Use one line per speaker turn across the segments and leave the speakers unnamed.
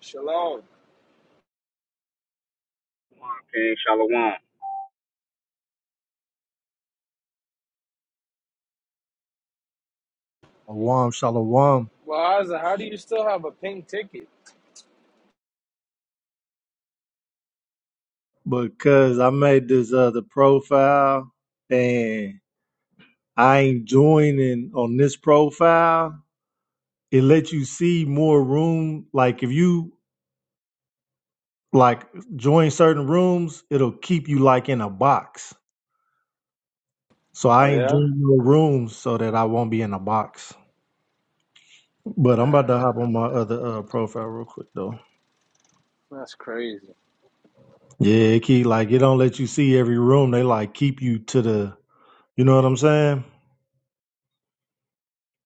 Shalom.
King Shalom.
Shalom, shalom.
Well, Isaac, how do you still have a pink ticket?
Because I made this other profile and I ain't joining on this profile. It lets you see more room. Like if you like join certain rooms, it'll keep you like in a box. So
Oh
I ain't
yeah.
doing no rooms so that I won't be in a box. But I'm about to
Damn,
hop on my other uh, profile real quick though.
that's crazy.
Yeah, it keep like it don't let you see every room. They like keep you to the you know what I'm saying?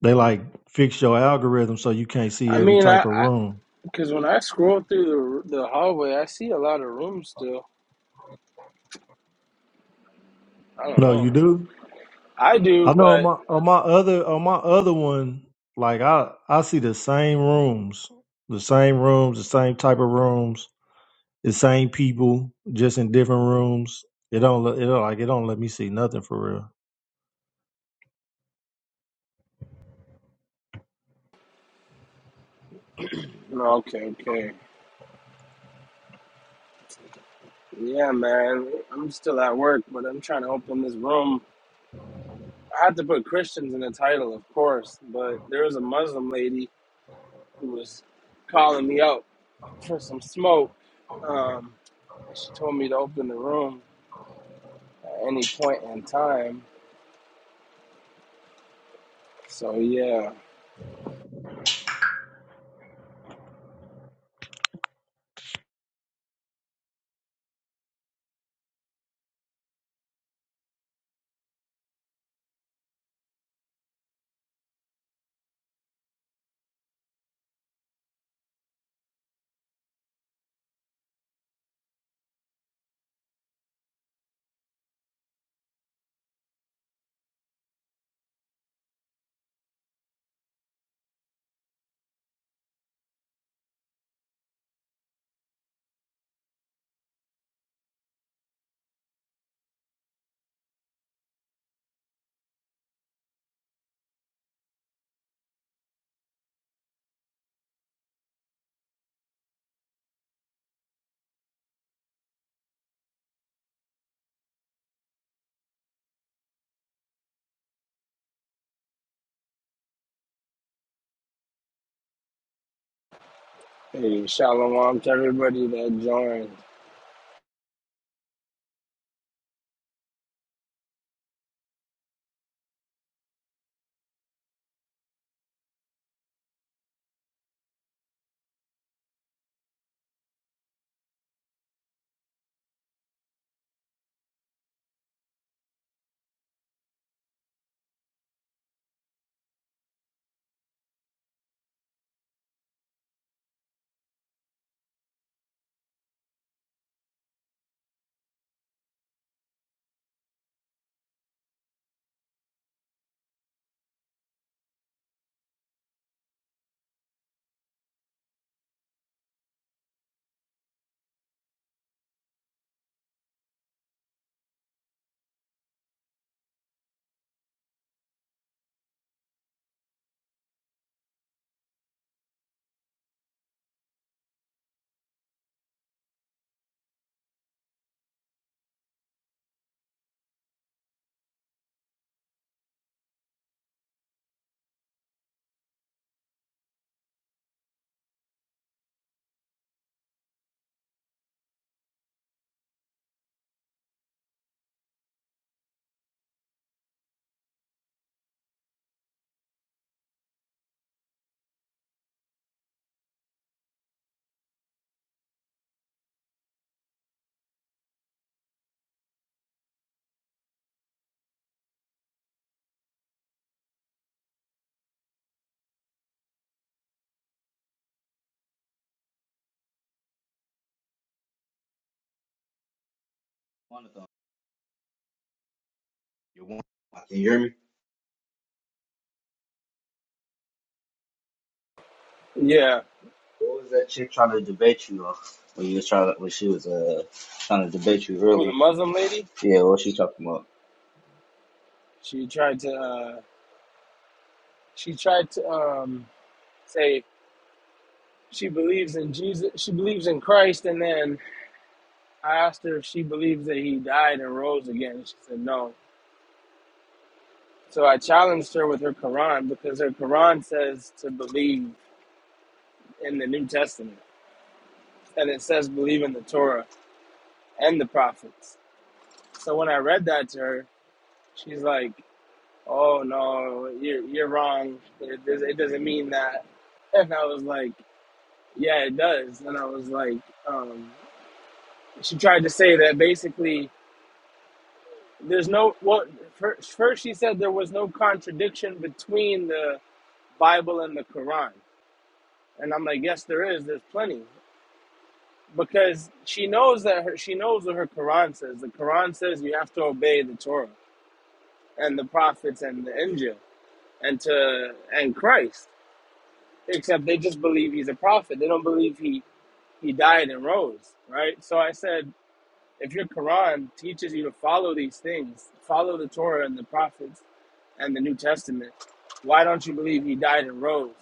They like fix your algorithm so you can't see
I
every
mean, I
type of
I,
room.
because when I scroll through the the hallway, I see a lot of rooms still. I don't
No,
know.
you do.
I do,
I know on
but
my on my other on my other one, like I I see the same rooms, the same rooms, the same type of rooms, the same people, just in different rooms. It don't let- it don't, like it don't let me see nothing for real.
no. Okay, okay. Yeah, man. I'm still at work, but I'm trying to open this room. I had to put Christians in the title, of course, but there was a Muslim lady who was calling me out for some smoke. Um, and she told me to open the room. at any point in time. So yeah, hey, shalom to everybody that joined.
One of them. you want? Can you hear me?
Yeah,
What was that chick trying to debate you on? When you was trying to, when she was uh trying to debate you
oh, the
earlier.
Muslim lady.
Yeah, what she talking about?
She tried to. Uh, she tried to um, say she believes in Jesus. She believes in Christ, and then I asked her if she believes that He died and rose again. She said no. So I challenged her with her Quran because her Quran says to believe in the New Testament, and it says believe in the Torah and the prophets. So when I read that to her, she's like, Oh no, you're you're wrong. It, does, it doesn't mean that. And I was like, yeah, it does. And I was like, um, she tried to say that basically there's no well. First, first she said there was no contradiction between the Bible and the Quran, and I'm like, yes, there is. There's plenty because she knows that her, she knows what her Quran says. The Quran says you have to obey the Torah and the prophets and the Injil and to and Christ. except they just believe he's a prophet. They don't believe he he died and rose, right? So I said, if your Quran teaches you to follow these things, follow the Torah and the prophets and the New Testament, why don't you believe he died and rose?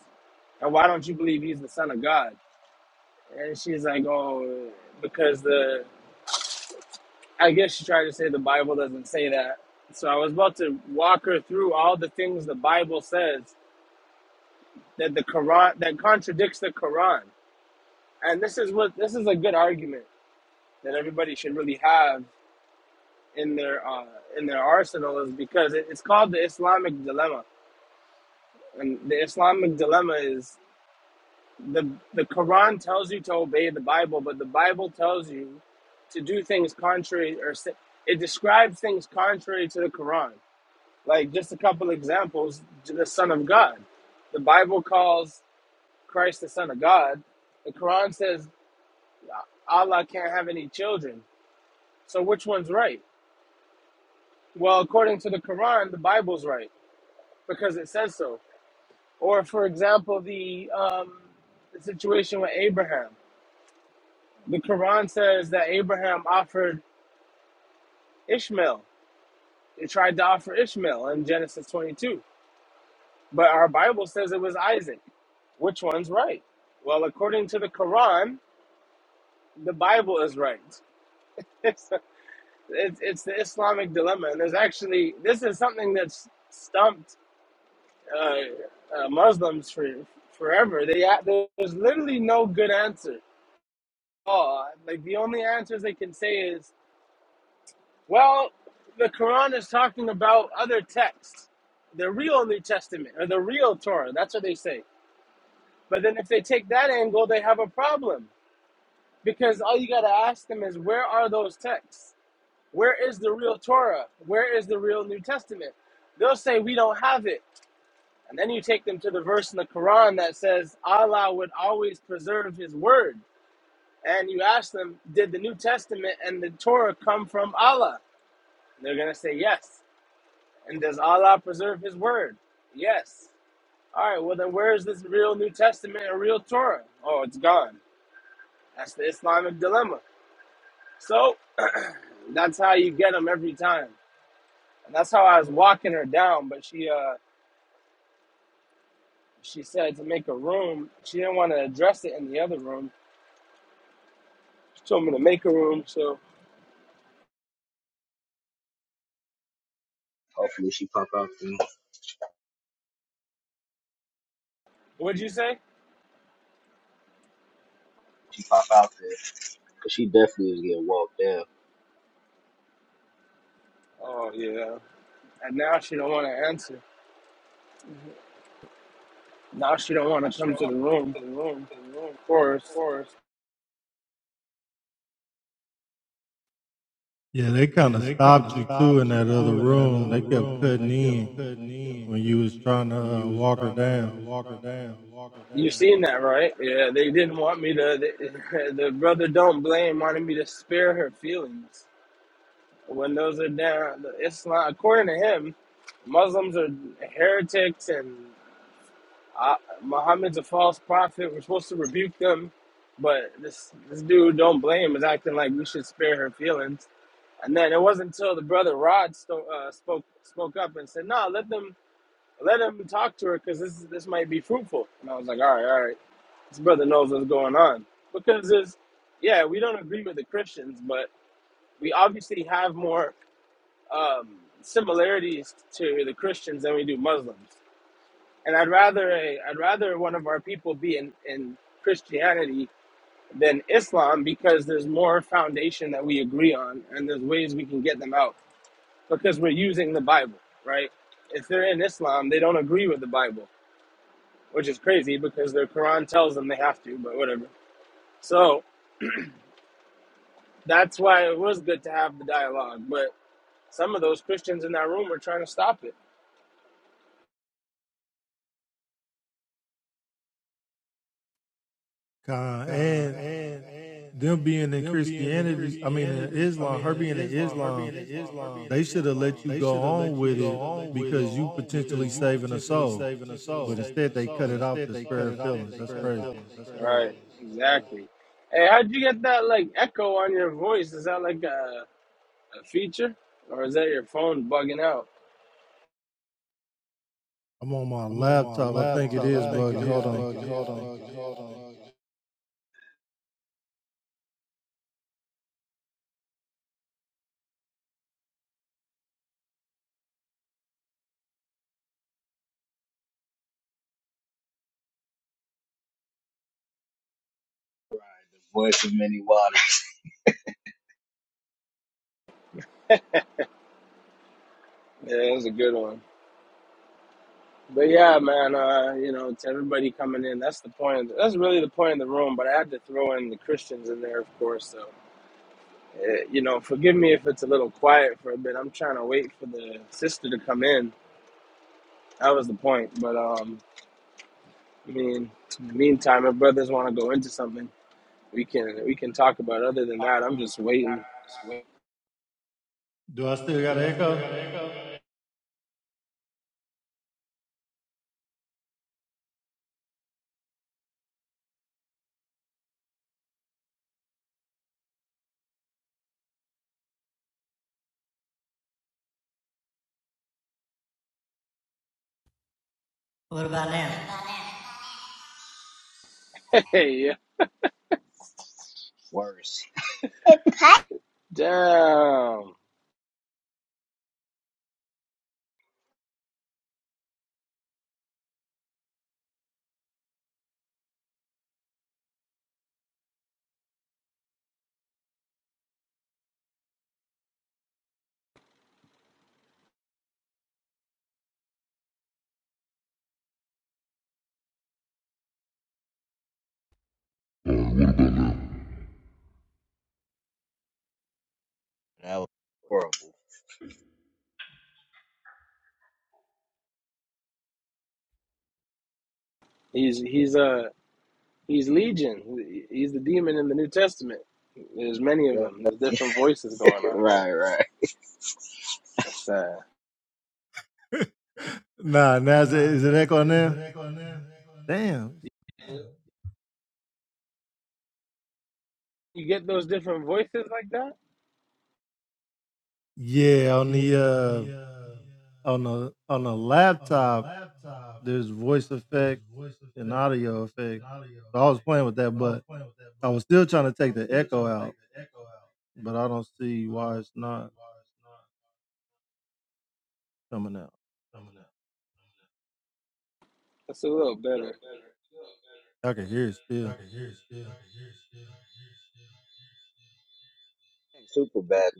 And why don't you believe he's the son of God? And she's like, oh, because the I guess she tried to say the Bible doesn't say that. So I was about to walk her through all the things the Bible says that the Quran that contradicts the Quran. And this is what this is a good argument that everybody should really have in their uh, in their arsenal is because it, it's called the Islamic dilemma, and the Islamic dilemma is the the Quran tells you to obey the Bible, but the Bible tells you to do things contrary or it describes things contrary to the Quran. Like just a couple examples, the Son of God. The Bible calls Christ the Son of God. The Quran says Allah can't have any children. So which one's right? Well, according to the Quran, the Bible's right because it says so. Or, for example, the, um, the situation with Abraham. The Quran says that Abraham offered Ishmael. He tried to offer Ishmael in Genesis 22, but our Bible says it was Isaac. Which one's right? Well, according to the Quran, the Bible is right. It's, it's, it's the Islamic dilemma. And there's actually, this is something that's stumped uh, uh, Muslims for forever. They a- there's literally no good answer. Oh, like the only answers they can say is, well, the Quran is talking about other texts, the real New Testament or the real Torah. That's what they say. But then if they take that angle, they have a problem because all you got to ask them is, where are those texts? Where is the real Torah? Where is the real New Testament? They'll say we don't have it. And then you take them to the verse in the Quran that says Allah would always preserve his word. And you ask them, did the New Testament and the Torah come from Allah? And they're going to say yes. And does Allah preserve his word? Yes. All right, well, then where is this real New Testament and real Torah? Oh, it's gone. That's the Islamic dilemma. So that's how you get them every time. And that's how I was walking her down, but she, uh, she said to make a room. She didn't want to address it in the other room So I'm in the maker room. So
Hopefully she pop out there.
what'd you say?
She pop out there. Cause she definitely was getting walked down.
Oh yeah. And now she don't want to answer. Now she don't want to
shit,
come
I
to
went
the room.
to the room, to the room,
Of
of
course,
course. Yeah, they kind Yeah, of stopped you too in that other room. They kept cutting in when you was trying to uh, walk her down. walk her down, walk her
you
down.
seen that, right? Yeah, they didn't want me to. They, the brother don't blame wanted me to spare her feelings. When those are down, the Islam, according to him, Muslims are heretics and I, Muhammad's a false prophet. We're supposed to rebuke them, but this this dude don't blame is acting like we should spare her feelings. And then it wasn't until the brother Rod sto- uh, spoke spoke up and said, "No, let them let him talk to her because this this might be fruitful." And I was like, "All right, all right, this brother knows what's going on." Because there's, yeah, we don't agree with the Christians, but we obviously have more um, similarities to the Christians than we do Muslims. And I'd rather a, I'd rather one of our people be in, in Christianity than Islam because there's more foundation that we agree on and there's ways we can get them out because we're using the Bible, right? If they're in Islam, they don't agree with the Bible, which is crazy because their Quran tells them they have to, but whatever. So that's why it was good to have the dialogue. But some of those Christians in that room were trying to stop it.
God, and and and them being in Christianity, I mean in Islam, her being in Islam, they should have let you go should on with it because you potentially saving a soul. But instead they cut it off they to spare feelings. That's crazy. feelings. That's crazy.
Right, exactly. Hey, how'd you get that like echo on your voice? Is that like a A feature? Or is that your phone bugging out?
I'm on my laptop. I think it is Hold buggy. Hold on. Hold
Voice of many waters.
Yeah, that's a good one. But yeah, man, uh, you know, to everybody coming in, that's the point. That's really the point of the room. But I had to throw in the Christians in there, of course. So, eh, you know, forgive me if it's a little quiet for a bit. I'm trying to wait for the sister to come in. That was the point. But um, I mean, in the meantime, if brothers want to go into something, we can we can talk about. it. Other than that, I'm just waiting.
on. Do I still got an echo? What about now?
Hey, yeah,
Worse.
damn.
That was horrible.
He's he's uh He's Legion. He's the demon in the New Testament. There's many of them. There's
Yeah.
different voices going on here.
right, right.
That's sad.
Nah, now is it, is it echo now? Damn.
You get those different voices like that?
Yeah, on the Yeah, uh on the on the uh, laptop, laptop, there's voice effect and audio effect. So I was playing with that, So but I was still trying to take the echo out, but I don't see why it's not coming out. coming out.
That's a little better.
I can hear it still. I can hear it still. I can hear it
Super bad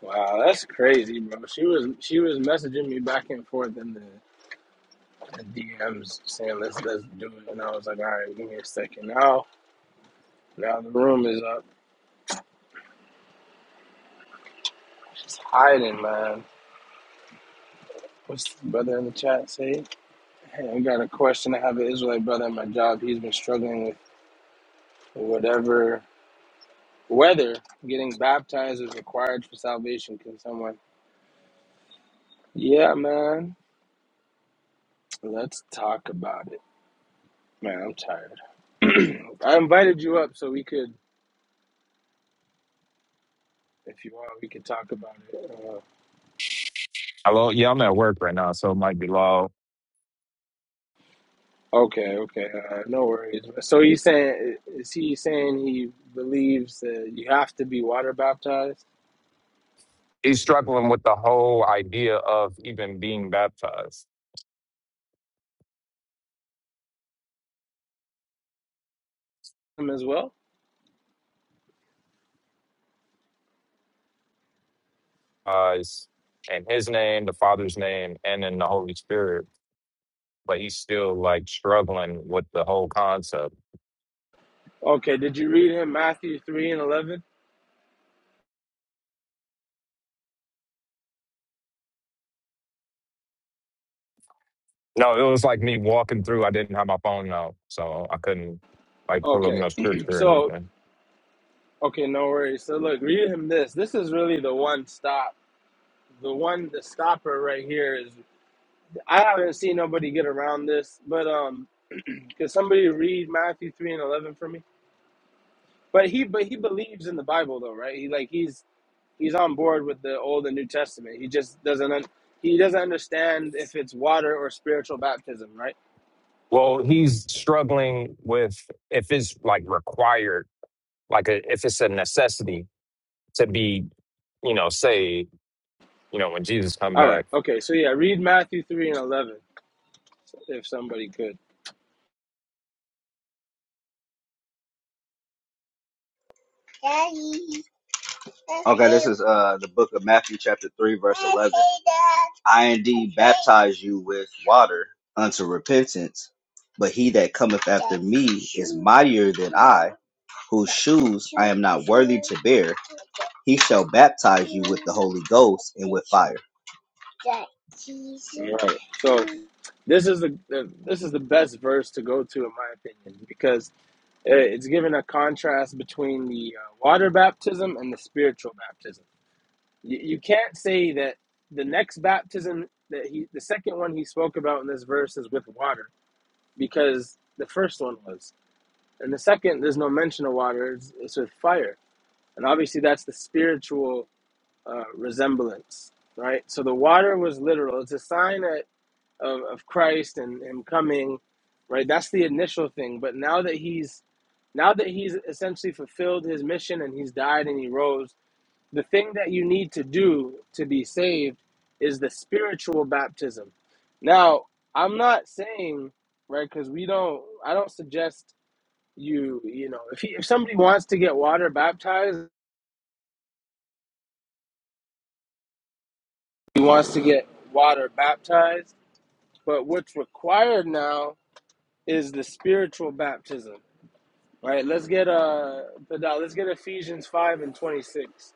Wow, that's crazy, bro. She was she was messaging me back and forth in the, the DMs saying let's let's do it, and I was like, all right, give me a second. Now now the room is up. She's hiding, man. What's the brother in the chat say? Hey, I got a question. I have an Israelite brother at my job. He's been struggling with whatever Whether getting baptized is required for salvation, can someone? Yeah, man. Let's talk about it. Man, I'm tired. I invited you up so we could, if you want, we could talk about it. Uh,
Hello. Yeah, I'm at work right now, so it might be loud.
okay, okay, uh, no worries. So he's saying, is he saying he believes that you have to be water baptized
He's struggling with the whole idea of even being baptized.
him as well?
Uh, it's in his name, the Father's name, and in the Holy Spirit. But he's still like struggling with the whole concept.
Okay, did you read him Matthew 3 and 11?
No, it was like me walking through. I didn't have my phone out, so I couldn't like pull up
Okay,
no scripture or
so,
anything.
okay, no worries. So look, read him this. This is really the one stop the one the stopper right here is I haven't seen nobody get around this, but um, could somebody read Matthew three and eleven for me? But he but he believes in the Bible though, right? He like he's he's on board with the Old and New Testament. He just doesn't un- he doesn't understand if it's water or spiritual baptism, right?
Well, he's struggling with if it's like required, like a, if it's a necessity to be, you know, saved, you know, when Jesus come
All right,
back.
okay, so yeah, read Matthew three and eleven if somebody could.
though. Okay, this is uh the book of Matthew chapter three verse eleven. I indeed baptize you with water unto repentance, but he that cometh after me is mightier than I, whose shoes I am not worthy to bear. He shall baptize you with the Holy Ghost and with fire.
All right, so this is the, the this is the best verse to go to in my opinion because Uh, It's given a contrast between the uh, water baptism and the spiritual baptism. You, you can't say that the next baptism that he, the second one he spoke about in this verse is with water, because the first one was, and the second there's no mention of water. It's, it's with fire, and obviously that's the spiritual uh, resemblance, right? So the water was literal. It's a sign that of, of Christ and him coming, right? That's the initial thing. But now that he's now that he's essentially fulfilled his mission and he's died and he rose, the thing that you need to do to be saved is the spiritual baptism. Now, I'm not saying, right, because we don't, I don't suggest you, you know, if, he, if somebody wants to get water baptized, he wants to get water baptized. But what's required now is the spiritual baptism. Right. Let's get uh the let's get Ephesians five and twenty six.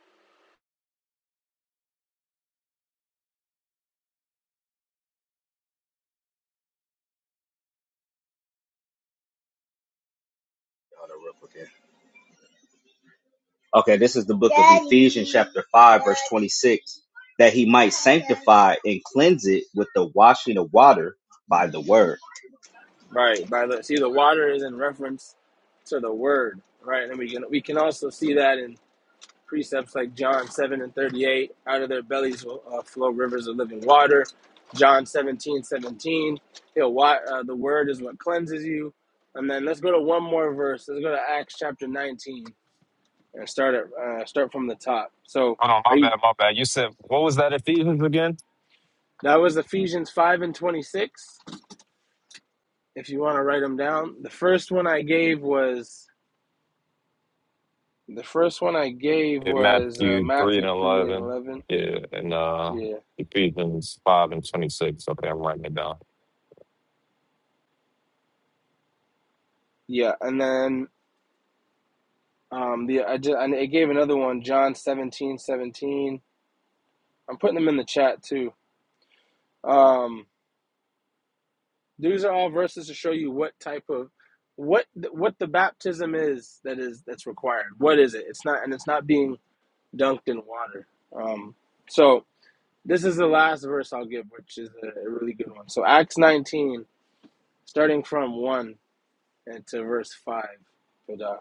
Okay, this is the book of Ephesians, chapter 5, verse 26, that he might sanctify and cleanse it with the washing of water by the word.
Right. By the see the water is in reference to the word. Right. And we can we can also see that in precepts like John seven and thirty eight. Out of their bellies will uh, flow rivers of living water. John 17 17. He'll uh, the word is what cleanses you. And then let's go to one more verse. Let's go to Acts chapter 19 and start at, uh, start from the top. So
Oh no,
are
my
you
bad, my bad. You said what was that Ephesians again?
that was Ephesians 5 and 26? if you want to write them down. The first one I gave was the first one I gave
Yeah,
was uh,
Matthew three and
Matthew three and
eleven.
eleven.
Yeah, and uh
Yeah,
Ephesians five and twenty six. Okay, I'm writing it down.
yeah, and then um, the I just I gave another one John seventeen seventeen. I'm putting them in the chat too. Um, these are all verses to show you what type of what what the baptism is that is that's required. What is it? It's not and it's not being dunked in water. Um, so this is the last verse I'll give, which is a really good one. So Acts 19 starting from 1 and to verse 5. uh,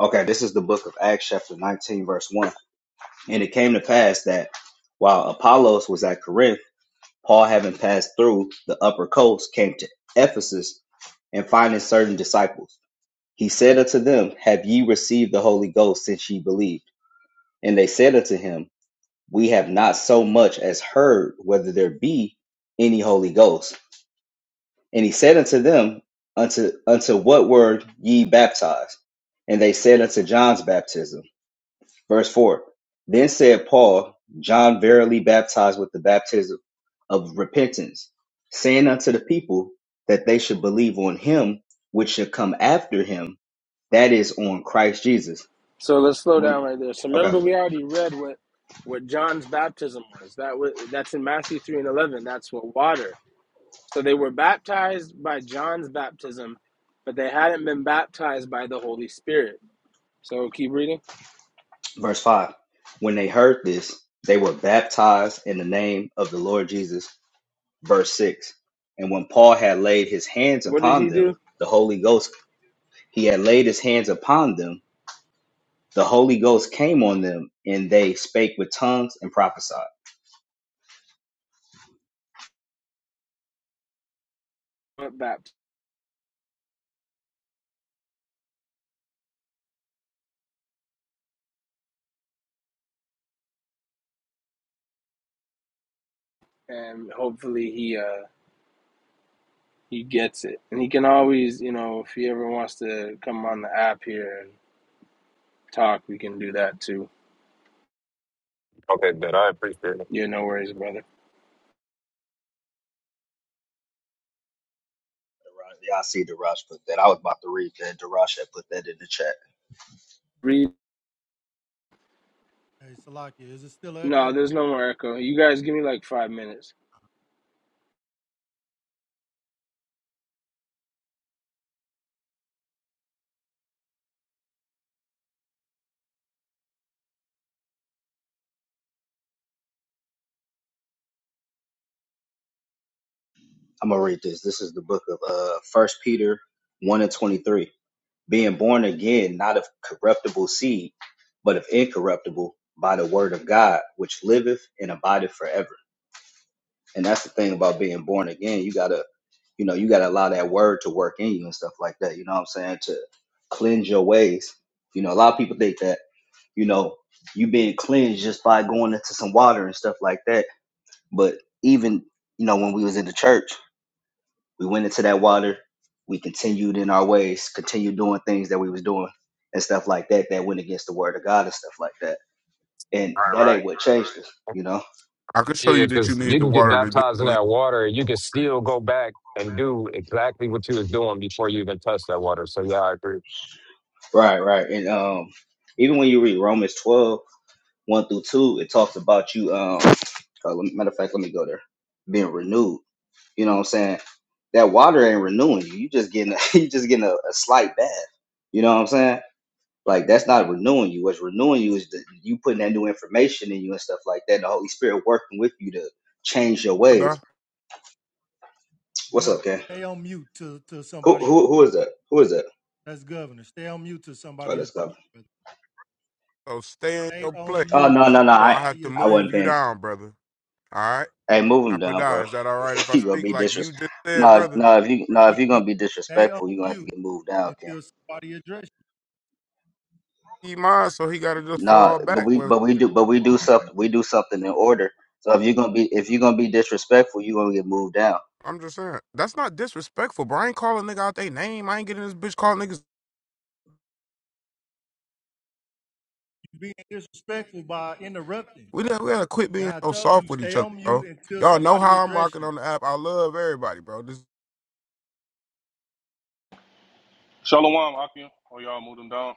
Okay, this is the book of Acts, chapter 19, verse 1. And it came to pass that while Apollos was at Corinth, Paul, having passed through the upper coast, came to Ephesus and finding certain disciples. He said unto them, Have ye received the Holy Ghost since ye believed? And they said unto him, we have not so much as heard whether there be any Holy Ghost. And he said unto them, Unto unto what word ye baptized? And they said unto John's baptism. Verse four. Then said Paul, John verily baptized with the baptism of repentance, saying unto the people that they should believe on him which should come after him, that is on Christ Jesus.
so let's slow
When
down right there. So
okay.
remember, we already read what what John's baptism was. That was that's in Matthew 3 and 11. That's what water. So they were baptized by John's baptism, but they hadn't been baptized by the Holy Spirit. So keep reading.
Verse 5 When they heard this, they were baptized in the name of the Lord Jesus. Verse 6 And when Paul had laid his hands
What did
upon
he
them,
do?
the Holy Ghost, he had laid his hands upon them, the Holy Ghost came on them, and they spake with tongues and prophesied.
baptized, and hopefully he uh he gets it. And he can always, you know, if he ever wants to come on the app here and talk, we can do that too.
Okay, bet I appreciate it.
You're no worries, brother.
Y'all see the rush put that. I was about to read that. Darash had put that in the chat.
Read.
still. Hey, Salakia, is it still
No,
echo?
there's no more echo. You guys give me like five minutes.
I'm gonna read this. This is the book of uh First Peter one and twenty three. Being born again, not of corruptible seed, but of incorruptible, by the word of God, which liveth and abideth forever. And that's the thing about being born again. You gotta, you know, you gotta allow that word to work in you and stuff like that. You know what I'm saying? To cleanse your ways. You know, a lot of people think that, you know, you being cleansed just by going into some water and stuff like that. But even, you know, when we was in the church We went into that water. We continued in our ways, continued doing things that we was doing and stuff like that that went against the word of God and stuff like that. And
All
that
right, right.
ain't what changed us, you know?
I could show
Yeah,
you that you
because you
need the
can get
water to get
baptized in
clean,
that water, you can still go back and do exactly what you was doing before you even touched that water. So yeah, I agree.
Right, right. And um even when you read Romans twelve one through 2, it talks about you um uh, let me- matter of fact, let me go there. Being renewed. You know what I'm saying? That water ain't renewing you. You just getting a, you just getting a, a slight bath. You know what I'm saying? Like that's not renewing you. What's renewing you is that you putting that new information in you and stuff like that. And the Holy Spirit working with you to change your ways.
Pada.
What's
Governor,
up, Ken?
stay on mute to, to
Who
somebody.
who who is that? Who is that?
That's governor. Stay on mute to
Oh,
somebody address
let's
you.
go.
brother.
So stay in
Stay
your
on
place,
Oh
mute
no
to
no no.
or I
I
have
somebody
to
I
address
move
wasn't
you
paying.
down, brother. All right?
Hey, move him
Now,
down,
Pada,
bro.
is that all right if I
you gonna
speak
be
like you
disrespectful.
just said,
No if-
brother?
no if you no
you.
if you're
Yeah.
gonna be
Stay
disrespectful, you're
on
gonna have to
mute
get moved down, Ken.
until somebody address you.
He mine, so he got to just
No,
fall
but
back.
we
Well,
but we do but we do something we do something in order. So if you're gonna be if you're gonna be disrespectful, you're gonna get moved down.
I'm just saying. That's not disrespectful, bro. I ain't calling nigga out their name. I ain't getting this bitch calling niggas.
You being disrespectful by interrupting.
We gotta, we gotta quit being
Now I
so
told you,
soft with each
stay
other,
on mute
bro.
until
Y'all know
somebody
how I'm
address
rocking
you.
on the app. I love everybody, bro. This,
Shalom, Akim. Oh, y'all moved him down.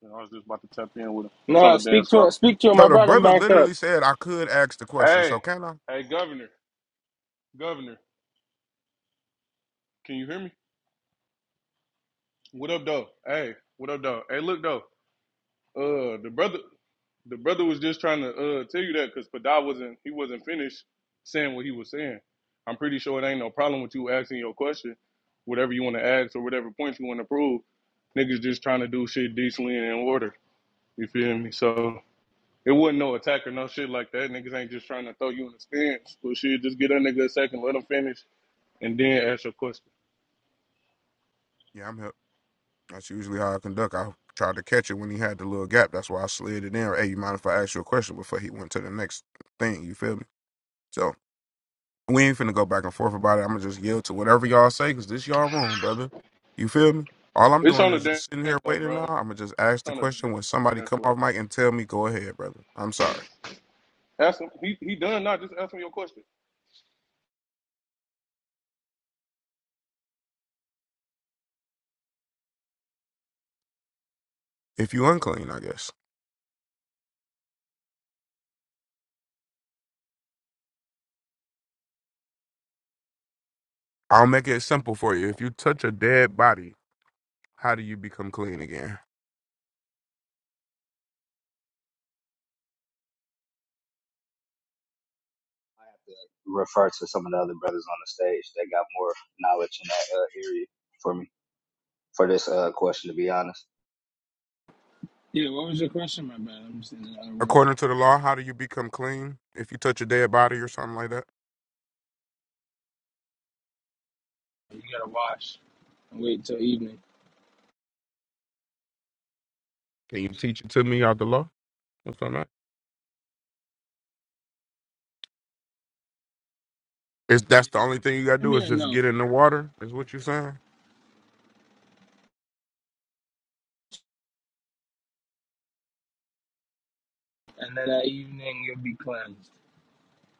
You know, I was just about to tap in with him. It's on
No,
the dance
speak to
floor.
him. Speak to him.
so
I
the
brought him
brother
back up.
literally said I could ask the question. So
Hey,
can I?
hey, Governor, Governor, can you hear me? What up, though? Hey, what up, though? Hey, look, though. Uh, the brother, the brother was just trying to uh tell you that because Pada wasn't, he wasn't finished saying what he was saying. I'm pretty sure it ain't no problem with you asking your question, whatever you want to ask or whatever point you want to prove. Niggas just trying to do shit decently and in order. You feel me? So. It wasn't no attack or no shit like that. Niggas ain't just trying to throw you in the stands. But shit, just get that nigga a second, let him finish, and then ask your question.
Yeah, I'm here. That's usually how I conduct. I tried to catch it when he had the little gap. That's why I slid it in. Hey, you mind if I ask you a question before he went to the next thing? You feel me? So we ain't finna go back and forth about it. I'm gonna just yield to whatever y'all say because this y'all wrong, brother. You feel me? All I'm
It's
doing
on the
is just sitting
dance
here
floor,
waiting
bro.
now. I'm
It's
gonna just ask the
on the
question when somebody
dance
come
floor.
off mic and tell me, go ahead, brother. I'm sorry.
Ask him. He, he done not Just ask him your question.
If you unclean, I guess. I'll make it simple for you. If you touch a dead body, how do you become clean again?
refer to some of the other brothers on the stage that got more knowledge in that uh, area for me for this uh, question. To be honest,
Yeah, what was your question, my bad? I'm just in another work.
According to the law, how do you become clean? If you touch a dead body or something like that?
You gotta wash and wait till evening.
Can you teach it to me out the law? That's what I'm at. Is that's the only thing you gotta
Come
do is
here,
just
no.
get in the water? Is what you're saying?
And then that evening you'll be cleansed.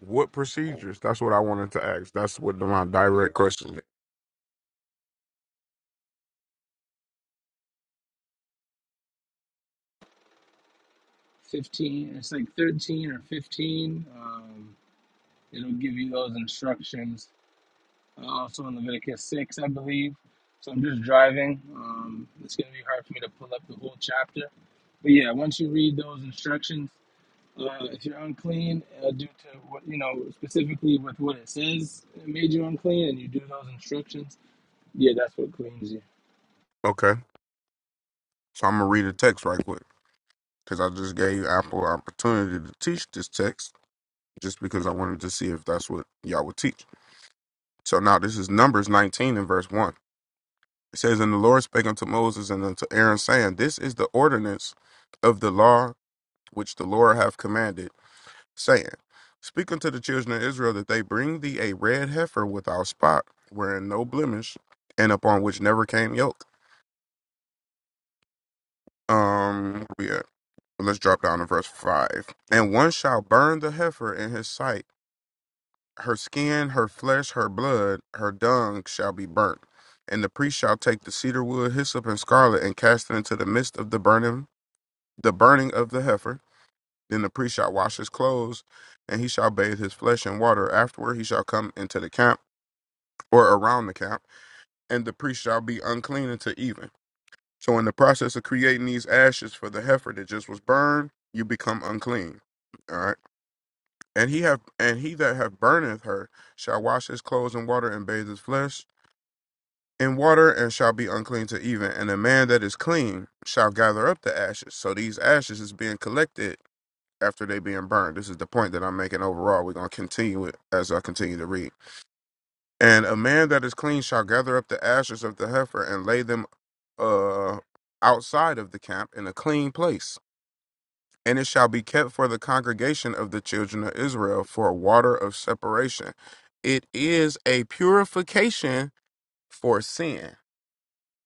What procedures? That's what I wanted to ask. That's what the- my direct question. is.
Fifteen. It's like thirteen or fifteen. Um, it'll give you those instructions. Uh, also in Leviticus six, I believe. So I'm just driving. Um, it's gonna be hard for me to pull up the whole chapter. But yeah, once you read those instructions. Uh, if you're unclean uh, due to what you know specifically with what it says it made you unclean, and you do those instructions, yeah, that's what cleans you.
Okay, so I'm gonna read a text right quick because I just gave Apple an opportunity to teach this text just because I wanted to see if that's what y'all would teach. So now this is Numbers 19 and verse one. It says, "And the Lord spake unto Moses and unto Aaron, saying, This is the ordinance of the law which the Lord hath commanded." saying, Speak unto the children of Israel that they bring thee a red heifer without spot, wherein no blemish, and upon which never came yoke. Um, Yeah. well, Let's drop down to verse five. And one shall burn the heifer in his sight. Her skin, her flesh, her blood, her dung shall be burnt. And the priest shall take the cedar wood, hyssop, and scarlet, and cast it into the midst of the burning, the burning of the heifer. Then the priest shall wash his clothes, and he shall bathe his flesh in water. Afterward, he shall come into the camp or around the camp, and the priest shall be unclean until even. So, in the process of creating these ashes for the heifer that just was burned, you become unclean. All right, and he have and he that have burneth her shall wash his clothes in water and bathe his flesh in water and shall be unclean to even. And the man that is clean shall gather up the ashes. So these ashes is being collected after they being burned. This is the point that I'm making overall. We're gonna continue it as I continue to read. And a man that is clean shall gather up the ashes of the heifer and lay them uh, outside of the camp in a clean place. And it shall be kept for the congregation of the children of Israel for a water of separation. It is a purification for sin.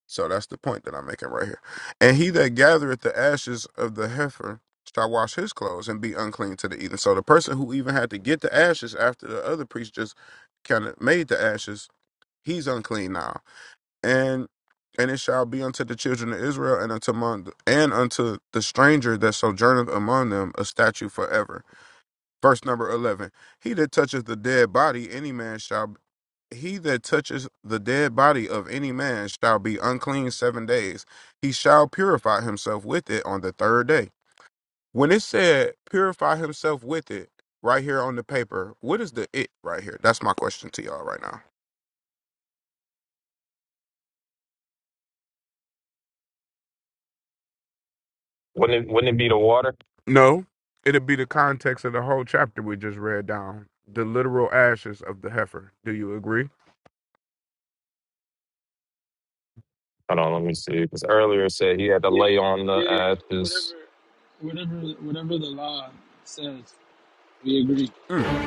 So that's the point that I'm making right here. And he that gathereth the ashes of the heifer shall wash his clothes and be unclean to the eating. So the person who even had to get the ashes after the other priest just kind of made the ashes, he's unclean now and and it shall be unto the children of Israel and unto among, and unto the stranger that sojourneth among them a statute forever. Verse number eleven: He that toucheth the dead body, any man shall he that touches the dead body of any man shall be unclean seven days. He shall purify himself with it on the third day. When it said purify himself with it, right here on the paper, what is the it right here? That's my question to y'all right now.
Wouldn't it, wouldn't it be the water?
No, it'd be the context of the whole chapter we just read down. The literal ashes of the heifer. Do you agree?
Hold on, let me see. Because earlier it said he had to
Yeah,
lay on the
yeah, yeah.
ashes.
Whatever, whatever, whatever the law says, we agree.
Mm.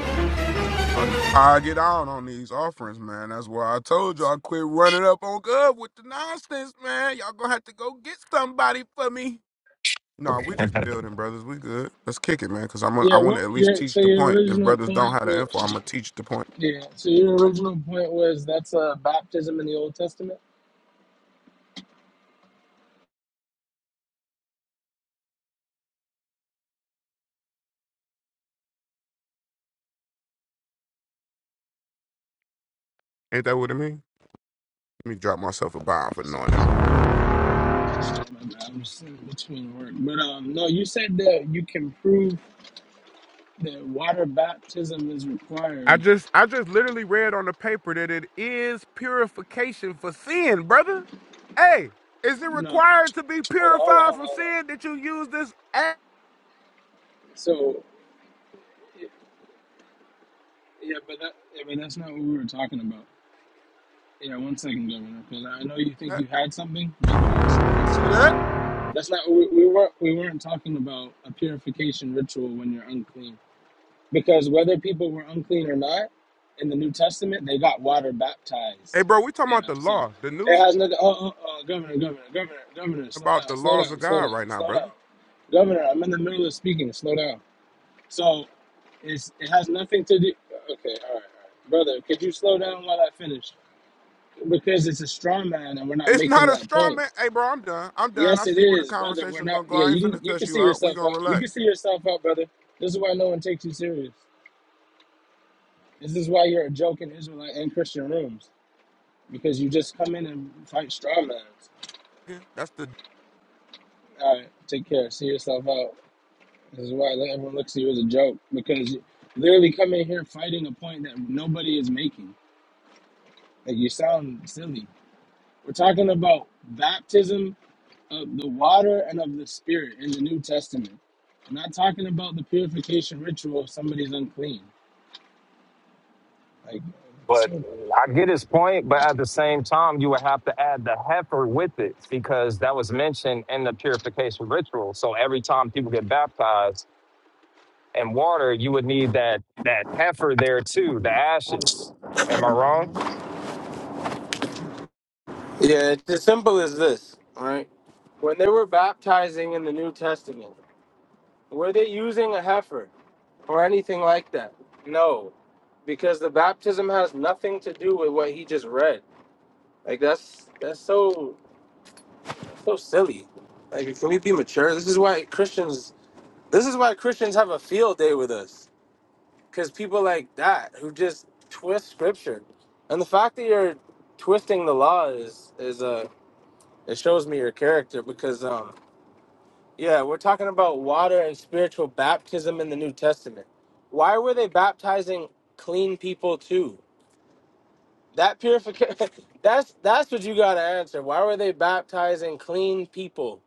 I get on on these offerings, man. That's why I told you I quit running up on God with the nonsense, man. Y'all gonna have to go get somebody for me. Nah, we just building, brothers. We good. Let's kick it, man. Cause I'm gonna, I
Yeah.
want
What?
to at least
Yeah. so
teach the
your
point. If
original
brothers don't
point
have the info,
was
I'm gonna teach the point.
yeah. So your original point was that's uh, baptism in the Old Testament.
Ain't that what it mean? Let me drop myself a bomb for knowing
Sorry,
that.
sorry, sorry, my bad. I'm just in between work. But um, no, you said that you can prove that water baptism is
I
required.
just I just literally read on the paper that it is purification for sin, brother. Hey, is it
No.
required to be
Hold on, hold on,
purified
hold on,
from
hold on.
sin that you use this app?
So, y- yeah, but that, yeah, but that's not what we were talking about. Yeah, one second, Governor, because I know you think you had something, but let me ex- let me explain to you. That's not we, we weren't we weren't talking about a purification ritual when you're unclean, because whether people were unclean or not, in the New Testament they got water
Hey,
baptized.
bro, we talking about
Yeah,
the
so
law, the
it
new
has nothing. Oh, oh, oh, Governor, Governor, Governor, Governor, slow
about
down,
the
slow
laws of
down, slow
God
down,
right now,
slow down.
brother.
Governor, I'm in the middle of speaking. Slow down. So It's, it has nothing to do. Okay, all right, all right, brother. Could you slow down while I finish? Because it's a straw man, and we're not
It's
making
not a
that
straw
point.
man. Hey, bro, I'm done. I'm done. I
Yes, it
see where the
is, brother. We're
conversation
not.
gonna go.
Yeah,
I ain't
you can-
finna
you can
cuss you
see
out. We
yourself
gonna
up. You can
relax.
see yourself up, brother. This is why no one takes you serious. This is why you're a joke in Israelite and Christian rooms because you just come in and fight straw mans.
Yeah, That's the
All right, take care. See yourself out. This is why everyone looks at you as a joke because you literally come in here fighting a point that nobody is making. Like you sound silly. We're talking about baptism of the water and of the spirit in the New Testament. I'm not talking about the purification ritual if somebody's unclean. Like,
But
so
I get his point, but at the same time, you would have to add the heifer with it because that was mentioned in the purification ritual. So every time people get baptized in water, you would need that that heifer there too, the ashes. Am I wrong?
Yeah, it's as simple as this, right? When they were baptizing in the New Testament, were they using a heifer or anything like that? No, because the baptism has nothing to do with what he just read. Like that's that's so so silly. Like can we be mature? This is why Christians This is why Christians have a field day with us, because people like that who just twist scripture, and the fact that you're twisting the law is is uh, it shows me your character. Because um yeah, we're talking about water and spiritual baptism in the New Testament. Why were they baptizing clean people too? That purification. that's that's what you gotta answer. Why were they baptizing clean people?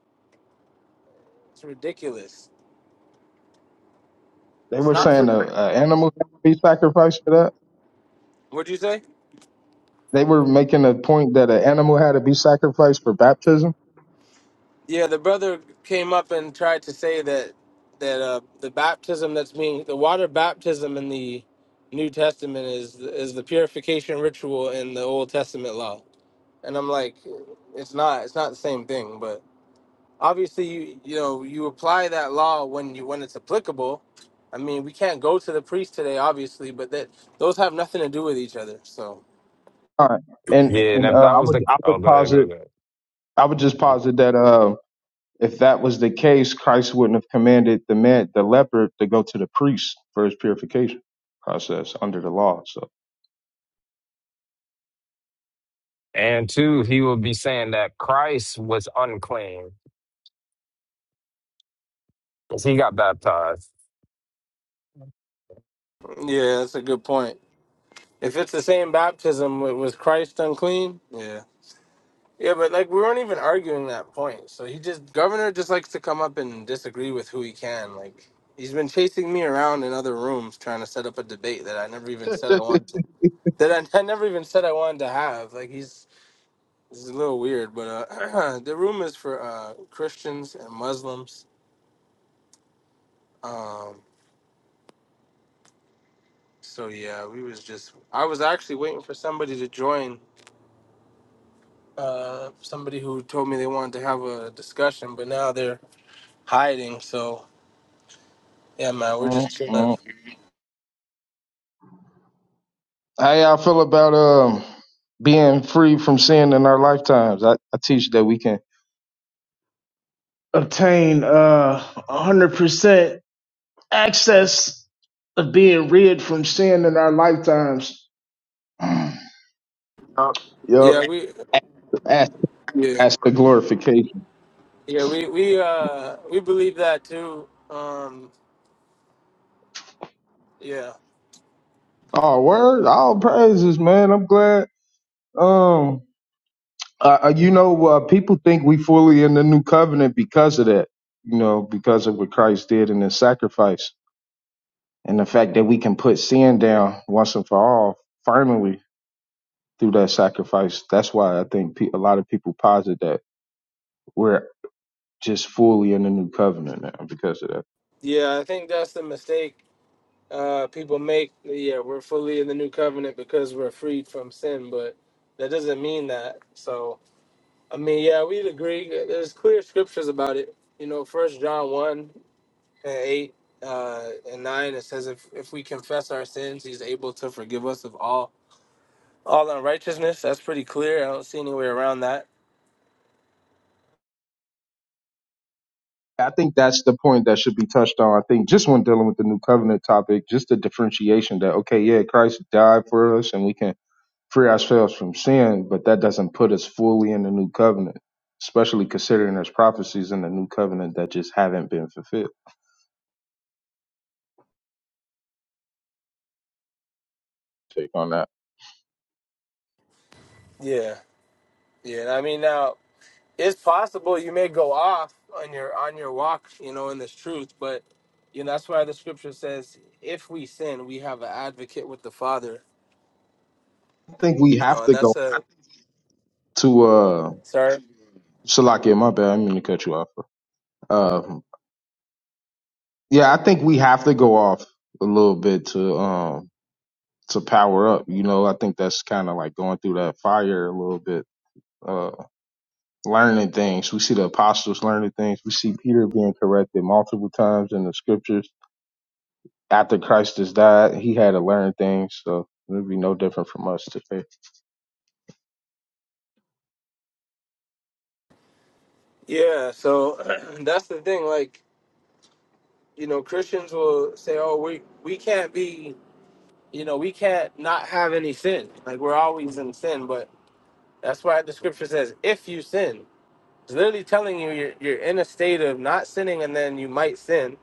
It's ridiculous.
They
It's
were
not.
saying a, a animal had to be sacrificed for that.
What'd you say?
They were making a point that an animal had to be sacrificed for baptism.
Yeah, the brother came up and tried to say that that uh, the baptism that's being the water baptism in the New Testament is is the purification ritual in the Old Testament law, and I'm like, it's not it's not the same thing. But obviously, you you know you apply that law when you when it's applicable. I mean, we can't go to the priest today, obviously, but that those have nothing to do with each other. So
All right. And
Yeah, and
and
if
uh,
that
I
was
would
the
I
oh,
would
go ahead, go
posit
ahead.
I would just posit that uh, if that was the case, Christ wouldn't have commanded the man the leper to go to the priest for his purification process under the law. So
And two, he would be saying that Christ was unclean because he got baptized.
yeah, that's a good point. If it's the same baptism, was Christ unclean? Yeah. Yeah, but like we weren't even arguing that point. So he just governor just likes to come up and disagree with who he can. Like he's been chasing me around in other rooms trying to set up a debate that I never even said I wanted to, that I, I never even said I wanted to have. Like he's this is a little weird, but uh, the room is for uh, Christians and Muslims. Um, so yeah, we was just I was actually waiting for somebody to join. Uh, somebody who told me they wanted to have a discussion, but now they're hiding. So yeah, man, we're
mm
just chilling.
mm. how y'all feel about um being free from sin in our lifetimes? I, I teach that we can Obtain uh 100%. access of being rid from sin in our lifetimes. Yep.
Yeah, we
That's,
yeah.
that's the glorification.
Yeah, we we uh we believe that too. Um yeah.
Oh, word. All praises, man. I'm glad. Um, uh, uh, you know, uh, people think we fully in the new covenant because of that. You know, because of what Christ did in His sacrifice, and the fact that we can put sin down once and for all, finally through that sacrifice. That's why I think pe- a lot of people posit that. we're. just fully in the new covenant now because of that.
Yeah, I think that's the mistake uh people make. Yeah, we're fully in the new covenant because we're freed from sin, but that doesn't mean that. So, I mean, yeah, we'd agree. There's clear scriptures about it. You know, first John 1 and 8 uh and 9 it says if if we confess our sins, he's able to forgive us of all all unrighteousness. That's pretty clear. I don't see any way around that.
I think that's the point that should be touched on. I think just when dealing with the new covenant topic, just the differentiation that, okay, yeah, Christ died for us and we can free ourselves from sin, but that doesn't put us fully in the new covenant, especially considering there's prophecies in the new covenant that just haven't been fulfilled. Take on that.
Yeah. Yeah, and I mean now it's possible you may go off on your on your walk, you know, in this truth, but you know that's why the scripture says, "If we sin, we have an advocate with the Father,"
I think we
you
have
know, and
to go
that's a
to, uh,
sorry,
Salakia, my bad. I didn't mean to cut you off. Uh, yeah, I think we have to go off a little bit to, um, to power up. You know, I think that's kind of like going through that fire a little bit, uh, learning things. We see the apostles learning things. We see Peter being corrected multiple times in the scriptures. After Christ has died, he had to learn things. So it'd be no different from us today.
yeah. So that's the thing, like you know, Christians will say, "Oh, we we can't be, you know, we can't not have any sin, like we're always in sin," but that's why the scripture says, "If you sin." It's literally telling you you're, you're in a state of not sinning and then you might sin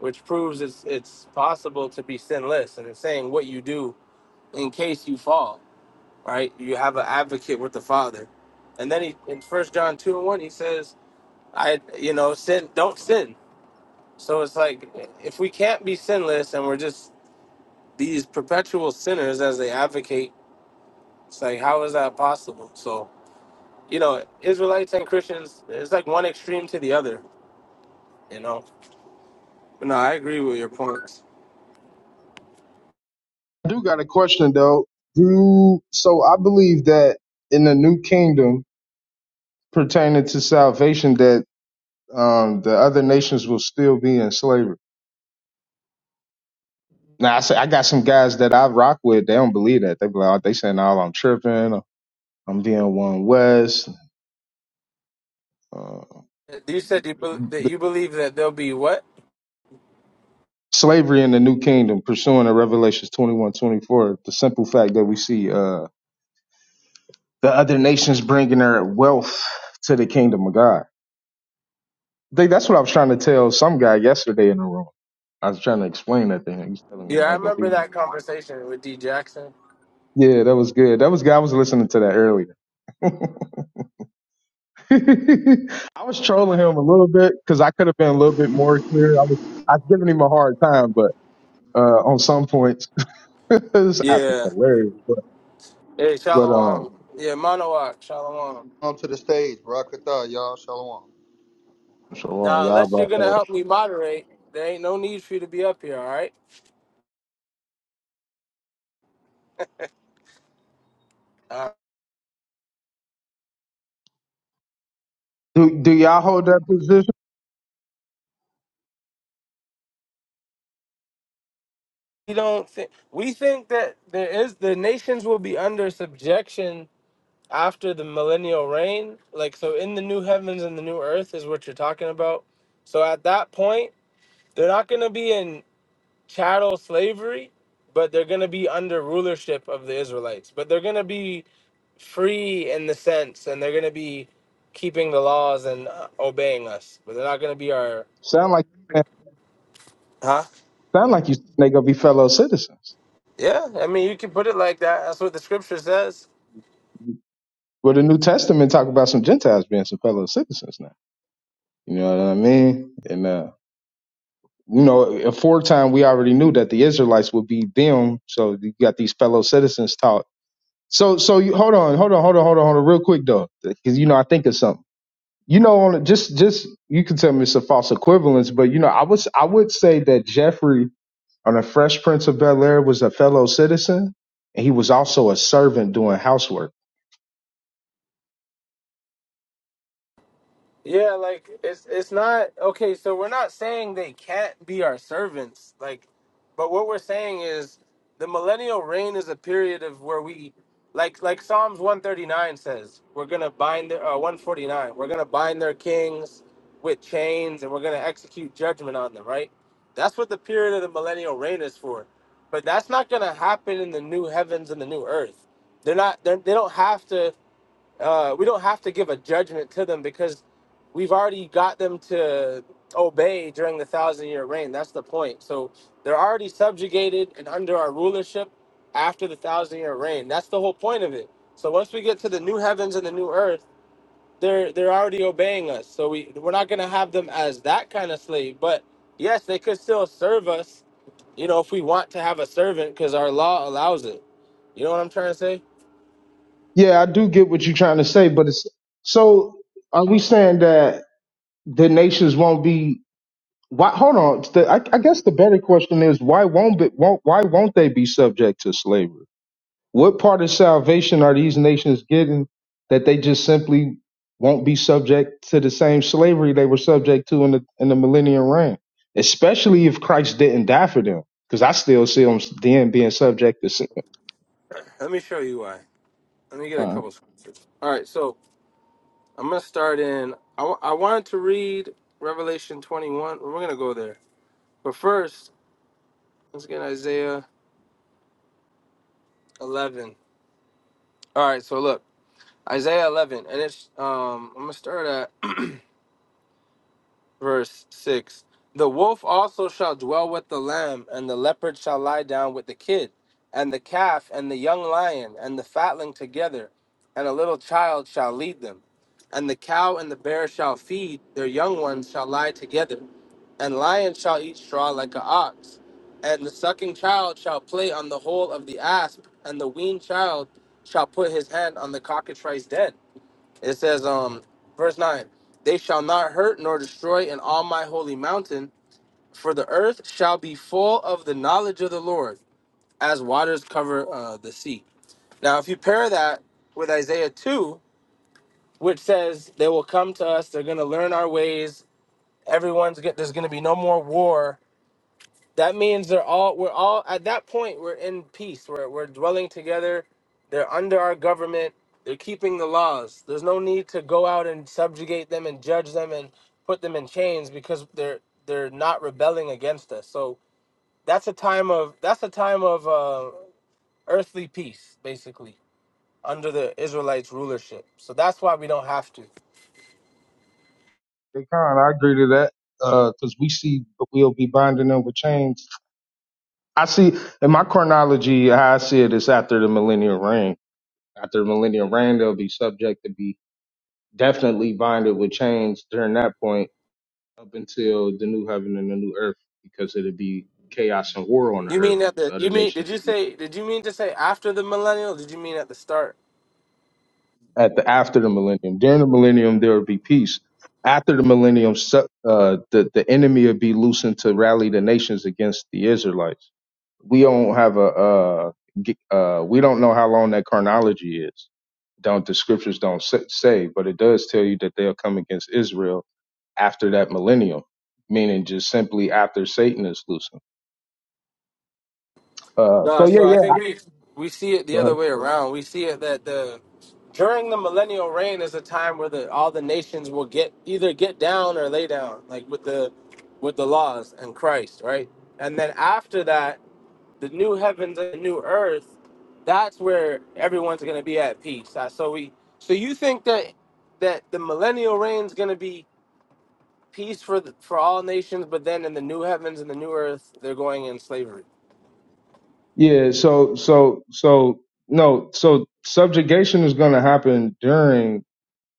which proves it's it's possible to be sinless and it's saying what you do in case you fall right you have an advocate with the father and then he in first john 2 and 1 he says i you know sin don't sin so it's like if we can't be sinless and we're just these perpetual sinners as they advocate it's like how is that possible so you know israelites and christians it's like one extreme to the other you know But no i agree with your points
I do got a question though. Do so I believe that in the new kingdom pertaining to salvation that um, the other nations will still be in slavery. Now I say I got some guys that I rock with. They don't believe that. They be like, oh, they saying all I'm tripping. I'm being one West. Uh,
you said you, bel that
but
you believe that there'll be what
slavery in the New Kingdom, pursuing the Revelations 21 24. The simple fact that we see uh, the other nations bringing their wealth to the kingdom of God. I think that's what I was trying to tell some guy yesterday in the room. I was trying to explain that thing. He was telling me he
Yeah, I
wasn't gonna be
remember
there.
that conversation with D Jackson.
Yeah, that was good. That was good. I was listening to that earlier. I was trolling him a little bit because I could have been a little bit more clear. I was I was giving him a hard time, but uh, on some points, this app is
Yeah.
hilarious. But
Hey,
but um,
Shalom. Yeah, Monowak, Shalom.
on to the stage, Barakatha, y'all. Shalom.
shalom,
Now,
y'all.
unless
but,
you're gonna
uh,
help me moderate, there ain't no need for you to be up here. All right? Uh,
Do do y'all hold that position?
we don't think we think that there is the nations will be under subjection after the millennial reign. Like so, in the new heavens and the new earth is what you're talking about. So at that point, they're not gonna be in chattel slavery, but they're gonna be under rulership of the Israelites. But they're gonna be free in the sense, and they're going to be keeping the laws and uh, obeying us, but they're not going to be our.
Sound like
Huh?
sound like you they gonna be fellow citizens.
Yeah, I mean, you can put it like that. That's what the scripture says.
Well, the New Testament talk about some Gentiles being some fellow citizens now. You know what I mean? And uh, you know, aforetime we already knew that the Israelites would be them. So you got these fellow citizens taught So so you hold on, hold on, hold on, hold on, hold on, real quick though, because you know I think of something. You know, on a- just just you can tell me it's a false equivalence, but you know I was I would say that Jeffrey on a Fresh Prince of Bel Air was a fellow citizen, and he was also a servant doing housework.
Yeah, like it's it's not okay. So we're not saying they can't be our servants, like, but what we're saying is the millennial reign is a period of where we, like, like Psalms one thirty nine says, we're gonna bind their uh, one forty nine. We're gonna bind their kings with chains, and we're gonna execute judgment on them. Right? That's what the period of the millennial reign is for. But that's not gonna happen in the new heavens and the new earth. They're not. They're, they are not they they do not have to uh, we don't have to give a judgment to them because we've already got them to obey during the thousand year reign. That's the point. So they're already subjugated and under our rulership after the thousand year reign. That's the whole point of it. So once we get to the new heavens and the new earth, they're they're already obeying us. So we we're not gonna have them as that kind of slave. But yes, they could still serve us. You know, if we want to have a servant, because our law allows it. You know what I'm trying to say?
Yeah, I do get what you're trying to say, but it's so are we saying that the nations won't be? Why, hold on. The, I, I guess the better question is why won't be, won't why won't they be subject to slavery? What part of salvation are these nations getting that they just simply won't be subject to the same slavery they were subject to in the in the millennium reign? Especially if Christ didn't die for them, because I still see them then being subject to sin.
Let me show you why. Let me get a
Uh,
couple scriptures. All right, so I'm gonna start in. I w- I wanted to read Revelation 21. We're gonna go there, but first let's get Isaiah 11. All right, so look, Isaiah 11, and it's um. I'm gonna start at. verse 6 The wolf also shall dwell with the lamb, and the leopard shall lie down with the kid, and the calf, and the young lion, and the fatling together, and a little child shall lead them. And the cow and the bear shall feed, their young ones shall lie together, and lion shall eat straw like an ox. And the sucking child shall play on the hole of the asp, and the weaned child shall put his hand on the cockatrice den. It says, um, verse nine, they shall not hurt nor destroy in all my holy mountain, for the earth shall be full of the knowledge of the Lord, as waters cover uh, the sea. Now, if you pair that with Isaiah two, which says they will come to us, they're going to learn our ways. Everyone's get, there's going to be no more war that means they're all we're all at that point we're in peace. We're we're dwelling together. They're under our government. They're keeping the laws. There's no need to go out and subjugate them and judge them and put them in chains because they're they're not rebelling against us. So that's a time of that's a time of uh, earthly peace, basically, under the Israelites' rulership. So that's why we don't have to.
they kind, I agree to that because we see that we'll be binding them with chains. I see in my chronology how I see it is after the millennial reign. After the millennial reign, they'll be subject to be definitely binded with chains during that point up until the new heaven and the new earth, because it'd be chaos and war on the
You
earth.
mean at
The
the
other
you mean did
nations
you
would be
say did you mean to say after the millennial? Did you mean at the start?
at the after the millennium. During the millennium, there would be peace. After the millennium, su- uh, the the enemy would be loosened to rally the nations against the Israelites. We don't have a uh, g- uh, we don't know how long that chronology is. Don't the scriptures don't sa- say, but it does tell you that they'll come against Israel after that millennium, meaning just simply after Satan is loosened. Uh,
No,
so yeah,
so I
yeah.
think we we see it
Go
the
ahead.
other way around. We see it that the during the millennial reign is a time where the all the nations will get either get down or lay down, like with the with the laws and Christ, right? And then after that, the new heavens and the new earth, that's where everyone's gonna be at peace. Uh, So we so you think that that the millennial reign is gonna be peace for the, for all nations, but then in the new heavens and the new earth, they're going in slavery.
Yeah, so so so no, so subjugation is going to happen during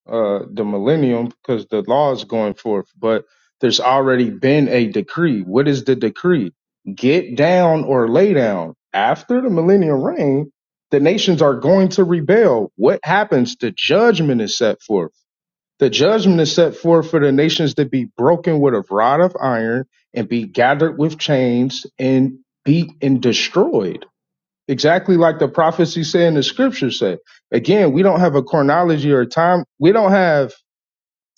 uh the millennium because the law is going forth, but there's already been a decree. What is the decree? Get down or lay down. After the millennial reign, the nations are going to rebel. What happens? The judgment is set forth. The judgment is set forth for the nations to be broken with a rod of iron and be gathered with chains and beat and destroyed exactly like the prophecy say and the scriptures say. Again, we don't have a chronology or a time. We don't have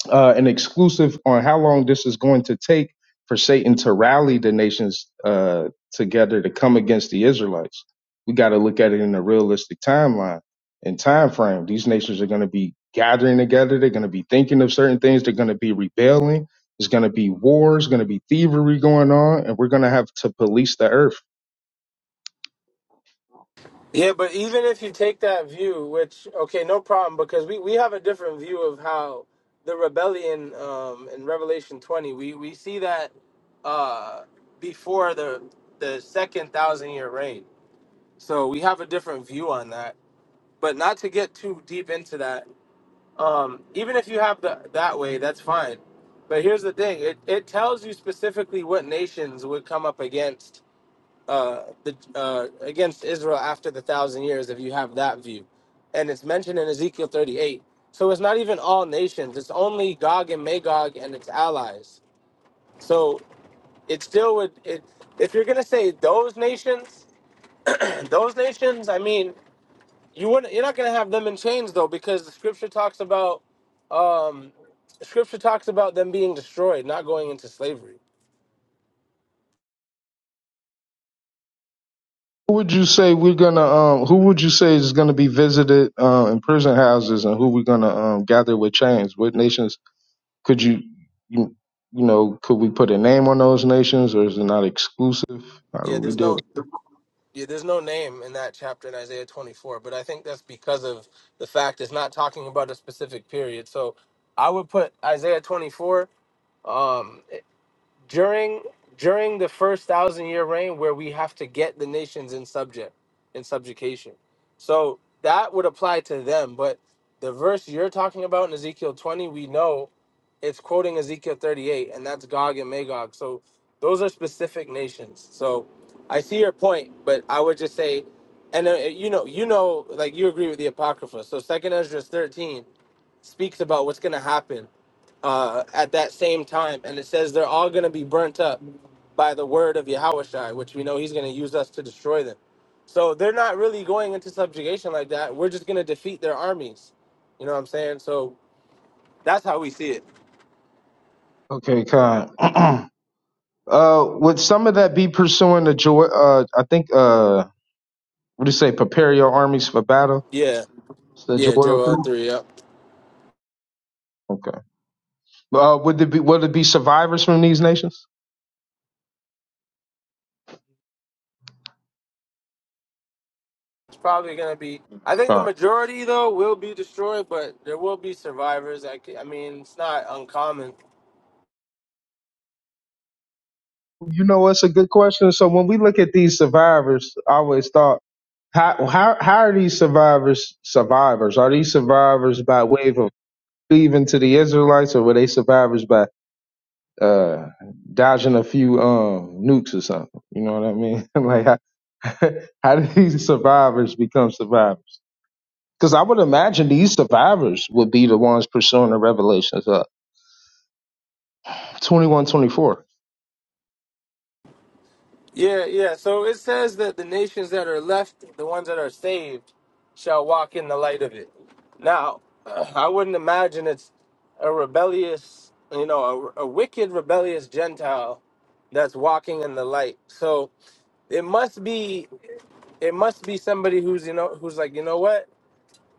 uh, an exclusive on how long this is going to take for Satan to rally the nations uh, together to come against the Israelites. We got to look at it in a realistic timeline and time frame. These nations are going to be gathering together. They're going to be thinking of certain things. They're going to be rebelling. There's going to be wars. Going to be thievery going on, and we're going to have to police the earth
Yeah, but even if you take that view, which okay, no problem, because we, we have a different view of how the rebellion um, in Revelation twenty, we, we see that uh, before the the second thousand year reign. So we have a different view on that. But not to get too deep into that. Um, even if you have the that way, that's fine. But here's the thing: it it tells you specifically what nations would come up against uh, the uh, against Israel after the thousand years, if you have that view, and it's mentioned in Ezekiel 38. So it's not even all nations; it's only Gog and Magog and its allies. So it still would. It, if you're gonna say those nations, those nations, I mean, you wouldn't. You're not gonna have them in chains though, because the Scripture talks about Scripture talks about them being destroyed, not going into slavery.
Who would you say we're gonna um who would you say is gonna be visited uh, in prison houses and who we're gonna um gather with chains? What nations could you you, you know, could we put a name on those nations or is it not exclusive? How do
Yeah,
we
there's
deal with
no. Yeah, there's no name in that chapter in Isaiah 24, but I think that's because of the fact it's not talking about a specific period. So I would put Isaiah 24. Um, during during the first thousand year reign where we have to get the nations in subject in subjugation so that would apply to them but the verse you're talking about in ezekiel 20 we know it's quoting ezekiel 38 and that's gog and magog so those are specific nations so i see your point but i would just say and uh, you know you know like you agree with the apocrypha so second ezra 13 speaks about what's going to happen uh, at that same time. And it says they're all going to be burnt up by the word of Yahushai, which we know he's going to use us to destroy them. So they're not really going into subjugation like that. We're just going to defeat their armies. You know what I'm saying? So that's how we see it.
it? Okay, Khan. uh would some of that be pursuing the joy uh I think uh what do you say, prepare your armies for battle?
Yeah.
It's the
Yeah,
Joel
Joel
thing?
3. Yep.
Okay. Uh would it be would it be survivors from these nations?
It's probably going to be, I think the majority, though, will be destroyed, but there will be survivors. I, c- I mean, it's not uncommon.
You know, it's a good question. So when we look at these survivors, I always thought, how how how are these survivors survivors? Are these survivors by way of cleaving to the Israelites, or were they survivors by uh, dodging a few um, nukes or something? You know what I mean? like how, how did these survivors become survivors? Because I would imagine these survivors would be the ones pursuing the revelations of twenty one twenty four.
Yeah, yeah. So it says that the nations that are left, the ones that are saved, shall walk in the light of it. Now, uh, I wouldn't imagine it's a rebellious, you know, a, a wicked, rebellious Gentile that's walking in the light. So it must be, it must be somebody who's, you know, who's like, you know what,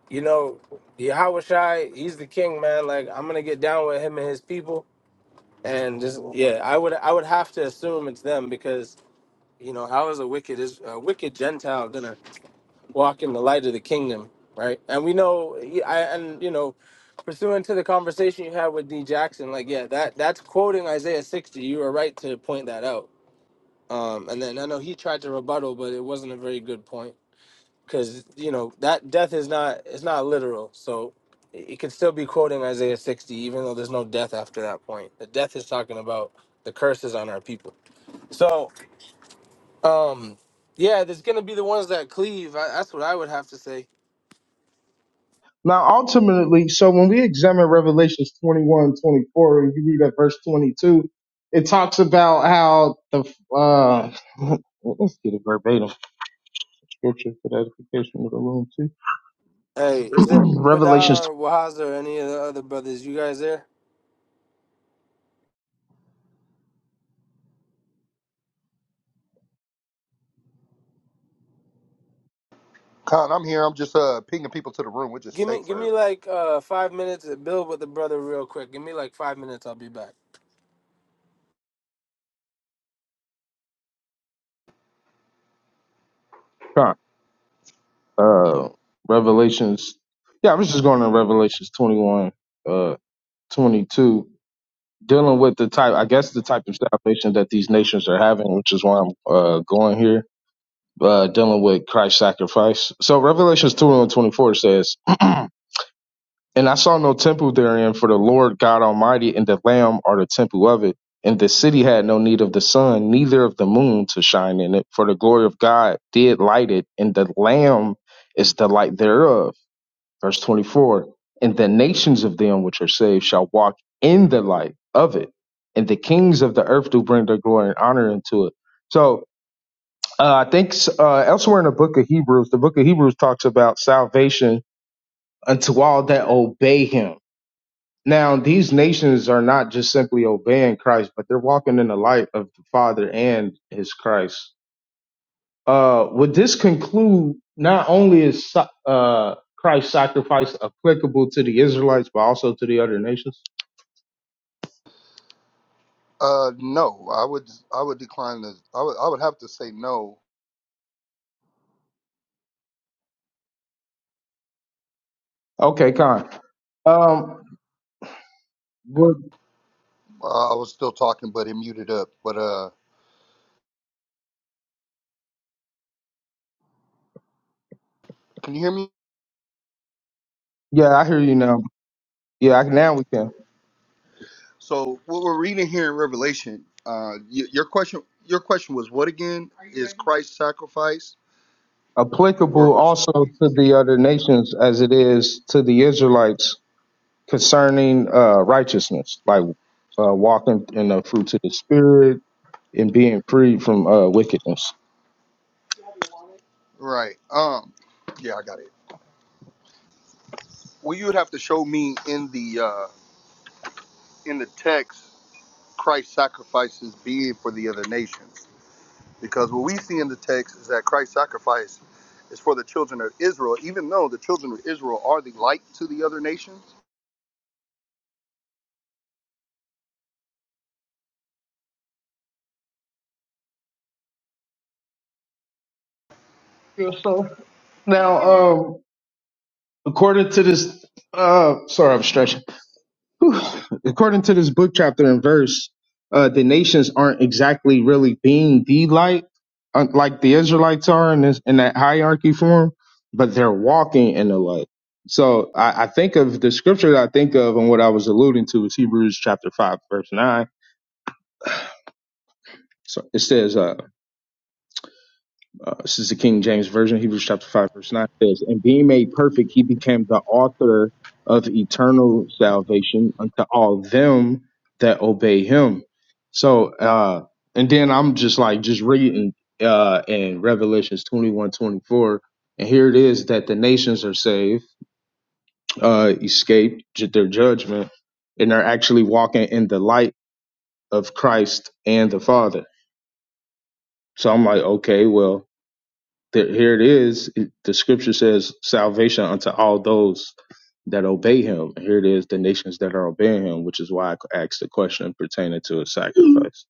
you know, Yahushai, he's the king, man. Like I'm gonna get down with him and his people, and just yeah, I would, I would have to assume it's them because you know, how is a wicked is a wicked Gentile gonna walk in the light of the kingdom, right? And we know, yeah, I, and you know, pursuant to the conversation you had with D Jackson, like yeah, that that's quoting Isaiah sixty. You were right to point that out. Um, and then I know he tried to rebuttal, but it wasn't a very good point because you know that death is not it's not literal, so it it could still be quoting Isaiah sixty, even though there's no death after that point. The death is talking about the curses on our people. So. Um, yeah, there's gonna be the ones that cleave. I, that's what I would have to say.
Now, ultimately, so when we examine Revelations twenty-one, twenty-four, 24, and you read at verse 22, it talks about how the, uh, let's get a verbatim scripture for the edification of the room, too.
Hey, is there
Revelations,
Padar or Wahaza or any of the other brothers? You guys there?
Khan, I'm here. I'm just uh pinging people to the room. We just
Give
take
me, give me
forever.
like uh five minutes to build with the brother real quick. Give me like five minutes. I'll be back.
uh, Revelations, yeah, I was just going to Revelations 21, uh, 22, dealing with the type, I guess the type of salvation that these nations are having, which is why I'm, uh, going here uh, dealing with Christ's sacrifice. So Revelations 2 and 24 says, And I saw no temple therein, for the Lord God Almighty and the Lamb are the temple of it. And the city had no need of the sun, neither of the moon to shine in it, for the glory of God did light it, and the Lamb is the light thereof. Verse 24 And the nations of them which are saved shall walk in the light of it, and the kings of the earth do bring their glory and honor into it. So, uh, I think uh, elsewhere in the book of Hebrews, the book of Hebrews talks about salvation unto all that obey him. Now, these nations are not just simply obeying Christ, but they're walking in the light of the Father and his Christ. Uh, would this conclude not only is sa- uh, Christ's sacrifice applicable to the Israelites, but also to the other nations?
Uh, no, I would I would decline this. I would I would have to say no.
Okay, Con. Um, well,
Uh, I was still talking, but it muted up. But uh, can you hear me?
yeah, I hear you now. Yeah, I, now we can.
So what we're reading here in Revelation, uh, y- your question your question was what again? Christ's sacrifice.
applicable
Was,
also to the other nations as it is to the Israelites concerning uh, righteousness, like uh, walking in the fruits of the spirit and being freed from uh, wickedness.
right. Um. Yeah, I got it. Well, you would have to show me in the uh in the text Christ's sacrifices being for the other nations. Because what we see in the text is that Christ's sacrifice is for the children of Israel, even though the children of Israel are the light to the other nations.
yourself. Now, um, according to this, uh, sorry, I'm stretching. according to this book chapter and verse, uh, the nations aren't exactly really being the light, uh, like the Israelites are in this in that hierarchy form, but they're walking in the light. So I, I think of the scripture that I think of and what I was alluding to is Hebrews chapter five, verse nine. So it says, uh, Uh, this is the King James Version, Hebrews chapter 5, verse 9 says, And being made perfect, he became the author of eternal salvation unto all them that obey him. So, uh, and then I'm just like, just reading uh, in Revelations 21, 24, and here it is that the nations are saved, uh, escaped ju- their judgment, and are actually walking in the light of Christ and the Father. So I'm like, okay, well, There, here it is. It- the scripture says salvation unto all those that obey him. And here it is, the nations that are obeying him, which is why I asked the question pertaining to his sacrifice.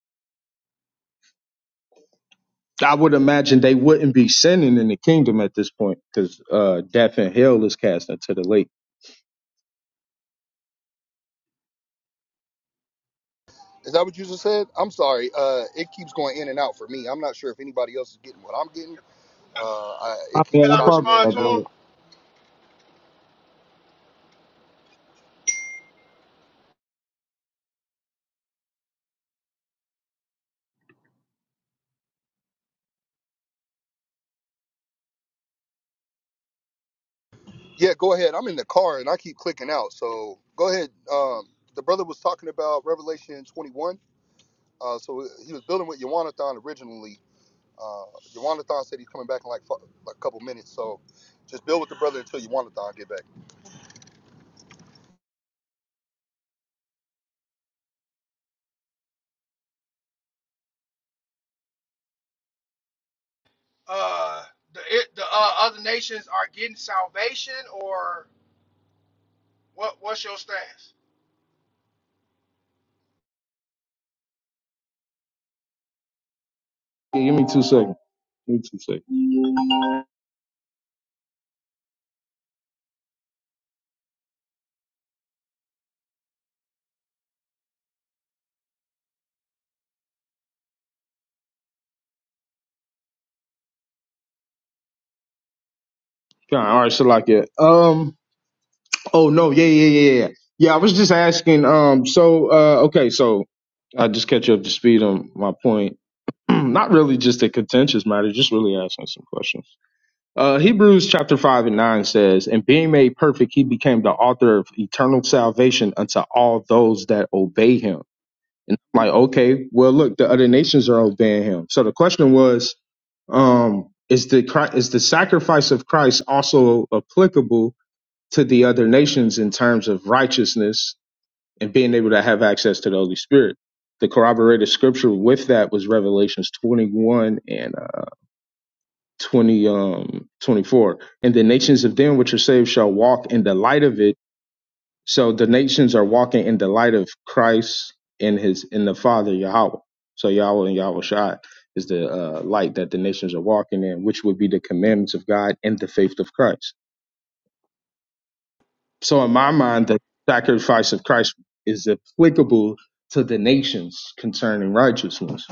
I would imagine they wouldn't be sinning in the kingdom at this point because uh, death and hell is cast into the lake.
Is that what you just said? I'm sorry. Uh, it keeps going in and out for me. I'm not sure if anybody else is getting what I'm getting. Uh, I,
My
it keeps
bad,
Can
I
I
chopping
bumped
in
respond
my
to
and out.
him?
bad.
Yeah, go ahead. I'm in the car and I keep clicking out. So go ahead. Um, the brother was talking about Revelation 21. Uh, so he was building with Yawanathan originally Uh, Yawanathan said he's coming back in like, fu- like a couple minutes, so just build with the brother until Yawanathan get back.
Uh, the it, the uh, other nations are getting salvation, or what? What's your stance?
Yeah, give me two seconds. Give me two seconds. Okay, all right, so like it. Um. Oh no. Yeah. Yeah. Yeah. Yeah. Yeah. I was just asking. Um. So. Uh. Okay. So. I just catch you up to speed on my point. not really just a contentious matter, just really asking some questions. Uh, Hebrews chapter 5 and 9 says, And being made perfect, he became the author of eternal salvation unto all those that obey him. And I'm like, okay, well, look, the other nations are obeying him. So the question was, um, is the Chri- is the sacrifice of Christ also applicable to the other nations in terms of righteousness and being able to have access to the Holy Spirit. The corroborated scripture with that was Revelations 21 and uh, 20, um, 24. And the nations of them which are saved shall walk in the light of it. So the nations are walking in the light of Christ and his in the Father Yahweh. So Yahweh and Yahweh Shai is the uh, light that the nations are walking in, which would be the commandments of God and the faith of Christ. So in my
Right.
mind, the sacrifice of Christ is applicable to the nations concerning righteousness.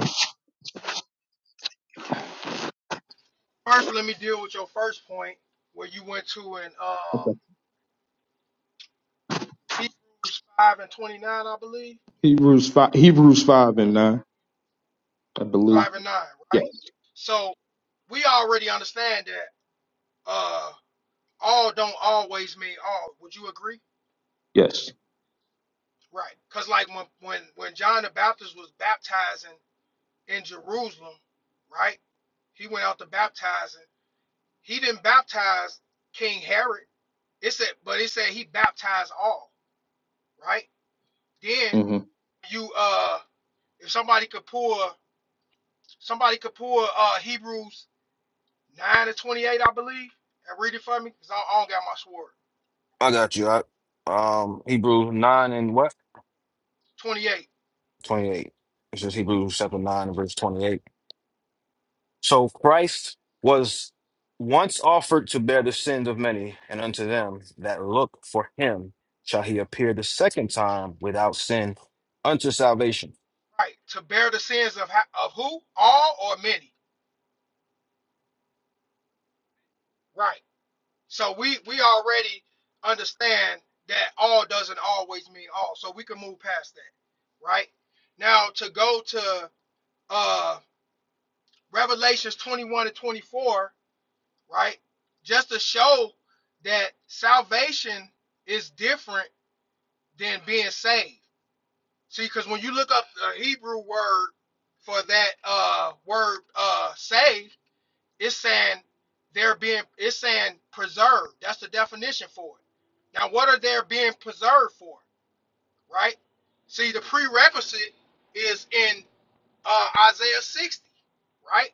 First, let me deal with your first point where you went to in
Okay.
um, Hebrews five and twenty nine, I believe.
Hebrews five, Hebrews five and nine, I believe.
Five and nine, right?
Yes.
So we already understand that uh, all don't always mean all. Would you agree?
Yes.
Right. Cause like when when when John the Baptist was baptizing in Jerusalem, right? He went out to baptize He didn't baptize King Herod. It said, but it said he baptized all, right? Then
hmm
you uh if somebody could pull somebody could pull uh Hebrews 9 to 28, I believe, and read it for me, because I, I don't got my sword.
I got you. I, um, Hebrew 9 and what?
28.
28. This is Hebrews chapter 9 and verse 28. So Christ was once offered to bear the sins of many, and unto them that look for him shall he appear the second time without sin unto salvation.
Right. To bear the sins of of who? All or many. Right. So we we already understand that all doesn't always mean all. So we can move past that. Right? Now to go to uh Revelations 21 and 24, right? Just to show that salvation is different than being saved. See, because when you look up the Hebrew word for that uh, word uh, saved, it's saying they're being, it's saying preserved. That's the definition for it. Now, what are they being preserved for, right? See, the prerequisite is in uh, Isaiah 60, right?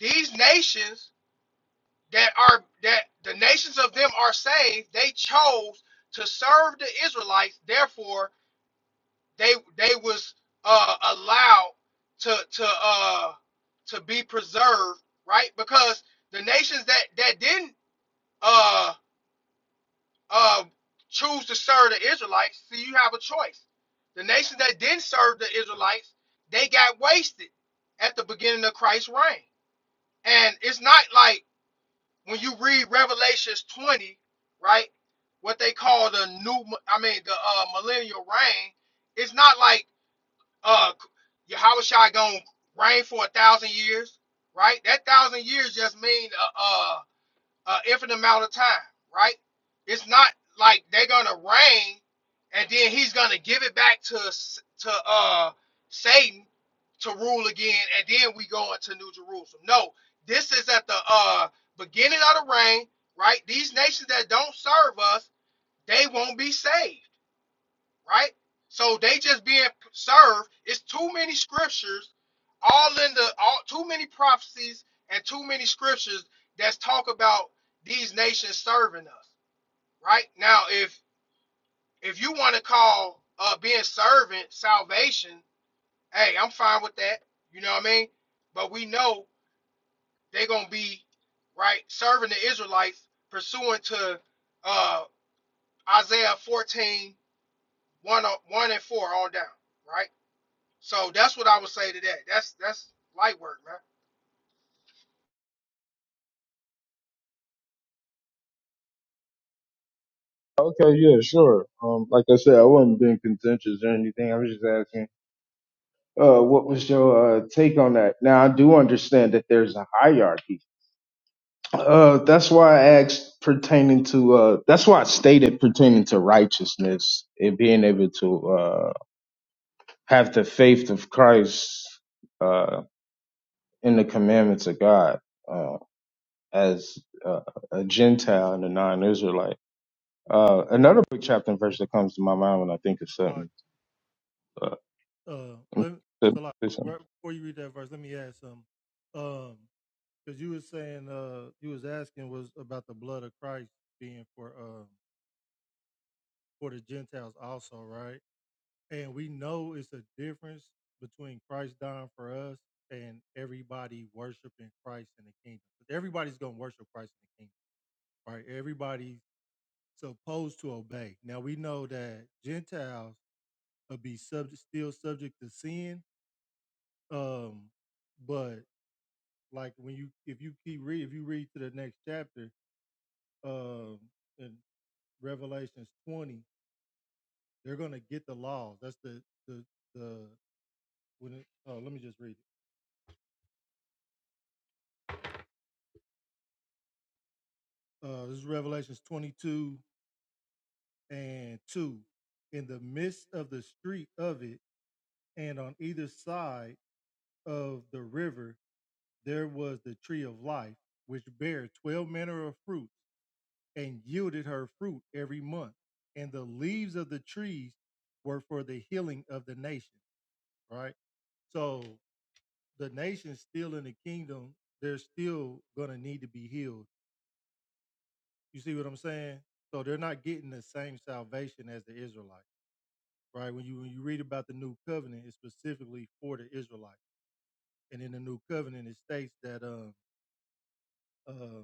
These nations that are that the nations of them are saved they chose to serve the israelites therefore they they was uh allowed to to uh to be preserved right because the nations that that didn't uh uh choose to serve the israelites see you have a choice the nations that didn't serve the israelites they got wasted at the beginning of christ's reign and it's not like when you read Revelations 20, right, what they call the new, I mean, the uh, millennial reign, it's not like uh, Yahushua gonna reign for a thousand years, right? That thousand years just mean uh, uh uh, infinite amount of time, right? It's not like they're gonna reign and then he's gonna give it back to to uh Satan to rule again, and then we go into New Jerusalem. No, this is at the uh beginning of the reign, right? These nations that don't serve us, they won't be saved right? So they just being served. It's too many scriptures, all in the all too many prophecies and too many scriptures that's talk about these nations serving us, right? Now, if if you want to call uh being servant salvation, hey, I'm fine with that. You know what I mean? But we know they're gonna be right serving the Israelites pursuant to uh Isaiah 14, 1, 1 and 4 on down, right? So that's what I would say to that. That's that's light work, man.
Okay, yeah, sure. Um, like I said, I wasn't being contentious or anything. I was just asking, uh, what was your uh, take on that? Now, I do understand that there's a hierarchy. Uh, that's why I asked pertaining to, uh, that's why I stated pertaining to righteousness and being able to uh, have the faith of Christ uh, in the commandments of God uh, as uh, a Gentile and a non-Israelite. Uh, another book chapter and verse that comes to my mind when I think of
Salakia,
something.
uh, let me,
Uh,
Salakia,
listen.
right before you read that verse, let me add something. Um, Because you was saying, uh, you was asking was about the blood of Christ being for uh for the Gentiles also, right? And we know it's a difference between Christ dying for us and everybody worshiping Christ in the kingdom. 'Cause Everybody's gonna worship Christ in the kingdom, right? Everybody's supposed to obey. Now we know that Gentiles will be subject, still subject to sin. Um, but like when you, if you keep read, if you read to the next chapter, um, and Revelations 20, they're going to get the laws. That's the the the when it, oh, let me just read it. Uh this is Revelations 22 and 2. In the midst of the street of it and on either side of the river there was the tree of life which bare 12 manner of fruits and yielded her fruit every month. And the leaves of the trees were for the healing of the nation, right? So the nation's still in the kingdom, they're still gonna need to be healed. You see what I'm saying? So they're not getting the same salvation as the Israelites, right? When you when you read about the new covenant, it's specifically for the Israelites, and in the new covenant, it states that um uh,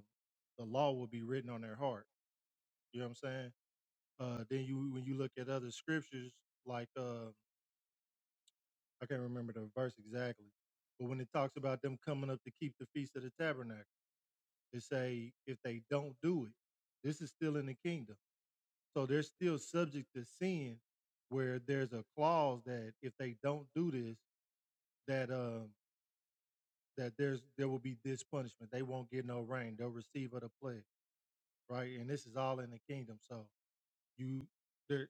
the law will be written on their heart. You know what I'm saying? Uh, then you when you look at other scriptures like uh, I can't remember the verse exactly, but when it talks about them coming up to keep the feast of the tabernacle. to say if they don't do it, this is still in the kingdom. So they're still subject to sin, where there's a clause that if they don't do this, that um that there's there will be this punishment. They won't get no rain. They'll receive other plague, right? And this is all in the kingdom. So you there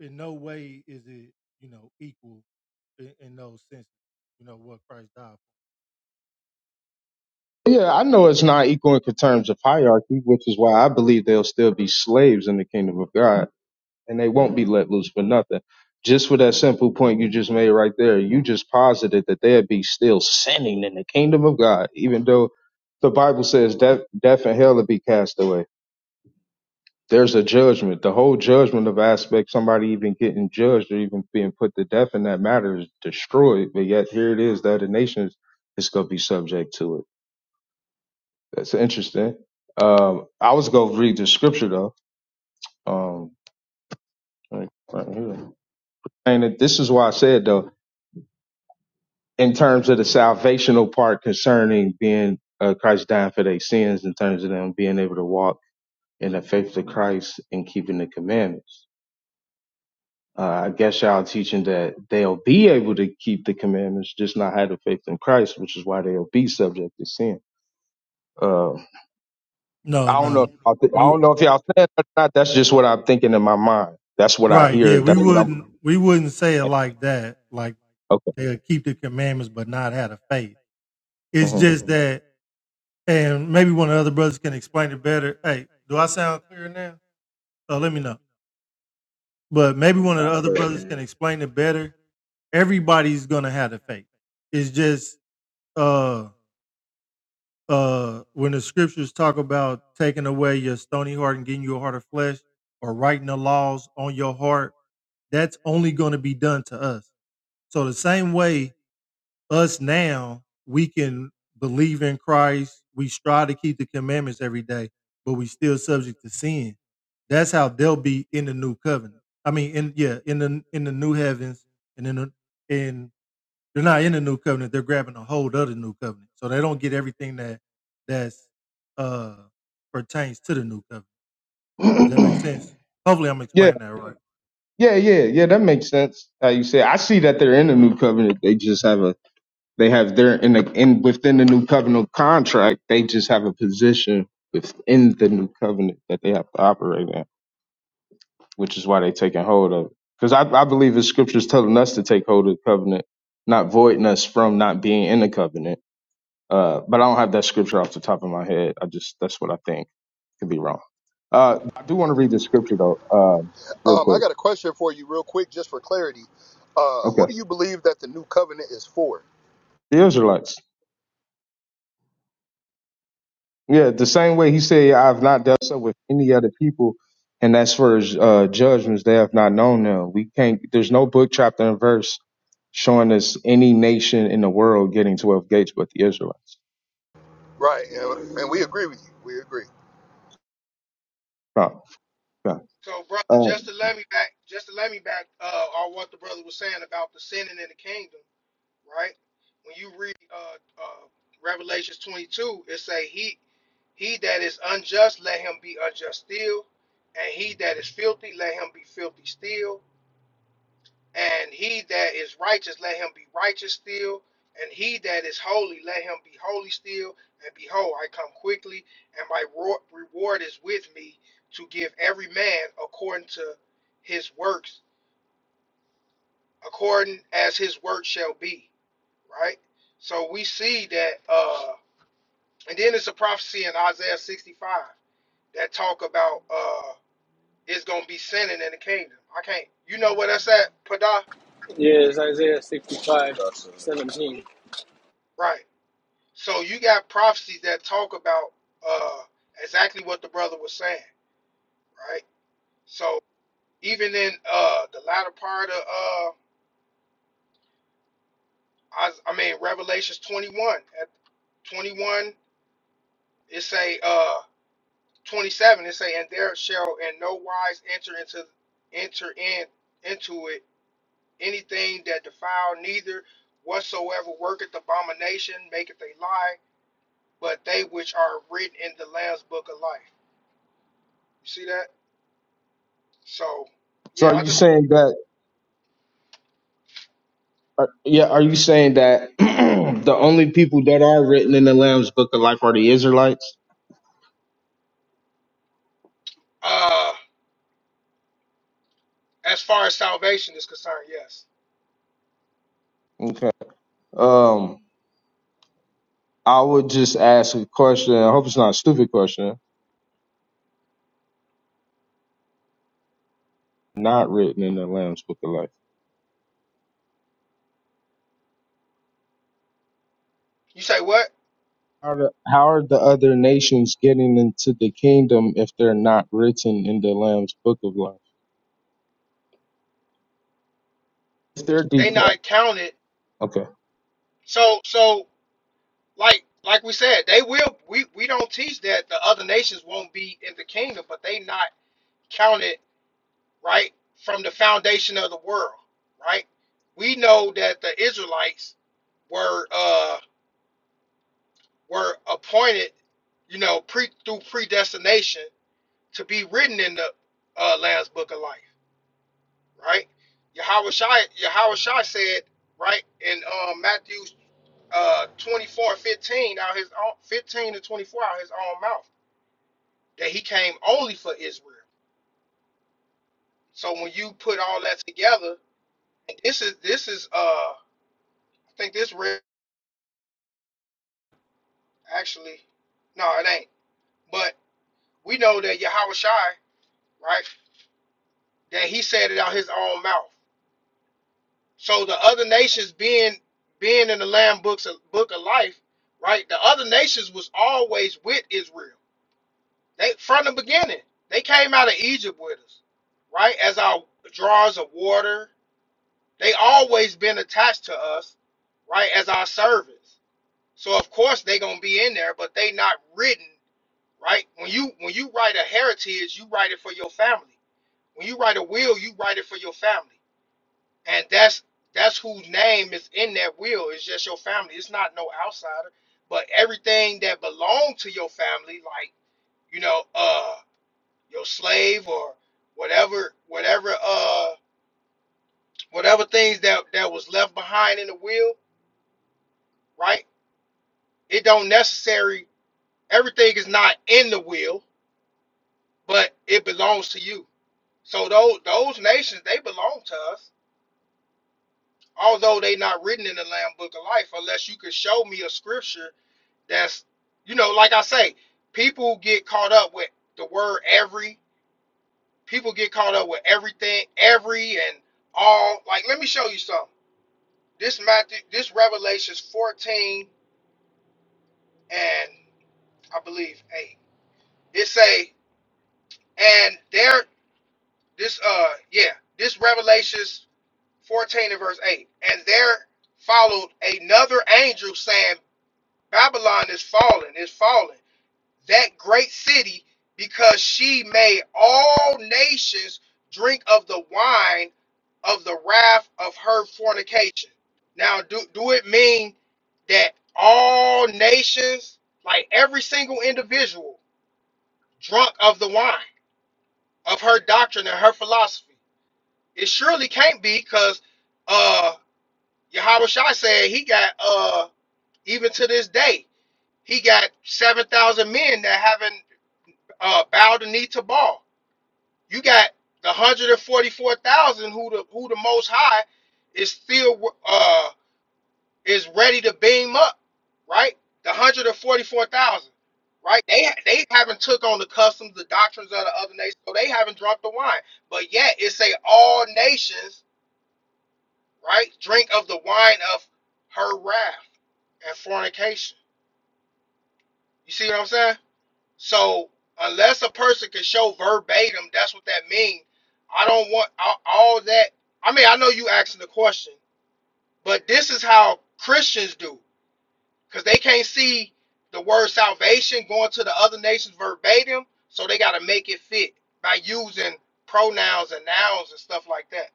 in no way is it you know equal in, in those senses. You know what Christ died for.
yeah, I know it's not equal in terms of hierarchy, which is why I believe they'll still be slaves in the kingdom of God and they won't be let loose for nothing. Just for that simple point you just made right there, you just posited that they'd be still sinning in the kingdom of God, even though the Bible says death, death and hell will be cast away. There's a judgment. The whole judgment of aspect, somebody even getting judged or even being put to death in that matter is destroyed. But yet here it is, the other nations is going to be subject to it. That's interesting. Um, I was going to read the scripture though. Um, right, right here. And it- this is why I said though, in terms of the salvational part concerning being uh, Christ dying for their sins, in terms of them being able to walk in the faith of Christ and keeping the commandments. Uh, I guess y'all teaching that they'll be able to keep the commandments, just not have the faith in Christ, which is why they'll be subject to sin. Uh,
No,
I don't know. I
no.
don't know if y'all saying that or not. That's just what I'm thinking in my mind. That's what I
Right. Yeah.
hear.
We
That's what I'm.
wouldn't. We wouldn't say it like that. Like they'll keep the commandments but not have the faith. It's
Okay.
just Mhm. that, and maybe one of the other brothers can explain it better. Hey, do I sound clear now? So let me know. But
Uh,
maybe
you
one of the
sound
other
clear.
brothers can
Ken.
explain it better. Everybody's gonna have the faith. It's just uh uh when the scriptures talk about taking away your stony heart and getting you a heart of flesh or writing the laws on your heart, that's only gonna be done to us So the same way us now we can believe in Christ, we strive to keep the commandments every day, but we still subject to sin. That's how they'll be in the new covenant. I mean, in yeah, in the in the new heavens and in the in they're not in the new covenant, they're grabbing a hold of the new covenant. So they don't get everything that that's uh pertains to the new covenant. Does that make
hmm
sense? Hopefully I'm
yeah.
explaining that
Yeah. Yeah. Yeah. That makes sense. How you say? it. I see that they're in the new covenant. They just haven't They have their in the in within the new covenant contract. They just have a position within the new covenant that they have to operate in, which is why they're taking hold of it. Because I, I believe the scriptures telling us to take hold of the covenant, not voiding us from not being in the covenant. Uh, but I don't have that scripture off the top of my head. I just that's what I think. Could be wrong. Uh, I do want to read the scripture though, uh, real
Um, I
quick.
got a question for you, real quick, just for clarity. Uh, who
Okay,
do you believe that the new covenant is for?
the Israelites. Yeah, the same way he said, I've not dealt so with any other people, and as for his uh, judgments, they have not known them. We can't, there's no book, chapter, and verse showing us any nation in the world getting 12 gates but the Israelites.
Right, and, and we agree with you. We agree.
No, no.
So brother,
Uh,
just to let me back, just to let me back, uh, on what the brother was saying about the sinning in the kingdom, right? When you read uh, uh, Revelations 22, it say he he that is unjust, let him be unjust still, and he that is filthy, let him be filthy still. And he that is righteous, let him be righteous still. And he that is holy, let him be holy still. And behold, I come quickly, and my ro- reward is with me to give every man according to his works, according as his work shall be. Right? So we see that, uh, and then it's a prophecy in Isaiah 65 that talk about uh, it's going to be sinning in the kingdom. I can't, you know where that's at, Padah?
Yeah, it's Isaiah
Yeah, let me
sixty-five,
go to
seventeen.
Right. So you got prophecies that talk about uh, exactly what the brother was saying, right? So even in uh, the latter part of, uh, I, I mean, Revelations 21, at 21, it say, uh, 27, it say, and there shall in no wise enter into, enter in, into it anything that defile neither whatsoever worketh abomination, maketh a lie, but they which are written in the Lamb's book of life. You see that? So,
so
yeah,
are
I
you
just
saying that, uh, yeah, are you saying that the only people that are written in the Lamb's book of life are the Israelites?
uh as far as salvation is concerned, yes.
Okay. Um, I would just ask a question. I hope it's not a stupid question. Not written in the Lamb's Book of Life.
You say what?
How are the, how are the other nations getting into the kingdom if they're not written in the Lamb's Book of Life? If they're deep.
They not counted.
Okay.
So so like like we said, they will we we don't teach that the other nations won't be in the kingdom, but they not counted, right? From the foundation of the world, right? We know that the Israelites were uh were appointed, you know, pre through predestination to be written in the uh Lamb's book of life. right? Yahweh Shai, said, right, in um, Matthew uh, 24 and 15, out his own, 15 and 24 out his own mouth, that he came only for Israel. So when you put all that together, and this is, this is, uh, I think this read, actually, no, it ain't. But we know that Yahweh right, that he said it out his own mouth. So the other nations being being in the Lamb books of, book of life, right? The other nations was always with Israel. They from the beginning. They came out of Egypt with us, right? As our drawers of water. They always been attached to us, right? As our servants. So of course they gonna be in there, but they not written, right? When you when you write a heritage, you write it for your family. When you write a will, you write it for your family and that's that's whose name is in that will. It's just your family. It's not no outsider, but everything that belonged to your family, like you know, uh, your slave or whatever, whatever, uh, whatever things that that was left behind in the will, right? It don't necessary. Everything is not in the will, but it belongs to you. So those those nations they belong to us, although they not written in the Lamb Book of Life, unless you could show me a scripture That's you know, like I say, people get caught up with the word every. People get caught up with everything, every and all. Like, let me show you something. This Matthew, this Revelations 14 and I believe 8. It say, and there this uh yeah, this Revelations 14 and verse 8. And there followed another angel saying, Babylon is fallen, is fallen that great city because she made all nations drink of the wine of the wrath of her fornication. Now, do, do it mean that all nations, like every single individual, drunk of the wine of her doctrine and her philosophy? It surely can't be because uh, Yahweh Shai said he got, uh, even to this day, he got 7,000 men that haven't uh, bowed the knee to Baal. You got the hundred and forty four thousand who the who the most high is still uh is ready to beam up, right? The hundred and forty four thousand, right? They they haven't took on the customs, the doctrines of the other nations, so they haven't drunk the wine. But yet it say all nations, right, drink of the wine of her wrath and fornication. You see what I'm saying? So unless a person can show verbatim, that's what that means. I don't want all, all that. I mean, I know you asking the question, but this is how Christians do because they can't see the word salvation going to the other nations verbatim, so they got to make it fit by using pronouns and nouns and stuff like that.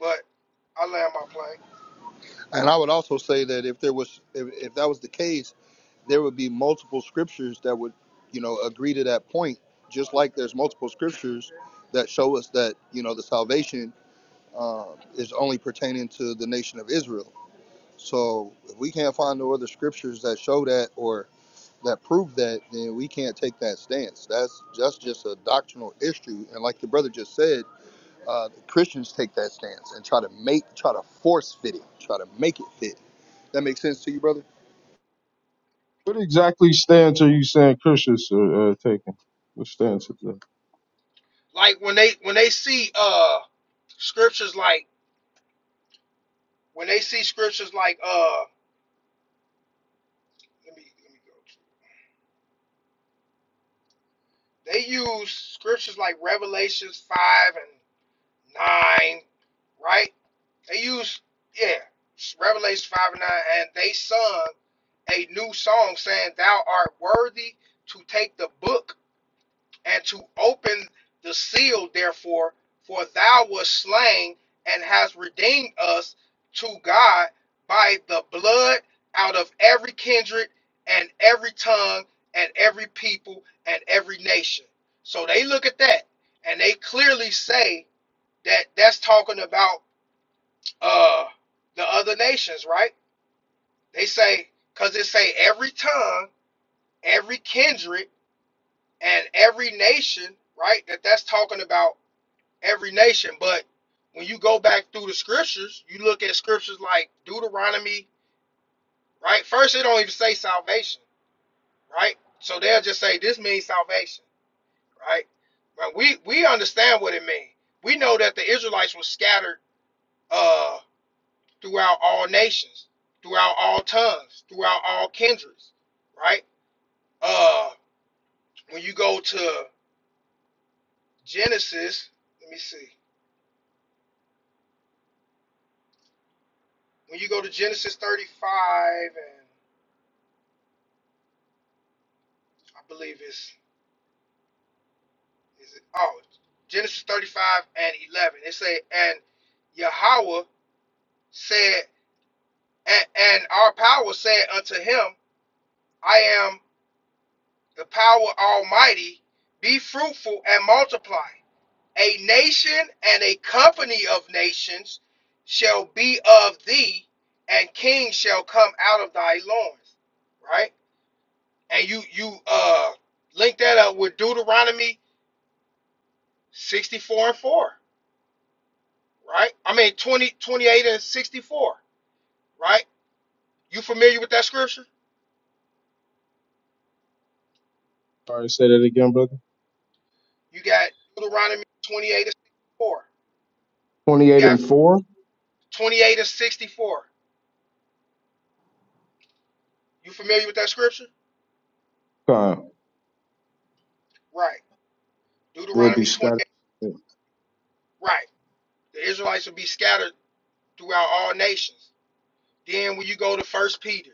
But I land my plane.
And I would also say that if there was, if, if that was the case, there would be multiple scriptures that would, you know, agree to that point. Just like there's multiple scriptures that show us that you know the salvation uh, is only pertaining to the nation of Israel So if we can't find no other scriptures that show that or that prove that, then we can't take that stance. That's just just a doctrinal issue. And like the brother just said, uh, the Christians take that stance and try to make, try to force fit it, try to make it fit. That makes sense to you, brother?
What exactly stance are you saying Christians are uh, taking? What stance is that?
Like when they when they see uh scriptures like when they see scriptures like uh let me let me go. They use scriptures like Revelations 5 and 9, right? They use, yeah, Revelations 5 and 9, and they sung a new song saying, Thou art worthy to take the book and to open the seal, therefore, for thou wast slain and hast redeemed us to God by the blood out of every kindred and every tongue and every people and every nation. So they look at that and they clearly say that that's talking about uh, the other nations, right? They say, because it say every tongue, every kindred, and every nation, right? That that's talking about every nation. But when you go back through the scriptures, you look at scriptures like Deuteronomy, right? First, it don't even say salvation, right? So they'll just say this means salvation, right? But we we understand what it means. We know that the Israelites were scattered uh, throughout all nations, throughout all tongues, throughout all kindreds, right? Uh, when you go to Genesis, let me see. When you go to Genesis 35 and I believe it's Is it, oh, Genesis 35 and 11. It say, and Yahweh said, and, and our power said unto him, I am the power almighty, be fruitful and multiply. A nation and a company of nations shall be of thee, and kings shall come out of thy loins. Right? And you you uh link that up with Deuteronomy 64 and 4. right? I mean, 20, 28 and 64, right? You familiar with that scripture?
Sorry, say that again, brother.
You got Deuteronomy 28 and 64. You
28
got
and 4.
28 and 64. You familiar with that scripture?
Con.
Right.
Would be
Deuteronomy
Scotty.
28. Right. The Israelites will be scattered throughout all nations. Then when you go to First Peter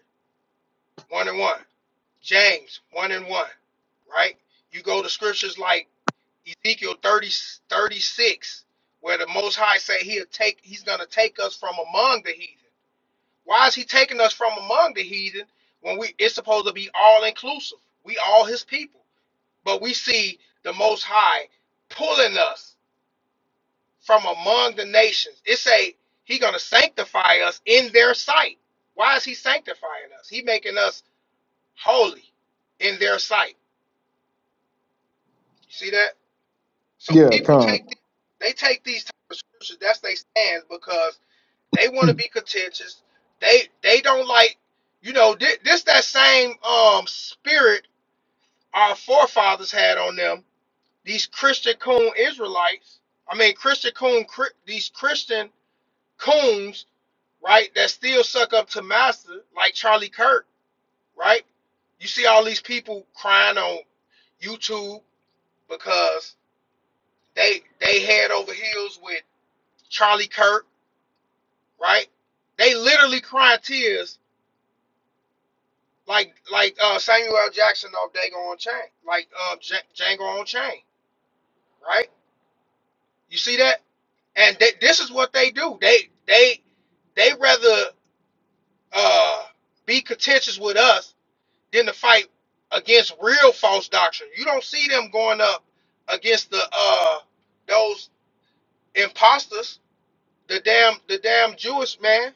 1 and 1, James 1 and 1, right? You go to scriptures like Ezekiel 30, 36, where the Most High say he'll take, he's going to take us from among the heathen Why is he taking us from among the heathen when we it's supposed to be all inclusive? We all his people. But we see the most high pulling us from among the nations. It say he gonna sanctify us in their sight. Why is he sanctifying us? He making us holy in their sight. You see that? So
Yeah,
people
Con.
take the, they take these type of scriptures, that's they stands because They want to be contentious. They they don't like, you know, thi- this that same um spirit our forefathers had on them. These Christian coon Israelites, I mean Christian coon, Chri- these Christian coons, right? That still suck up to master, like Charlie Kirk, right? You see all these people crying on YouTube because they they head over heels with Charlie Kirk, right? They literally crying tears like like uh, Samuel L. Jackson of Dago on Chain, like uh, J- Django on Chain, right? You see that? And they, this is what they do. They they they rather uh, be contentious with us than to fight against real false doctrine. You don't see them going up against the uh, those imposters, the damn the damn Jewish man,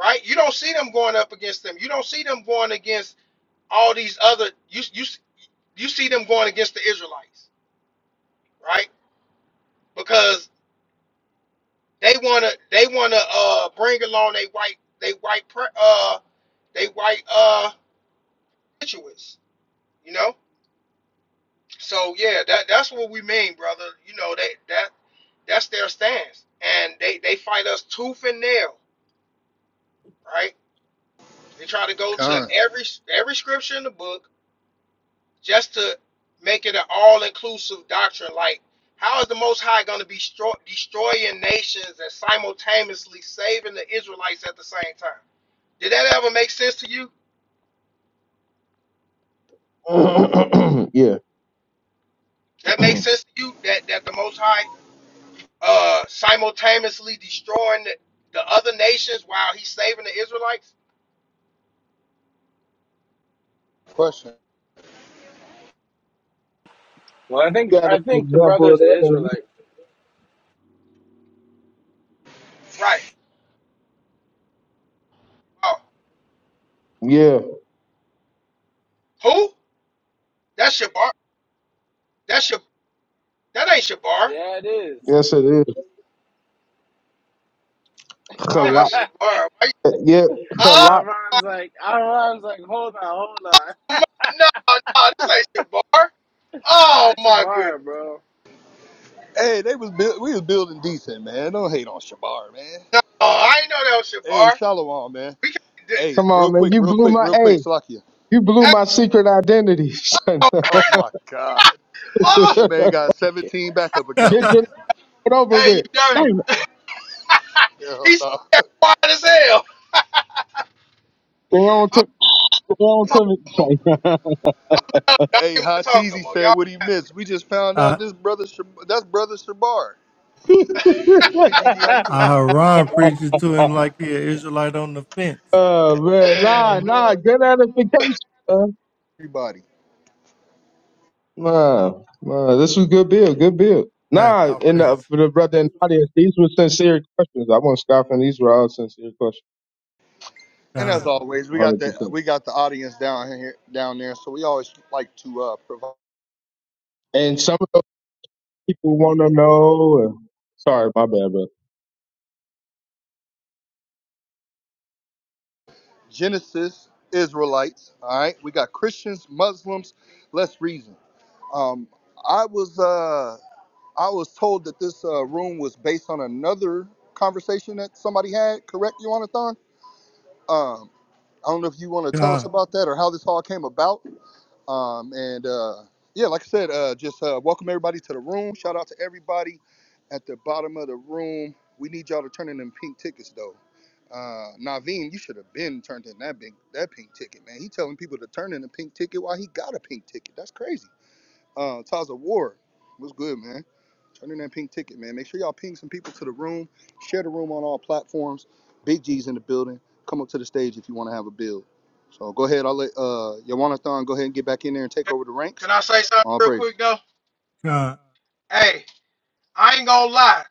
right? You don't see them going up against them. You don't see them going against all these other you you you see them going against the Israelites, right? Because they wanna they wanna uh bring along they white they white pre- uh they white uh constituents, you know. So yeah, that that's what we mean, brother. You know they that that's their stance, and they they fight us tooth and nail, right? They try to go to
Con.
every every scripture in the book just to make it an all-inclusive doctrine. Like, how is the Most High going to be stro- destroying nations and simultaneously saving the Israelites at the same time? Did that ever make sense to you?
yeah.
That makes sense to you that that the Most High uh, simultaneously destroying the, the other nations while he's saving the Israelites?
Question.
Well, I think
Got an
I think the
example of
brother's an
that. don't you?
Israelite.
Right. Oh,
Yeah.
who? That's Shabar. That's your. That ain't Shabar.
Yeah, it is.
Yes, it is.
Oh,
Halak.
that's Shabar.
Yeah,
Why you-
Yeah.
Oh.
Halak.
Aaron's like Aaron's like, hold on, hold on,
No, no, no, this ain't Shabar. Oh
that's
my goodness.
Shabar, bro.
Hey, they was build, we was building decent, man. Don't hate on Shabar, man.
No, I ain't know that was
Hey,
Shabar.
Shalom, man.
We can't. D- d-
Hey,
Come
d-
real
on, man.
quick,
You
real
blew
quick,
my
real quick,
A.
Slakia.
You blew
hey,
my secret identity. son.
Oh my God,
mother,
that man got 17 backup
Get
accounts.
right.
your shit over
hey, you
with.
dirty.
Damn it.
Hell
He's
no.
that quiet as hell.
They on to, they on
No,
to
no, more.
me. son.
y'all ain't
Hey,
want to
Hot
talk no
teasy
more,
said
y'all.
what he missed. We just found
uh,
out this brother, Shab- that's brother Shabar. Hey, Gigi, how you doing,
Aharon preaching to him like he an Israelite on the fence.
oh, man. Nah, nah. Good edification.
everybody?
Nah, nah, this was good build, good build.
Facts,
Nah,
all
and uh,
praises.
for the brother in the audience, these were sincere questions. I wasn't scoffing. These were all sincere questions,
And as
God,
always, we got the
100%.
we got the audience down here, down there. So we always like to uh, provide
And some of those people want to know. and- sorry, my bad, bro.
Genesis, Israelites. All right, we got Christians, Muslims. Let's reason. Um, I was uh, I was told that this uh, room was based on another conversation that somebody had. Correct, Yonathon? Um, I don't know if you want to tell us
God,
about that or how this all came about. Um, and uh, yeah, like I said, uh, just uh, welcome everybody to the room. Shout out to everybody at the bottom of the room. We need y'all to turn in them pink tickets though. Uh, Naveen, you should have been turned in that pink that pink ticket, man. He telling people to turn in a pink ticket while he got a pink ticket. That's crazy. Uh, Taza Ward, what's good, man? Turn in that pink ticket, man. Make sure y'all ping some people to the room. Share the room on all platforms. Big G's in the building. Come up to the stage if you want to have a build. So go ahead. I'll let uh, Yawanathan go ahead and get back in there and take over the ranks.
Can I say something
All
real quick
praises.
though?
God,
Hey, I ain't gonna lie.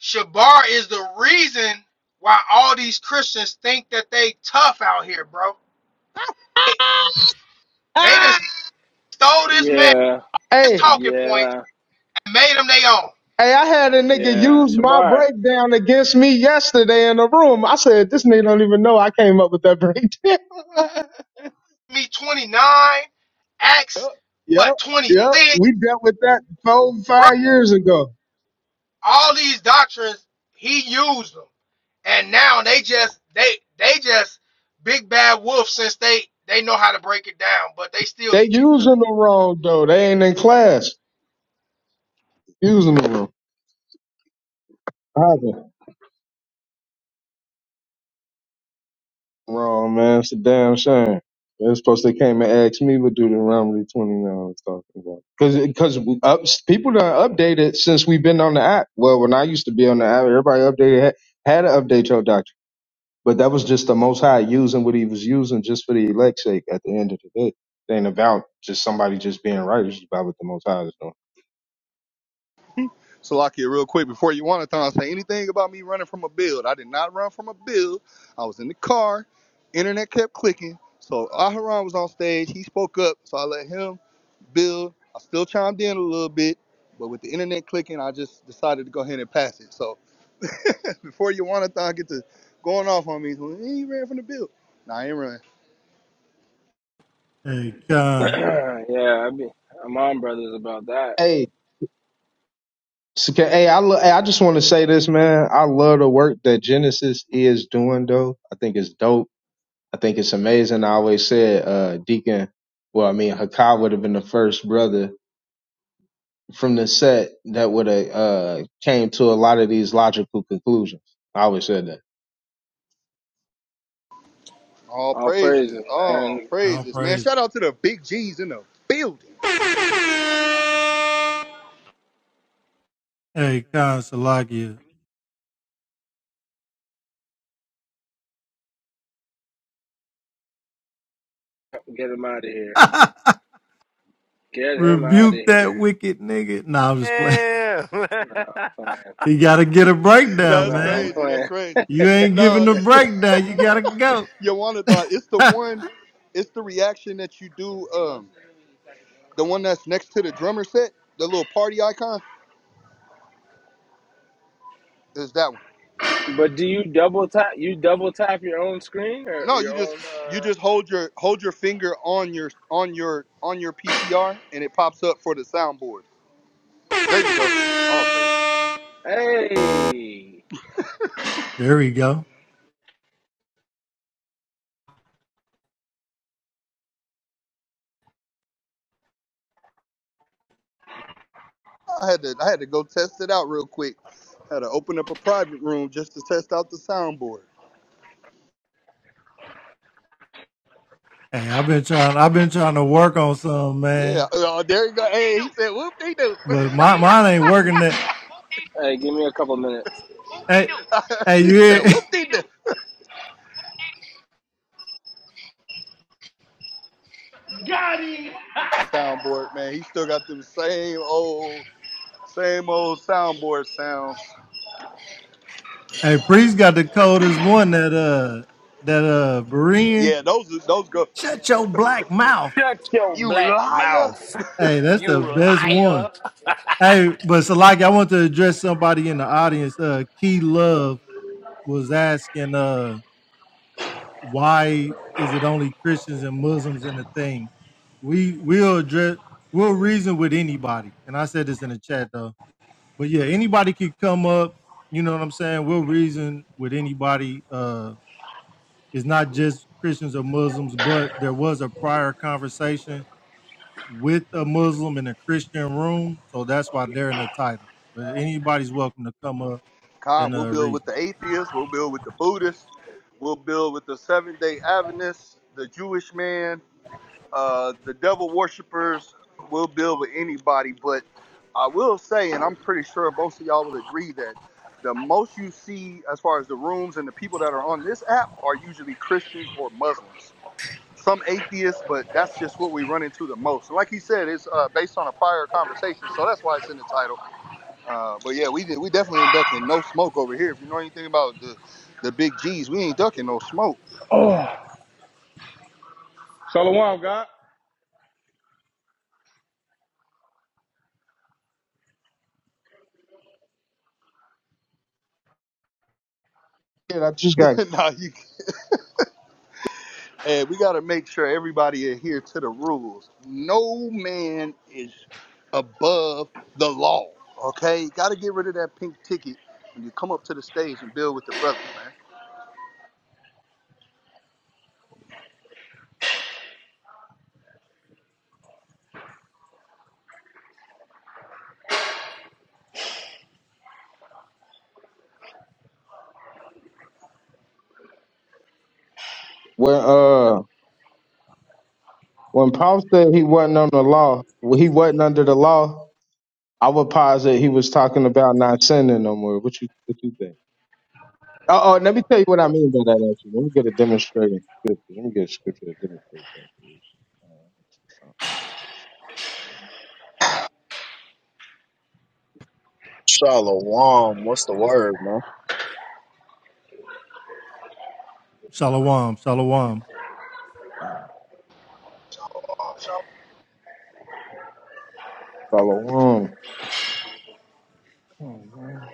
Shabar is the reason why all these Christians think that they tough out here, bro. They, they
Ah!
just stole this man,
Yeah,
his
Hey,
talking points,
yeah,
and made them their own.
hey, I had a nigga
yeah,
use my
Shabar.
breakdown against me yesterday in the room. I said, this nigga don't even know I came up with that breakdown.
me 29, Acts,
yep, yep,
what,
yep.
26,
We dealt with that four,
bro.
five years ago.
All these doctrines, he used them. And now they just, they, they just big bad wolf since they, they know how to break it down, but they still
They
be getting cut.
using the wrong, though. They ain't in class. He was in the room. I haven't. Wrong, man. It's a damn shame. They're supposed to came and asked me what Deuteronomy 29 was talking about. Because up, people done updated since we've been on the app. Well, when I used to be on the app, everybody updated had, had to update your doctrine. But that was just the Most High using what he was using just for the elect's sake at the end of the day. It ain't about just somebody just being right. It's just about what the Most High is doing.
So, Lakia, real quick, before Yawanathan say anything about me running from a build, I did not run from a build. I was in the car. Internet kept clicking. So, Aharon was on stage. He spoke up. So, I let him. bill. I still chimed in a little bit, but with the internet clicking, I just decided to go ahead and pass it. So before you want to get to going off on me, so, he ran from the bill. Nah, I ain't run.
hey, God,
yeah, I be I'm on brothers about that.
Hey, so can- hey, I, lo- hey, I just want to say this, man. I love the work that Genesis is doing, though. I think it's dope I think it's amazing. I always said uh, Deacon, well, I mean, Hakai would have been the first brother from the set that would have uh, came to a lot of these logical conclusions. I always said that.
All
All
praises,
praises,
all
man.
all
praises, man.
praises.
Shout out to the big G's in the building.
Hey, God, Salakia.
Get him out of here. Get him out of
Rebuke that
here.
wicked nigga. Nah, I'm just playing.
Yeah.
No, I'm playing.
You gotta get a breakdown,
No,
That's
I'm
man.
crazy. That's
playing.
crazy.
You ain't giving
No,
the breakdown. You gotta go.
you want thought it's the one, it's the reaction that you do. Um, the one that's next to the drummer set, the little party icon, is that one.
But do you double tap? You double tap your own screen or
No, you
your
just
own?
you
uh
just hold your hold your finger on your on your on your PTR and it pops up for the soundboard. There you go. All praises.
Hey,
there we go.
I had to I had to go test it out real quick. Had to open up a private room just to test out the soundboard.
Hey, I've been trying. I've been trying to work on some
Yeah.
man.
Oh, there you go. Hey, he said whoop de doo.
But my mine ain't working. That.
hey, give me a couple minutes.
Hey, hey, you
he said
hear?
whoop de doo.
Got him.
Soundboard, man. He still got them same old same old soundboard sounds.
Hey, Priest got the coldest one that uh that uh Berean.
Yeah, those those go.
Shut your black mouth.
Shut your
You
black
liar.
mouth,
Hey, that's
you
the best one.
liar.
Hey, but Salaki, I want to address somebody in the audience. Uh Key Love was asking uh why is it only Christians and Muslims in the thing? We we'll address we'll reason with anybody. And I said this in the chat though. but yeah, anybody could come up. You know what I'm saying? We'll reason with anybody. Uh, it's not just Christians or Muslims, but there was a prior conversation with a Muslim in a Christian room, so that's why they're in the title. But anybody's welcome to come up
Con,
and
we'll
uh,
build with
reason.
the atheists, we'll build with the Buddhists, we'll build with the Seventh day Adventists, the Jewish man, uh, the devil worshippers, we'll build with anybody. But I will say, and I'm pretty sure most of y'all would agree, that the most you see as far as the rooms and the people that are on this app are usually Christians or Muslims. Some atheists, but that's just what we run into the most. And like he said, it's uh, based on a prior conversation, so that's why it's in the title uh, but yeah, we did. We definitely ain't ducking no smoke over here. If you know anything about the the big G's, we ain't ducking no smoke.
Oh, Shalom, God.
Yeah, I just got
nah, you. And we gotta make sure everybody adhere to the rules. No man is above the law. Okay, gotta get rid of that pink ticket when you come up to the stage and build with the brothers, man.
when uh when Paul said he wasn't on the law, when he wasn't under the law. I would posit he was talking about not sinning no more. What you what you think? Oh, oh, let me tell you what I mean by that. Actually, let me get a demonstrating scripture. Let me get a scripture to demonstrate that.
Shalom. What's the word, man?
Shalom, shalom.
Uh, um,
Oh, So
follow on. Mhm.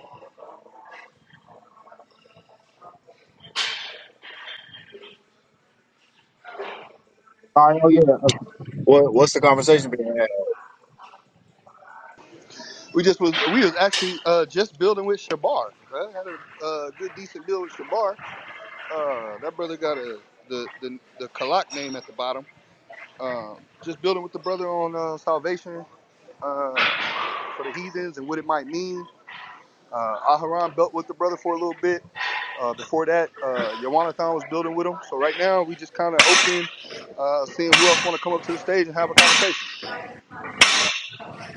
All right, oh yeah, okay.
What What's the conversation being had?
We just was we was actually uh, just building with Shabar, right? Had a uh, good decent build with Shabar. Uh, that brother got a the the the Kalak name at the bottom. Uh, just building with the brother on uh, salvation uh, for the heathens and what it might mean. Uh, Aharon built with the brother for a little bit. Uh, before that, uh, Yawanathan was building with him. So right now, we just kind of open, uh, seeing who else want to come up to the stage and have a conversation.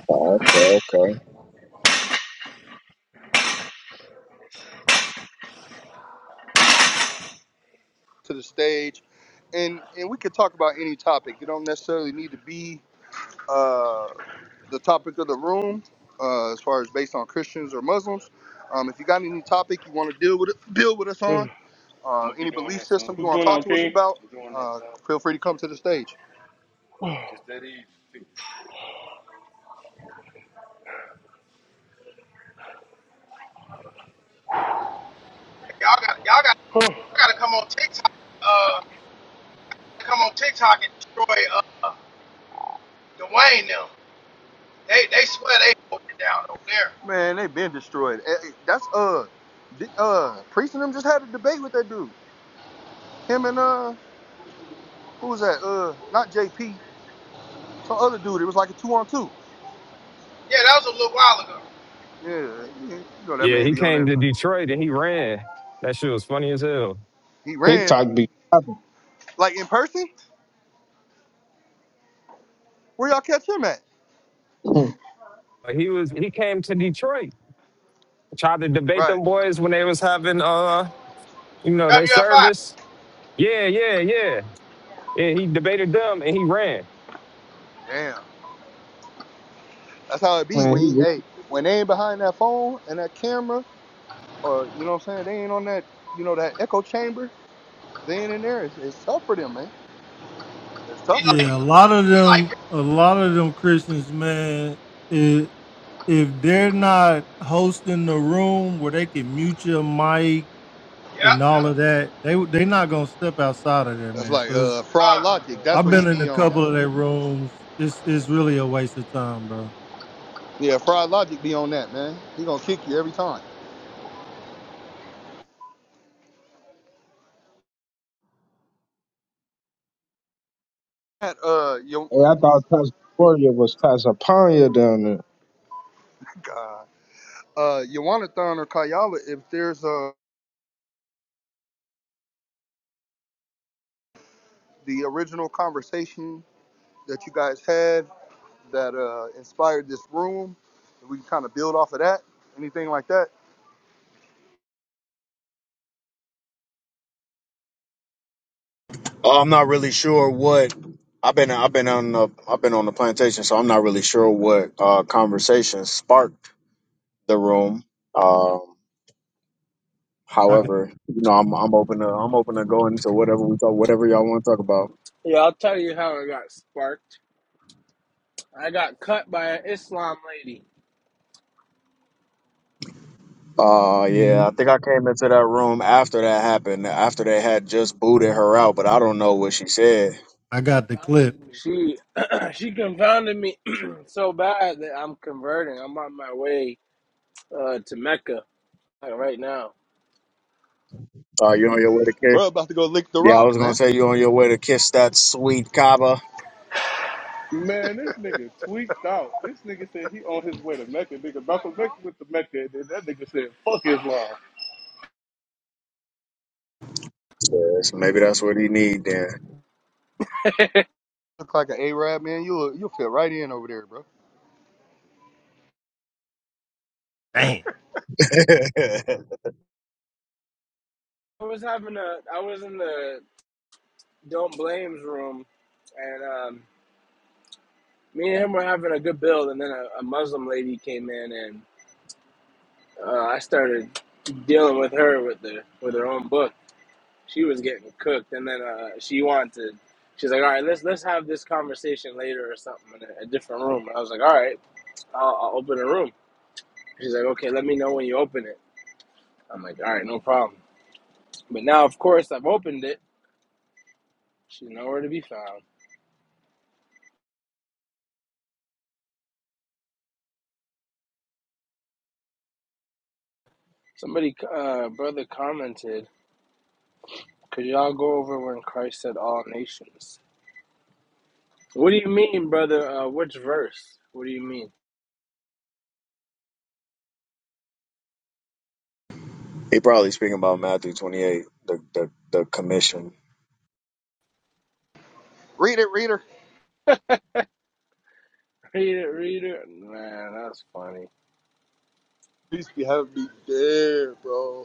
Oh, okay, okay.
To the stage, and and we could talk about any topic. It don't necessarily need to be uh, the topic of the room, uh, as far as based on Christians or Muslims. Um, if you got any topic you want to deal with, deal with us
I'm
on, uh, any belief system you
What's
want to
going
talk
on,
to us
King?
about, uh, feel free to come to the stage.
y'all got, y'all got, y'all got to come on TikTok, uh, come on TikTok and destroy, uh, Dwayne them. They, they swear they broke it down over there.
Man, they've been destroyed. Eh, eh, That's uh, uh, Priest and them just had a debate with that dude. Him and uh, who was that? Uh, not JP, some other dude. It was like a two on two.
Yeah, that was a little while ago.
Yeah, yeah, you know that
Yeah,
man
he
be on
came
there.
to Detroit and he ran. That shit was funny as hell.
He ran
TikTok be popping.
like in person. Where y'all catch him at?
Hmm,
Like, He was he came to Detroit tried to debate
Right.
them boys when they was having uh you know their
WFI.
service. Yeah, yeah, yeah. Yeah, he debated them and he ran.
Damn. That's how it be
Man,
when
he
you,
was,
hey when they ain't behind that phone and that camera or you know what I'm saying they ain't on that you know that echo chamber. They ain't in there. It's, it's tough for them, man. It's
He
tough for
like,
them.
Yeah, a lot of
he like,
them, a lot of them Christians, man. It, if they're not hosting the room where they can mute your mic
yeah.
and all of that, they they not gonna step outside of there,
That's
man.
like
So it's,
uh
Uh.
Fried Logic. That's
I've
what he
been in a
be on.
couple of their rooms. It's it's really a waste of time, bro.
Yeah, Fried Logic be on that, man. He gonna kick you every time. At uh Yo
hey, I thought Tasmania was Tasmania down there.
God. Uh Yawanathan or Kayala, if there's uh the original conversation that you guys had that uh inspired this room, if we can kinda build off of that, anything like that.
Uh, I'm not really sure what I've been. I've been on the I've been on the plantation, so I'm not really sure what uh, conversation sparked the room. Um,
I could,
however, you know, I'm I'm open to I'm open to going into whatever we talk, whatever y'all want to talk about.
Yeah, I'll tell you how I got sparked. I got cut by an Islam lady.
Uh, yeah, I
mm,
think I came into that room after that happened, after they had just booted her out, but I don't know what she said.
I got the clip.
She she confounded me so bad that I'm converting. I'm on my way uh, to Mecca uh, right now.
Uh, you on your way to K?
Bro, about to go lick the
Yeah, I
rock,
was gonna
man.
say you on your way to kiss that sweet Kaba.
Man, this nigga tweaked out. This nigga said he on his way to Mecca. Nigga, Malcolm X went to Mecca, and then that nigga said, fuck Islam.
Yes, maybe that's what he need then.
Look like an A-Rab, man. You'll you'll fit right in over there, bro.
Dang,
I was having a I was in the don't blames room and um, me and him were having a good build and then a, a Muslim lady came in and uh, I started dealing with her with the with her own book. She was getting cooked and then uh, she wanted she's like all right let's let's have this conversation later or something in a, a different room. And I was like all right I'll, I'll open a room. She's like okay let me know when you open it. I'm like all right no problem. But now of course I've opened it. She's nowhere to be found. Somebody uh, brother commented. Could y'all go over when Christ said all nations? What do you mean, brother? Uh, which verse? What do you mean?
he probably speaking about Matthew twenty eight, the, the the commission.
Read it, reader.
Read it, read it. Man, that's funny.
Peace be have me there, bro.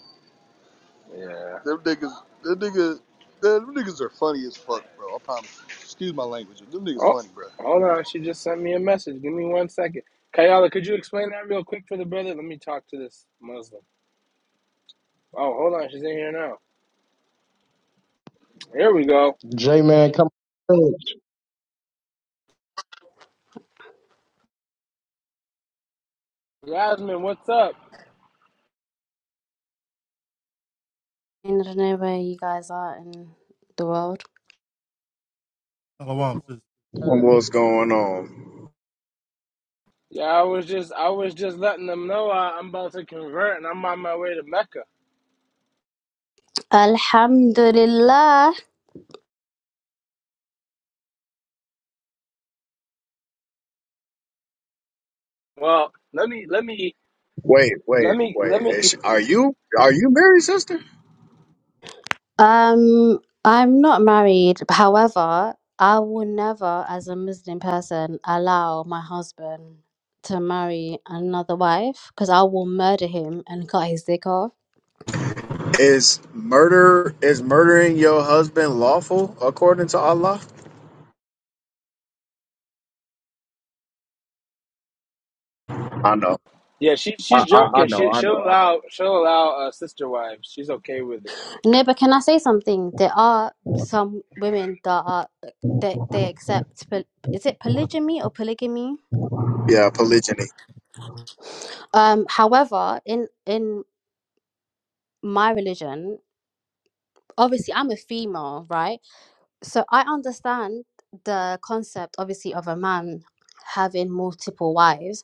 Yeah.
Them niggas, them niggas, them niggas are funny as fuck, bro. I promise you. Excuse my language. Them niggas
Oh,
funny, bro.
hold on. She just sent me a message. Give me one second. Kayala, could you explain that real quick for the brother? Let me talk to this Muslim. Oh, hold on. She's in here now. Here we go.
J man, come
Yasmin, what's up?
wherever you guys are in the world.
Shalom, sis.
on.
What's going on?
Yeah, I was just I was just letting them know I, I'm about to convert and I'm on my way to Mecca.
Alhamdulillah.
Well, let me let me
Wait, wait,
let me
wait.
let me
Is, are you are you married, sister?
Um, I'm not married. However, I will never, as a Muslim person, allow my husband to marry another wife because I will murder him and cut his dick off.
Is murder is murdering your husband lawful according to Allah? I know.
Yeah, she she's
I, I, I
joking. She
know, I
she'll
know, I know.
allow she'll allow uh, sister wives. She's okay with it.
No, but can I say something? There are some women that are they they accept. poly- Is it polygamy or polygamy?
Yeah, polygyny.
Um, however, in in my religion, obviously I'm a female, right? So I understand the concept obviously of a man having multiple wives.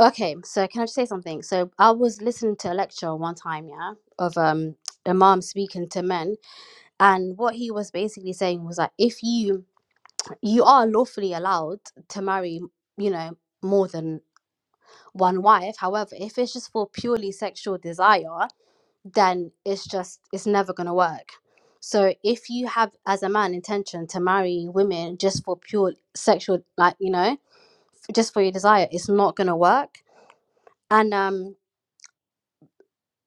Okay, so can I just say something? So I was listening to a lecture one time, yeah, of um a mom speaking to men and what he was basically saying was that if you you are lawfully allowed to marry, you know, more than one wife. However, if it's just for purely sexual desire, then it's just it's never going to work so if you have as a man intention to marry women just for pure sexual like you know just for your desire it's not going to work and um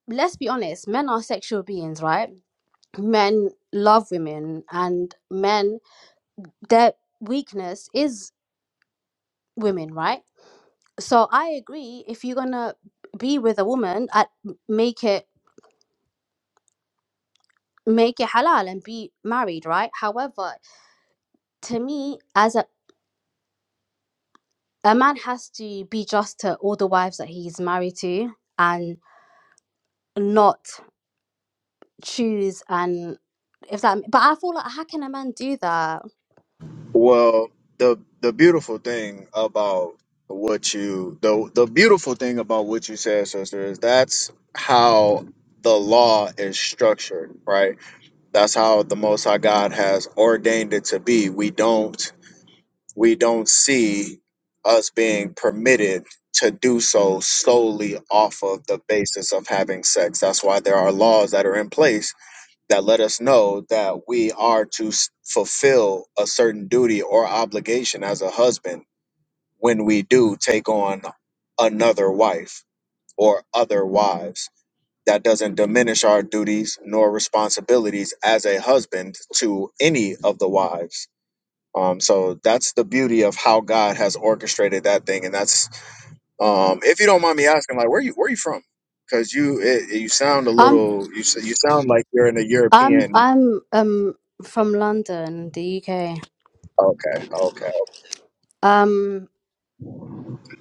let's be honest men are sexual beings right men love women and men their weakness is women right so i agree if you're going to be with a woman at make it make it halal and be married right however to me as a a man has to be just to all the wives that he's married to and not choose and if that but i feel like how can a man do that
Well, the the beautiful thing about what you the the beautiful thing about what you said, sister, is that's how the law is structured, right? That's how the Most High God has ordained it to be. We don't we don't see us being permitted to do so solely off of the basis of having sex. That's why there are laws that are in place that let us know that we are to s- fulfill a certain duty or obligation as a husband when we do take on another wife or other wives. That doesn't diminish our duties nor responsibilities as a husband to any of the wives. Um, so that's the beauty of how God has orchestrated that thing, and that's um, if you don't mind me asking, like, where you where you from? Because you it, you sound a
i'm
little you s- you sound like you're in a
i'm
European.
i'm um from london the uk
Okay, okay.
um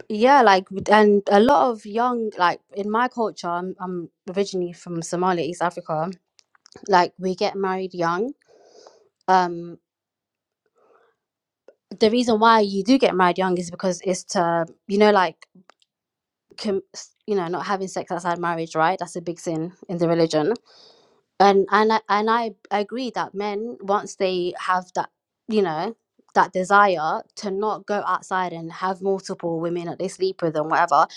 yeah like and a lot of young like in my culture i'm, I'm originally from somalia east africa like we get married young um the reason why you do get married young is because it's to you know like com- you know not having sex outside marriage right that's a big sin in the religion and and I, and I agree that men once they have that you know that desire to not go outside and have multiple women that they sleep with and whatever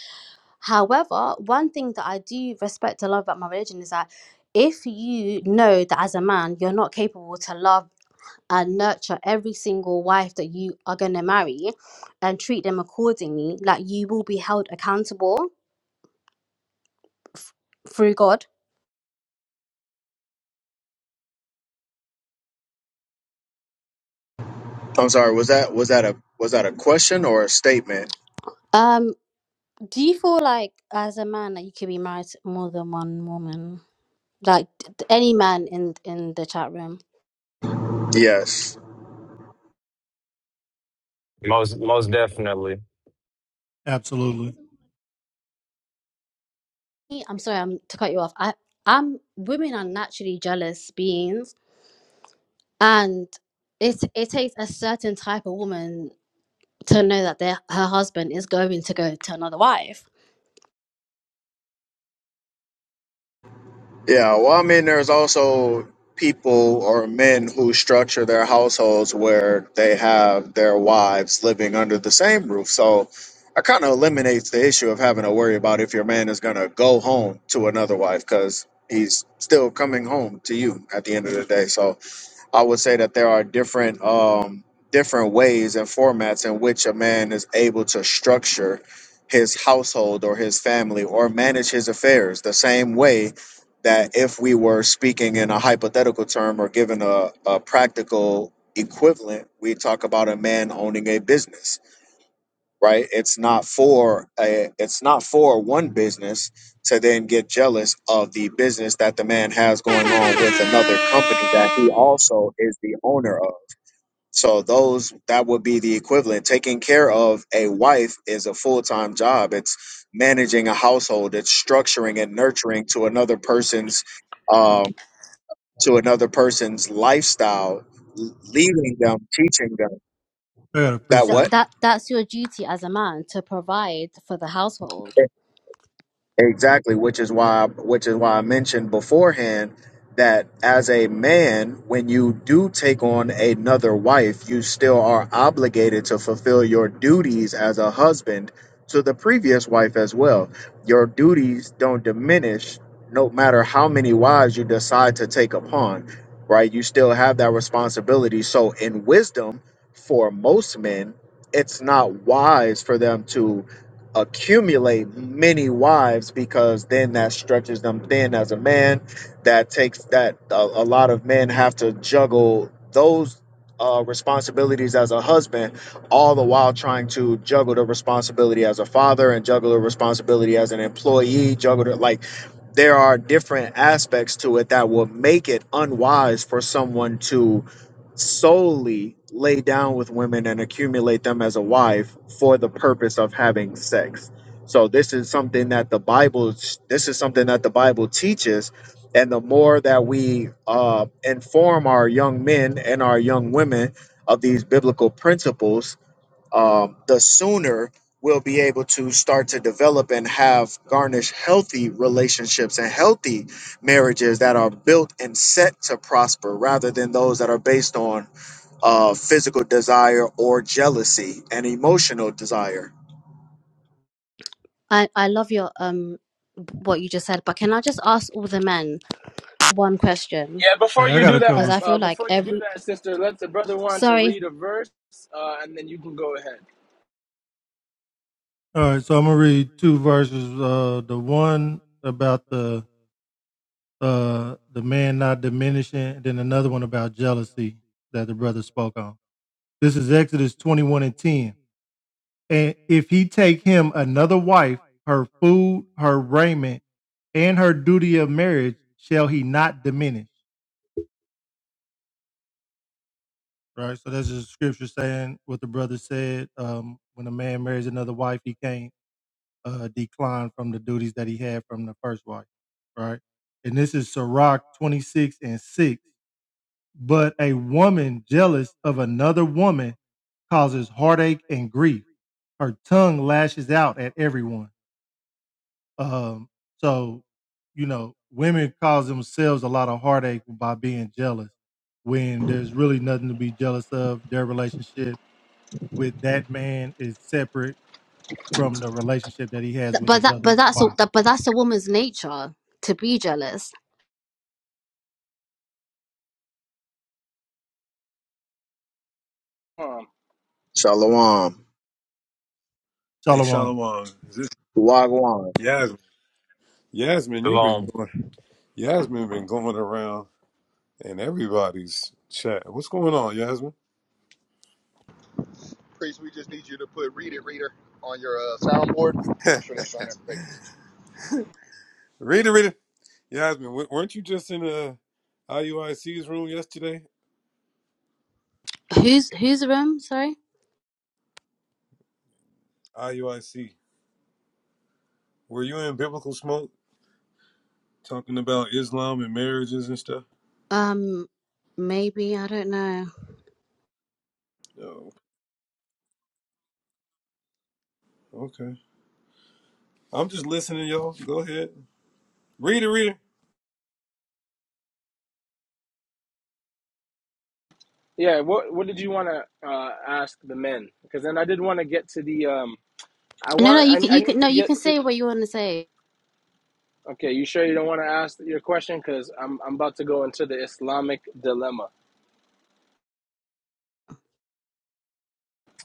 however one thing that i do respect and love about my religion is that if you know that as a man you're not capable to love and nurture every single wife that you are going to marry and treat them accordingly like you will be held accountable through God.
I'm sorry. Was that was that a was that a question or a statement?
Um, do you feel like as a man that you could be married to more than one woman? Like d- d- any man in in the chat room.
Yes.
Most most definitely.
absolutely.
Me, I'm sorry, I'm to cut you off. I I'm women are naturally jealous beings, and it it takes a certain type of woman to know that their her husband is going to go to another wife.
Yeah. Well, I mean, there's also people or men who structure their households where they have their wives living under the same roof. So it kind of eliminates the issue of having to worry about if your man is going to go home to another wife because he's still coming home to you at the end of the day. So I would say that there are different um, different ways and formats in which a man is able to structure his household or his family or manage his affairs. The same way that if we were speaking in a hypothetical term or given a, a practical equivalent, we talk about a man owning a business right it's not for a, it's not for one business to then get jealous of the business that the man has going on with another company that he also is the owner of so those that would be the equivalent taking care of a wife is a full-time job it's managing a household it's structuring and nurturing to another person's um to another person's lifestyle leading them teaching them
I got a
that
That
preset.
what
that that's your duty as a man to provide for the household.
Exactly, which is why which is why I mentioned beforehand that as a man, when you do take on another wife, you still are obligated to fulfill your duties as a husband to the previous wife as well. Your duties don't diminish no matter how many wives you decide to take upon, right? You still have that responsibility. So in wisdom, for most men, it's not wise for them to accumulate many wives because then that stretches them thin as a man. That takes that a, a lot of men have to juggle those uh, responsibilities as a husband, all the while trying to juggle the responsibility as a father and juggle the responsibility as an employee, juggle the like. There are different aspects to it that will make it unwise for someone to solely lay down with women and accumulate them as a wife for the purpose of having sex. So this is something that the Bible this is something that the Bible teaches and the more that we uh, inform our young men and our young women of these biblical principles um, the sooner we'll be able to start to develop and have garnish healthy relationships and healthy marriages that are built and set to prosper rather than those that are based on uh, physical desire or jealousy and emotional desire.
I I love your um what you just said, but can I just ask all the men one question
Yeah, before
Hey, I
you
got a
do that,
because
couple.
I
uh,
feel like
before you do
every
that, sister, let the brother want to
sorry,
read a verse, uh, and then you can go ahead.
All right, so I'm gonna read two verses. Uh, the one about the uh the man not diminishing, and then another one about jealousy that the brother spoke on. This is Exodus 21 and 10. and if he take him another wife, her food, her raiment, and her duty of marriage shall he not diminish. Right. So that's just scripture saying what the brother said. Um, when a man marries another wife, he can't uh, decline from the duties that he had from the first wife. Right. And this is Sirach 26 and 6. But a woman jealous of another woman causes heartache and grief. Her tongue lashes out at everyone. Um, so, you know, women cause themselves a lot of heartache by being jealous when there's really nothing to be jealous of. Their relationship with that man is separate from the relationship that he has
th-
with
but
his
that
other
but that's a
wife.
that, but that's a woman's nature to be jealous.
Um,
Shalom.
Hey,
Shalom.
Shalom. Is this
Wagwan.
Yasmin? Yasmin, you've been
Shalom.
going. Yasmin been going around in everybody's chat. What's going on, Yasmin?
Priest, we just need you to put "Read It, Reader" on your uh, soundboard. Make sure that's on there. Thank you.
read it, read it. Yasmin, w- weren't you just in uh, IUIC's room yesterday?
Who's whose room? Sorry,
IUIC. Were you in biblical smoke talking about Islam and marriages and stuff?
um, maybe I don't know.
No. Okay. I'm just listening, y'all. Go ahead. Read it, read it.
yeah, what what did you want to uh, ask the men? Because then I did want to get to the um, I
No,
want
no,
I,
you can
I
you
need
can no,
to
you
get
can
to.
say what you want to say.
Okay, you sure you don't want to ask your question? Because I'm I'm about to go into the Islamic dilemma.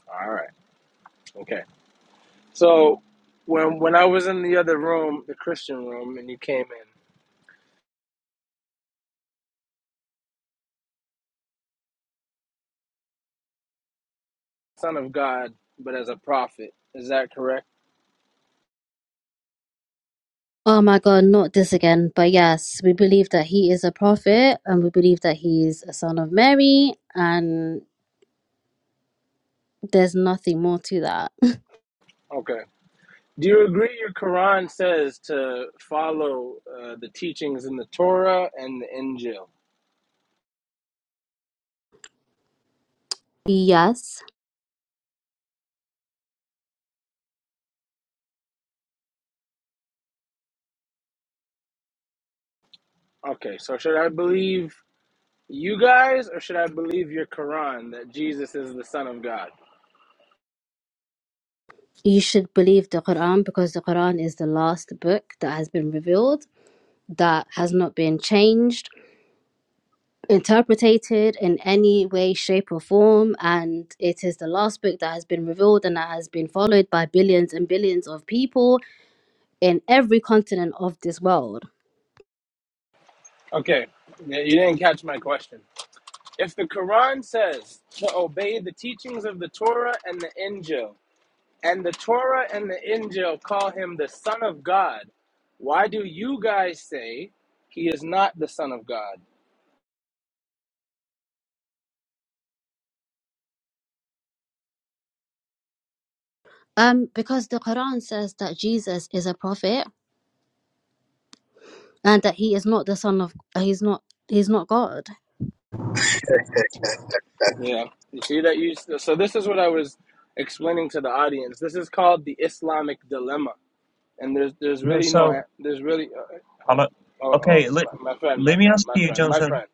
All right. Okay. So when when I was in the other room, the Christian room, and you came in. son of God, but as a prophet. Is that correct?
Oh my God, not this again. But yes, we believe that he is a prophet, and we believe that he is a son of Mary, and there's nothing more to that.
Okay. Do you agree your Quran says to follow uh, the teachings in the Torah and the Injil?
Yes,
Okay, so should I believe you guys or should I believe your Quran that Jesus is the Son of God?
you should believe the Quran because the Quran is the last book that has been revealed that has not been changed, interpreted in any way, shape, or form. And it is the last book that has been revealed and that has been followed by billions and billions of people in every continent of this world.
Okay, yeah, you didn't catch my question. If the Quran says to obey the teachings of the Torah and the Injil, And the Torah and the Injil call him the Son of God. Why do you guys say he is not the Son of God?
Um, because the Quran says that Jesus is a prophet and that he is not the son of he's not he's not God.
You know, you see that you. So this is what I was explaining to the audience. This is called the Islamic dilemma, and there's there's
Okay,
really no
so
there's really. Uh, oh,
hello.
oh, oh,
Okay, let
my friend, my
let me
friend,
ask
my
you,
friend, my
Jonathan.
friend,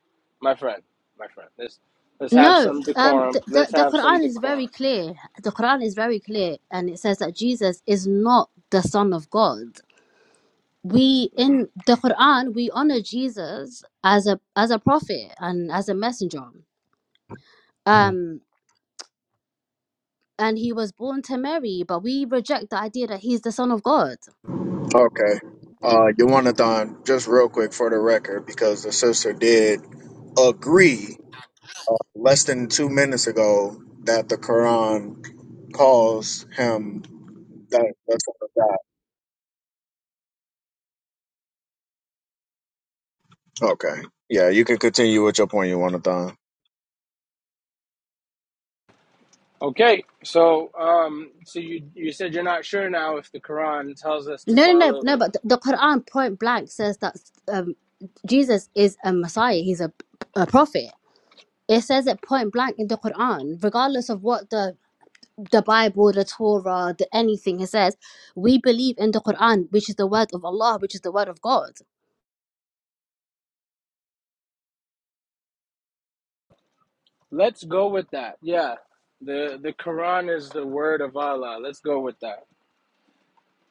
my friend, my friend. Let's let's have
No,
some
um,
decorum.
the, the
Let's
the
have some
Quran is
decorum.
very clear. The Quran is very clear, and it says that Jesus is not the son of God we in the Quran we honor Jesus as a as a prophet and as a messenger. Um and he was born to Mary, but we reject the idea that he's the son of God.
Okay. Uh, Yawanathan, just real quick for the record, because the sister did agree less than two minutes ago that the Quran calls him that that's what God. Okay. Yeah, you can continue with your point, Yawanathan.
Okay, so um, so you you said you're not sure now if the Quran tells us to
No, no, no,
follow the.
no. But the, the Quran point blank says that um, Jesus is a Messiah. He's a, a prophet. It says it point blank in the Quran, regardless of what the the Bible, the Torah, the anything it says. We believe in the Quran, which is the word of Allah, which is the word of God.
Let's go with that. Yeah, the the Quran is the word of Allah. Let's go with that.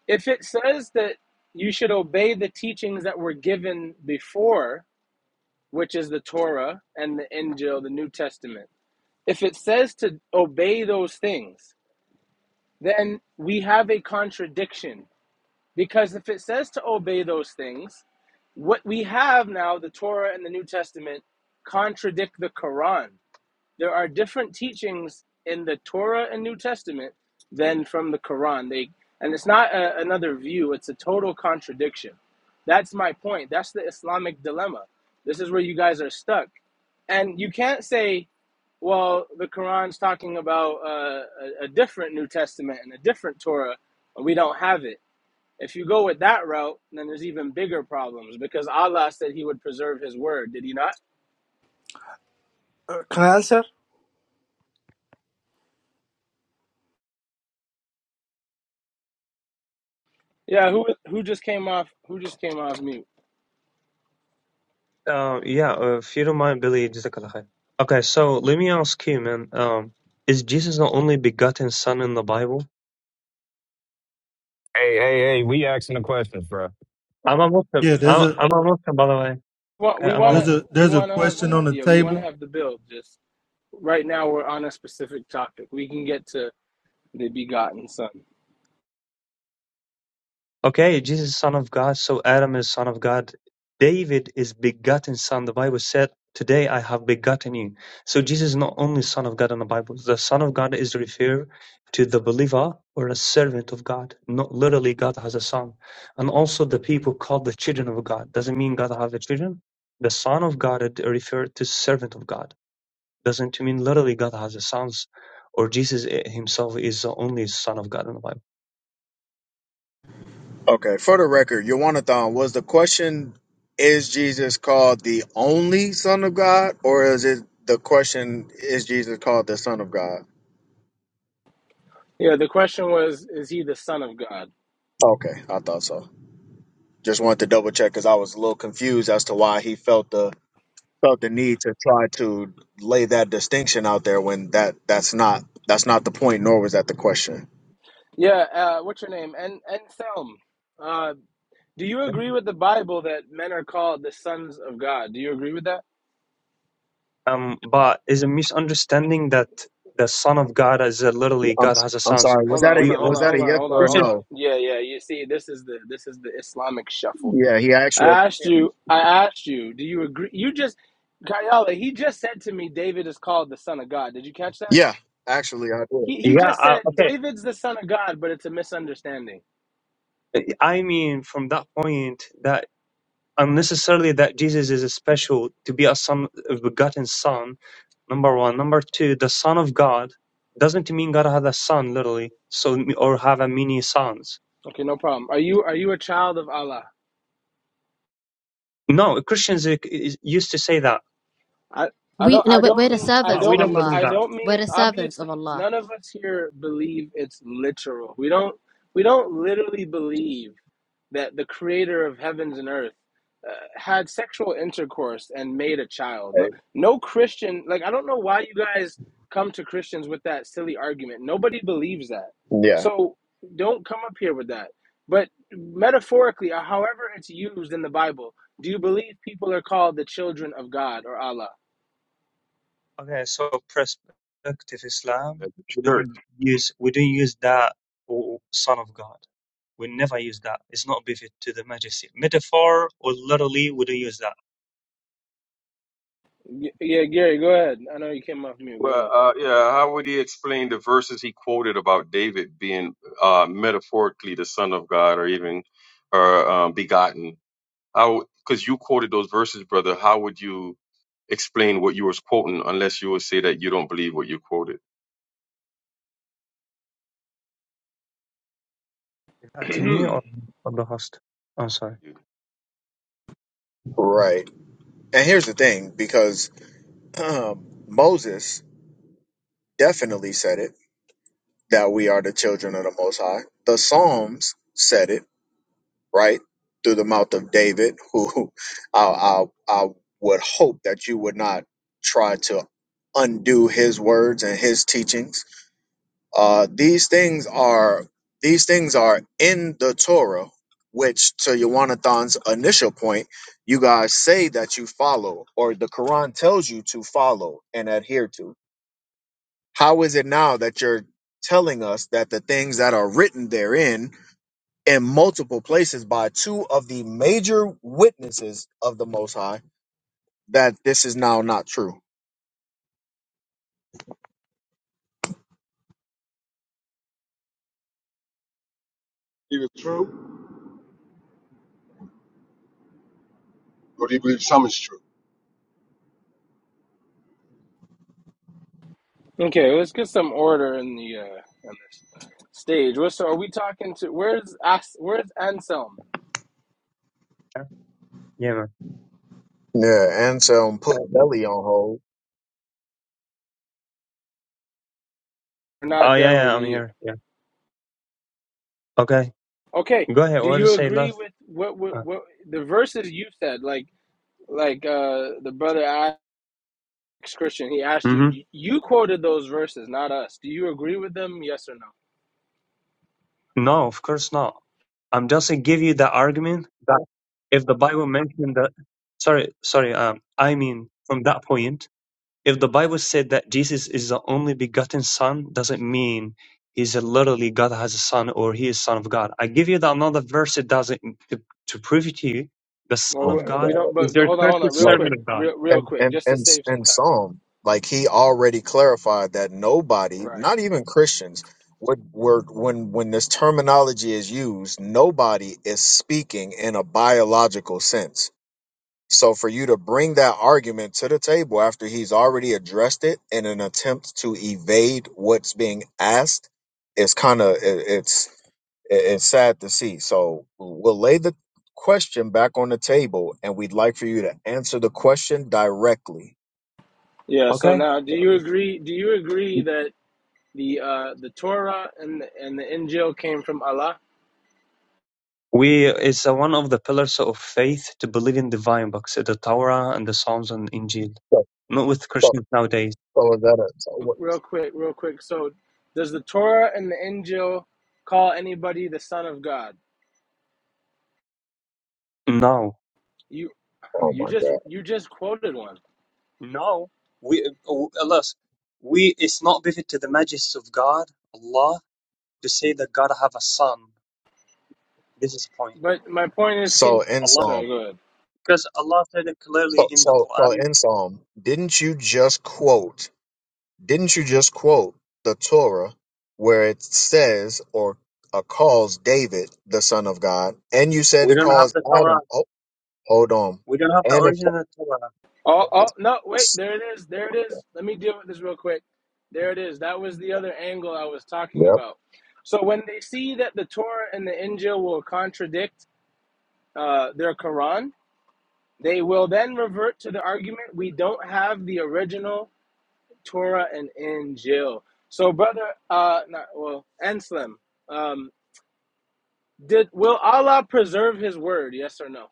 If it says that you should obey the teachings that were given before, which is the Torah and the Injil, the New Testament. If it says to obey those things, then we have a contradiction because if it says to obey those things what we have now, the Torah and the New Testament, contradict the Quran. There are different teachings in the Torah and New Testament than from the Quran. They and it's not a, another view; it's a total contradiction. That's my point. That's the Islamic dilemma. This is where you guys are stuck, and you can't say, "Well, the Quran's talking about uh, a, a different New Testament and a different Torah, and we don't have it." If you go with that route, then there's even bigger problems because Allah said He would preserve His word. Did He not?
Uh, can I answer?
Yeah. Who who just came off? Who just came off mute?
Uh, yeah, uh, if you don't mind, Billy, jazakallah khair. Okay, so let me ask you, man. Um, is Jesus the only begotten Son in the Bible?
Hey, hey, hey, we asking the questions, bro.
I'm a Muslim.
Yeah, there's
I'm,
a
I'm a Muslim, by the way.
Well,
Okay,
We
I'm a
want
Muslim.
there's
to
a
we
there's a
want to have the
question on the
yeah we want to
table.
have the build. Just right now we're on a specific topic. We can get to the begotten Son.
Okay, Jesus is son of God, so Adam is son of God. David is begotten son. The Bible said, Today I have begotten you. So Jesus is not only son of God in the Bible. The son of God is referred to the believer or a servant of God. Not literally God has a son. And also the people called the children of God. Doesn't mean God has a children. The son of God it referred to servant of God. Doesn't mean literally God has a sons or Jesus himself is the only son of God in the Bible.
Okay, for the record, Yawanathan, was the question is Jesus called the only Son of God, or is it the question is Jesus called the Son of God?
Yeah. The question was, is He the Son of God?
Okay, I thought so. Just wanted to double check because I was a little confused as to why he felt the felt the need to try to lay that distinction out there when that that's not that's not the point, nor was that the question.
Yeah. Uh, what's your name? And and Thelm. Uh, do you
Okay?
agree with the Bible that men are called the sons of God? Do you agree with that?
um, but it's a misunderstanding that the Son of God is uh, literally
I'm
God has a
I'm
son. So
sorry. Was
Hold on,
that a
hold
We
ye-
on, hold
was
on,
that
hold
a
on,
yes
hold on,
or a
hold
Listen,
on.
no?
Yeah, yeah. You see, this is the this is the Islamic shuffle.
Yeah, he
I
actually.
asked you. I asked you. Do you agree? You just, Kayala. He just said to me, David is called the son of God. Did you catch that?
Yeah, actually, I did.
He he
yeah,
just
uh,
said
okay.
David's the son of God, but it's a misunderstanding.
I mean, from that point, that unnecessarily that Jesus is a special to be a son, a begotten son. Number one, number two, the Son of God doesn't mean God had a son literally, so or have a many sons.
Okay, no problem. Are you are you a child of Allah?
No, Christians uh, is- used to say that,
I I
We
don't
no,
I don't
we- are the
mean I
but
servants
we
of
don't
don't
mean
believe
Allah.
I
that.
don't
We're
mean
the servants of
obviously
Allah.
none of us here believe it's literal. We don't we don't literally believe that the creator of heavens and earth uh, had sexual intercourse and made a child. No no Christian like I don't know why you guys come to Christians with that silly argument. Nobody believes that.
Right. Yeah,
So don't come up here with that. But metaphorically, or however it's used in the Bible, do you believe people are called the children of God or Allah?
Okay, so prospective
as
Islam, we
a church.
don't use we don't use that or Son of God. We never use that. It's not befit to the Majesty. Metaphor or literally, we don't use that.
Y- Yeah, Gary, go ahead. I know you came off mute.
Well,
Go
uh, yeah, how would he explain the verses he quoted about David being uh, metaphorically the son of God or even or um, begotten? How? Because you quoted those verses, brother. How would you explain what you was quoting unless you would say that you don't believe what you quoted?
Is that to me
ahead.
or, or the host? I'm sorry.
Can
right. And here's the thing, because um, Moses definitely said it that we are the children of the Most High. The Psalms said it right? Through the mouth of David, who I, I, I would hope that you would not try to undo his words and his teachings. Uh, these things are these things are in the Torah, which to Yawanathan's initial point, you guys say that you follow, or the Quran tells you to follow and adhere to. How is it now that you're telling us that the things that are written therein in multiple places by two of the major witnesses of the Most High that this is now not true.
believe it's true, or do you believe some is true?
okay, let's get some order in the uh on this stage. What's so are we talking to? Where's As, Where's Anselm?
Yeah, yeah, man.
Yeah, Anselm put
Okay.
Belly on hold.
We're
Oh
not
yeah,
done with
yeah, I'm
you.
here. Yeah. Okay,
Okay.
go ahead.
Do
What to
you
say,
agree
left?
with what what,
Uh,
what the verses you said? Like like uh the brother asked Christian, he asked
mm-hmm.
you. You quoted those verses, not us. Do you agree with them? Yes or no?
No, of course not. I'm just gonna give you the argument that if the Bible mentioned that, sorry, sorry. Um, I mean from that point. If the Bible said that Jesus is the only begotten Son, doesn't mean he's a literally God has a son or he is Son of God. I give you the another verse that doesn't to, to prove it to you. The
Well,
Son
Oh
we
of
my
we
God
God.
don't.
is
But
your
hold on, hold
perfect
on, real
Like
quick,
servant of God.
real real
and
quick,
and
just to
and
save some
and
time.
Psalm, like he already clarified that nobody,
Right.
not even Christians, would were when when this terminology is used, nobody is speaking in a biological sense So for you to bring that argument to the table after he's already addressed it in an attempt to evade what's being asked is kind of it's it- it's sad to see. So we'll lay the question back on the table, and we'd like for you to answer the question directly.
Yeah. So
Okay.
now, do you agree? Do you agree that the uh, the Torah and the, and the Injil came from Allah?
We it's uh, one of the pillars of faith to believe in divine books, the Torah and the Psalms and Injil.
So,
Not with
so,
Christians nowadays.
so is that a so what,
Real quick, real quick. So, does the Torah and the Injil call anybody the son of God?
No.
You
oh
you
my
just
god?
you just quoted one.
No. We oh, alas, we it's not befit to the majesty of God, Allah, to say that God have a son. This is the point.
But my point is, can
So in
Allah,
sorry,
Psalm,
go ahead.
because Allah said it clearly
so
in the
so so
Quran.
in Psalm, didn't you just quote? Didn't you just quote the Torah where it says or uh, calls David the son of God? And you said
We
it
don't have
calls
the Torah.
Adam. Oh, hold on.
We don't have the
And it.
original Torah.
Oh, oh no, wait. There it is. There it is. Let me deal with this real quick. There it is. That was the other angle I was talking
Yep.
about. So when they see that the Torah and the Injil will contradict uh, their Quran, They will then revert to the argument we don't have the original Torah and Injil. So, brother, uh, not, well, Anselm, um, did will Allah preserve His word? Yes or no?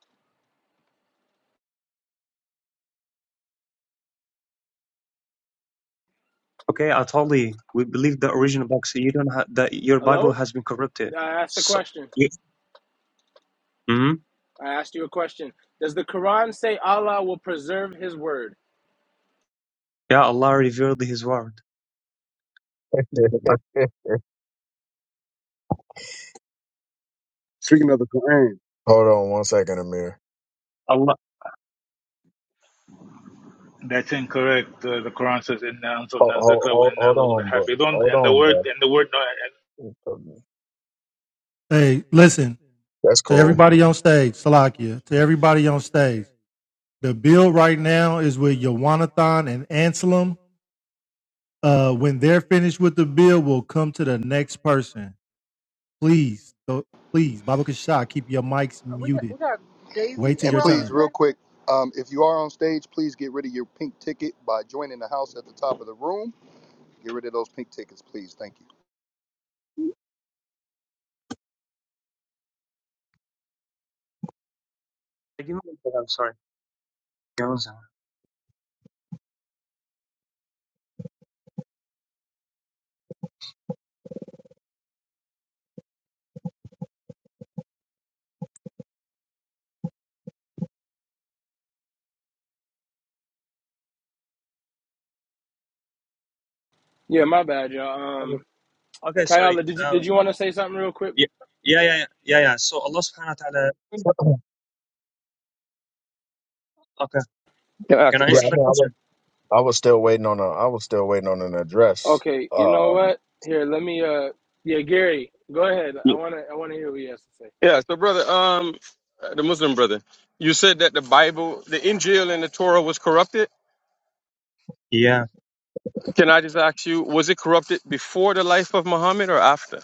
Okay, I told you, we believe the original book. So you don't have that. Your Bible
Hello,
has been corrupted.
I asked the
So,
question.
you, hmm
I asked you a question. Does the Quran say Allah will preserve His word?
yeah, Allah revealed His word.
Speaking of the Quran,
hold on one second, Amir.
Allah,
That's incorrect. Uh, the Quran says, "Inna
Hold,
anzalna dhikra wa
hold,
inna
hold
lahu
on, bro.
lahafidhun."
Hold
And the
on,
word,
bro.
and the word. No,
Hey, listen
That's
to
cool.
everybody on stage, Salakia, to everybody on stage. The bill right now is with Yawanathan and Anselm. Uh, when they're finished with the bill, we'll come to the next person. Please, so, please, Baba Kasha, keep your mics muted. Wait till
And
your
please,
turn.
real quick, um, if you are on stage, please get rid of your pink ticket by joining the house at the top of the room. Get rid of those pink tickets, please. Thank you.
give me one second, I'm sorry. Give me one second.
Yeah, my bad, y'all. Um,
Okay, Okay, sorry.
Kayala, did you did
Um,
you want to say something real quick?
yeah, yeah, yeah, yeah, yeah. yeah. So Allah Subhanahu wa Taala.
yeah, I, mean,
Okay,
I ask
can
a
I answer the
question?
I, was,
question?
I was still waiting on a. I was still waiting on an address.
Okay, you know
Um.
what? Here, let me. Uh, yeah, Gary, go ahead. I
Yeah.
wanna I wanna hear what you have to say.
Yeah. So, brother, um, the Muslim brother, you said that the Bible, the Injil, and the Torah was corrupted.
Yeah.
Can I just ask you, was it corrupted before the life of Muhammad or after?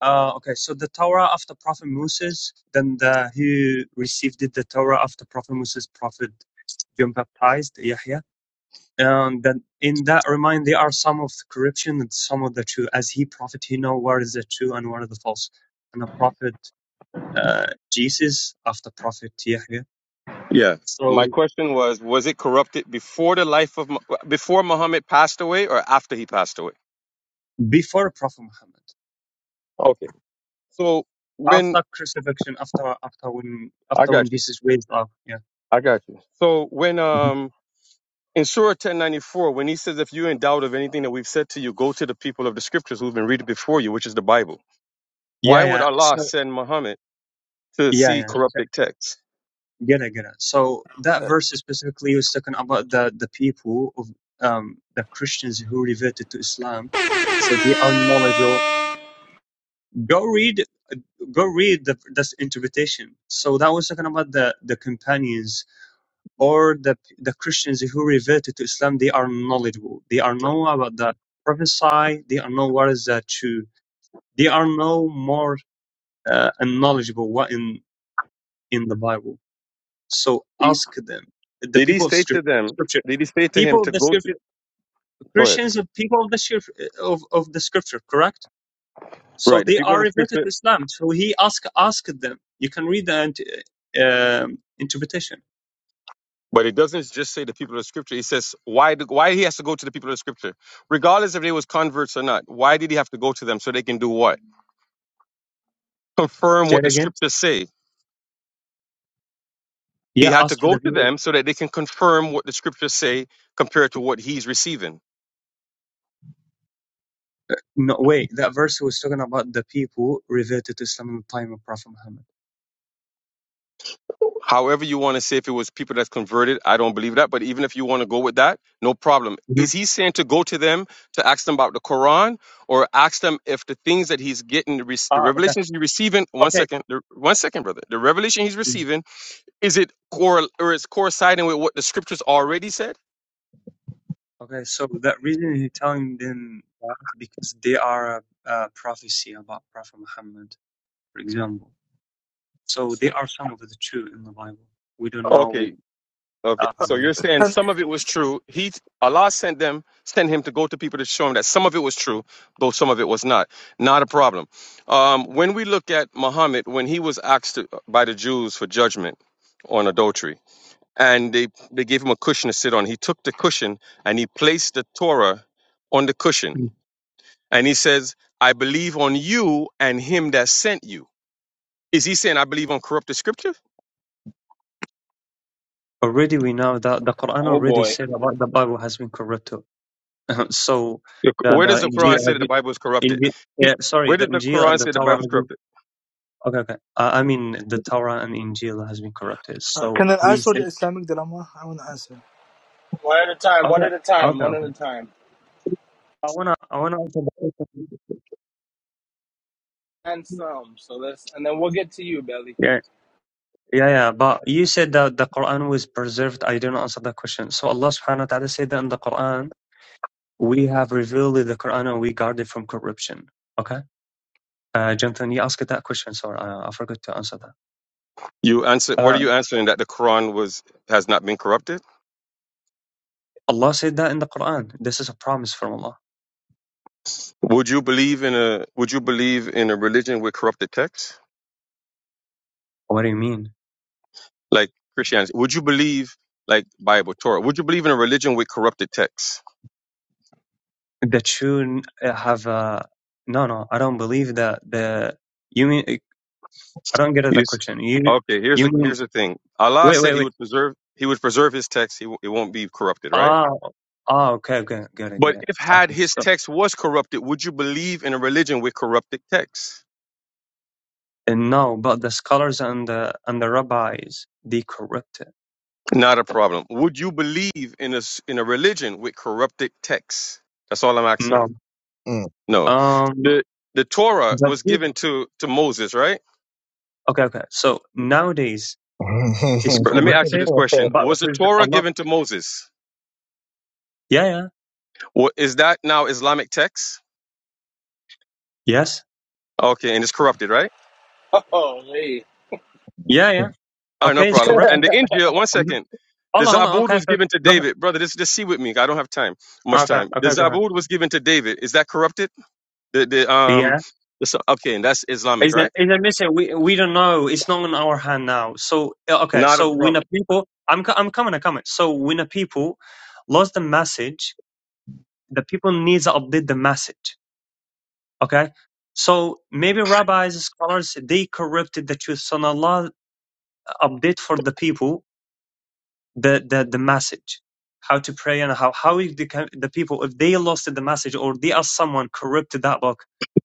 Uh, okay, so the Torah of the Prophet Moses, then the, he received the Torah of the Prophet Moses, Prophet John Baptized, Yahya. And then in that remind, there are some of the corruption and some of the true. As he prophet, he know what is the true and what is the false. And the prophet uh, Jesus after prophet Yahya.
Yeah. My
So
question was: Was it corrupted before the life of Mu- before Muhammad passed away, or after he passed away?
before Prophet Muhammad,
Okay. So when
after crucifixion, after after when
I
after
got
when
you,
Jesus raised up, yeah,
I got you. So when
Mhm.
um in Surah ten ninety four, when he says, "If you're in doubt of anything that we've said to you, go to the people of the scriptures who've been reading before you, which is the Bible." Why
yeah,
would
yeah.
Allah
So
send Muhammad to
yeah,
see
yeah. Okay.
corrupted texts?
Get it, get it. So that
Uh,
verse specifically was talking about the the people of um the Christians who reverted to Islam. So they are knowledgeable. Go read, go read the that's interpretation. So that was talking about the the companions or the the Christians who reverted to Islam. They are knowledgeable. They are know about the prophesy. They are know what is that true. They are know more uh, and knowledgeable what in in the Bible. So
He-
ask them, the
Did he
people of
say to
scrip-
them?
scripture,
Did he say to him
people
to
of the
go to?
scripture,
Go ahead.
Christians are people of the scrip- of, of the scripture, correct? So
Right. The
they
people of
are
the
related
scripture
to Islam. So he ask ask them. You can read the int- um interpretation.
But it doesn't just say the people of the scripture. It says why the, why he has to go to the people of the scripture, regardless if they was converts or not. Why did he have to go to them so they can do what? Confirm
Say
what
it
the
again.
scriptures say. He
Yeah,
had to
ask
go
the
to
people.
them so that they can confirm what the scriptures say compared to what he's receiving.
No, wait, that verse was talking about the people reverted to Islam in the time of Prophet Muhammad.
However, you want to say if it was people that's converted, I don't believe that. But even if you want to go with that, no problem.
hmm
Is he saying to go to them to ask them about the Quran or ask them if the things that he's getting, the, re- the
Ah, okay,
revelations he's receiving? One
okay.
second, the, one second, brother. The revelation he's
Mm.
receiving Is it core or is coinciding with what the scriptures already said?
Okay, so that reason he's telling them that because they are a, a prophecy about Prophet Muhammad. for example. So they are some of the two in the Bible. We don't know.
Okay, okay. So
Um,
you're saying some of it was true. He Allah sent them, sent him to go to people to show him that some of it was true, though some of it was not. Not a problem. Um, when we look at Muhammad, when he was asked to, by the Jews for judgment on adultery, and they they gave him a cushion to sit on, he took the cushion and he placed the Torah on the cushion, and he says, "I believe on you and him that sent you." Is he saying I believe on corrupted scripture?
already we know that the Quran
Oh
already
boy.
said about the Bible has been corrupted. so
The-
the
Where
the
does the
Injil
Quran say
has
that the
been.
Bible is corrupted?
Injil,
He,
yeah, sorry,
where
the
does the
Injil and
Quran
the
say the
Torah
Bible is
has been.
corrupted?
Okay, okay. Uh, I mean, the Torah and Injil has been corrupted.
uh,
So
can I
he
answer the
said,
Islamic dilemma? I want to answer.
One at a time, one
okay,
at a time,
okay.
one at a time.
I wanna, I wanna answer the question.
And some. So let's and then we'll get to you, Belly.
Yeah, yeah, yeah. But you said that the Quran was preserved. I didn't answer that question. So Allah Subhanahu wa Taala said that in the Quran. We have revealed the Quran and we guard it from corruption. Okay? Uh, Jonathan, you asked that question, so uh, I forgot to answer that.
You answer. What are
Uh,
you answering? That the Quran was has not been corrupted?
Allah said that in the Quran. This is a promise from Allah.
Would you believe in a Would you believe in a religion with corrupted texts?
What do you mean?
like Christianity? Would you believe like Bible, Torah? Would you believe in a religion with corrupted texts?
That you have Uh, no, no, I don't believe that the. You mean. I don't get that
Yes.
question. You
Okay, here's
you
the
mean.
here's the thing. Allah
Wait,
said
wait,
he
wait.
would preserve he would preserve his text. He w- it won't be corrupted, right?
Ah, ah okay, okay. Get it,
But
get it.
if had
Okay,
his
so.
text was corrupted, would you believe in a religion with corrupted texts?
And no, but the scholars and the, and the rabbis, they corrupt it.
Not a problem. Would you believe in a s- in a religion with corrupted texts? That's all I'm asking you.
No.
mm.
No.
Um,
The the Torah was
The
given to to Moses, right?
Okay, okay. So nowadays is
But let me ask you
corrupted,
this question.
but
Was the
with
Torah
Allah.
given to Moses?
Yeah, yeah.
Well, is that now Islamic text?
Yes.
Okay, and it's corrupted, right?
Oh hey.
Yeah, yeah.
All right, no
Okay, it's
problem. And
corrupted.
the Injil, one
hmm
second. The
Allah, Allah.
Zabud
Okay,
was
okay.
given to
Go
David. Brother, just, just see with me. I don't have time,
ahead.
much
Okay,
time. The
okay, go ahead.
Zabud was given to David. Is that corrupted? The, the, um,
Yeah.
the, so- okay, and that's Islamic,
Is that
right?
is that missing? We we don't know. It's not in our hand now. So uh, okay.
Not a
So when the
problem.
people, I'm co- I'm coming. I'm coming. So when the people lost the message, the people needs to update the message. Okay. So maybe rabbis, scholars, they corrupted the truth. So Allah update for the people the the, the message how to pray and how how if the the people if they lost the message or they are someone corrupted that book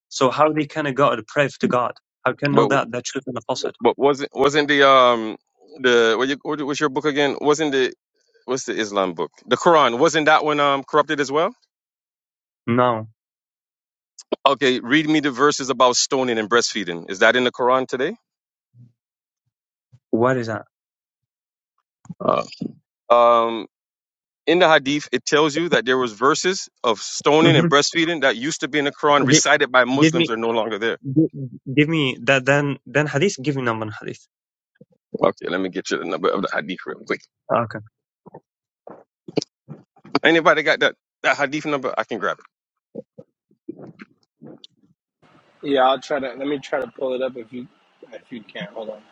so how they can go to pray to god how can know
But,
that the truth and the falsehood
but wasn't, wasn't the, um, the, what, you, what was your book again? Wasn't the, what's the Islam book? The Quran. Wasn't that one, um, corrupted as well?
no
Okay, read me the verses about stoning and breastfeeding. Is that in the Quran today?
what is that
Uh, Um, in the hadith it tells you that there was verses of stoning and
hmm
breastfeeding that used to be in the quran
give,
recited by
give
muslims
me
are no longer there
give, give me that then then hadith give me number hadith
okay let me get you the number of the hadith real quick
okay
anybody got that that hadith number i can grab it
Yeah, I'll try to let me try to pull it up if you if you can. Hold on.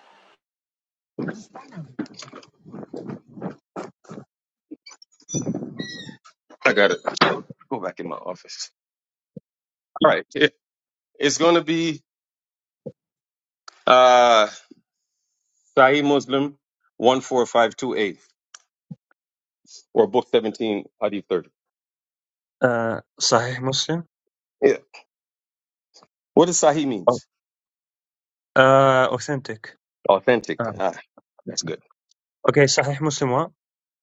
i got it go back in my office all right It- it's going to be uh sahih muslim 14528 or book 17 hadith 30
uh sahih muslim
yeah what does sahih
oh.
means
uh authentic
authentic
um,
ah that's good
okay sahih muslim what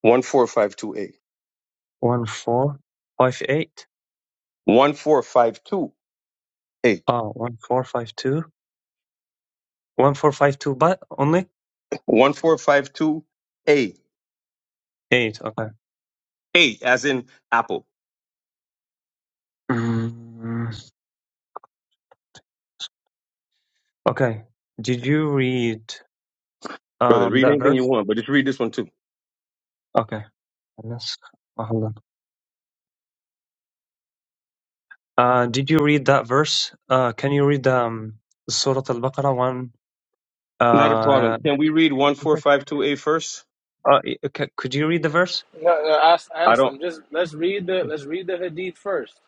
14528
1458
14528
oh 1452 1452 but only
1452A. A,
Eight. Okay.
A as in apple.
Mm, okay. Did you read
Brother,
um
read
that
anything you
verse?
want, but just read this one too.
Okay. Unless, oh, hold on. Uh, did you read that verse? Uh, can you read um Surah Al-Baqarah one?
Not a problem.
Uh,
Can we read 1452A first?
uh, okay. Could you read the verse?
No, no ask
I
and
don't
Just let's read the let's read the hadith first.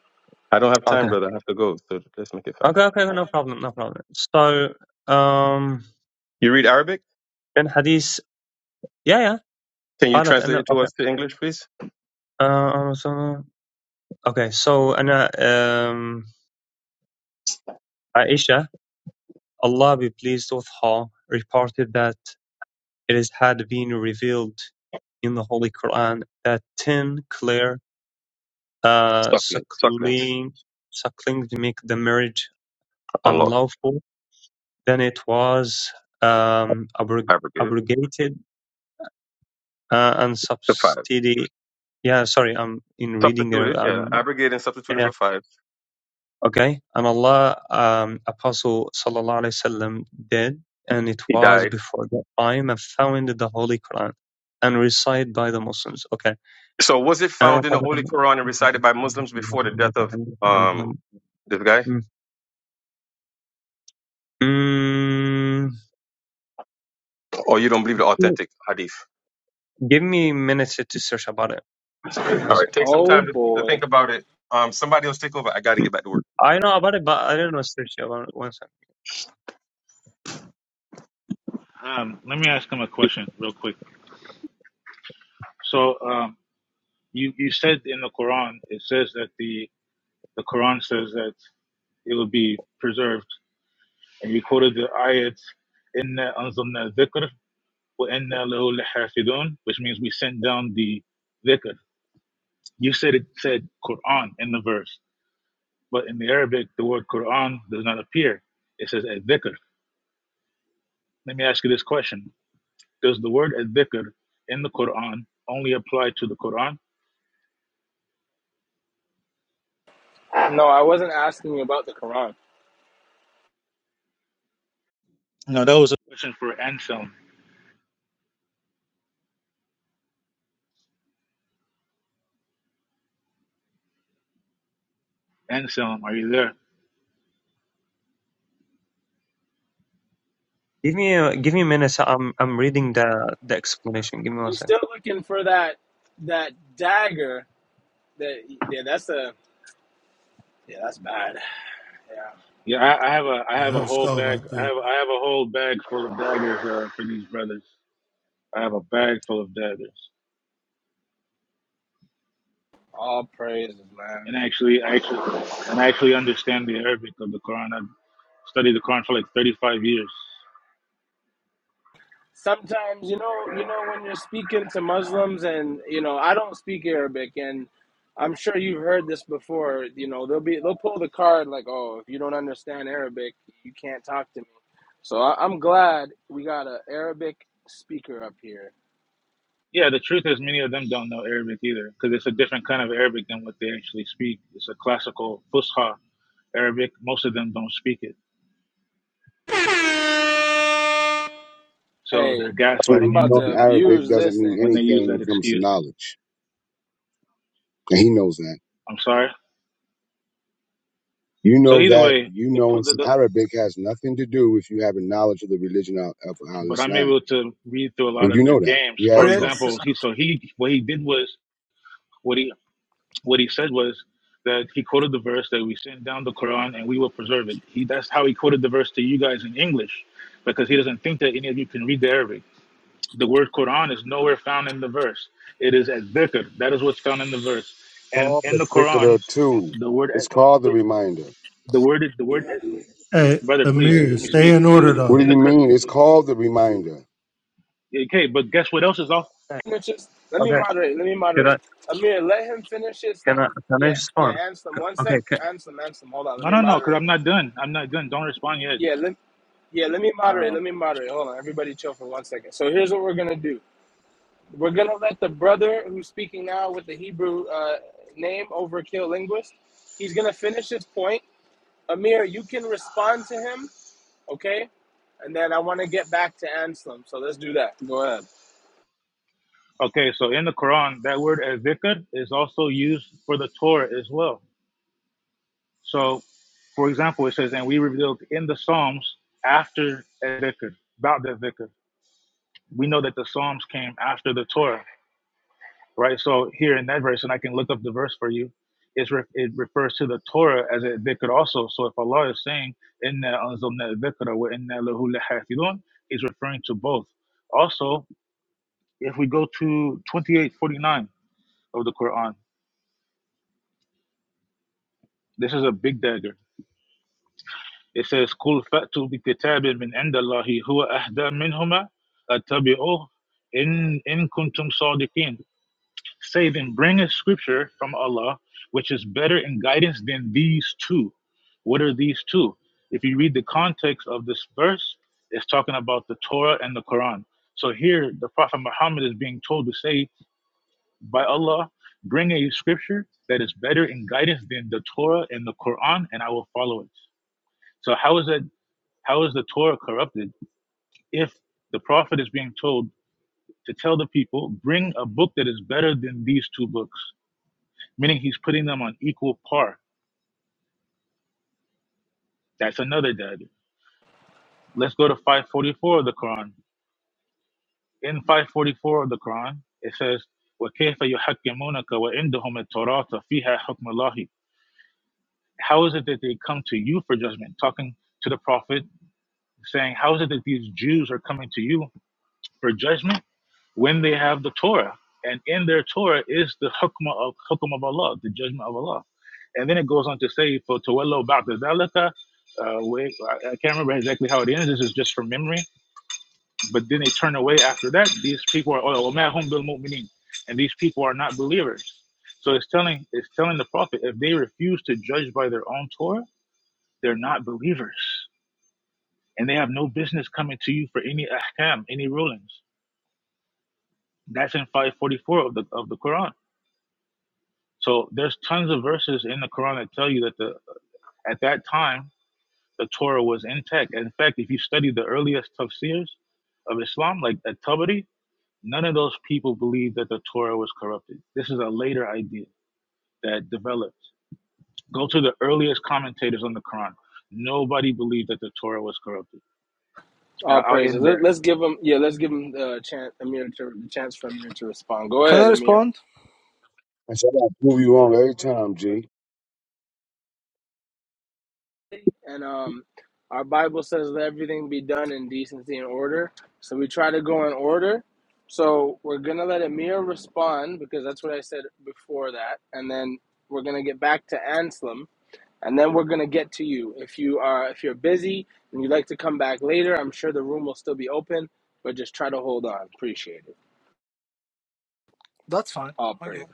I don't have time,
Okay.
brother. I have to go. So let's make it fast.
Okay. Okay. No problem. No problem. So um,
You read Arabic?
in Hadith, yeah, yeah.
Can you
قالت
translate
أن
it to
okay.
us to English, please?
Uh, so- okay. So أنا um, Aisha, Allah be pleased with her, reported that. it had been revealed in the Holy Quran that ten clear uh,
Succulent. Succulents.
suckling, sucklings make the marriage
Unlawful.
unlawful, then it was um, abrog-
Abrogated.
abrogated uh, and
To five.
substituted. Yeah, sorry, I'm in reading there.
Substituted. Yeah.
Um,
Abrogated and substituted
yeah,
for five.
okay. And Allah, um, Apostle Sallallahu Alaihi Wasallam did, and it
He
was
died.
before that time, and founded the Holy Quran and recited by the Muslims. Okay
So was it
Ah,
found in the Holy
talagang
Quran and recited by Muslims before the death of um this guy?
Mm. Mm,
Or you don't believe the authentic hadith?
give me minutes to search about it. One
All right,
second.
take some
Oh
time to, to think
boy.
about it. Um, somebody else take over. I got to get back to work.
I know about it, but I don't know search about it. One second.
um, let me ask him a question real quick. So, um, you you said in the Quran, it says that the the Quran says that it will be preserved, and you quoted the ayat, "Inna anzalna dhikr wa inna lahu lahafidhun," which means we sent down the dhikr. You said it said Quran in the verse, but in the Arabic, the word Quran does not appear. It says a dhikr. Let me ask you this question. Does the word dhikr in the Quran only apply to the Quran?
No, I wasn't asking you about the Quran.
No, that was a question for Anselm. Anselm, are you there?
Give me a, give me minutes. I'm I'm reading the the explanation. Give me one
You
second.
still looking for that that dagger that yeah, that's a yeah, that's bad. Yeah.
Yeah, I, I have a I
Yeah,
have
that
a
was
whole
skull
bag
right
I
there.
have I have a whole bag full of daggers uh, for these brothers. I have a bag full of daggers.
All praises, man.
And actually actually and I actually understand the Arabic of the Quran. I've studied the Quran for like thirty five years.
sometimes you know you know when you're speaking to muslims and you know i don't speak arabic and i'm sure you've heard this before you know they'll be they'll pull the card like oh if you don't understand arabic you can't talk to me so I, i'm glad we got a arabic speaker up here
Yeah, the truth is many of them don't know Arabic either because it's a different kind of Arabic than what they actually speak. It's a classical Fusha Arabic. Most of them don't speak it, so
hey
they're
that's when
gaslighting
i'm
you
you
about
when
know
to
in
they
Arabic
abuse
doesn't
this thing
mean
when they use
anything when
that
it comes to
excuse.
knowledge. And he knows that.
I'm sorry.
You
So
know
either
that
way,
you
the,
knowing
the,
some
the
Arabic has nothing to do with you having knowledge of the religion of, of Al
but I'm
Islam.
able to read through a lot
And
of
you
their
know that.
games.
We
For
had
Okay, so,
example,
talks.
he so he what he did was what he what he said was that he quoted the verse that we send down the Quran and we will preserve it. He that's how he quoted the verse to you guys in English, because he doesn't think that any of you can read the Arabic. The word Quran is nowhere found in the verse. It is as dhikr. That is what's found in the verse. And
Called
in
the
the Quran,
Dhikr too.
the word
It's called the
the,
reminder.
the word the word
Hey,
brother, please
Amir,
let me
stay
speak.
in
In
order
the
What do
in the
you
though.
Qur-
mean? It's called the reminder.
okay, but guess what else is off?
Okay.
Let me just let me
Okay.
moderate let me
Should I
moderate amir let him finish his thought
can I can I
yeah yeah
respond?
ansem
C-
one sec
Okay. Can,
ansem ansem hold on let
No,
me
no, no, because
moderate
I'm not done. I'm not done. Don't respond yet.
yeah Let. Yeah, let me moderate.
Uh,
Let me moderate. Hold on. Everybody chill for one second. So here's what we're going to do. We're going to let the brother who's speaking now with the Hebrew uh, name, Overkill Linguist, he's going to finish his point. Amir, you can respond to him, okay? And then I want to get back to Anselm. So let's do that. Go ahead.
okay, so in the Quran, that word as dhikr is also used for the Torah as well. So, for example, it says, "And we revealed in the Psalms after as dhikr about the dhikr." We know that the Psalms came after the Torah. right? So here in that verse, and I can look up the verse for you. It's re- it refers to the Torah as a dhikr also. So if Allah is saying inna anzalna dhikra wa inna lahu lahafidun, He's referring to both. Also, if we go to 28:49 of the Quran, this is a big dagger. It says, "Kul fatu bi kitabin min indallahi huwa ahda minhuma attabi'uh in in kuntum sadiqin." save in bringing scripture from Allah, which is better in guidance than these two. What are these two? If you read the context of this verse, it's talking about the Torah and the Quran. So here, the Prophet Muhammad is being told to say, by Allah, bring a scripture that is better in guidance than the Torah and the Quran, and I will follow it. So how is that? How is the Torah corrupted if the Prophet is being told to tell the people, bring a book that is better than these two books? meaning he's putting them on equal par. That's another dead. Let's go to 544 of the Quran. In 544 of the Quran, it says, وَكَيْفَ يُحَكِّمُونَكَ وَإِنْدَهُمُ التَّوْرَاةَ فِيهَا حُكْمُ اللَّهِ How is it that they come to you for judgment? Talking to the Prophet, saying, How is it that these Jews are coming to you for judgment? when they have the Torah, and in their Torah is the hukmah of hukm of Allah, the judgment of Allah. And then it goes on to say, "For tawallo ba'da zalika," uh, we- I can't remember exactly how it ends. This is just from memory. But then they turn away after that. These people are oh, وَمَا هُمْ بِالْمُؤْمِنِينَ. and these people are not believers. So it's telling it's telling the prophet if they refuse to judge by their own Torah, they're not believers, and they have no business coming to you for any ahkam, any rulings. That's in 544 of the of the Quran. So there's tons of verses in the Quran that tell you that the at that time the Torah was intact. In fact, if you study the earliest tafsirs of Islam, like at Tabari, none of those people believed that the Torah was corrupted. This is a later idea that developed. Go to the earliest commentators on the Quran. Nobody believed that the Torah was corrupted. I-
All
I'll
praises.
end
Let,
there.
let's give him, yeah, let's give him the chance, Amir, to, the chance for Amir to respond. Go
can I
ahead, Amir.
respond?
I said I'll prove you wrong every time, G.
and um, our Bible says let everything be done in decency and order. So we try to go in order. So we're gonna let Amir respond because that's what I said before that, and then we're gonna get back to Anselm, and then we're gonna get to you. If you are if you're busy and you'd like to come back later, I'm sure the room will still be open, but just try to hold on. Appreciate it.
That's fine.
All
Okay.
praises.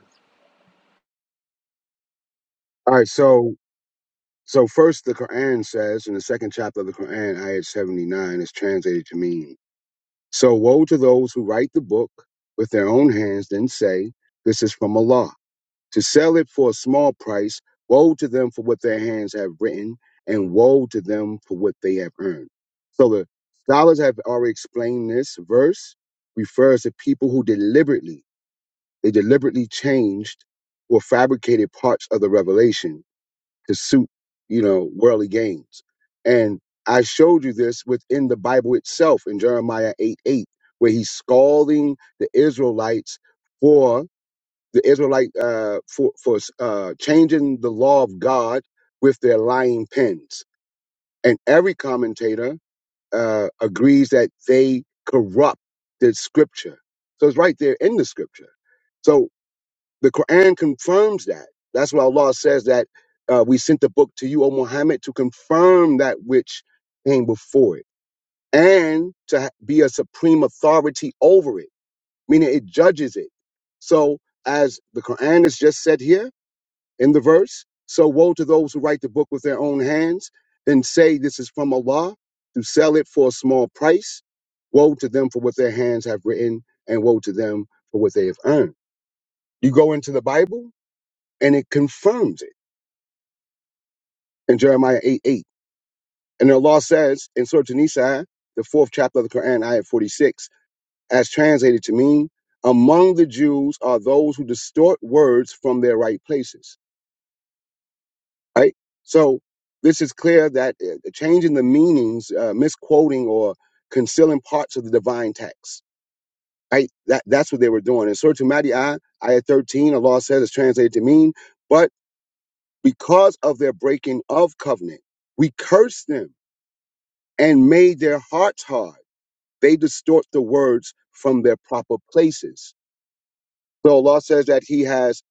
All right, so so first the Quran says in the second chapter of the Quran, ayat seventy nine, is translated to mean So woe to those who write the book with their own hands and say, This is from Allah. To sell it for a small price, woe to them for what their hands have written, and woe to them for what they have earned. So the scholars have already explained this verse refers to people who deliberately, they deliberately changed or fabricated parts of the revelation to suit, you know, worldly gains. And I showed you this within the Bible itself in Jeremiah 8 8, where he's scalding the Israelites for the Israelite uh, for for uh, changing the law of God with their lying pens. And every commentator uh, agrees that they corrupt the scripture. So it's right there in the scripture. So the Quran confirms that. That's why Allah says that uh, we sent the book to you, O Muhammad, to confirm that which came before it and to ha- be a supreme authority over it, meaning it judges it. So, as the Quran has just said here in the verse, so woe to those who write the book with their own hands and say this is from Allah to sell it for a small price. Woe to them for what their hands have written, and woe to them for what they have earned. You go into the Bible, and it confirms it in Jeremiah 8 8. And the law says in Surah an Nisa, the fourth chapter of the Quran, ayat 46, as translated to mean, among the Jews are those who distort words from their right places. Right? So this is clear that uh, changing the meanings, uh, misquoting or concealing parts of the divine text. Right? That, that's what they were doing. In Surah Madi'ah, ayat 13, the law says it's translated to mean, but because of their breaking of covenant, we curse them and made their hearts hard. They distort the words from their proper places. So Allah says that He has,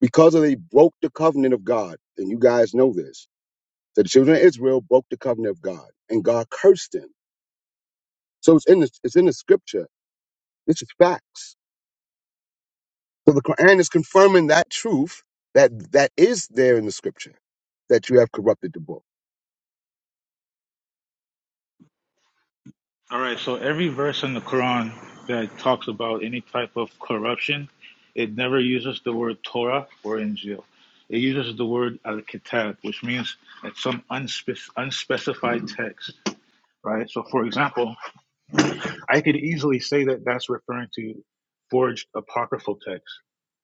because of they broke the covenant of God, and you guys know this, that the children of Israel broke the covenant of God, and God cursed them. So it's in the it's in the scripture. This is facts. So the Quran is confirming that truth that that is there in the scripture that you have corrupted the book.
All right, so every verse in the Quran that talks about any type of corruption, it never uses the word Torah or Injil. It uses the word Al-Kitab, which means it's some unspec- unspecified text, right? So, for example, I could easily say that that's referring to forged apocryphal texts,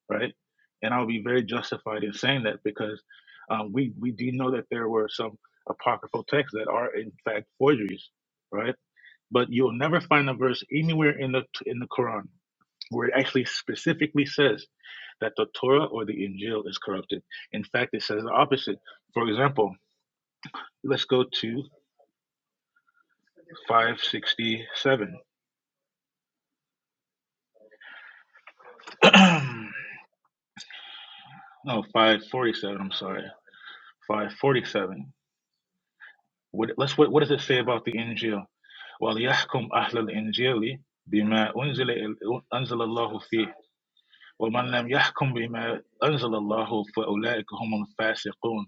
right? And I'll be very justified in saying that because um, we we do know that there were some apocryphal texts that are in fact forgeries, right? but you'll never find a verse anywhere in the in the Quran where it actually specifically says that the Torah or the Injil is corrupted. In fact, it says the opposite. For example, let's go to 567. no, 547. I'm sorry, 547. What, let's what, what does it say about the Injil? وَلْيَحْكُمْ أَهْلَ الْإِنْجِيلِ بِمَا أُنزِلَ اللَّهُ فِيهِ وَمَنْ لَمْ يَحْكُمْ بِمَا أَنزَلَ اللَّهُ فَأُولَٰئِكَ هُمُ الْفَاسِقُونَ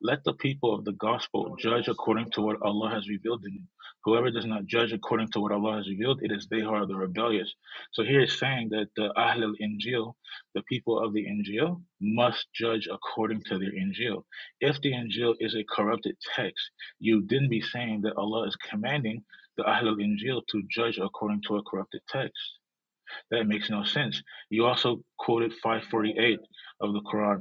Let the people of the gospel judge according to what Allah has revealed in it. Whoever does not judge according to what Allah has revealed, it is they who are the rebellious. So here it's saying that the Ahl al Injil, the people of the Injil, must judge according to their Injil. If the Injil is a corrupted text, you then be saying that Allah is commanding the Ahl al Injil to judge according to a corrupted text. That makes no sense. You also quoted 548 of the Quran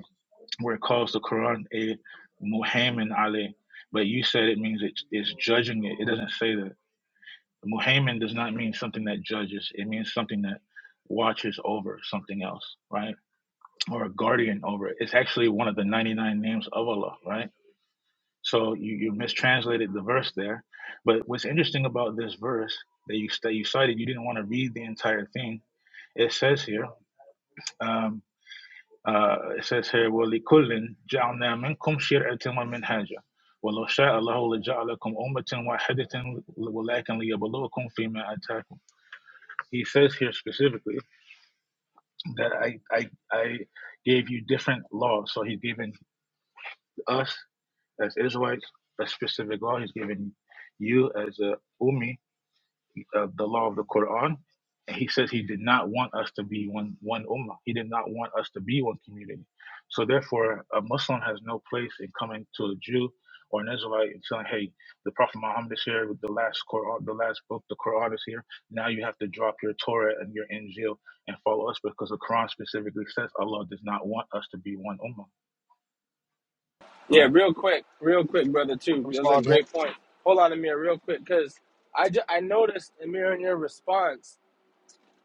where it calls the Quran a Muhammad alayh, but you said it means it, it's judging it. It doesn't say that. Muhammad does not mean something that judges. It means something that watches over something else, right? Or a guardian over it. It's actually one of the 99 names of Allah, right? So you, you mistranslated the verse there. But what's interesting about this verse that you, that you cited, you didn't want to read the entire thing. It says here, um, آه، it says here ولكل جعلنا منكم شرعة ومنهاجا ولو شاء الله لجعلكم أمة واحدة ولكن ليبلوكم فيما آتاكم He says here specifically that I, I, I gave you different laws. So he's given us as Israelites a specific law. He's given you as a Ummi uh, the law of the Quran, and he says he did not want us to be one one ummah. He did not want us to be one community. So therefore, a Muslim has no place in coming to a Jew or an Israelite and saying, "Hey, the Prophet Muhammad is here with the last Quran, the last book, the Quran is here. Now you have to drop your Torah and your Injil and follow us because the Quran specifically says Allah does not want us to be one ummah."
Yeah,
Right?
real quick, real quick, brother. Too. Those are
Respond to him.
great points. Hold on, Amir, real quick, because I ju- I noticed Amir in your response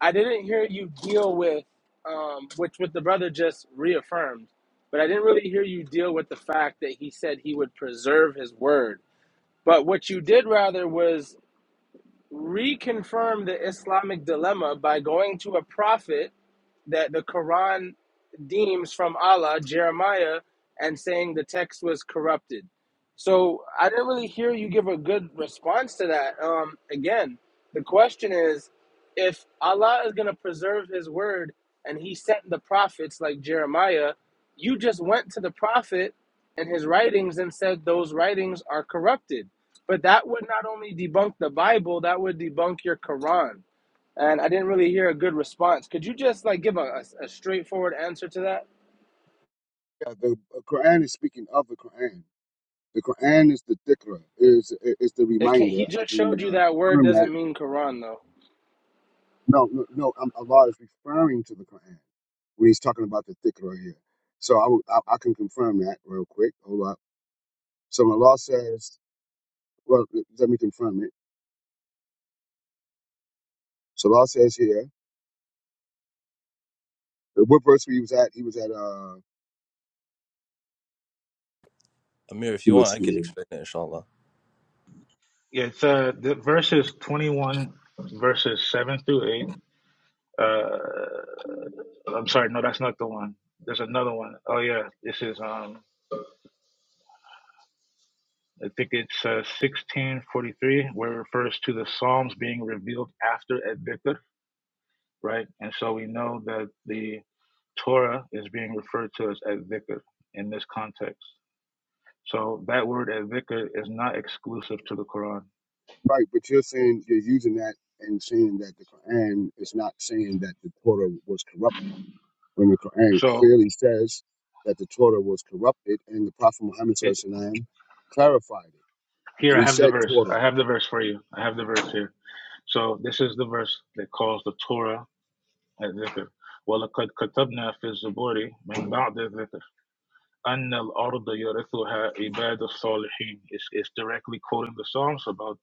I didn't hear you deal with, um, which what the brother just reaffirmed, but I didn't really hear you deal with the fact that he said he would preserve his word. But what you did rather was reconfirm the Islamic dilemma by going to a prophet that the Quran deems from Allah, Jeremiah, and saying the text was corrupted. So I didn't really hear you give a good response to that. Um, again, the question is if Allah is going to preserve his word and he sent the prophets like Jeremiah, you just went to the prophet and his writings and said those writings are corrupted. But that would not only debunk the Bible, that would debunk your Quran and I didn't really hear a good response. Could you just like give a, a, a straightforward answer to that?
Yeah, The Quran is speaking of the Quran. The Quran is the dhikr, is is the
It can, he
reminder. I
just showed
can
you
uh,
that word
confirm that.
doesn't mean Quran though.
No, no, no. Um, Allah is referring to the Quran when He's talking about the dhikr right here. So I, will- I I can confirm that real quick. Hold up. So when Allah says, well, let me confirm it. So Allah says here, uh, what verse he was at? He was at uh,
Amir, if
he
you want,
was
I can
here.
explain it, inshallah.
Yeah. It's uh, the verses twenty-one, verses seven through eight. I'm sorry, no, that's not the one. There's another one. Oh yeah, this is um I think it's uh, 1643 where it refers to the Psalms being revealed after Advikar, right? And so we know that the Torah is being referred to as Advikar in this context. So that word Advikar is not exclusive to the Quran.
Right, but you're saying you're using that and saying that the Quran is not saying that the Torah was corrupted. when the Quran
So
clearly says that the Torah was corrupted, and the Prophet Muhammad
it
SAW clarified it.
here
And
I
he
have the
said
verse.
Torah.
I have the verse for you. I have the verse here. So this is the verse that calls the Torah الذكر ولقد كتبنا في الزبور من بعد الذكر أن الأرض يرثها عباد الصالحين it's, it's directly quoting the Psalms about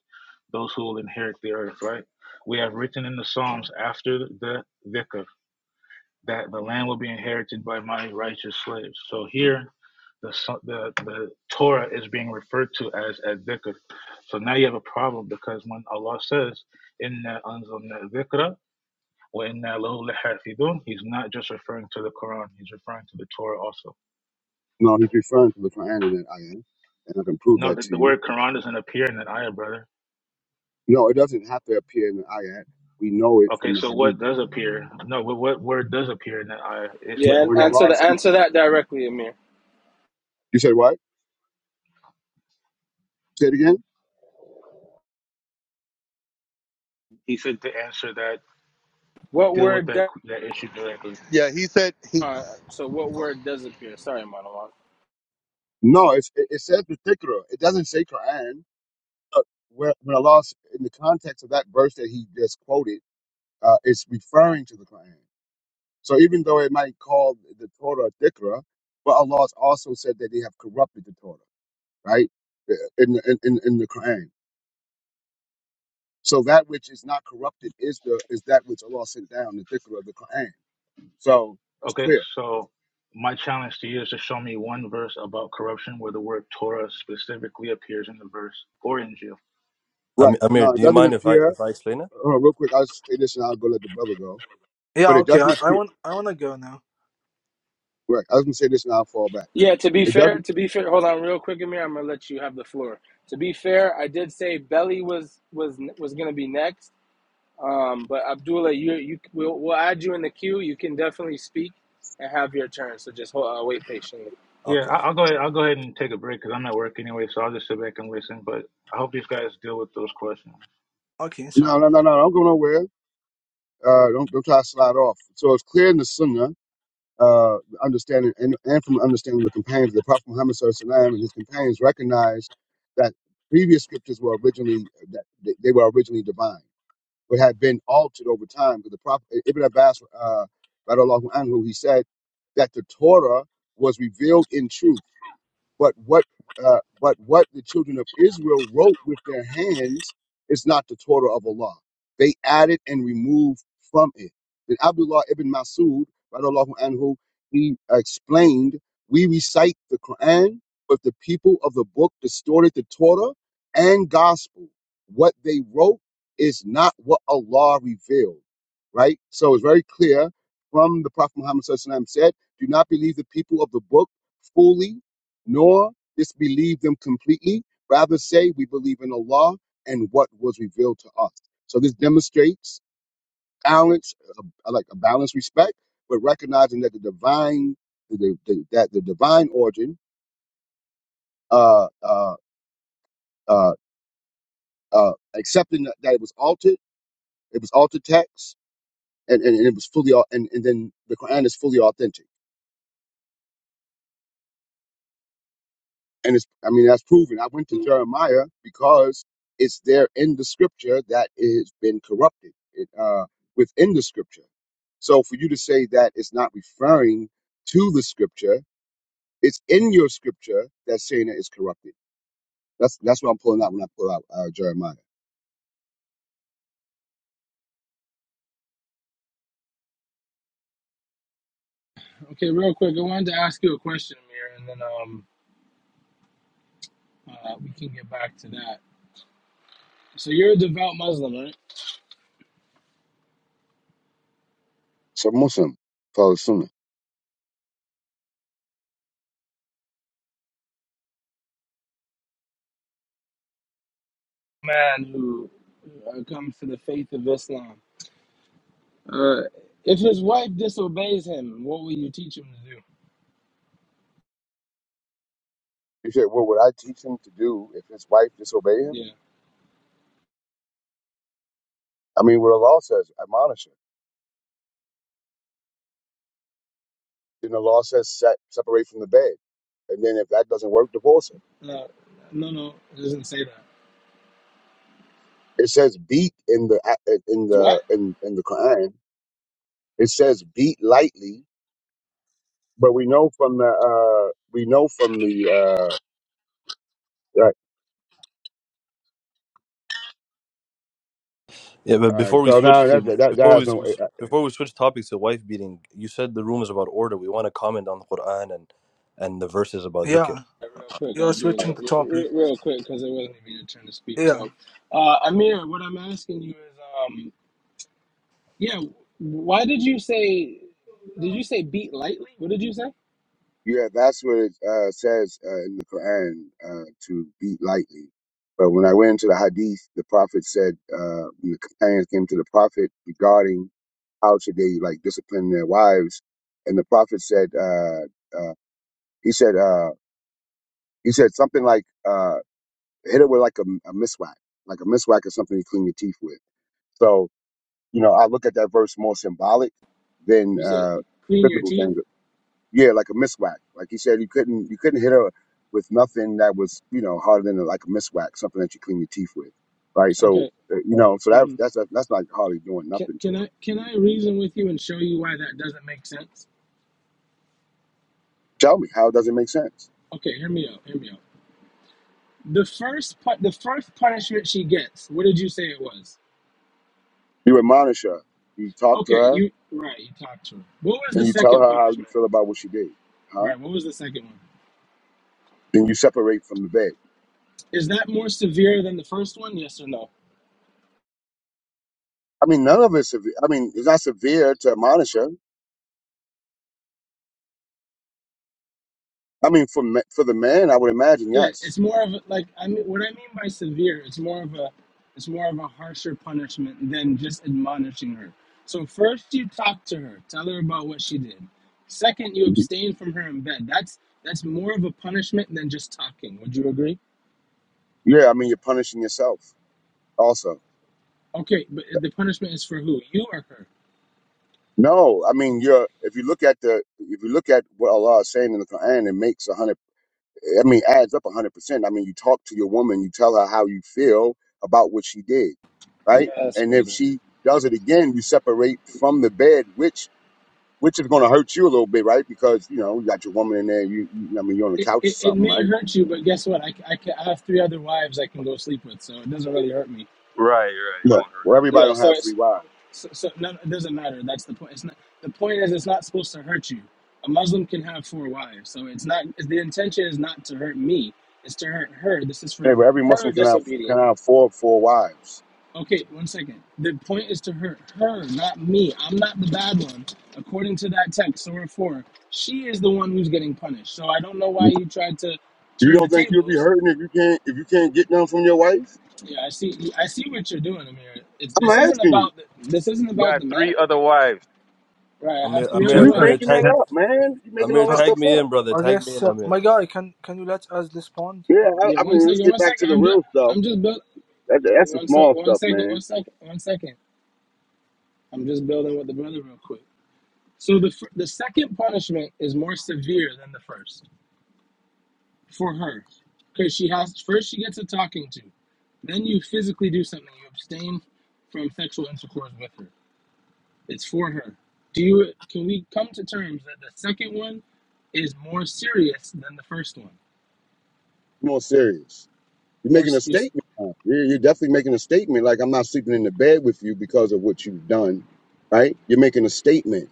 those who will inherit the earth right we have written in the Psalms after the dhikr that the land will be inherited by my righteous slaves so here the, so- the, the Torah is being referred to as a dhikr so now you have a problem because when Allah says inna anzalna dhikra وَإِنَّا لَهُ لَحَافِظُونَ He's not just referring to the Quran, he's referring to the Torah also.
No, he's referring to the Quran in that ayat, and I can prove
No,
that
the,
to
the
you.
word Quran doesn't appear in that ayah, brother.
No, it doesn't have to appear in the ayat. We know it
Okay,
from the
so what
hadith.
does appear? No, what, what word does appear in that ayah? It's
But
the
Yeah,
word
when
answer
Allah is
the
advocate.
speaking,
answer that directly, Amir.
you said what? Say it again?
He said to answer that,
What
deal with
word?
that
does
that issue directly.
Yeah, he said he.
uh, so what word does appear? Sorry, Manawan.
No, it's, it, it says the Tikra. It doesn't say Quran. Uh, When when Allah, in the context of that verse that he just quoted, uh, it's referring to the Quran. So even though it might call the Torah Dikra, but Allah has also said that they have corrupted the Torah, right? Uh, In the, in, in in the Quran. So that which is not corrupted is the is that which Allah sent down, the Dikra of the Quran. So it's
Okay,
clear.
so my challenge to you is to show me one verse about corruption where the word Torah specifically appears in the verse or in Jew.
Am-
Right.
Amir,
No, it
do you
doesn't
mind if I
appear
if I explain it?
hold on, real quick, I'll just say this and I'll go let the brother go.
Yeah.
But it
Okay.
doesn't
I, I
appear
want I want to go now.
right, I was gonna say this and I'll fall back.
Yeah, to be
It
fair,
doesn't
to be fair, hold on real quick, Amir. I'm gonna let you have the floor. To be fair, I did say Belly was was was gonna be next. Um, but Abdullah, you you we'll, we'll add you in the queue. You can definitely speak and have your turn. So just hold, uh, wait patiently.
Yeah,
Okay.
I- I'll go ahead. I'll go ahead and take a break because I'm at work anyway, so I'll just sit back and listen. But I hope these guys deal with those questions.
Okay,
no no
inshallah.
no no, don't go nowhere. Uh don't don't try to slide off. So it's clear in the sunnah uh, understanding and, and from understanding the companions. The Prophet Muhammad SAW and his companions recognized that previous scriptures were originally that they they were originally divine, but had been altered over time. Because the Prophet Ibn Abbas, uh, radiallahu anhu, he said that the Torah was revealed in truth but what uh, but what the children of Israel wrote with their hands is not the Torah of Allah. They added and removed from it. Then Abdullah ibn Masud, radiallahu anhu, he explained, we recite the Quran, but the people of the book distorted the Torah and gospel. What they wrote is not what Allah revealed, right? So it's very clear from the Prophet Muhammad SAW said, do not believe the people of the book fully nor disbelieve them completely. Rather say we believe in Allah and what was revealed to us. So this demonstrates balance, uh, like a balanced respect, but recognizing that the divine, the, the, that the divine origin, uh, uh, uh, uh, accepting that that it was altered, it was altered text, and, and, and it was fully, au- and, and then the Quran is fully authentic. and it's i mean that's proven i went to jeremiah because it's there in the scripture that it has been corrupted it, uh, within the scripture so for you to say that it's not referring to the scripture it's in your scripture that's saying that it's corrupted that's that's what i'm pulling out when i pull out uh, jeremiah
Okay, real quick, I wanted to ask you a question, Amir, and then um, uh, we can get back to that. So you're a devout Muslim, right?
so muslim follow sunnah
Man who uh, comes to the faith of Islam. Uh, if his wife disobeys him, what will you teach him to do?
you said, what would i teach him to do if his wife disobey him
Yeah.
i mean what the law says admonish her then the law says set, separate from the bed and then if that doesn't work divorce her
Uh, no, no, it doesn't say that.
It says beat in the in
What?
the in in the Quran. It says beat lightly, but we know from the uh we know from the uh that,
Yeah, but
all right.
before we
So
switch
now that
to
that that
before we
has
s-
no. Uh,
before we switch topics to wife beating, you said the room is about order. We want to comment on the Quran and and the verses about dhikr.
Yeah,
Uh, Real quick,
you're
all
switching
right.
Abdullah.
the
Re-
topic.
re- real quick, because it wasn't even your turn to speak.
Yeah.
So, uh, Amir, what I'm asking you is, um, yeah, why did you say? Did you say beat lightly? What did you say?
yeah, that's what it uh, says uh, in the Quran uh, to beat lightly. But when I went into the Hadith, the Prophet said uh, when the companions came to the Prophet regarding how should they like discipline their wives, and the Prophet said uh, uh, he said uh, he said something like. Uh, hit it with like a, a miswak. Like a miswak is something you clean your teeth with. So, you know, I look at that verse more symbolic than
You said
uh
clean your
physical
teeth.
things. Yeah, like a miswak. Like he said, you couldn't you couldn't hit her with nothing that was you know harder than a, like a miswak, something that you clean your teeth with, right? So,
Okay.
uh, you know, so that
hmm
that's that's not hardly doing
Can,
nothing to
can
her.
I can I reason with you and show you why that doesn't make sense?
Tell me, how does it make sense?
Okay, hear me out. Hear me out. The first pu- the first punishment she gets. What did you say it was?
You admonish her, you talk to
Okay,
her,
you right. You talked to her. What was the
and you tell
second
her how you
punishment?
feel about what she did, huh?
Right. What was the second one?
Then you separate from the bed.
Is that more severe than the first one? Yes or no?
I mean, none of it's. severe. I mean, it's not severe to admonish her. I mean, for ma- for the man, I would imagine
Yeah,
yes.
it's more of like I mean, what I mean by severe. It's more of a, it's more of a harsher punishment than just admonishing her. So first you talk to her, tell her about what she did. Second, you
Mhm.
abstain from her in bed. That's that's more of a punishment than just talking. Would you agree?
Yeah, I mean, you're punishing yourself also.
Okay, but the punishment is for who? You or her?
No, I mean, you're if you look at the if you look at what Allah is saying in the Quran, it makes a hundred. I mean, adds up a hundred percent. I mean, you talk to your woman, you tell her how you feel about what she did, right?
Yes,
And if
brother.
she does it again, you separate from the bed, which which is going to hurt you a little bit, right? Because you know you got your woman in there. You, you I mean, you're on the
It,
couch or
it, it
something,
may
right?
hurt you, but guess what? I I can, I have three other wives I can go sleep with, so it doesn't really hurt me.
Right, right. It
Look,
won't hurt
where
that
everybody
Yeah,
much.
don't
so
have
it's,
three wives.
So, so no, no, it doesn't matter. That's the point. It's not. The point is, it's not supposed to hurt you. A Muslim can have four wives, so it's not. The intention is not to hurt me. It's to hurt her. This is for
Hey, but every
her
Muslim can have
disobedient.
can have four four wives.
Okay, one second. The point is to hurt her, not me. I'm not the bad one, according to that text, Surah four. She is the one who's getting punished. So I don't know why you tried to
You
turn the
don't think you'll be
tables.
hurting if you can't if you can't get none from your wife?
Yeah, I see. I see what you're doing, Amir. It's
I'm
this
not
isn't
asking you.
about the, this isn't
You
about
got
the
three
man.
other wives.
Right. I have
Amir,
three other
Amir,
You
Jensen,
Amir,
making
wives.
tag
that
that,
up, man. You making
Amir,
all that
Uh,
tag
stuff
me
up.
in, brother.
I
Tag me
guess
in,
uh,
Amir.
my guy, can can you let us respond?
Yeah,
Or,
I,
Yeah,
I
one
mean, let's
second,
get
one
back to
second.
the
I'm just,
real stuff.
I'm just build.
That, that's the
One sec,
small
one
stuff,
second,
man.
one second, one second. I'm just building with the brother real quick. So the fir- the second punishment is more severe than the first for her, because she has first she gets a talking to, then you physically do something. You abstain from sexual intercourse with her. It's for her. Do you? Can we come to terms that the second one is more serious than the first one?
More serious. You're
More
making a
s- you s-
statement. Yeah, you're definitely making a statement. Like I'm not sleeping in the bed with you because of what you've done, right? You're making a statement.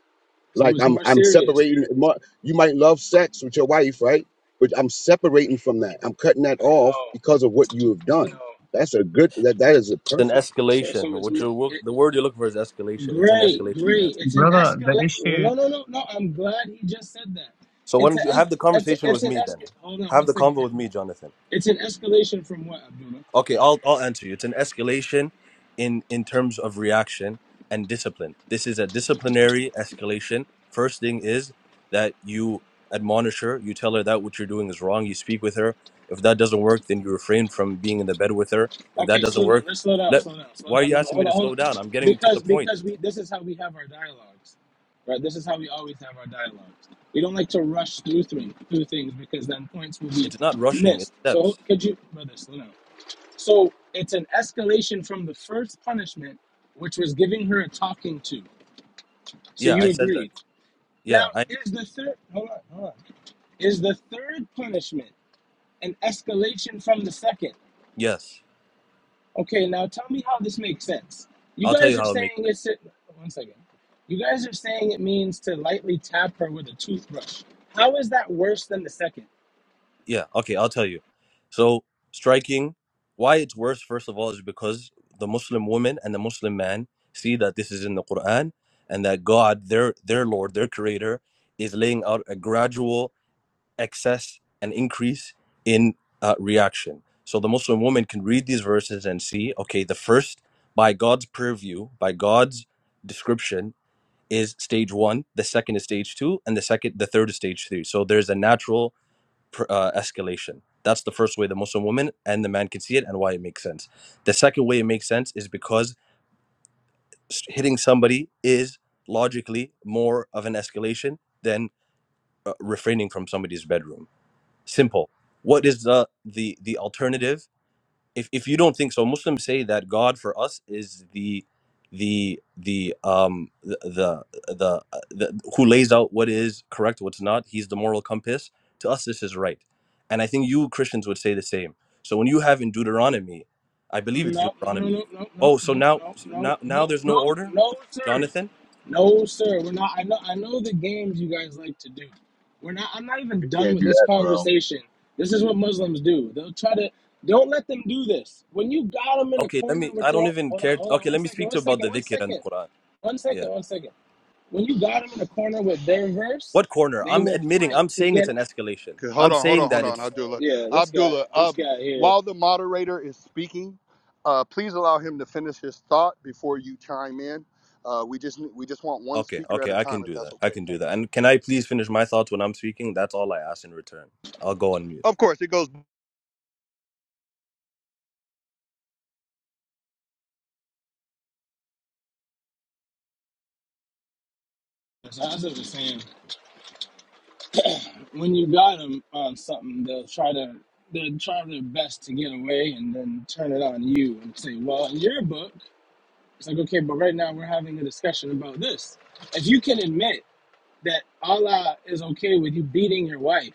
so
Like
it's
I'm
more
I'm
serious.
separating. mo- You might love sex with your wife, right? But I'm separating from that. I'm cutting that
I
off
know,
because of what you have
I
done.
know.
That's a good. That that is a
It's an
perfect.
So
escalation.
so it's
What
more.
you
it.
look the word you're looking for is escalation. It's an
Great,
escalation. Yes.
great. It's an
brother, the
escalate. well,
issue.
No, no, no, no. I'm glad he just said that.
So why
It's
don't
a,
you
es-
have the
it's a,
conversation
it's
with
an
me then?
escalate. Hold on
Have
one
the
second.
convo with me, Jonathan.
It's, it's an escalation from what, Abdullah?
Okay, I'll I'll answer you. It's an escalation in in terms of reaction and discipline. This is a disciplinary escalation. First thing is that you admonish her, you tell her that what you're doing is wrong, you speak with her. If that doesn't work, then you refrain from being in the bed with her. If that
Okay,
doesn't
slow down.
work,
Let's slow down.
let
Slow down. Slow
why are
down.
you
No, no.
asking me
Hold on.
to
Hold
slow
on.
down? I'm getting to the
Because
point.
because we this is how we have our dialogues, right? This is how we always have our dialogues. We don't like to rush through things, through things because then points will be
It's not rushing, it's
missed. So
steps.
could you, brother, slow down. So it's an escalation from the first punishment, which was giving her a talking to. So
Yeah, I
you
said that.
agree. Now,
Yeah, I
is the third hold on, hold on. Is the third punishment an escalation from the second?
yes.
Okay, now tell me how this makes sense. You
I'll tell
guys
you
are
how it
saying
makes
it's one second. You guys are saying it means to lightly tap her with a toothbrush. How is that worse than the second?
yeah okay i'll tell you so striking why it's worse first of all is because the muslim woman and the muslim man see that this is in the quran and that god their their lord their creator is laying out a gradual excess and increase in uh, reaction so the muslim woman can read these verses and see okay the first by god's purview by god's description is stage one the second is stage two and the second the third is stage three so there's a natural uh, escalation. That's the first way the Muslim woman and the man can see it and why it makes sense. The second way it makes sense is because hitting somebody is logically more of an escalation than uh, refraining from somebody's bedroom. Simple. What is the the the alternative if, if you don't think so muslims say that god for us is the the the um the the, the uh, the who lays out what is correct what's not he's the moral compass to us this is right and i think you christians would say the same so when you have in deuteronomy i believe it's
No, no, no,
deuteronomy
no, no, no,
oh so
no,
now
no, no,
now now
no,
there's no
no,
order
no, sir.
jonathan
No, sir. We're not. I know. I know the games you guys like to do. We're not. I'm not even
You
done
can't
with
do
this
that, bro.
conversation. This is what Muslims do. They'll try to. Don't let them do this. When you got them in a
okay let
corner
me
with
i
their
don't even
hold on,
care
hold on,
okay
one
let me
second,
speak
one
to you about
second,
the
one
dhikr and
second,
the quran
one second,
yeah
one second. When you got them in a corner with their verse,
what corner
they
i'm
will
admitting
fight
i'm
to
saying it's
get.
an escalation
'Cause- Hold
i'm
on, hold
saying
on, hold
that
on,
it's
Abdullah.
Yeah, this guy,
Abdullah, uh,
this guy here.
while the moderator is speaking, uh, please allow him to finish his thought before you chime in. Uh, we just we just want one
Okay,
speaker at
okay,
a
I
time,
can
if
do
that's
that. I
okay.
can do
Thank
that.
you.
And can I please finish my thoughts when I'm speaking? That's all I ask in return. I'll go on mute.
Of course, it goes.
That's I was saying. when you got them on something, they'll try to they'll try their best to get away and then turn it on you and say, "Well, in your book, it's like okay, but right now we're having a discussion about this." If you can admit that Allah is okay with you beating your wife.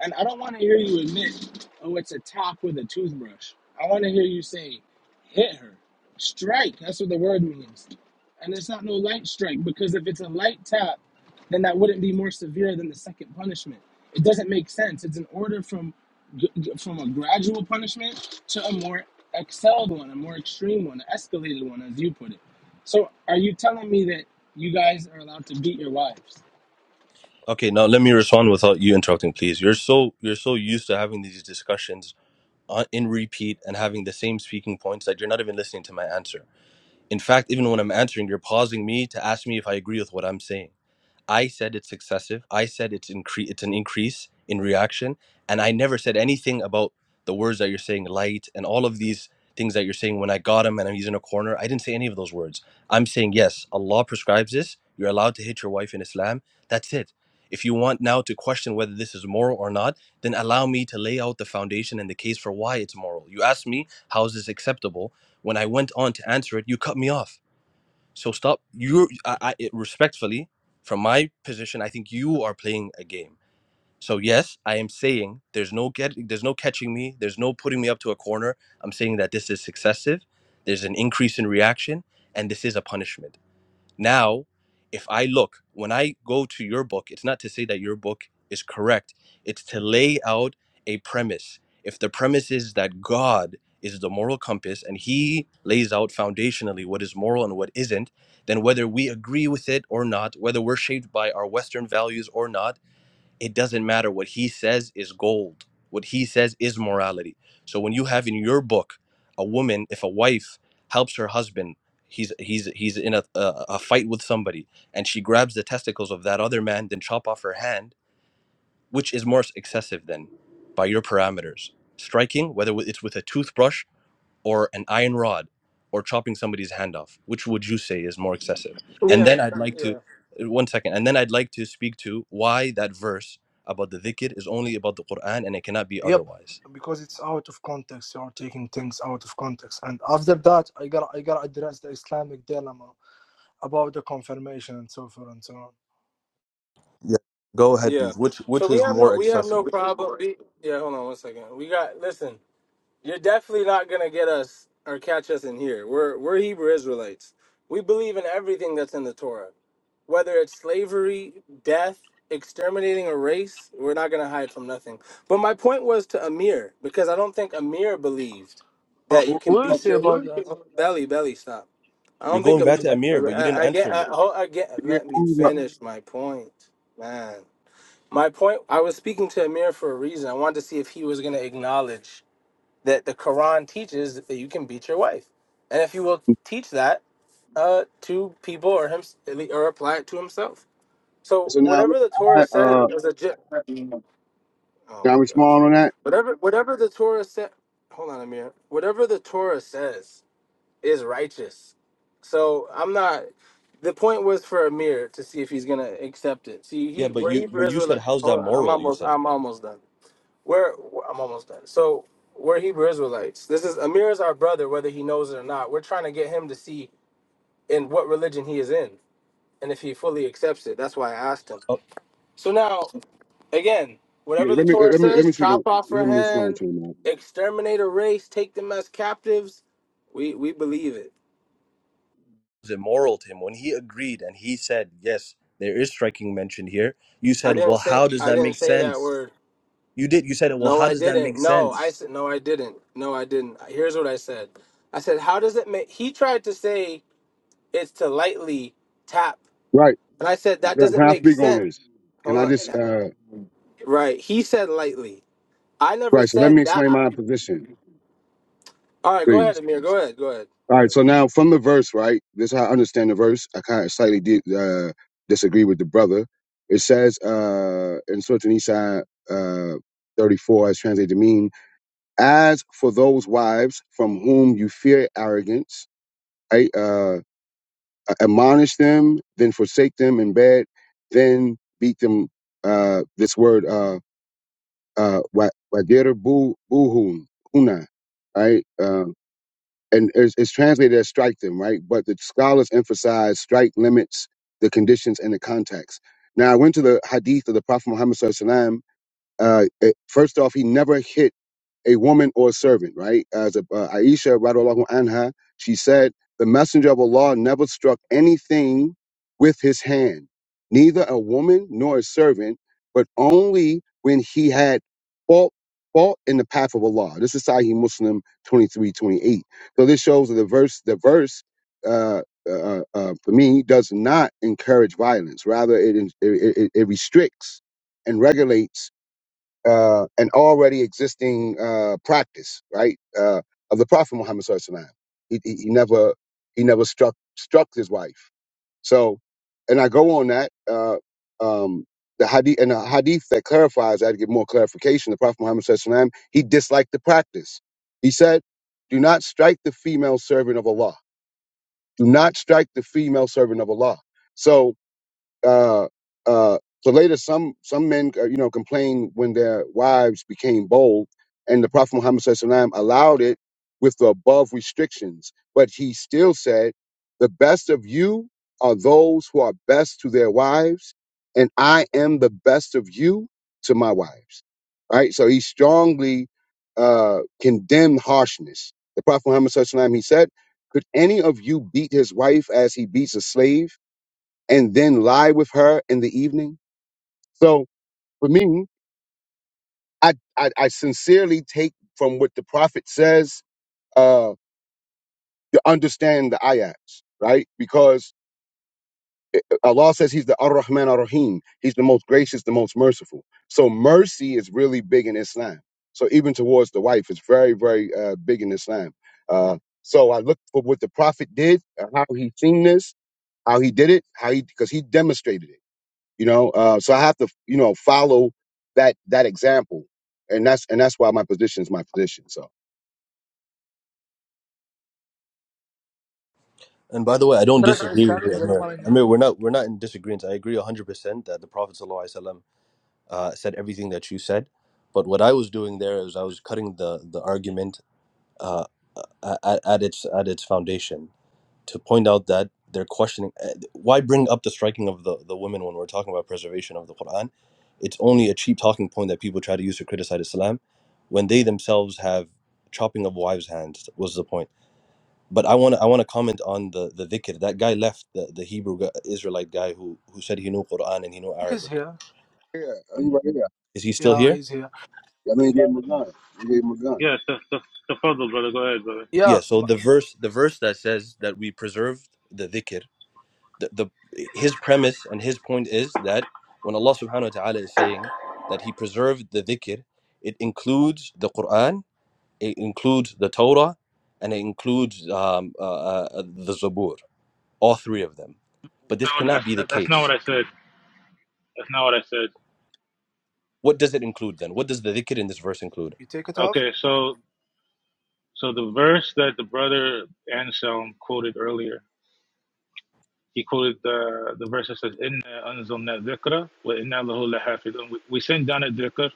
And I don't want to hear you admit, oh, it's a top with a toothbrush. I want to hear you say, hit her, strike. That's what the word means. And it's not no light strike because if it's a light tap, then that wouldn't be more severe than the second punishment. It doesn't make sense. It's an order from from a gradual punishment to a more excelled one, a more extreme one, an escalated one, as you put it. So, are you telling me that you guys are allowed to beat your wives?
Okay, now let me respond without you interrupting, please. You're so you're so used to having these discussions on, in repeat and having the same speaking points that you're not even listening to my answer. In fact, even when I'm answering, you're pausing me to ask me if I agree with what I'm saying. I said it's excessive. I said it's incre- it's an increase in reaction, and I never said anything about the words that you're saying, light, and all of these things that you're saying. When I got him and I'm using a corner, I didn't say any of those words. I'm saying yes, Allah prescribes this. You're allowed to hit your wife in Islam. That's it. If you want now to question whether this is moral or not, then allow me to lay out the foundation and the case for why it's moral. You asked me how is this acceptable. When I went on to answer it, you cut me off so stop. You, I, I it- respectfully, from my position, I think you are playing a game. So yes, I am saying there's no get, there's no catching me, there's no putting me up to a corner. I'm saying that this is successive. There's an increase in reaction, and this is a punishment. Now, if I look, when I go to your book, it's not to say that your book is correct, it's to lay out a premise. If the premise is that God is the moral compass and he lays out foundationally what is moral and what isn't, then whether we agree with it or not, whether we're shaped by our Western values or not, it doesn't matter what he says is gold what he says is morality so when you have in your book a woman if a wife helps her husband he's he's he's in a, a, a fight with somebody and she grabs the testicles of that other man then chop off her hand which is more excessive than by your parameters striking whether it's with a toothbrush or an iron rod or chopping somebody's hand off which would you say is more excessive and
Yeah,
then i'd like to
yeah,
uh, one second and then i'd like to speak to why that verse about the dhikr is only about the quran and it cannot be
yep.
otherwise
Because it's out of context. You are taking things out of context. And after that, I gotta I gotta address the Islamic dilemma about the confirmation and so forth and so on.
yeah go ahead
yeah.
please which
So
which
we
is
have no,
more
we have no
excessive
problem. We, yeah, hold on one second. We got. Listen, you're definitely not gonna get us or catch us in here. We're we're Hebrew Israelites. We believe in everything that's in the Torah, whether it's slavery, death, exterminating a race. We're not gonna hide from nothing. But my point was to Amir because I don't think Amir believed
Uh,
that you
wh-
can
what do you
beat
say
your
about that?
belly. Belly, stop. I
you're
don't think.
going back to
I,
amir but you didn't
I, I
answer
get.
me
I, oh, I get.
Yeah. I
Let me
don't know.
finish my point, man. My point, I was speaking to Amir for a reason. I wanted to see if he was going to acknowledge that the Quran teaches that you can beat your wife. And if he will teach that uh, to people or him or apply it to himself. So
So now, look,
whatever the
I,
Torah says
uh,
is a ge- Oh
can I
my gosh.
respond on that?
Whatever whatever the Torah said, hold on Amir. Whatever the Torah says is righteous. So I'm not the point was for Amir to see if he's gonna accept it. See, he
yeah but
where
you
Hebrew
but you said
Israel.
how's that
Hold on, I'm
moral you
almost.
said
I'm almost done. Where I'm almost done. So we're Hebrew Israelites. This is Amir is our brother, whether he knows it or not. We're trying to get him to see in what religion he is in and if he fully accepts it. That's why I asked him.
oh,
So now, again,
Yeah.
whatever the
Let me
Torah
let me let
says,
me speak on.
chop off her
Let me respond
hand,
to him.
exterminate a race, take them as captives. We we believe it.
is it moral to him when he agreed and he said yes there is striking mention here you
I
said
didn't
well
say
how does
I
that
didn't
make
say that
sense
word.
you did you said well
No,
how
I
does that make
didn't. No, I
sense
said no, I didn't. No, I didn't. Here's what I said. I said, how does it make? He tried to say is to lightly tap.
Right.
And I said that
Can
doesn't
I
make
speak on
sense.
this? Can
Hold
I
on.
just?
Yeah.
uh
Right. He said lightly. I never
Right. So let me
said that.
explain my position,
All right, go ahead,
please.
Amir. Go ahead. Go ahead.
All
Go
right,
ahead.
so now from the verse, right? This is how I understand the verse. I kind of slightly di uh, disagree with the brother. It says uh, in Surah Nisa uh, 34, as translated to mean, as for those wives from whom you fear arrogance, I uh, admonish them, then forsake them in bed, then beat them. Uh, this word, uh, uh, wa- wadir bu buhun, huna, right? uh, and it's, it's translated as strike them, right? But the scholars emphasize strike limits the conditions and the context. Now, I went to the hadith of the Prophet Muhammad SAW. Uh, it, first off, he never hit a woman or a servant, right? As a, uh, Aisha, radiallahu anha, she said, the messenger of Allah never struck anything with his hand, neither a woman nor a servant, but only when he had fought, fought in the path of Allah. This is Sahih Muslim 23 28. So this shows that the verse, the verse, uh, uh, uh, uh, for me, does not encourage violence. Rather, it, it, it, it restricts and regulates uh, an already existing uh, practice, right, uh, of the Prophet Muhammad Sallallahu Alaihi Wasallam. He, he, he never he never struck struck his wife. So, and I go on that uh, um, the hadith and the hadith that clarifies that to get more clarification. The Prophet Muhammad Sallallahu Alaihi Wasallam he disliked the practice. He said, "Do not strike the female servant of Allah. Do not strike the female servant of Allah." So uh, uh, so later some some men uh, you know complained when their wives became bold and the prophet muhammad SAW allowed it with the above restrictions but he still said the best of you are those who are best to their wives and i am the best of you to my wives right so he strongly uh, condemned harshness the prophet muhammad SAW, he said could any of you beat his wife as he beats a slave and then lie with her in the evening. So for me, I, I, I sincerely take from what the prophet says uh, to understand the ayats, right? Because Allah says He's the Ar Rahman Ar Rahim. He's the most gracious, the most merciful. So mercy is really big in Islam. So even towards the wife, it's very, very uh, big in Islam. Uh, so I looked for what the prophet did, uh, how he seen this, how he did it, how he because he demonstrated it. you know uh, so i have to you know follow that that example and that's and that's why my position is my position so
And by the way, I don't
Address the
disagree with you,
Islamic dilemma
Amir.
right now.
Amir, we're not we're not in disagreement. I agree hundred percent that the Prophet ﷺ, uh, said everything that you said. But what I was doing there is I was cutting the the argument uh, at, at its at its foundation to point out that they're questioning uh, why bring up the striking of the the women when we're talking about preservation of the Quran. It's only a cheap talking point that people try to use to criticize Islam, when they themselves have chopping of wives' hands was the point. But I want to I want to comment on the the dhikr. That guy left the, the Hebrew gu- Israelite guy who who said he knew Quran and he knew
He's
Arabic.
here.
Yeah, uh, you right here.
Is he still
Yeah,
here?
he's here.
I all did give him a gun. You gave him a gun.
Yes, that's that's the puzzle, brother. Go ahead, brother.
Yeah.
Yeah,
So
m-
the verse the verse that says that we preserved the dhikr. The, the his premise and his point is that when Allah Subhanahu wa Taala is saying that He preserved the dhikr, it includes the Quran, it includes the Torah, and it includes um, uh, uh, the Zabur. All three of them. But this
No,
cannot
that's
be the
that's
case
not what I said. That's not what I said.
What does it include then? What does the dhikr in this verse include?
you take it off.
Okay, so so the verse that the brother Anselm quoted earlier, he quoted the the verse that says, "Inna anzalna dhikra wa inna lahu lahafidun." We, we send down a dhikr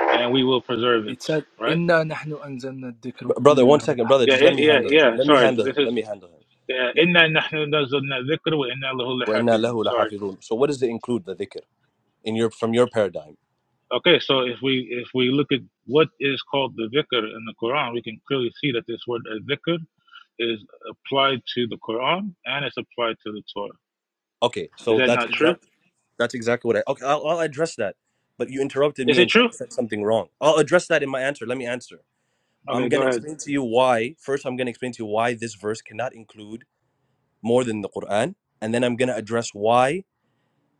and we will preserve it.
It said,
Right?
"Inna nahnu anzalna dhikr wa
B- Brother,
inna
one
lahu
second, brother,
Yeah,
just let
it,
me
yeah,
handle him.
yeah.
Let me
Sorry,
handle him.
this is.
Let me handle him.
yeah,
Le-
Inna nahnu nazzalna dhikra wa inna lahu
وَإِنَّا
lahafidun.
لَهُ
Sorry.
لَحَافِظُونَ. So what does it include the dhikr in your from your paradigm?
Okay, so if we if we look at what is called the dhikr in the Quran, we can clearly see that this word dhikr is applied to the Quran and it's applied to the Torah.
Okay,
Is
so
that
that's
not true?
exactly that's exactly what I Okay, I'll, I'll address that. But you interrupted
Is
me
it
and said
true?
said something wrong. I'll address that in my answer. Let me answer.
Okay,
I'm
go
going to
ahead.
explain to you why. First, I'm going to explain to you why this verse cannot include more than the Quran, and then I'm going to address why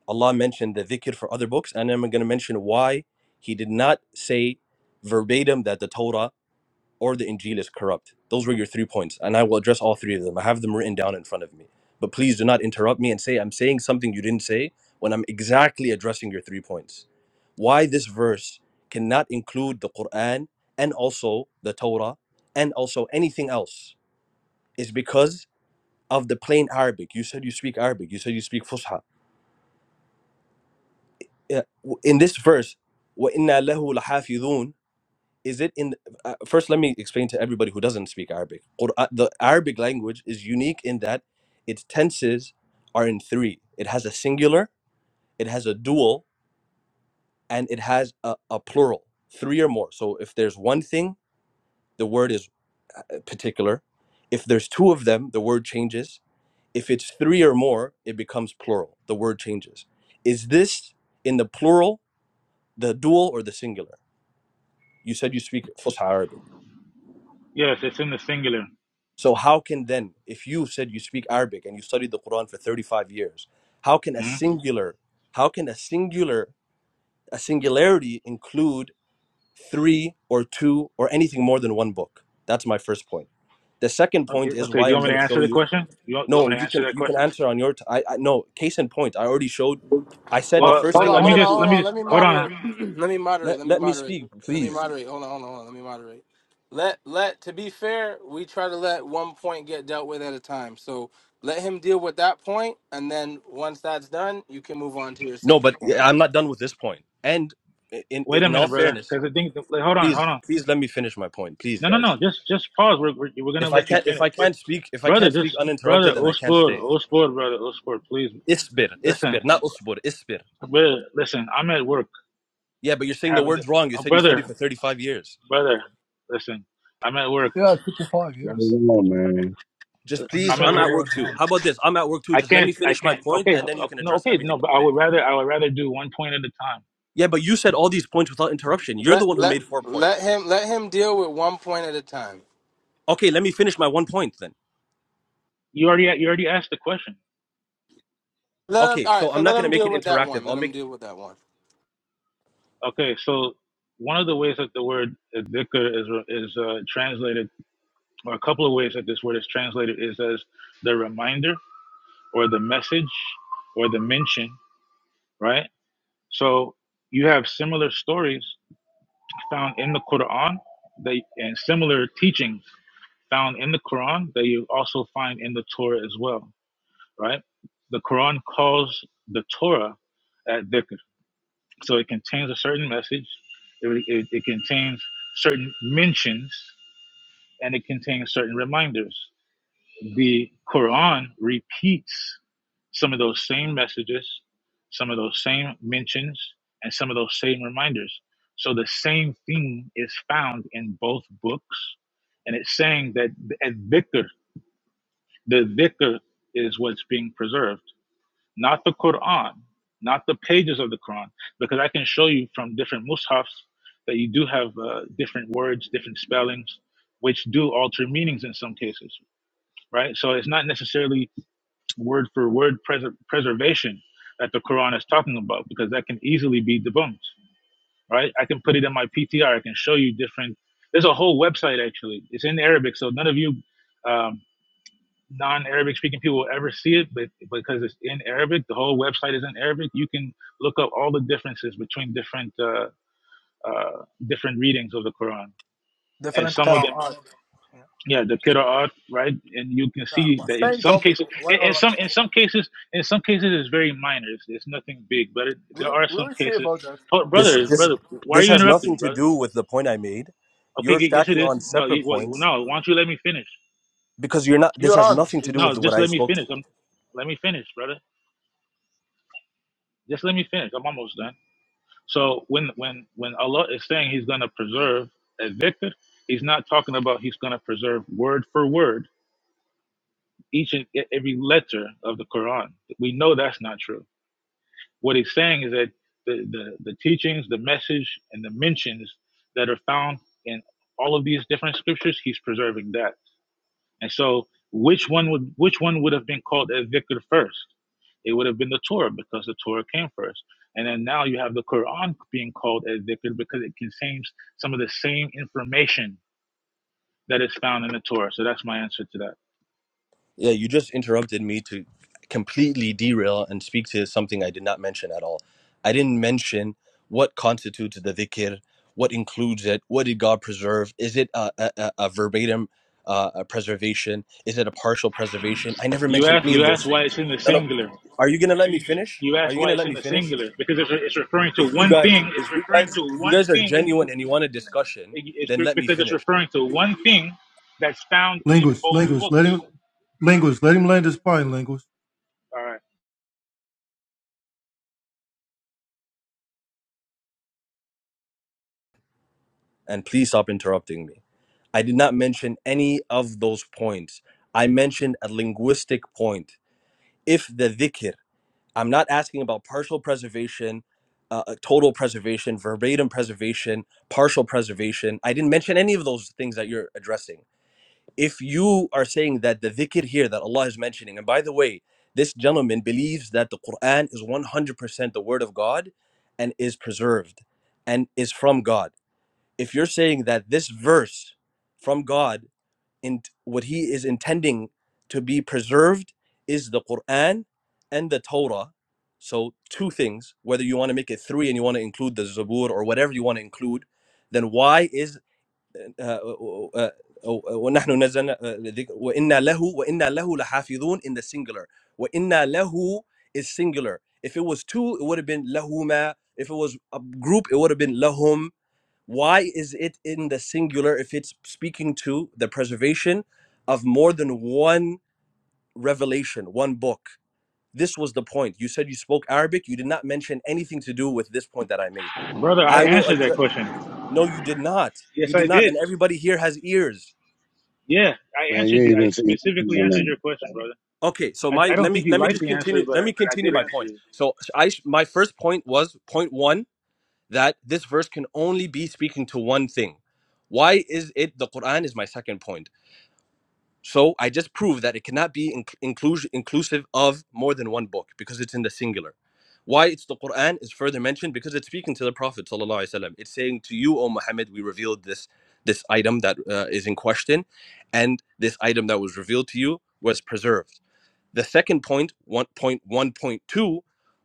Allah mentioned the dhikr for other books, and I'm going to mention why He did not say verbatim that the Torah or the Injil is corrupt. Those were your three points, and I will address all three of them. I have them written down in front of me. But please do not interrupt me and say I'm saying something you didn't say when I'm exactly addressing your three points. Why this verse cannot include the Quran and also the Torah and also anything else is because of the plain Arabic. You said you speak Arabic. You said you speak Fusha. uh, in this verse, وَإِنَّا لَهُ لَحَافِظُونَ is it in uh, first let me explain to everybody who doesn't speak arabic Qur'an, the arabic language is unique in that its tenses are in three it has a singular it has a dual and it has a, a plural three or more so if there's one thing the word is uh, particular if there's two of them the word changes if it's three or more it becomes plural the word changes is this in the plural the dual or the singular You said you speak Fusha Arabic.
Yes, it's in the singular.
So how can then, if you said you speak Arabic and you studied the Quran for 35 years, how can a
hmm
singular, how can a singular, a singularity include three or two or anything more than one book? That's my first point. The second
Okay,
point is
okay, do
why
you
I'm
want me
going
to
to show
answer the
you.
question? You want, you want
No,
me to
you
answer
can
that
you can
question?
answer on your. T- I, I no case in point. I already showed. I said the
Oh,
Well,
first
hold
let,
thing
on,
I'm
let
going
me
to
hold on,
just let
hold
prove.
me
on.
just
Let me
hold
moderate.
on.
let me moderate.
Let
Let me
let me
moderate.
speak,
Let me
please.
moderate. Hold on, hold on, hold on. Let me moderate. Let let to be fair, we try to let one point get dealt with at a time. So let him deal with that point, and then once that's done, you can move on to your
No,
second
but
point.
yeah, I'm not done with this point. And in in
Wait a
in all
minute, brother,
fairness,
because I think like, hold on,
please
hold on.
please let me finish my point please
No, no, no.
guys
Just just pause. We're we're, we're gonna
if i
let you
can't if
finish.
i
But
can't speak if i
brother,
can't speak
just brother,
uninterrupted then i can't
Ospor,
stay
Ospor, brother, Ospor, please.
isbir
Listen.
isbir not usbur isbir
Brother, listen, I'm at work
yeah but you're saying the
having the,
words wrong you
oh,
said you
brother,
studied for 35 years
brother, listen, I'm at work.
Yeah, fifty-five
Not
years,
alone, man
just
and he
please
I'm
said
at
the
i'm
wo-
at
word
work too
wrong.
how about this i'm at work too
I
just let
can't,
me
I
finish my
can't.
point
Okay,
and then you
uh,
can
no,
address
okay,
everything
no. But I
i'm
would
saying
rather, I would rather do one point at a time.
yeah but you said all these points without interruption you're
Let
the one who
let
made four
let
points
him let him deal with one point at a time.
okay let me finish my one point then
You already, you already asked the question.
Let him,
okay
all
so
right, so
i'm not
let
going to
him
make
deal
it
with that
interactive
one.
i'll
Let him
make
deal with that one.
Okay, so one of the ways that the word dhikr is is uh, translated, or a couple of ways that this word is translated, is as the reminder or the message or the mention, right? So you have similar stories found in the Quran. They and similar teachings found in the Quran that you also find in the Torah as well, right? The Quran calls the Torah at dhikr, so it contains a certain message. It, it, it contains certain mentions and it contains certain reminders the Quran repeats some of those same messages, some of those same mentions, and some of those same reminders. So the same thing is found in both books, and it's saying that at dhikr, the dhikr is what's being preserved, not the Quran, not the pages of the Quran, because I can show you from different mushafs that you do have uh, different words, different spellings, which do alter meanings in some cases, right? So it's not necessarily word for word preser preservation that the Quran is talking about because that can easily be debunked, right? I can put it in my PTR. I can show you different. There's a whole website actually. It's in Arabic, so none of you um, non-Arabic speaking people will ever see it, but because it's in Arabic, the whole website is in Arabic. You can look up all the differences between different uh, uh, different readings of the Quran, and
Different
some of them
qira'at. Yeah.
yeah the pit art right and you can
yeah,
see
but
that in
same
some
topic.
cases
Why
in,
or
in some in some cases in some cases it's very minor it's, it's nothing big but it,
we
there
will-
are
we
some
will see
cases
about that.
oh
We
this
will
brother
see.
this
brother why are
this
you
has
interrupting
nothing
me,
to
brother
do with the point i made
okay
you're
y- yes it
stacking
is
on
no
separate
you, well, you-
points
no why don't you let me finish
because you're not this
You
has
run.
nothing to do with
no
what
just
i
let me
spoke
finish
to
i am let me finish brother just let me finish i'm almost done so when when when allah is saying he's going to preserve a victor he's not talking about he's going to preserve word for word each and e- every letter of the quran we know that's not true What he's saying is that the, the, the teachings, the message, and the mentions that are found in all of these different scriptures, he's preserving that. And so, which one would which one would have been called a dhikr first? It would have been the Torah because the Torah came first. And then now you have the Quran being called a dhikr because it contains some of the same information that is found in the Torah. So that's my answer to that.
yeah you just interrupted me to completely derail and speak to something i did not mention at all i didn't mention what constitutes the dhikr what includes it what did god preserve is it a, a, a a verbatim uh, a preservation is it a partial preservation i never
You
mentioned
asked
any of
you asked
those
why
things
it's in the
no, no.
singular.
are you gonna let me finish
You
are
ask
you
why
gonna
it's
let
in
me
the
finish
singular because it's, it's referring to
if you
one
guys
thing.
if
It's
you
referring
guys
to
if you
one
guys are
thing.
genuine and you want a discussion
It's
then let me
because it's
finish
referring to one thing that's found in
Linguist,
both
linguist, let him,
books.
linguist, let him land his plane, linguist.
All right,
and please stop interrupting me I did not mention any of those points. I mentioned a linguistic point. If the dhikr, I'm not asking about partial preservation, uh, uh, total preservation, verbatim preservation, partial preservation. I didn't mention any of those things that you're addressing. If you are saying that the dhikr here that Allah is mentioning, and by the way, this gentleman believes that the Quran is 100% the word of God and is preserved and is from God. If you're saying that this verse from God in what he is intending to be preserved is the Quran and the Torah. So two things, whether you want to make it three and you want to include the Zabur or whatever you want to include, then why is uh, uh, ونحن نزلنا uh, الذكر- وإنا له وإنا له لحافظون in the singular وإنا له is singular if it was two it would have been لهما if it was a group it would have been لهم why is it in the singular if it's speaking to the preservation of more than one revelation, one book? This was the point. You said you spoke Arabic. You did not mention anything to do with this point that I made.
brother, I
I will
answered that
address.
question.
No, you did not. You
Yes, I
did not.
did.
And everybody here has ears.
Yeah, I
man you
answered
ain't
you. I
even seen nothing
specifically
on
answered your question,
that
brother.
Okay, so
I,
my
I don't
let
think
me
you
let me
like
just
the answer,
continue.
but
Let
I,
me
I
continue
did
my
answer
point.
you.
So I my first point was point one that this verse can only be speaking to one thing. Why is it the Quran is my second point? So I just proved that it cannot be in- inclusion, inclusive of more than one book because it's in the singular. Why it's the Quran is further mentioned because it's speaking to the Prophet sallallahu alaihi wasallam. It's saying to you, O Muhammad, we revealed this this item that uh, is in question, and this item that was revealed to you was preserved. The second point, 1.1.2,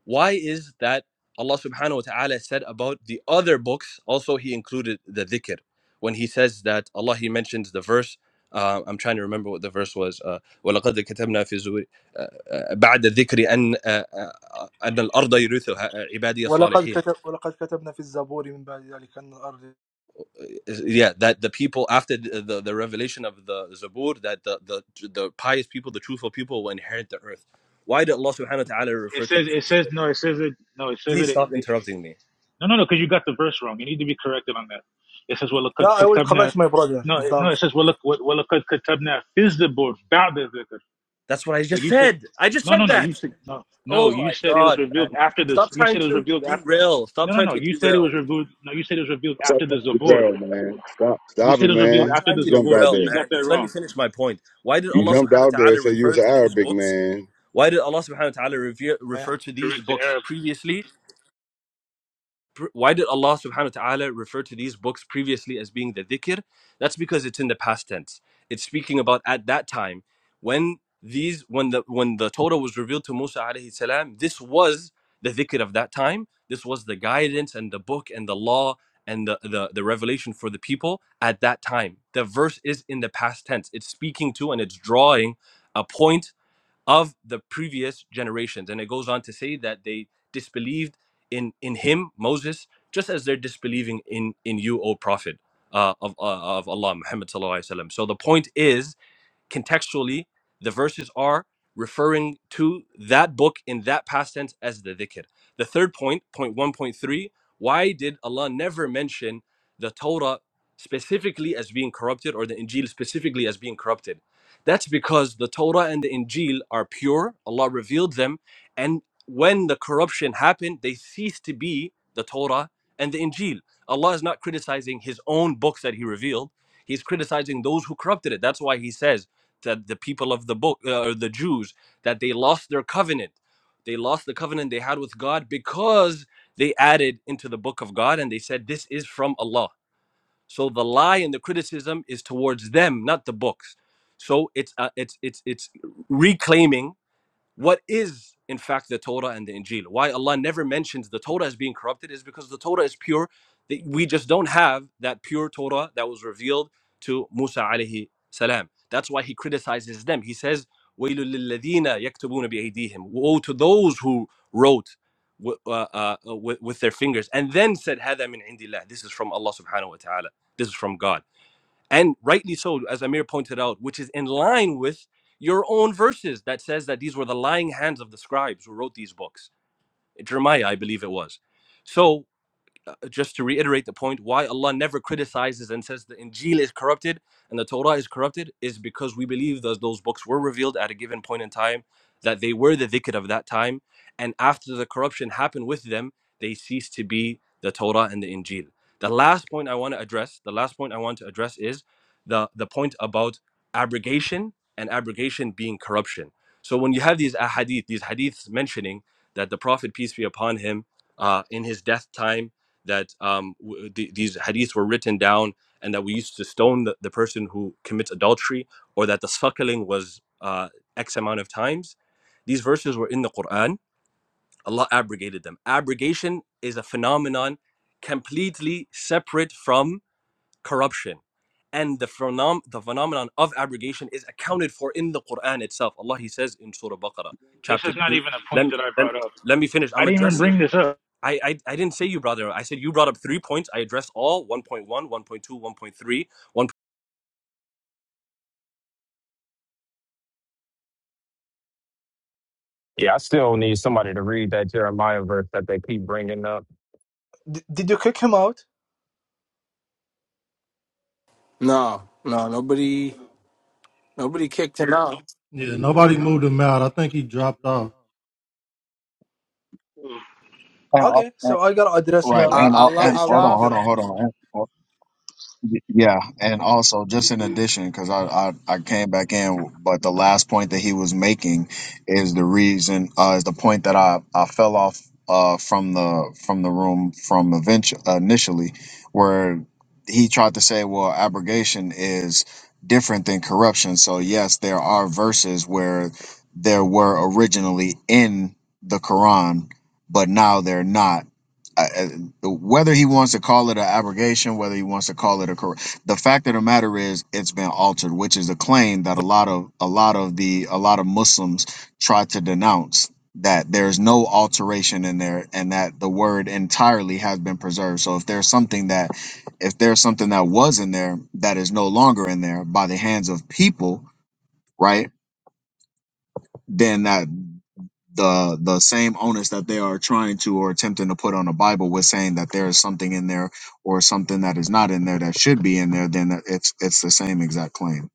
why is that Allah subhanahu wa ta'ala said about the other books, also He included the dhikr. When He says that Allah, He mentions the verse, uh, I'm trying to remember what the verse was. Uh, وَلَقَدْ كَتَبْنَا فِي الزُّبُرِ uh, uh, بَعْدَ الذِّكْرِ أَنْ uh, uh, أَنَّ الْأَرْضَ يُرِثُهَا عِبَادِيَ
ولقد
الصَّالِحِينَ
كتب ولقد كتبنا في الزبور من بعد ذلك أن الأرض
yeah that the people after the, the, the revelation of the zabur that the, the the pious people the truthful people will inherit the earth why did allah subhanahu wa ta'ala
It
refer to
says it
this
says no. It says it no. It says it.
Please
it,
stop
it's,
interrupting me.
No, no, no, because you got the verse wrong. You need to be corrected on that. It says, "Well,
Yeah,
kad
I will correct
katabna."
my brother
No,
if
it-
that.
no, it says, "Well, well, kad katabna fizdabur ba'da dhikr."
That's what I
So
just
you said,
said. I just
no, no,
said
no. You
that.
said no, no.
Oh
You
my
said it was
god, man.
revealed after this.
Stop
You
trying
said it was
to
revealed after.
derail. Stop
No, no,
trying
no.
to
You said it
derail.
was revealed. No, you said it was revealed
Stop
after the
the
Zabur.
barrel, man. Stop.
You
Stop
said
it,
it was revealed
Stop
man.
after
trying
the
You
to
jumped
Zabur.
out
So
derail,
you
there.
got
man.
that
Just let me
wrong.
finish my point. Why did
You
Allah
jumped
subhanahu
out
wa
there and
ta'ala
said you
refer
was an
to these
Arabic
books?
man.
Why did Allah subhanahu wa ta'ala rever-
I,
refer to these
Correct the
books
Arab.
previously why did Allah subhanahu wa ta'ala refer to these books previously as being the dhikr? That's because it's in the past tense. It's speaking about at that time when these when the when the Torah was revealed to Musa alayhi salam, this was the dhikr of that time. This was the guidance and the book and the law and the, the, the revelation for the people at that time. The verse is in the past tense. It's speaking to and it's drawing a point of the previous generations. And it goes on to say that they disbelieved in in him, Moses, just as they're disbelieving in in you, O Prophet uh, of uh, of Allah, Muhammad sallallahu alaihi wasallam. So the point is contextually, the verses are referring to that book in that past tense as the dhikr. The third point, point 1.3, why did Allah never mention the Torah specifically as being corrupted or the Injil specifically as being corrupted? That's because the Torah and the Injil are pure, Allah revealed them, and when the corruption happened, they ceased to be the Torah and the Injil. Allah is not criticizing His own books that He revealed. He's criticizing those who corrupted it. That's why He says, that the people of the book uh, the jews that they lost their covenant they lost the covenant they had with god because they added into the book of god and they said this is from allah so the lie and the criticism is towards them not the books so it's uh, it's it's it's reclaiming what is in fact the torah and the injil why allah never mentions the torah as being corrupted is because the torah is pure we just don't have that pure torah that was revealed to musa alayhi salam that's why he criticizes them he says وَيْلٌ لِلَّذِينَ يَكْتُبُونَ بِأَيْدِيهِم woe to those who wrote wi- uh, uh, uh, with, with their fingers and then said هذا من عند الله this is from Allah subhanahu wa ta'ala this is from God and rightly so, as Amir pointed out, which is in line with your own verses that says that these were the lying hands of the scribes who wrote these books. Jeremiah, I believe it was. So uh, just to reiterate the point, why Allah never criticizes and says the Injil is corrupted and the Torah is corrupted is because we believe that those books were revealed at a given point in time, that they were the dhikr of that time, and after the corruption happened with them, they ceased to be the Torah and the Injil. The last point I want to address, the last point I want to address is the, the point about abrogation and abrogation being corruption. So when you have these ahadith, these hadiths mentioning that the Prophet, peace be upon him, uh, in his death time that um, w- th- these hadiths were written down and that we used to stone the, the person who commits adultery or that the suckling was uh, X amount of times. These verses were in the Quran. Allah abrogated them. Abrogation is a phenomenon completely separate from corruption. And the, phenom- the phenomenon of abrogation is accounted for in the Quran itself. Allah He says in Surah Baqarah,
This
chapter
is not
2.
even a point
Let,
that I
let,
brought up.
let me finish.
I
I'm
didn't even
addressing.
bring this up.
I, I, I didn't say you brought it up. I said you brought up three points. I addressed all 1.1, 1. one point two, one point three, one.
Yeah, I still need somebody to read that Jeremiah verse that they keep bringing up.
Did, did you kick him out?
No, no, nobody, nobody kicked him out.
Yeah, nobody moved him out. I think he dropped off.
And, al-
Okay, so I gotta address
Right,
now
I,
and al-
Allah,
the
and hold on,
Islamic
Allah,
hold on,
dilemma.
hold on. And- oh, y- Yeah, and also just in addition, because I, I I came back in, but the last point that he was making is the reason uh, is the point that I I fell off uh from the from the room from eventu- initially, where he tried to say, well, abrogation is different than corruption. So yes, there are verses where there were originally in the Quran, but now they're not whether he wants to call it an abrogation, whether he wants to call it a cor the fact of the matter is it's been altered, which is a claim that a lot of a lot of the a lot of Muslims try to denounce that there's no alteration in there and that the word entirely has been preserved. So if there's something that if there's something that was in there that is no longer in there by the hands of people, right? Then that the the same onus that they are trying to or attempting to put on the Bible with saying that there is something in there or something that is not in there that should be in there, then that- it's it's the same exact claim.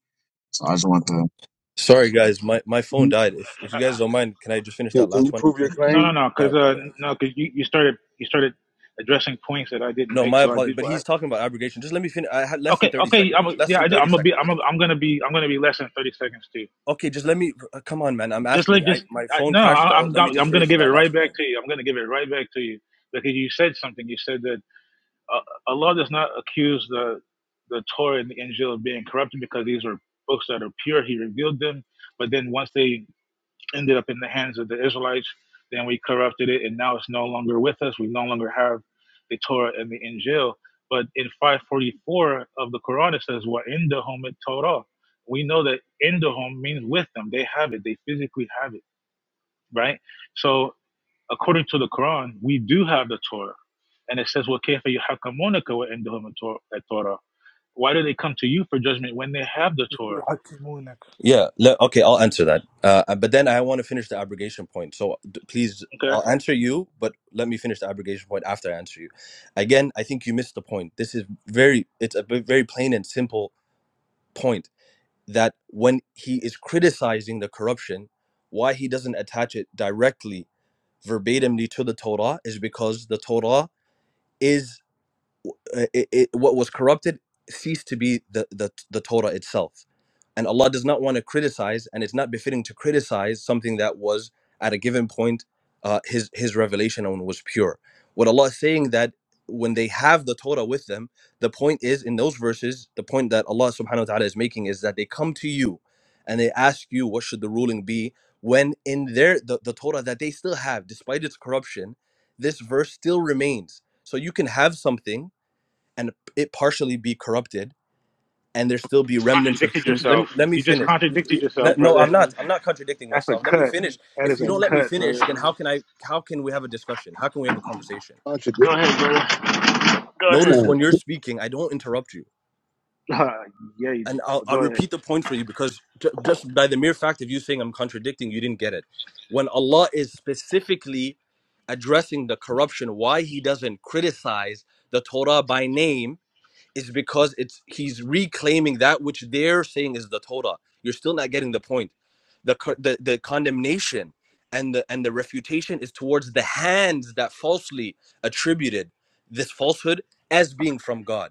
So I just want to
Sorry, guys, my, my phone
Can,
died. If if you guys don't mind, can I just finish that
can
last
you
one?
prove your
No, no,
claim?
no.
My
Because uh,
apologies.
no, because you, you started you started addressing points that I didn't
No,
make.
my
So I
apologies.
did.
But he's talking about abrogation. Just let me finish. I had less than
Okay,
thirty
okay.
seconds.
I'm,
Less
yeah, I,
than thirty
am gonna be. I'm.
seconds.
Gonna, am gonna be. I'm gonna be less than thirty seconds too.
Okay, just let me. Uh, come on, man. I'm
Just like
asking. I
just.
my
I,
phone
no,
crashed
I,
out.
I'm.
Let
go-
me just
I'm gonna
finish
give it
my
right
last
back
point.
to you. I'm gonna give it right back to you because you said something. You said that uh, Allah does not accuse the the Torah and the Injil of being corrupted because these are books that are pure. He revealed them, but then once they ended up in the hands of the Israelites. Then we corrupted it, and now it's no longer with us. We no longer have the Torah and the Injil. But in 544 of the Quran, it says, "We're in the home at Torah." We know that in the home means with them. They have it. They physically have it, right? So according to the Quran, we do have the Torah, and it says, وَكَيْفَ يُحَكَّمُونَ وَعِنْدَهُمُ التو- التَّوْرَةُ Why do they come to you for judgment when they have the Torah?
Yeah. Le- okay, I'll answer that. Uh, uh, but then I want to finish the abrogation point. So d- please,
Okay,
I'll answer you, but let me finish the abrogation point after I answer you. Again, I think you missed the point. This is very, it's a b- very plain and simple point that when he is criticizing the corruption, why he doesn't attach it directly verbatimly to the Torah is because the Torah is uh, it, it, what was corrupted ceased to be the, the, the Torah itself. And Allah does not want to criticize, and it's not befitting to criticize something that was at a given point uh, his, his revelation on was pure. What Allah is saying that when they have the Torah with them, the point is in those verses, the point that Allah subhanahu wa ta'ala is making is that they come to you and they ask you what should the ruling be when in their the, the Torah that they still have, despite its corruption, this verse still remains. So you can have something and it partially be corrupted and there still
you
be
just
remnants of
contradicted
truth let me,
yourself.
let me
You just
finish
contradicted yourself,
Let- no
brother.
i'm not i'm not contradicting
That's a
myself let me
cut.
finish
That
if
is
you
a
don't let me
cut, brother.
finish then how can i how can we have a discussion how can we have a conversation
Contradiction.
Go ahead, brother. Go ahead.
notice when you're
That
speaking i don't interrupt you
Uh, yeah, you do.
and i'll,
But go
I'll
ahead.
repeat the point for you because ju- just by the mere fact of you saying i'm contradicting you didn't get it when allah is specifically addressing the corruption why he doesn't criticize the torah by name is because it's he's reclaiming that which they're saying is the Torah. You're still not getting the point. The the, the condemnation and the and the refutation is towards the hands that falsely attributed this falsehood as being from God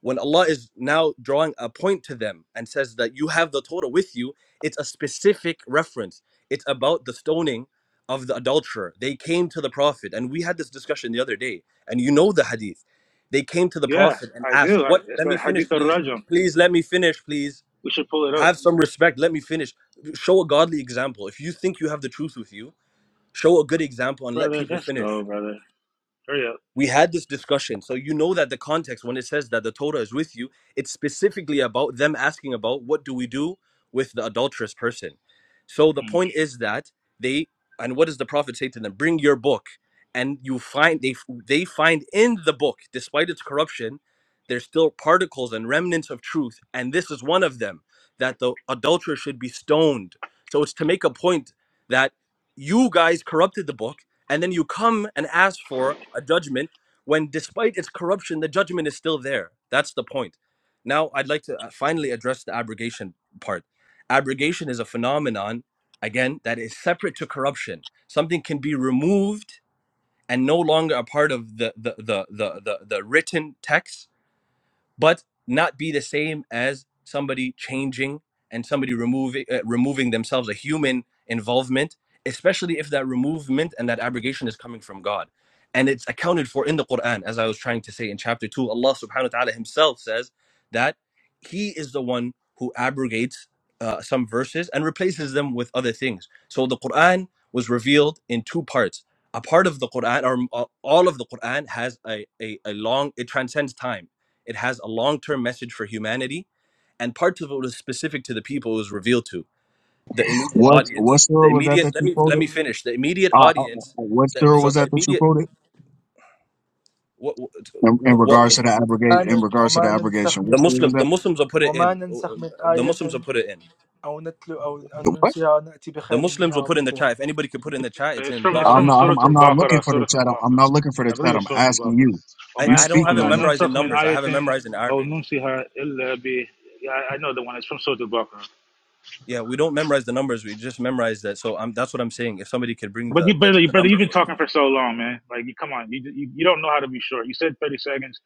when Allah is now drawing a point to them and says that you have the Torah with you, it's a specific reference. It's about the stoning of the adulterer. They came to the Prophet, and we had this discussion the other day, and you know the hadith. They came to the
Yeah,
Prophet and
I
asked,
do. I,
What?
it's
Let me
that
finish,
Hadith
please.
al-Rajam.
Please let me finish, please.
We should pull it up,
Have some respect. Let me finish. Show a godly example. If you think you have the truth with you, show a good example and let
brother.
people
Let's
finish
go, brother. Hurry up.
we had this discussion so you know that the context when it says that the torah is with you it's specifically about them asking about what do we do with the adulterous person so the
Mm.
point is that they and what does the prophet say to them bring your book and you find they they find in the book despite its corruption there's still particles and remnants of truth and this is one of them that the adulterer should be stoned so it's to make a point that you guys corrupted the book and then you come and ask for a judgment when despite its corruption the judgment is still there that's the point now i'd like to uh, finally address the abrogation part abrogation is a phenomenon again that is separate to corruption something can be removed and no longer a part of the the the the, the, the written text but not be the same as somebody changing and somebody removing uh, removing themselves a human involvement especially if that removement and that abrogation is coming from god and it's accounted for in the quran as i was trying to say in chapter 2 allah subhanahu wa ta'ala himself says that he is the one who abrogates uh, some verses and replaces them with other things so the quran was revealed in two parts a part of the quran or uh, all of the quran has a, a, a long it transcends time it has a long term message for humanity, and parts of it was specific to the people it was revealed to. The immediate
what what
audience, the
surah was that
immediate.
that
Let
you
me let
quoted?
me finish. The immediate
Uh, uh, uh,
audience.
what
The,
surah
so
was
the
that that you
immediate.
quoted
What,
in, in
what what
regards to
was
the abrogation?
وما
In
ن-
regards to the
وما
abrogation,
ننسخ
what
the
من
surah was
Muslim? The
that?
Muslims will put it
وما
in. uh,
ننسخ
um,
من
The Muslims will
آية
put it in.
أو نتلو أو أن
The What?
ننسها نأتي
The
بخير
Muslims
منها
will
أو
put in the
مثلها
chat. If anybody could put in the chat, it's
It's
in
from
يا
it's
I'm
Baqarah.
from
not.
ويل
Surah
I'm, I'm not looking
Al-Baqarah.
for the
Surah
chat. I'm, I'm
Al-Baqarah.
not looking for the
I believe
chat.
it's
I'm
Surah
asking
Al-Baqarah.
you.
I,
You
وَمَا
I
نس-
don't have
speaking
it
وَمَا
on it?
memorized
نَنْسَخْ
in
مِنْ
numbers. I have it
آيَةٍ
memorized in
أَوْ
Arabic.
نُنْسِهَا إِلَّا بِ- Yeah, I I know the one. It's from Surah Al-Baqarah.
Yeah, we don't memorize the numbers. We just memorize that. So I'm, that's what I'm saying. If somebody could bring
But
the,
you,
the,
brother, you-
the
brother,
number
you've been
for him.
talking for so long, man. Like, you come on, you, you you don't know how to be short. You said thirty seconds.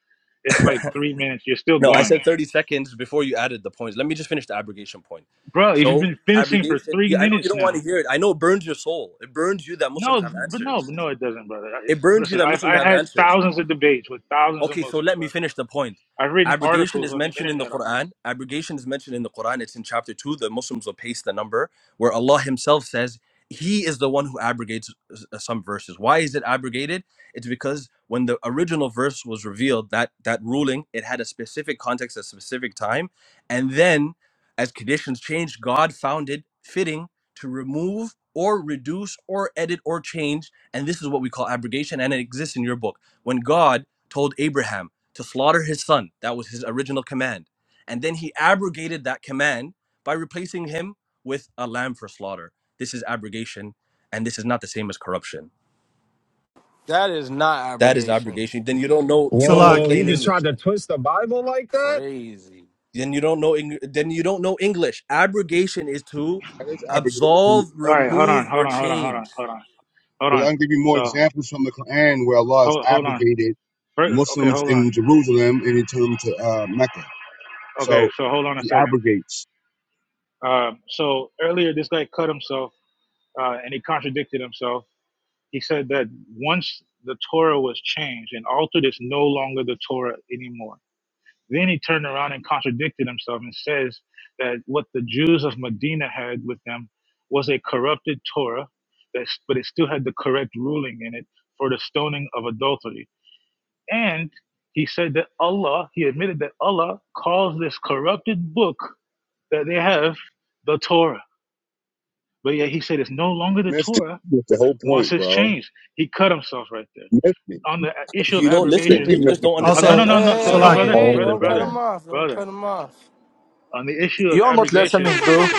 It's like three minutes. You're still
No, I
going,
said 30 seconds before you added the points. Let me just finish the abrogation point.
bro. You've
So,
been finishing for
abrogation,
three
yeah, I know you
minutes
don't want
now.
to hear it. I know it burns your soul. It burns you that
No,
Muslims have
but no,
answers.
but no, it doesn't, brother. I, it,
It burns you
listen,
that
I've
Muslims
I
have
had
answers.
thousands of debates with thousands of
Okay, so
Muslims,
let me
brother.
finish the point.
I've written
Abrogation
articles
is
on the
mentioned in the
internet on this.
Quran. Abrogation is mentioned in the Quran. It's in chapter 2. The Muslims will paste the number where Allah Himself says He is the one who abrogates uh, some verses. Why is it abrogated? It's because when the original verse was revealed, that, that ruling, it had a specific context, a specific time. And then as conditions changed, God found it fitting to remove or reduce or edit or change. And this is what we call abrogation. And it exists in your book. When God told Abraham to slaughter his son. That was his original command. And then he abrogated that command by replacing him with a lamb for slaughter. This is abrogation, and this is not the same as corruption.
that is not
That is
abrogation.
abrogation. Then you don't know you don't know
Whoa, you
plain
Salakia.
just tried
English
to
then.
twist the Bible like that?
Crazy.
Then you don't know Eng- then you don't know English. Abrogation is to
is application.
absolve,
All right, hold on,
remove,
hold
or
on, hold on, hold on,
change.
hold on, hold
Because I
on.
can give you more
So
examples from the Quran where Allah has
hold hold on.
abrogated
Fir- Okay,
Muslims
hold on.
in Jerusalem and he turned them to uh, Mecca.
Okay,
So
so hold on a
he
second.
abrogates.
Um, so earlier this guy cut himself uh, and he contradicted himself He said that once the Torah was changed and altered, it's no longer the Torah anymore. Then he turned around and contradicted himself and says that what the Jews of Medina had with them was a corrupted Torah, that, but it still had the correct ruling in it for the stoning of adultery. And he said that Allah, he admitted that Allah calls this corrupted book that they have the Torah. But yet he said it's no longer the
Missed it.
Torah
That's the whole
once
point,
it's
bro.
changed. He cut himself right there
Missed it.
on the issue of
You don't listen.
abrogation.
Completely
You
missed
just
it.
don't
Um, no, no,
Also,
understand.
Hey,
no,
hey,
That's the
no, Said
hey,
no,
problem.
hey!
brother,
Salakia.
hey, hey,
brother,
Hold
Don't cut
brother,
him
on.
off. Don't
brother.
cut him off.
On the issue of
You're not
abrogation,
listening bro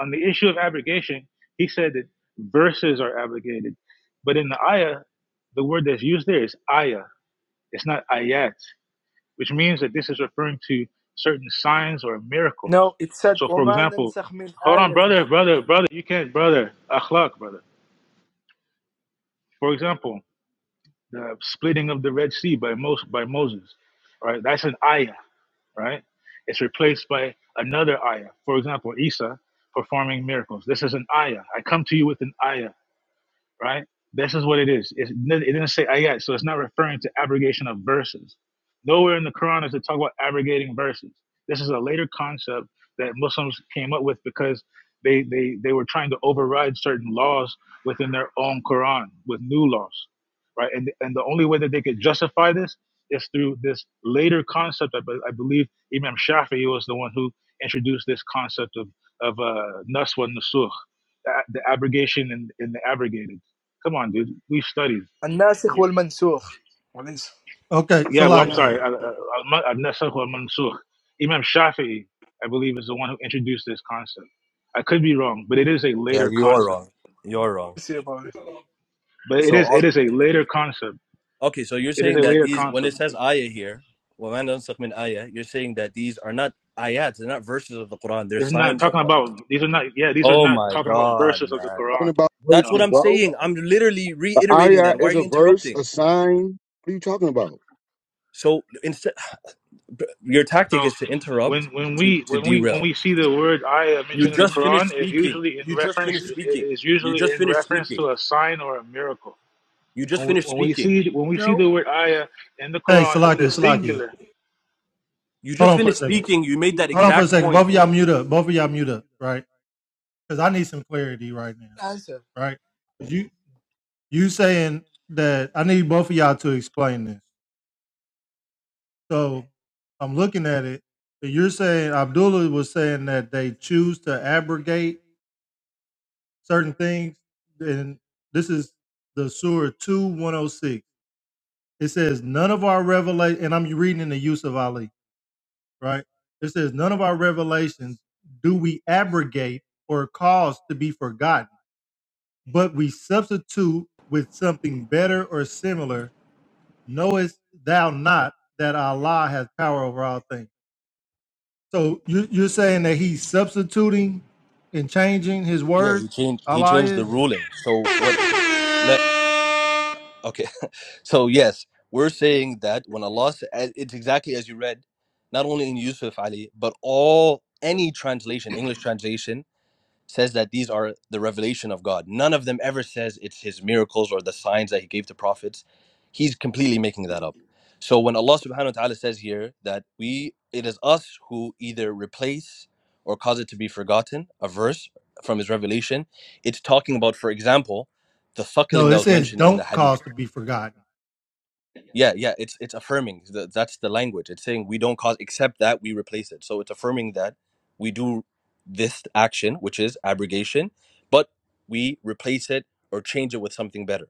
on the issue of abrogation, he said that verses are abrogated, but in the ayah, the word that's used there is ayah. It's not ayat, which means that this is referring to certain signs or miracles.
No it said
So, for
وما
example,
ننسخ من
hold on,
آية
brother, brother, brother, you can't, brother, akhlaq, brother. For example, the splitting of the Red Sea by Mos by Moses, right? That's an ayah right? It's replaced by another ayah. For example, Isa performing miracles. This is an ayah. I come to you with an ayah right? This is what it is. It's, it didn't say ayat, so it's not referring to abrogation of verses. Nowhere in the Quran is it talk about abrogating verses. This is a later concept that Muslims came up with because they, they, they were trying to override certain laws within their own Quran with new laws, right? And, and the only way that they could justify this is through this later concept. I, I believe Imam Shafi'i was the one who introduced this concept of, of uh, naswa nusukh, the the abrogation and, and the abrogated. Come on, dude. We've studied.
الناسخ والمنسوخ وليس
Okay,
Yeah, well, I'm sorry.
Salakia.
Al- Al- Al- Al-Nasakh or Mansukh. Imam Shafi'i, I believe, is the one who introduced this concept. I could be wrong, but it is a
Yeah,
later
you are
concept.
wrong. You're wrong.
see about it
But it
So
is
all,
it is a later concept.
Okay, so you're
It is a
saying that
later
these, when
concept.
it says ayah here, وَمَا نَنْسَخْ مِنْ آيَةٍ, you're saying that these are not ayats, they're not verses of the Quran, they're
This is not
signs of.
talking about these are not yeah these are
Oh
not
my
talking about
God,
verses of the
man.
Talking
Quran.
about
That's
No.
what
verses,
I'm
bro.
saying. I'm literally
The
reiterating
ayah
that. Why are
is a
you
verse, a
interrupting?
sign. What are you talking about?
So instead, your tactic
So
is to
when
interrupt,
when
to,
we
to
when we when
derail.
we see the word ayah
You
mentioned in the
just finished
Quran, is
speaking.
usually in
You just
reference
finished
it
speaking.
is
You
usually
just
in
finished
reference
speaking.
to a sign or a miracle
You just
when we,
finished
when we
speaking.
see when we see
No
the word ayah in the
Hey,
Quran in
Salakia,
the
Salakia.
singular.
You
Hold
just
on for a
finished
second.
speaking. You made that
Hold on for a
exact
second. Both
point.
of y'all mute up. Both of y'all mute up, right? Because I need some clarity right now.
answer
right? 'Cause You you saying that I need both of y'all to explain this. So I'm looking at it. and You're saying Abdullah was saying that they choose to abrogate certain things, and this is the Surah two one oh six. It says none of our revelation, and I'm reading in the use of Ali, right? It says none of our revelations do we abrogate or cause to be forgotten, but we substitute with something better or similar knowest thou not that Allah has power over all things? So you, you're saying that he's substituting and changing his
Yeah,
words?
he changed. He
Allah
changed the
is? Yes.
ruling. So what? Let okay. So yes, we're saying that when Allah, sa- as- it's exactly as you read, not only in Yusuf Ali, but all any translation, English translation says that these are the revelation of God. None of them ever says it's His miracles or the signs that He gave to prophets. He's completely making that up. So when Allah Subhanahu wa Taala says here that we, it is us who either replace or cause it to be forgotten a verse from His revelation. It's talking about, for example, the
No,
suckling that
it
was
says
mentioned in the
don't
Hadith
cause to be forgotten.
yeah, yeah, it's it's affirming. Th- That's the language. It's saying we don't cause except that we replace it. So it's affirming that we do this action, which is abrogation, but we replace it or change it with something better.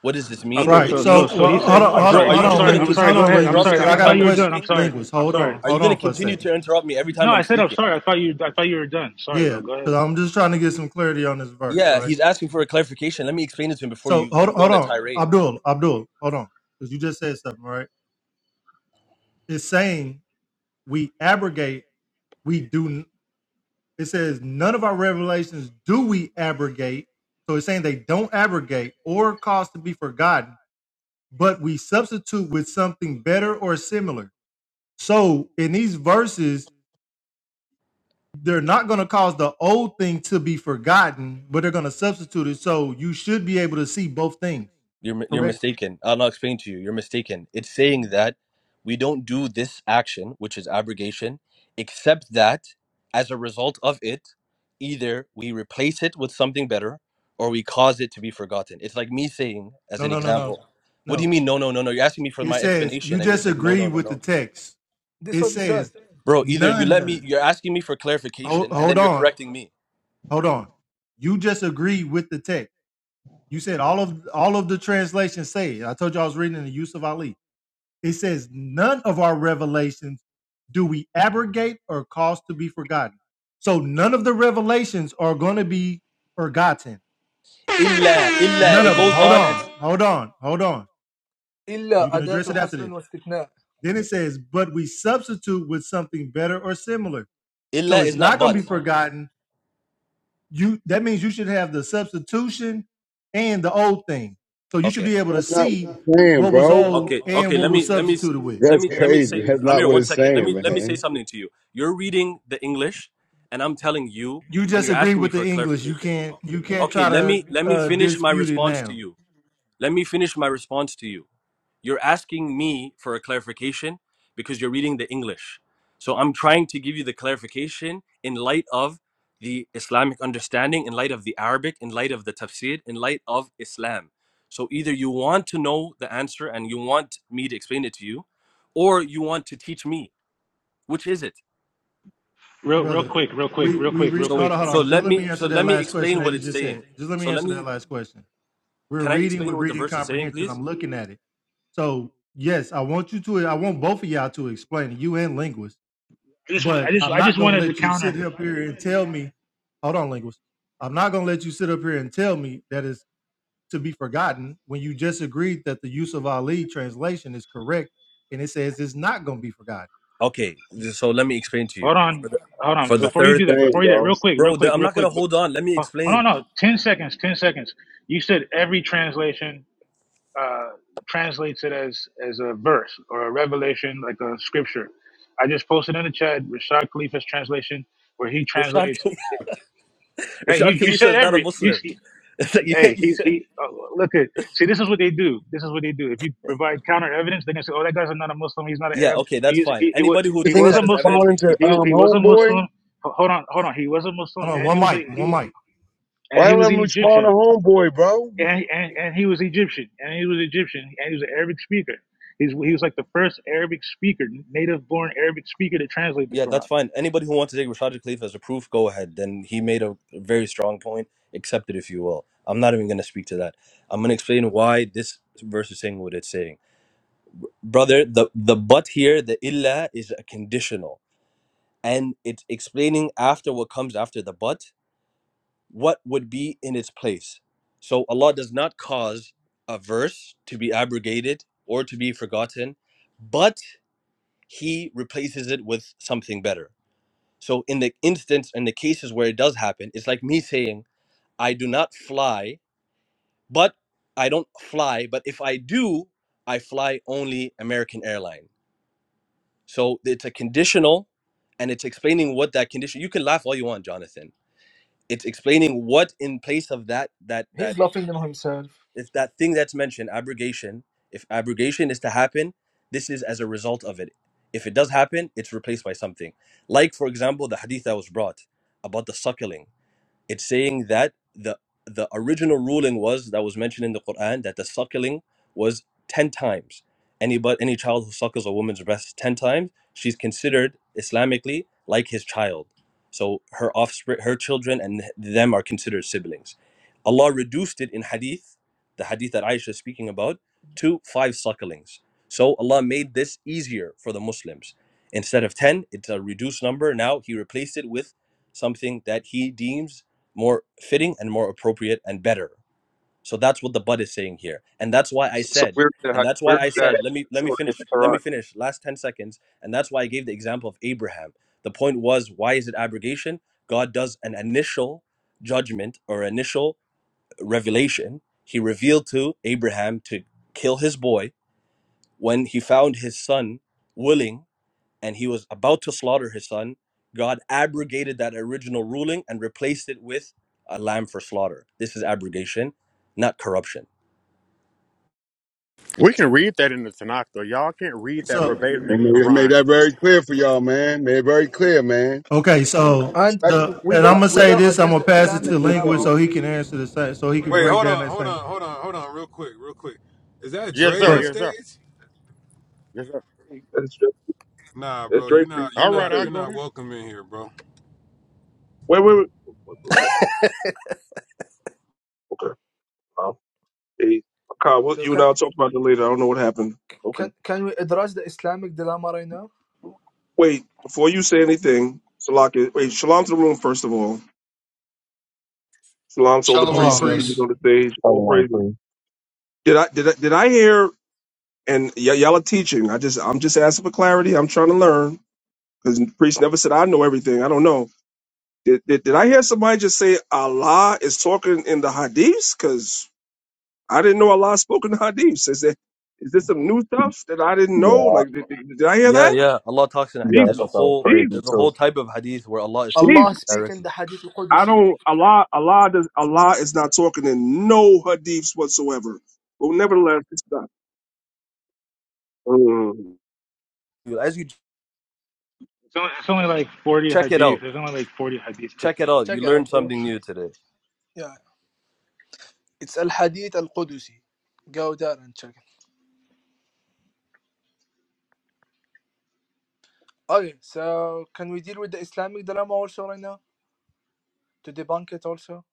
What does this mean?
Okay,
Right.
It
so so
So
means,
so
well,
he
hold
said,
on,
Uh,
I'm
hold
bro,
on,
sorry,
are
hold
you
I'm
just
on,
sorry,
gonna
I'm
linguist.
sorry.
Hold
continue
Go
on,
to
ahead, I'm
interrupt
linguist,
me
sorry.
because I
I,
every
I
got a
thought
time
you
I'm
were
question.
done. I'm
speaking?
sorry,
Linguist,
I'm
hold
sorry.
on,
Are
hold
you
on
gonna
for a
continue
second.
to interrupt me every
No,
time
I
I'm
said I'm
speaking?
sorry. I thought you I thought you were done. Sorry,
Yeah,
bro. Go
because
ahead.
I'm just trying to get some clarity on this verse,
Yeah,
right?
he's asking for a clarification. Let me explain it to him before
So
you
hold
go
hold
on a
on,
tirade.
Abdul, Abdul, hold on, because you just said something, right? It's saying we abrogate, we do. It says, none of our revelations do we abrogate. So it's saying they don't abrogate or cause to be forgotten, but we substitute with something better or similar. So in these verses, they're not going to cause the old thing to be forgotten, but they're going to substitute it. So you should be able to see both things,
You're you're
correct?
mistaken. I'll not explain to you. You're mistaken. It's saying that we don't do this action, which is abrogation, except that as a result of it, either we replace it with something better or we cause it to be forgotten. It's like me saying, as
No,
an
no, no, no.
example, what do
No.
you mean? No, no, no, no. You're asking me for
It
my
says, you
explanation and you're
just
saying, no,
agree
no, no,
with the
no.
text.
This
It
what he said
says,
Bro, either you let me,
none.
you're asking me for
Hold,
clarification and
hold
then you're
on.
correcting me.
Hold on. You just agree with the text. You said all of all of the translations say. it. I told you I was reading in the use of Ali. It says none of our revelations do we abrogate or cause to be forgotten. So none of the revelations are going to be forgotten.
Illa, illa,
None
it
of them.
goes
Hold
on and
on. Hold on. Hold on. You
إلا
can address
أداة
it after this.
حصر واستثناء
Then it says, but we substitute with something better or similar. So
illa
it's
is not
not going to
but.
be forgotten you that means you should have the substitution and the old thing. So you should
Okay.
be able to
That's not what
see
it's saying,
what was
bro.
old
Okay,
and
okay.
what
Let
was
me let me s-
substituted with.
let
That's
me let me
crazy.
say
That's not
Amir,
what
one
it's
second. Let
saying,
me let me say
man.
something to you. You're reading the English, and I'm telling you,
You
and
just
you're
agree
asking me
with the
for
English. You
clarification.
can't you can't
Okay,
try
let
to
me let me
uh,
finish my
dispute it
response to
now,
you. Let me finish my response to you. You're asking me for a clarification because you're reading the English. So I'm trying to give you the clarification in light of the Islamic understanding, in light of the Arabic, in light of the tafsir, in light of Islam. So either you want to know the answer and you want me to explain it to you, or you want to teach me. Which is it?
Real real
brother.
quick, real quick,
We
real
we
quick, real
read.
So
Hold
quick.
on, hold
so
on. Just
let
let
me
me
so
answer that
let me
last question
explain
that
what
he
it's
just
saying.
said. Just let me
So let
answer
me
that last question. We're
can I
reading
explain
with
what the
reading
verse is saying,
comprehension.
please?
I'm looking at it. So yes, I want you to. I want both of y'all to explain it. You and linguist
I just I
But
just
I'm
I
not
just
gonna
wanted to
let you
counter.
sit up here and tell me, hold on, linguist. I'm not gonna let you sit up here and tell me that is to be forgotten when you just agreed that the use of Ali translation is correct and it says it's not gonna be forgotten.
Okay, so let me explain to you.
Hold on,
For the,
hold on.
for
That's
the
not
Before
what
you
third
it's
do that, before
saying,
you do that,
bro.
real quick, real
Bro, the,
quick,
I'm
real
not gonna
quick. But,
hold on. Let me
oh, hold on.
explain.
no, ten seconds, ten seconds. You said every translation. uh, translates it as as a verse or a revelation, like a scripture. I just posted in the chat Rashad Khalifa's translation, where he
Rashad
translates. Hey,
Rashad
you, you
Khalisa
said
is not a
every. You,
Muslim.
see-
It's like you
hey,
can't use
he's
it.
he. Uh, look at see. This is what they do. This is what they do. If you provide counter evidence, they're gonna say, "Oh, that guy's not a Muslim. He's not an
Yeah,
Arab.
okay, that's
He's
fine.
he he was
Anybody who
he
Isn't
takes
was a
that
this
as
Muslim.
evidence
responding
can
to
keep
He
it.
um
he was a Muslim.
homeboy?
Ho- Hold on, hold on. He was a Muslim,
Hold on,
and
one
he was a
mic,
he
one
wa-
mic.
Why
and he
don't
was an
I
Egyptian
respond to homeboy, bro?
and, and and he was Egyptian, and he was Egyptian, and he was an Arabic speaker. He's, he was like the first Arabic speaker, native-born Arabic speaker to translate the
Yeah, that's
Quran.
fine. Anybody who wants to take Rashad Khalifa as a proof, go ahead. Then he made a very strong point. Accept it if you will. I'm not even gonna speak to that. I'm gonna explain why this verse is saying what it's saying. Brother, the the but here, the illa is a conditional. And it's explaining after what comes after the but. what would be in its place. So Allah does not cause a verse to be abrogated or to be forgotten, but He replaces it with something better. So in the instance, in the cases where it does happen, it's like me saying, I do not fly, but I don't fly, but if I do, I fly only American airline. So it's a conditional and it's explaining what that condition you can laugh all you want, Jonathan. It's explaining what in place of that that
He's
that
laughing on himself
if that thing that's mentioned, abrogation, if abrogation is to happen, this is as a result of it. If it does happen, it's replaced by something. Like, for example, the hadith that was brought about the suckling. It's saying that the the original ruling was that was mentioned in the Quran that the suckling was ten times. Any but any child who suckles a woman's breast ten times, she's considered Islamically like his child. So her offspring, her children, and them are considered siblings. Allah reduced it in Hadith, the Hadith that Aisha is speaking about, to five sucklings. So Allah made this easier for the Muslims. Instead of ten, it's a reduced number. Now He replaced it with something that He deems more fitting and more appropriate and better. So that's what the bud is saying here. And that's why I
So
said,
where's
and
that?
that's why
Where's
I
that?
said, let me let me
So,
finish, let me finish last 10 seconds. And that's why I gave the example of Abraham. The point was, why is it abrogation? God does an initial judgment or initial revelation. He revealed to Abraham to kill his boy when he found his son willing and he was about to slaughter his son, God abrogated that original ruling and replaced it with a lamb for slaughter. This is abrogation, not corruption.
We can read that in the Tanakh, though. Y'all can't read that
So
verbatim
They
in the
made, they made
Quran.
that very clear for y'all, man. Made it very clear, man.
okay, so
And
Respect it.
the
we
and I'm
got
gonna
we
say
got
Something.
to
this, I'm
address
gonna
the
Can
pass it
I
to
Islamic
the
mention
dilemma
linguist
something?
so he
also
can answer the same so he can
Wait,
break
hold on,
down that
hold
same.
on, hold on, hold on, real quick, real quick. Is that
Yes,
oh,
Dre
sir.
Go
on
ahead.
Yes, sir.
stage?
Yes, sir.
That's
Nah,
That's
bro,
Dre
you're not
Priest.
you're
All
That's
right,
not
I'll
you're
him.
go
not
there.
welcome in here, bro.
Wait, wait, wait. wait, wait, wait, wait. Okay. Um, hey, Kyle,
So
what, you and
can,
I'll talk about that later. I don't know what happened. Okay.
can can we address the Islamic dilemma right now?
Wait, before you say anything, Salaki, wait, shalom to the room, first of all. Shalom to all the
Hold
Shalom,
priests
on,
and teachers
Elder.
priest.
on the stage. All
Hold
praises.
on,
Did I, did I, did I hear, and y- y'all are teaching. I just, I'm just asking for clarity. I'm trying to learn because priest never said I know everything. I don't know. Did, did, did I hear somebody just say Allah is talking in the hadiths? Cause I didn't know Allah spoke in the Hadith. Is that is this some new
please.
stuff that I didn't know?
Yeah,
Like, did, did- did I hear
Yeah,
that?
yeah. Allah talks in the
yeah.
hadith.
I
Jesus,
There's a
thought that was
whole
crazy
Jesus,
there's a
too.
whole type of hadith where Allah is
Jesus.
Allah
speaking
speak in the
directly.
Hadith
I
al-Qudusi.
don't. Allah, Allah, does, Allah is not talking in no Hadiths whatsoever. But nevertheless, it's not. Mm.
As you
It's only, it's only like 40
check it
hadith.
out,
There's only like 40 hadith.
check it
quickly.
out.
Check
You
it out,
learned
bro.
something new today.
Yeah, it's al-Hadith al-Qudusi. Go there and check it. Okay, so can we deal with the Islamic dilemma also right now? To debunk it also?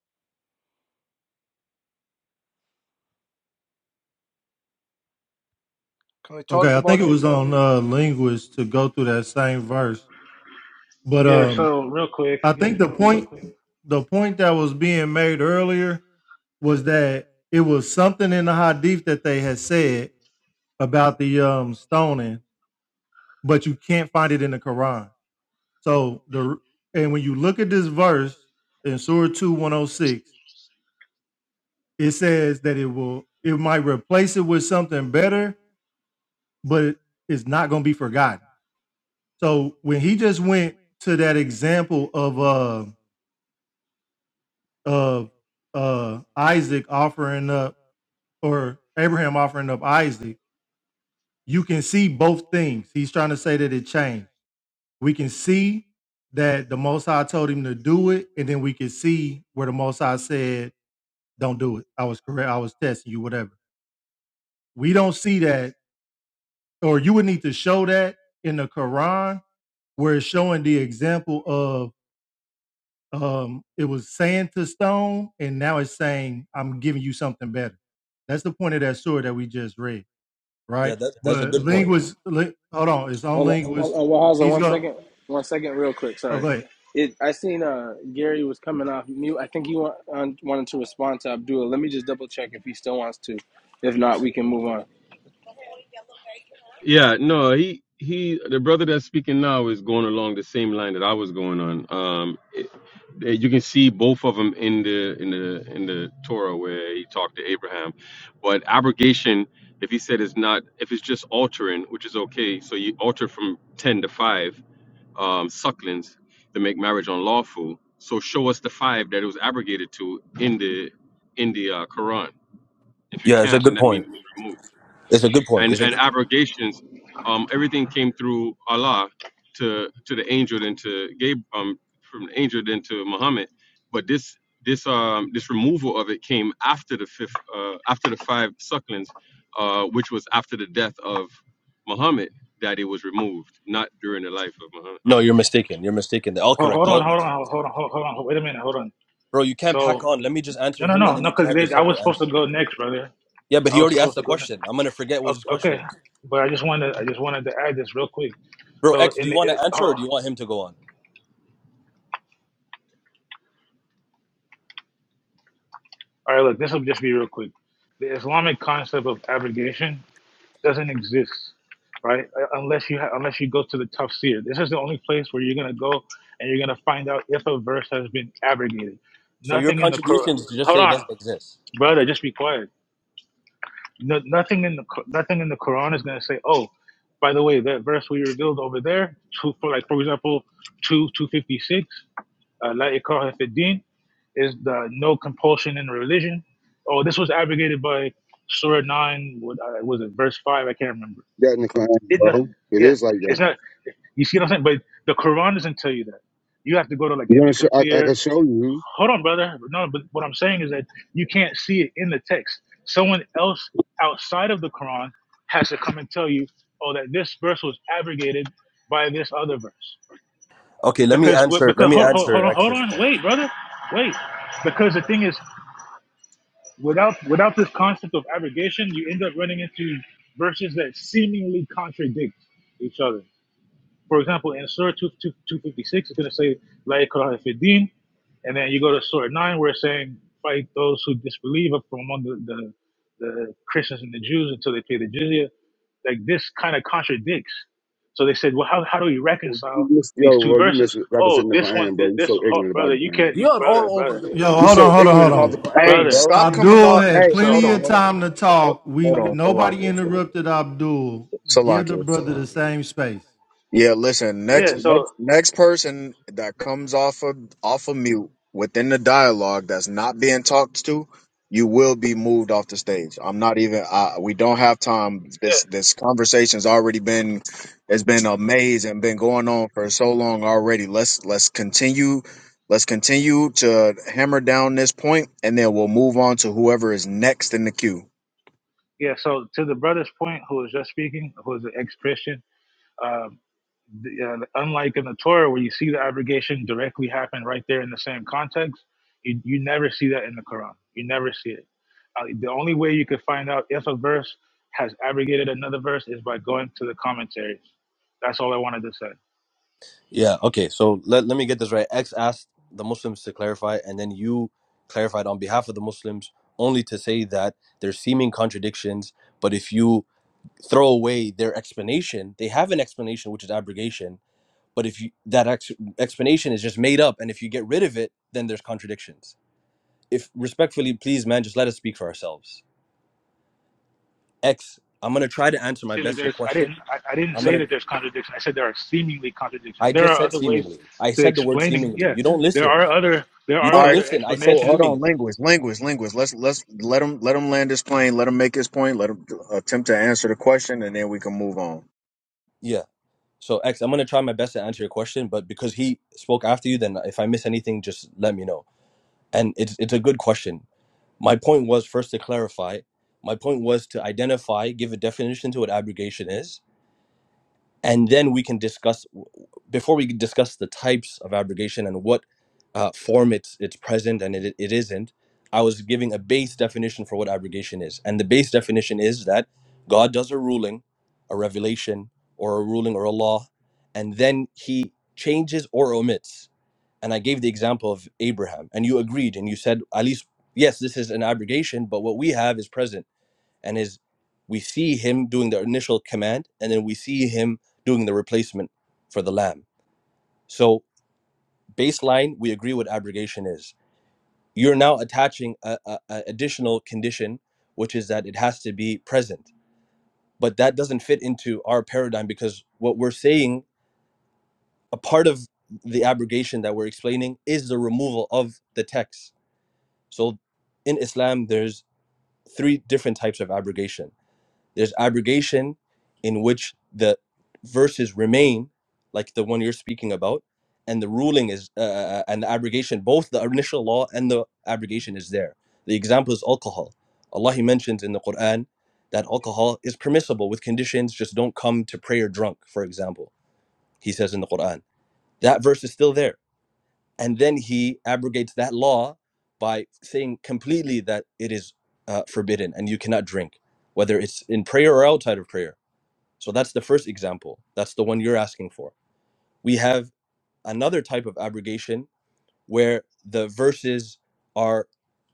Can we talk
Okay, I think it
about it?
was on uh linguist to go through that same verse. But
Yeah.
um
So real quick,
I think the point the point that was being made earlier was that it was something in the hadith that they had said about the um stoning, but you can't find it in the Quran. So the and when you look at this verse in Surah 2 106, it says that it will it might replace it with something better, but it- it's not gonna be forgotten. So when he just went to that example of uh of uh Isaac offering up or Abraham offering up Isaac, you can see both things. He's trying to say that it changed. We can see that the Most High told him to do it, and then we can see where the Most High said, "Don't do it." I was correct. I was testing you. Whatever. We don't see that, or you would need to show that in the Quran, where it's showing the example of um, it was sand to stone, and now it's saying, "I'm giving you something better." That's the point of that surah that we just read
Yeah,
right?
that, that's a
But
good point.
linguist, li- hold on, it's on
Hold on, hold
linguist.
on, well,
He's
one
going.
second, one second, real quick.
Oh,
Sorry,
go ahead.
it. I seen uh Gary was coming off mute. I think he wa- um, wanted to respond to Abdullah. Let me just double check if he still wants to. If not, we can move on.
Yeah, no, he he the brother that's speaking now is going along the same line that I was going on. Um it, eh, you can see both of them in the in the in the Torah where he talked to Abraham. But abrogation, if he said it's not if it's just altering, which is okay, so you alter from 10 to 5 um sucklings to make marriage unlawful. So show us the 5 that it was abrogated to in the in the uh, Quran. If you
Yeah, it's a
can't, then
good
that means
point.
it was removed
It's a good point.
and
It's a
and
good point.
abrogations, um, everything came through Allah to to the angel then to Gabriel um from the angel then to Muhammad, but this this um this removal of it came after the fifth uh, after the five sucklings, uh, which was after the death of Muhammad that it was removed, not during the life of Muhammad.
No, you're mistaken. You're mistaken. They're all correct.
hold on,
All
hold on, hold on, hold on, hold on. Wait a minute, hold on.
bro, you can't pack
So
on. Let me just answer
no, no,
him
no,
and then
no,
you can
because
have your
I was
separate
supposed to
answer.
go next, brother.
Yeah, but
I
he
was
already asked
supposed
the
to go next.
question. I'm gonna forget what his question
Okay,
was.
but I just wanted, I just wanted to add this real quick.
Bro,
So
X, do
in
you
the,
want
it,
to answer or
oh,
do you want him to go on?
all right, look, this will just be real quick. The Islamic concept of abrogation doesn't exist, right? Uh, Unless you ha- unless you go to the tough seer. This is the only place where you're gonna go and you're gonna find out if a verse has been abrogated.
So your
Nothing in the Quran.
contribution is to just
Hold
say it
on,
doesn't exist.
brother. Just be quiet. No, nothing in the Qu- nothing in the Quran is gonna say, oh, by the way, that verse we revealed over there, two, for like for example, two two fifty six, uh, la ikraha fi din is the no compulsion in religion. Oh, this was abrogated by Surah nine. What uh, was it? Verse five. I can't remember
that in the Quran,
it, no,
bro. It
yeah,
is like
it's
that.
not. You see what I'm saying? But the Quran doesn't tell you that. You have to go to like
You
Ibn
want to show? I, I
Kathir.
can show you.
Hold on, brother. No, but what I'm saying is that you can't see it in the text. Someone else outside of the Quran has to come and tell you, oh, that this verse was abrogated by this other verse.
Okay, let me
Because what?
answer. Let
Because
me
hold, hold, hold
answer
on, hold
X's
on,
point.
wait, brother, wait. Because the thing is, without without this concept of abrogation, you end up running into verses that seemingly contradict each other. For example, in Surah 256, it's going to say, La ikraha fi din," And then you go to Surah 9, where it's saying, fight those who disbelieve up from among the, the, the Christians and the Jews until they pay the jizya. Like this kind of contradicts. So they said, well, how, how do we
Oh,
reconcile
you miss,
these
yo,
two
bro, you
verses? Oh,
misrepresenting the
this one,
Quran, bro.
this,
You
this
so
oh,
ignorant about
brother,
the
you
Quran.
can't,
You
you,
are
brother,
all over
brother,
the
Yo,
You
place,
hold
so
on,
bro.
hold
ignorant
on, hold
about the
on.
Hey,
Quran,
brother.
bro.
stop coming
Abdul
on. Hey,
had
So,
hold
plenty
on,
of
hold on,
time to
hold
talk. We
hold on.
nobody
Salakius,
interrupted Abdul. Give the
Salakius.
brother the same space.
Yeah, listen. Next,
yeah,
next,
so,
next person that comes off of off of mute within the dialogue that's not being talked to, you will be moved off the stage. I'm not even. I, we don't have time. This
yeah,
this conversation's already been. It's been a maze and been going on for so long already. Let's let's continue. Let's continue to hammer down this point, and then we'll move on to whoever is next in the queue.
yeah, so to the brother's point, who was just speaking, who is an ex Christian, The, uh, unlike in the Torah, where you see the abrogation directly happen right there in the same context, you, you never see that in the Quran. You never see it. Uh, the only way you could find out if a verse has abrogated another verse is by going to the commentaries. That's all I wanted to say.
Yeah, okay. So let, let me get this right. X asked the Muslims to clarify, and then you clarified on behalf of the Muslims only to say that there's seeming contradictions, but if you throw away their explanation, they have an explanation which is abrogation, but if you that ex- explanation is just made up and if you get rid of it, then there's contradictions. If respectfully, please man, just let us speak for ourselves. X, I'm gonna try to answer my
See that
best your
there's, I didn't,
question.
I, I didn't
I'm
say
gonna.
that there's contradiction. I said there are seemingly contradictions.
I
There
just
are
said
other ways
seemingly. I
to
said the word
explaining.
seemingly.
Yeah,
You don't
there
listen.
are other, there
You
are
All
don't
right,
other
listen. I said
cool.
explanations.
Hold on,
seemingly.
linguist, linguist, linguist. Let's let's let him let him land his plane. Let him make his point. Let him attempt to answer the question, and then we can move on.
Yeah. So X, I'm gonna try my best to answer your question, but because he spoke after you, then if I miss anything, just let me know. And it's it's a good question. My point was first to clarify. My point was to identify, give a definition to what abrogation is, and then we can discuss before we discuss the types of abrogation and what uh, form it's it's present and it, it isn't i was giving a base definition for what abrogation is and the base definition is that god does a ruling a revelation or a ruling or a law and then he changes or omits and i gave the example of abraham and you agreed and you said at least yes this is an abrogation but what we have is present and his we see him doing the initial command and then we see him doing the replacement for the lamb so baseline we agree what abrogation is you're now attaching a, a, a additional condition which is that it has to be present but that doesn't fit into our paradigm because what we're saying a part of the abrogation that we're explaining is the removal of the text so in islam there's three different types of abrogation There's abrogation in which the verses remain, like the one you're speaking about, and the ruling is uh, uh, uh, and the abrogation, both the initial law and the abrogation is there. The example is alcohol. Allah He mentions in the Quran that alcohol is permissible with conditions, just don't come to prayer drunk, for example. He says in the Quran. That verse is still there. And then he abrogates that law by saying completely that it is uh, forbidden and you cannot drink, whether it's in prayer or outside of prayer so that's the first example. That's the one you're asking for. We have another type of abrogation where the verses are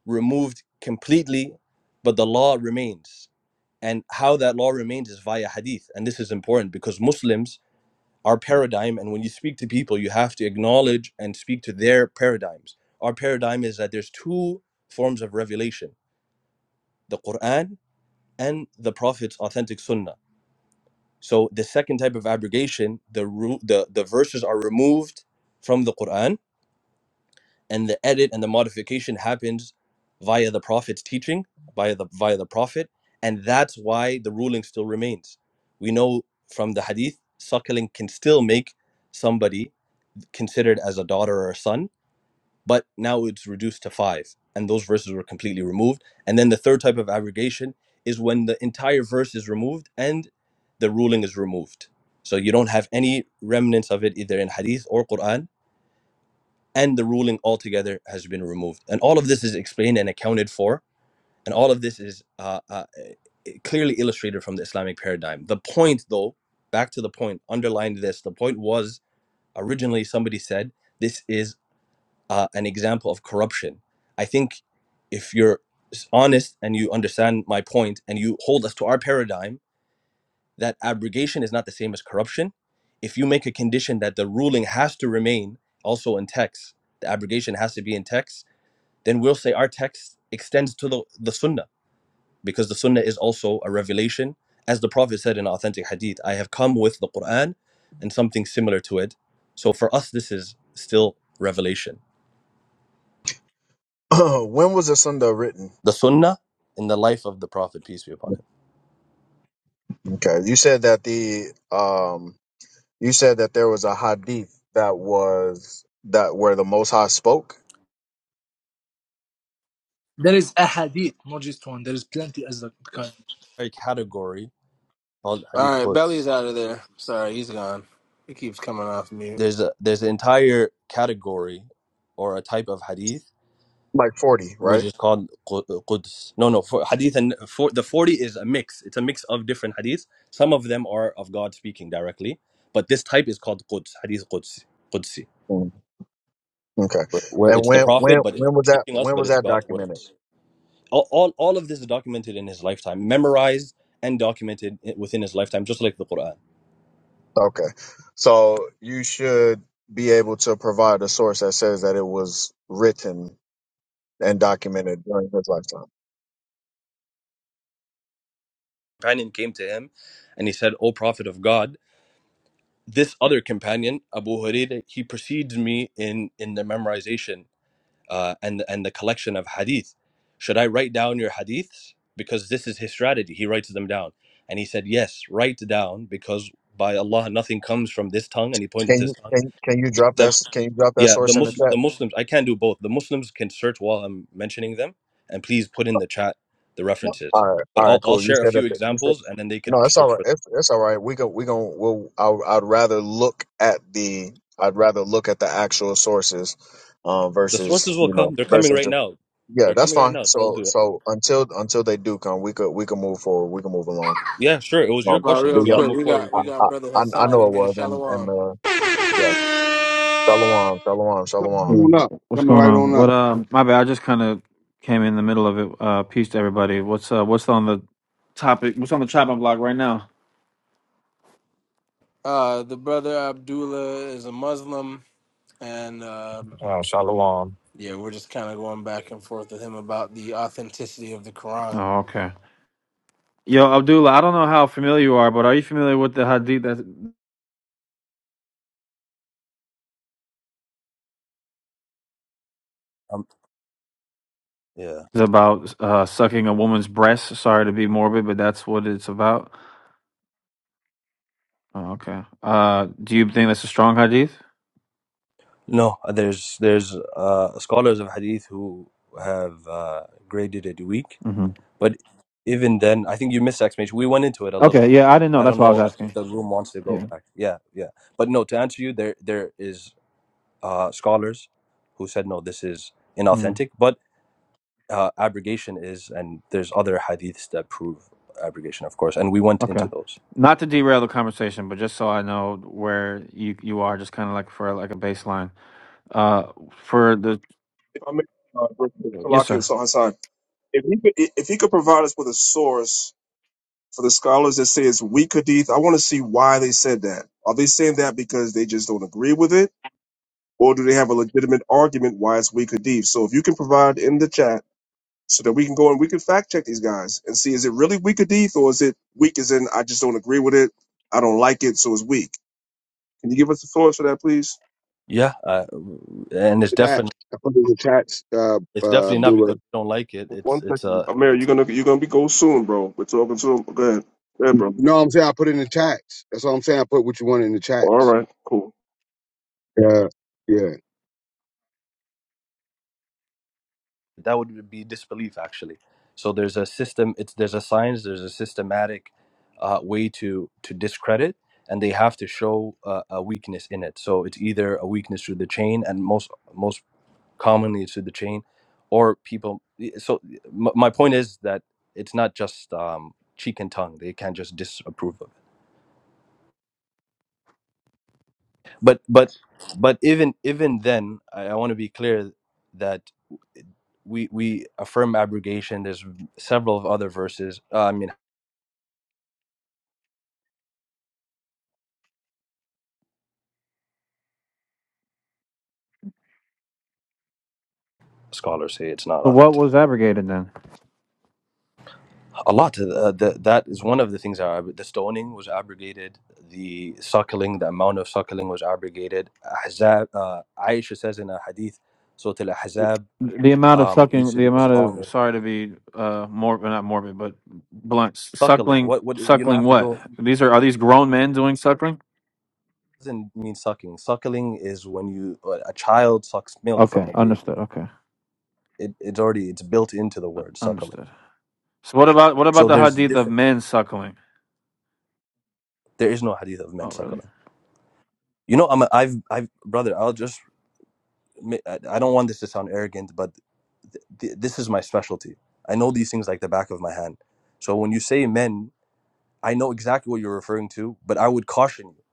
removed completely, but the law remains. And how that law remains is via hadith. And this is important because Muslims, our paradigm, and when you speak to people, you have to acknowledge and speak to their paradigms. Our paradigm is that there's two forms of revelation the Quran and the Prophet's authentic sunnah So the second type of abrogation, the ru- the the verses are removed from the Quran, and the edit and the modification happens via the Prophet's teaching, via the via the Prophet, and that's why the ruling still remains. We know from the Hadith, suckling can still make somebody considered as a daughter or a son, but now it's reduced to five and those verses were completely removed and then the third type of abrogation is when the entire verse is removed and the ruling is removed so you don't have any remnants of it either in hadith or quran and the ruling altogether has been removed and all of this is explained and accounted for and all of this is uh, uh, eh, clearly illustrated from the islamic paradigm the point though back to the point underlined this the point was originally somebody said this is uh, an example of corruption. I think if you're honest and you understand my point and you hold us to our paradigm that abrogation is not the same as corruption, if you make a condition that the ruling has to remain also in text, the abrogation has to be in text, then we'll say our text extends to the, the sunnah because the sunnah is also a revelation. As the Prophet said in authentic hadith, I have come with the Quran and something similar to it. So for us, this is still revelation.
when was the Sunda written?
the Sunnah in the life of the Prophet, peace be upon him.
Okay, you said that the um, you said that there was a hadith that was that where the Most High spoke,
There is a Hadith, not just one. There is plenty as the kind.
Entire category called
All
Hadith
right, Belly's
Quds.
out of there. Sorry, he's gone. He keeps coming off mute.
There's a there's an entire category or a type of Hadith
like forty,
which
right?
is called Quds. No, no, for Hadith and for the forty is a mix. It's a mix of different Hadiths. Some of them are of God speaking directly, but this type is called Quds, Hadith Quds, Qudsi,
Mm. Okay,
where, where
and
it's the
when when
Prophet, but it's
when was that?
teaching us,
When
but
was
it's
that
God's
documented?
words. all, all, all of this is documented in his lifetime, memorized and documented within his lifetime, just like the Quran.
Okay, so you should be able to provide a source that says that it was written and documented during his lifetime.
Companion came to him and he said, O Prophet of God, this other companion, Abu Hurairah, he precedes me in, in the memorization uh, and, and the collection of hadith. Should I write down your hadiths? Because this is his strategy. He writes them down. And he said, Yes, write down, because by Allah, nothing comes from this tongue. And he pointed to
Can
his
you
tongue.
can can you drop that s- can you drop that
Yeah, the
source in the
Muslim,
chat?
the Muslims. I can do both. The Muslims can search while I'm mentioning them, and please put in the chat the
No.
references.
All right,
But
all
I'll
right,
I'll
cool. You
share a
said
few
that the, you said
examples, and then they could
no. It's all
search
right.
for
It's, it's all right. We go we going we'll. I, would- I'd rather look at the I'd rather look at the actual sources, um,
the
versus
sources. Will
you know
come. They're coming
versus
right
just
now.
yeah.
They're
That's
coming right
fine.
now. They'll
So
do it.
so until until they do come, we could we can move forward. We can move along.
Yeah, sure. It was your
Um,
But
question.
the
If
real
you want to
quick,
yeah,
move
we
forward, we
got
I,
can
we
move
I
got
forward.
brother
I I
Hassan
know it
in here,
was and and
Shalom.
uh yeah. Shalom, shalom,
Coming
shalom.
Yeah.
right on up.
What's
Coming
going
right
on?
on
What
up.
uh my bad, I just kinda came in the middle of it. Uh peace to everybody. What's uh what's on the topic what's on the chopping block right now?
Uh, the brother Abdullah is a Muslim, and um
Oh, shalom.
yeah, we're just kind of going back and forth with him about the authenticity of the Quran.
Oh, okay. Yo, Abdullah, I don't know how familiar you are, but are you familiar with the hadith that's
Um. Yeah.
about uh sucking a woman's breast? Sorry to be morbid, but that's what it's about. Oh, okay. Uh do you think that's a strong hadith?
No, there's there's uh scholars of hadith who have uh graded it weak
hmm
But even then, I think you missed explanation. We went into it a little
Okay,
bit.
yeah, I didn't know.
I
That's
don't
why I was
know if
asking.
the room wants to go
Yeah.
back. Yeah, yeah. But no, to answer you, there there is uh, scholars who said no, this is inauthentic. But uh, abrogation is, and there's other hadiths that prove abrogation, of course. And we went
Okay.
into those.
Not to derail the conversation, but just so I know where you you are, just kind of like for like a baseline. Uh, for the
If I may, uh,
yes,
Salaki and
sir.
Sal- Hassan, if he could, if he could provide us with a source for the scholars that say it's weak Hadith, I want to see why they said that. Are they saying that because they just don't agree with it? or do they have a legitimate argument why it's weak or deep? So if you can provide in the chat so that we can go and we can fact check these guys and see is it really weak or deep or is it weak as in I just don't agree with it, I don't like it, so it's weak. Can you give us the source for that, please?
Yeah, uh, and it's
Chat.
definitely
I put in the chats, uh,
it's
uh,
definitely not because
Abdullah.
we don't like it. It's
One
it's
second,
a
Amir,
it's
you're gonna you're gonna be go soon, bro. We're talking to him. Go ahead, go ahead, bro.
No, I'm saying I put it in the chats. That's all I'm saying. I put what you want in the
All
chats.
right, cool.
Yeah, yeah.
that would be disbelief actually so there's a system it's there's a science there's a systematic uh, way to to discredit and they have to show uh, a weakness in it so it's either a weakness through the chain and most most commonly it's through the chain or people so m- my point is that it's not just um, cheek and tongue they can't just disapprove of it but but but even even then i, I want to be clear that we we affirm abrogation there's several of other verses. Uh, I mean, scholars say it's not
So what
authentic.
was abrogated then?
A lot. Uh, the, that is one of the things. That are, the stoning was abrogated. The suckling, the amount of suckling was abrogated. Ahzab, uh, Aisha says in a hadith, Surah al Ahzab
The amount of
um, used
sucking,
to
the
be as
amount
long
of
as
sorry to be uh morbid, not morbid, but blunt.
suckling.
Suckling,
What? What? You don't
suckling.
have to
What?
go.
These are are these grown men doing suckling?
Doesn't mean sucking. Suckling is when you uh, a child sucks milk from
Okay,
a baby.
understood. Okay,
It, it's already it's built into the word suckling.
understood. So what about what about
So
the
there's
hadith of
different.
men suckling?
There is no hadith of men
Oh,
suckling.
really?
You know, I'm a, I've I've brother. I'll just mi- I I don't want this to sound arrogant, but th- th- this is my specialty. I know these things like the back of my hand. So when you say men, I know exactly what you're referring to, but I would caution you.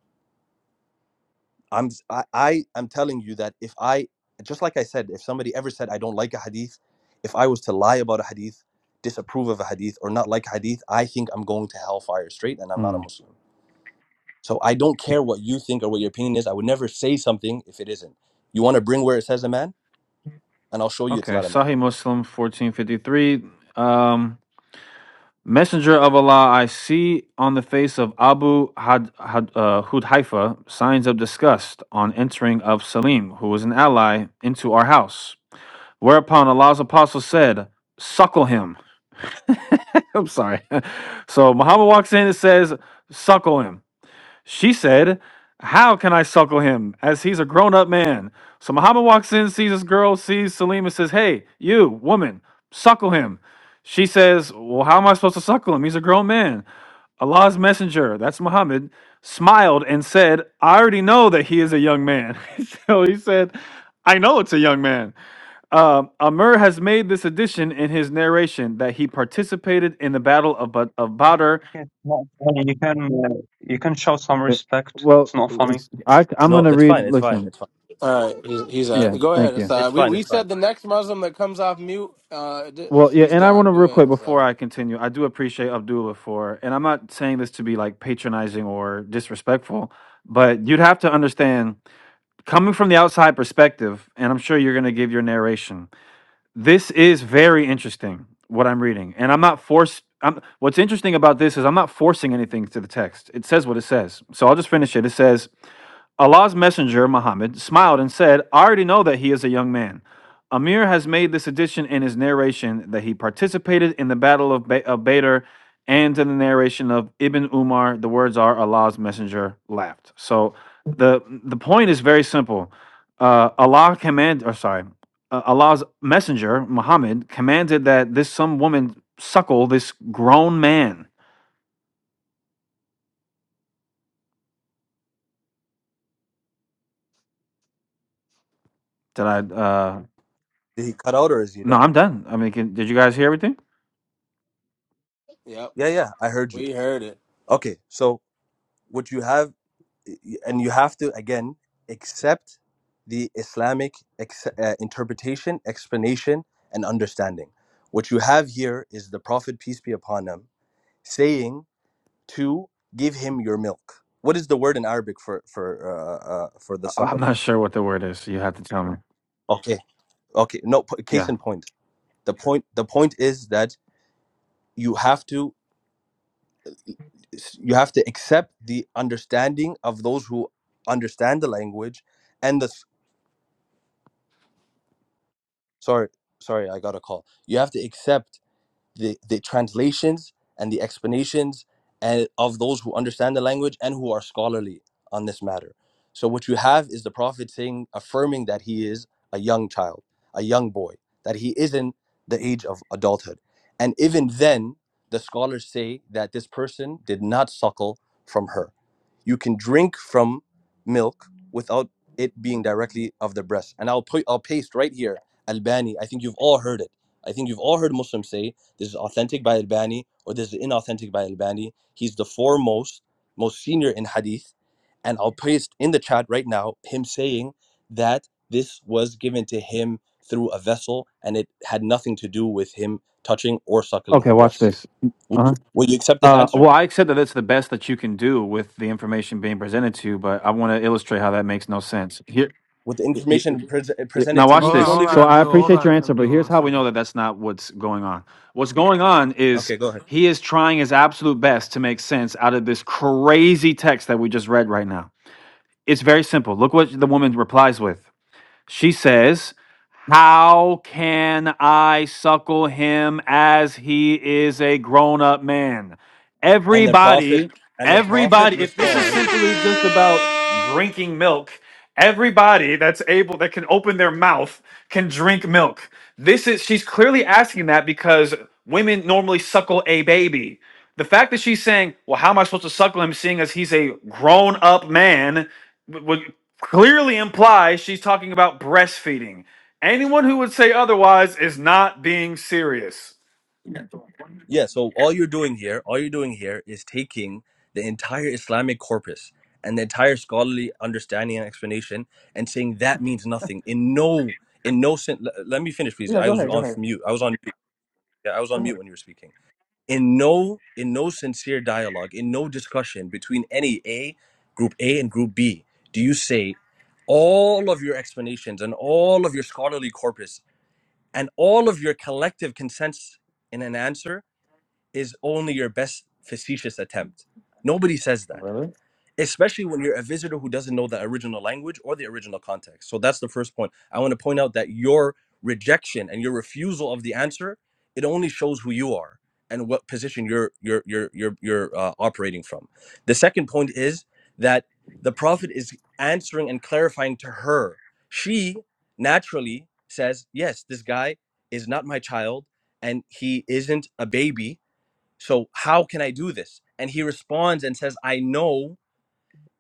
I'm s- I, I am telling you that if I just like I said, if somebody ever said I don't like a hadith, if I was to lie about a hadith, disapprove of a hadith, or not like a hadith, I think I'm going to hellfire straight, and I'm not a Muslim. So I don't care what you think or what your opinion is. I would never say something if it isn't. You want to bring where it says a man, and I'll show you it's
Okay,
not a man.
Sahih Muslim 1453. Um, Messenger of Allah, I see on the face of Abu Had, Had, uh, Hudhaifa signs of disgust on entering of Salim, who was an ally, into our house. Whereupon Allah's apostle said, Suckle him. I'm sorry. so Muhammad walks in and says, Suckle him. She said, How can I suckle him as he's a grown up man? So Muhammad walks in, sees this girl, sees Salim, and says, Hey, you, woman, suckle him. She says, Well, how am I supposed to suckle him? He's a grown man. Allah's messenger, that's Muhammad, smiled and said, I already know that he is a young man. so he said, I know it's a young man. Um, Amr has made this addition in his narration that he participated in the Battle of, Ba- of Badr
It's not funny. You can uh, you can show some
Uh,
respect. It's
Well,
not funny.
it's, I, I'm
No,
going to
it's fine.
read.
It's fine.
Listen,
It's fine.
All right, he's, he's uh,
yeah,
go ahead,
thank you.
It's
Hassan. We
fine.
we
It's fine.
said the next Muslim that comes off mute, uh, d-
Well, yeah,
he's
and I want
gone.
to
Go
real
ahead,
quick before
Hassan.
I continue. I do appreciate Abdullah for, and I'm not saying this to be like patronizing or disrespectful, but you'd have to understand coming from the outside perspective, and I'm sure you're going to give your narration. This is very interesting what I'm reading, and I'm not forced. I'm, what's interesting about this is I'm not forcing anything to the text. It says what it says. So I'll just finish it. It says, Allah's messenger, Muhammad, smiled and said, I already know that he is a young man. Amir has made this addition in his narration that he participated in the Battle of, ba- of Badr and in the narration of Ibn Umar. The words are Allah's messenger laughed. So the, the point is very simple. Uh, Allah command, or sorry, uh, Allah's messenger, Muhammad, commanded that this some woman suckle this grown man. Did I, uh,
Did he cut out or is he
no,
done?
I'm done. I mean, can, did you guys hear everything?
Yep,
Yeah, yeah, I heard you.
we heard it.
Okay, so what you have, and you have to again accept the Islamic ex- uh, interpretation, explanation, and understanding. What you have here is the Prophet, peace be upon him, saying to give him your milk. What is the word in Arabic for for uh, uh, for the
I- I'm
suckling?
not sure what the word is. You have to tell me.
Okay. okay no p- case
Yeah.
in point the point the point is that you have to you have to accept the understanding of those who understand the language and the s- sorry sorry i got a call you have to accept the, the translations and the explanations and of those who understand the language and who are scholarly on this matter. So what you have is the Prophet saying, affirming that he is a young child, a young boy, that he isn't the age of adulthood. And even then, the scholars say that this person did not suckle from her. You can drink from milk without it being directly of the breast. And I'll put I'll paste right here, Albani. I think you've all heard it. I think you've all heard Muslims say this is authentic by Al-Bani or this is inauthentic by Al-Bani. He's the foremost, most senior in hadith. And I'll paste in the chat right now him saying that this was given to him through a vessel and it had nothing to do with him touching or suckling
Okay,
her
watch
breasts.
this. Uh-huh.
Will you accept this
Uh,
answer?
well, I accept that it's the best that you can do with the information being presented to you, but I want to illustrate how that makes no sense. Here,
With the information pres
Yeah,
presented
Now
to me,
watch
Hold
you
on,
this.
don't
hold on,
even.
So I
Abdul. Hold
appreciate your
on,
answer, but
Abdul.
here's
One
how we know
second.
that that's not what's going on. What's going on is
Okay, go ahead.
he is trying his absolute best to make sense out of this crazy text that we just read right now. It's very simple. Look what the woman replies with. She says, How can I suckle him as he is a grown up man?
And the prophet
Everybody,
and the prophet
everybody, if this is
responds
simply just about drinking milk, everybody that's able, that can open their mouth, can drink milk. This is, she's clearly asking that because women normally suckle a baby. The fact that she's saying, Well, how am I supposed to suckle him seeing as he's a grown up man? wh- what clearly implies she's talking about breastfeeding. Anyone who would say otherwise is not being serious.
Yeah, so all you're doing here, all you're doing here is taking the entire Islamic corpus and the entire scholarly understanding and explanation and saying that means nothing. In no in no sense let, me finish please.
Yeah,
I
go
was
ahead, go
on
ahead,
mute. I was on mute. Yeah, I was
go
on mute
ahead.
when you were speaking. In no in no sincere dialogue, in no discussion between any A, group A and group B, do you say all of your explanations and all of your scholarly corpus and all of your collective consents in an answer is only your best facetious attempt. Nobody says that,
Really?
especially when you're a visitor who doesn't know the original language or the original context. So that's the first point. I want to point out that your rejection and your refusal of the answer it only shows who you are and what position you're you're you're you're, you're uh, operating from. The second point is that the prophet is answering and clarifying to her. She naturally says, "Yes, this guy is not my child and he isn't a baby so how can I do this? And he responds and says, I know,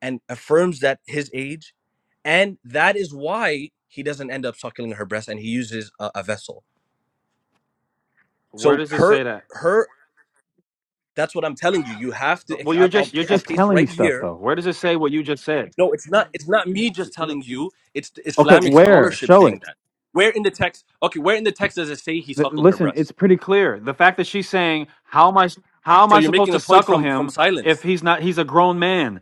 and affirms that his age. And that is why he doesn't end up suckling her breast and he uses a, a vessel.
Where
So
does it
her,
say that?
her, that's what I'm telling you. You have to,
Well, you're
I- I'll,
just
i
you're
I'll
just
paste
telling me
right
stuff
here.
though. Where does it say what you just said?
No, it's not, it's not me just
No-
telling you. It's the
Okay,
Islamic
where?
scholarship
Show
saying
it.
that. Where in the text, okay, where in the text does it say he
Th-
suckled her
listen, it's
breast?
pretty clear. The fact that she's saying, "How am I? How am
So
I
you're
supposed
making a
to
point
suckle
from, from
him if
silence.
he's not? He's a grown man.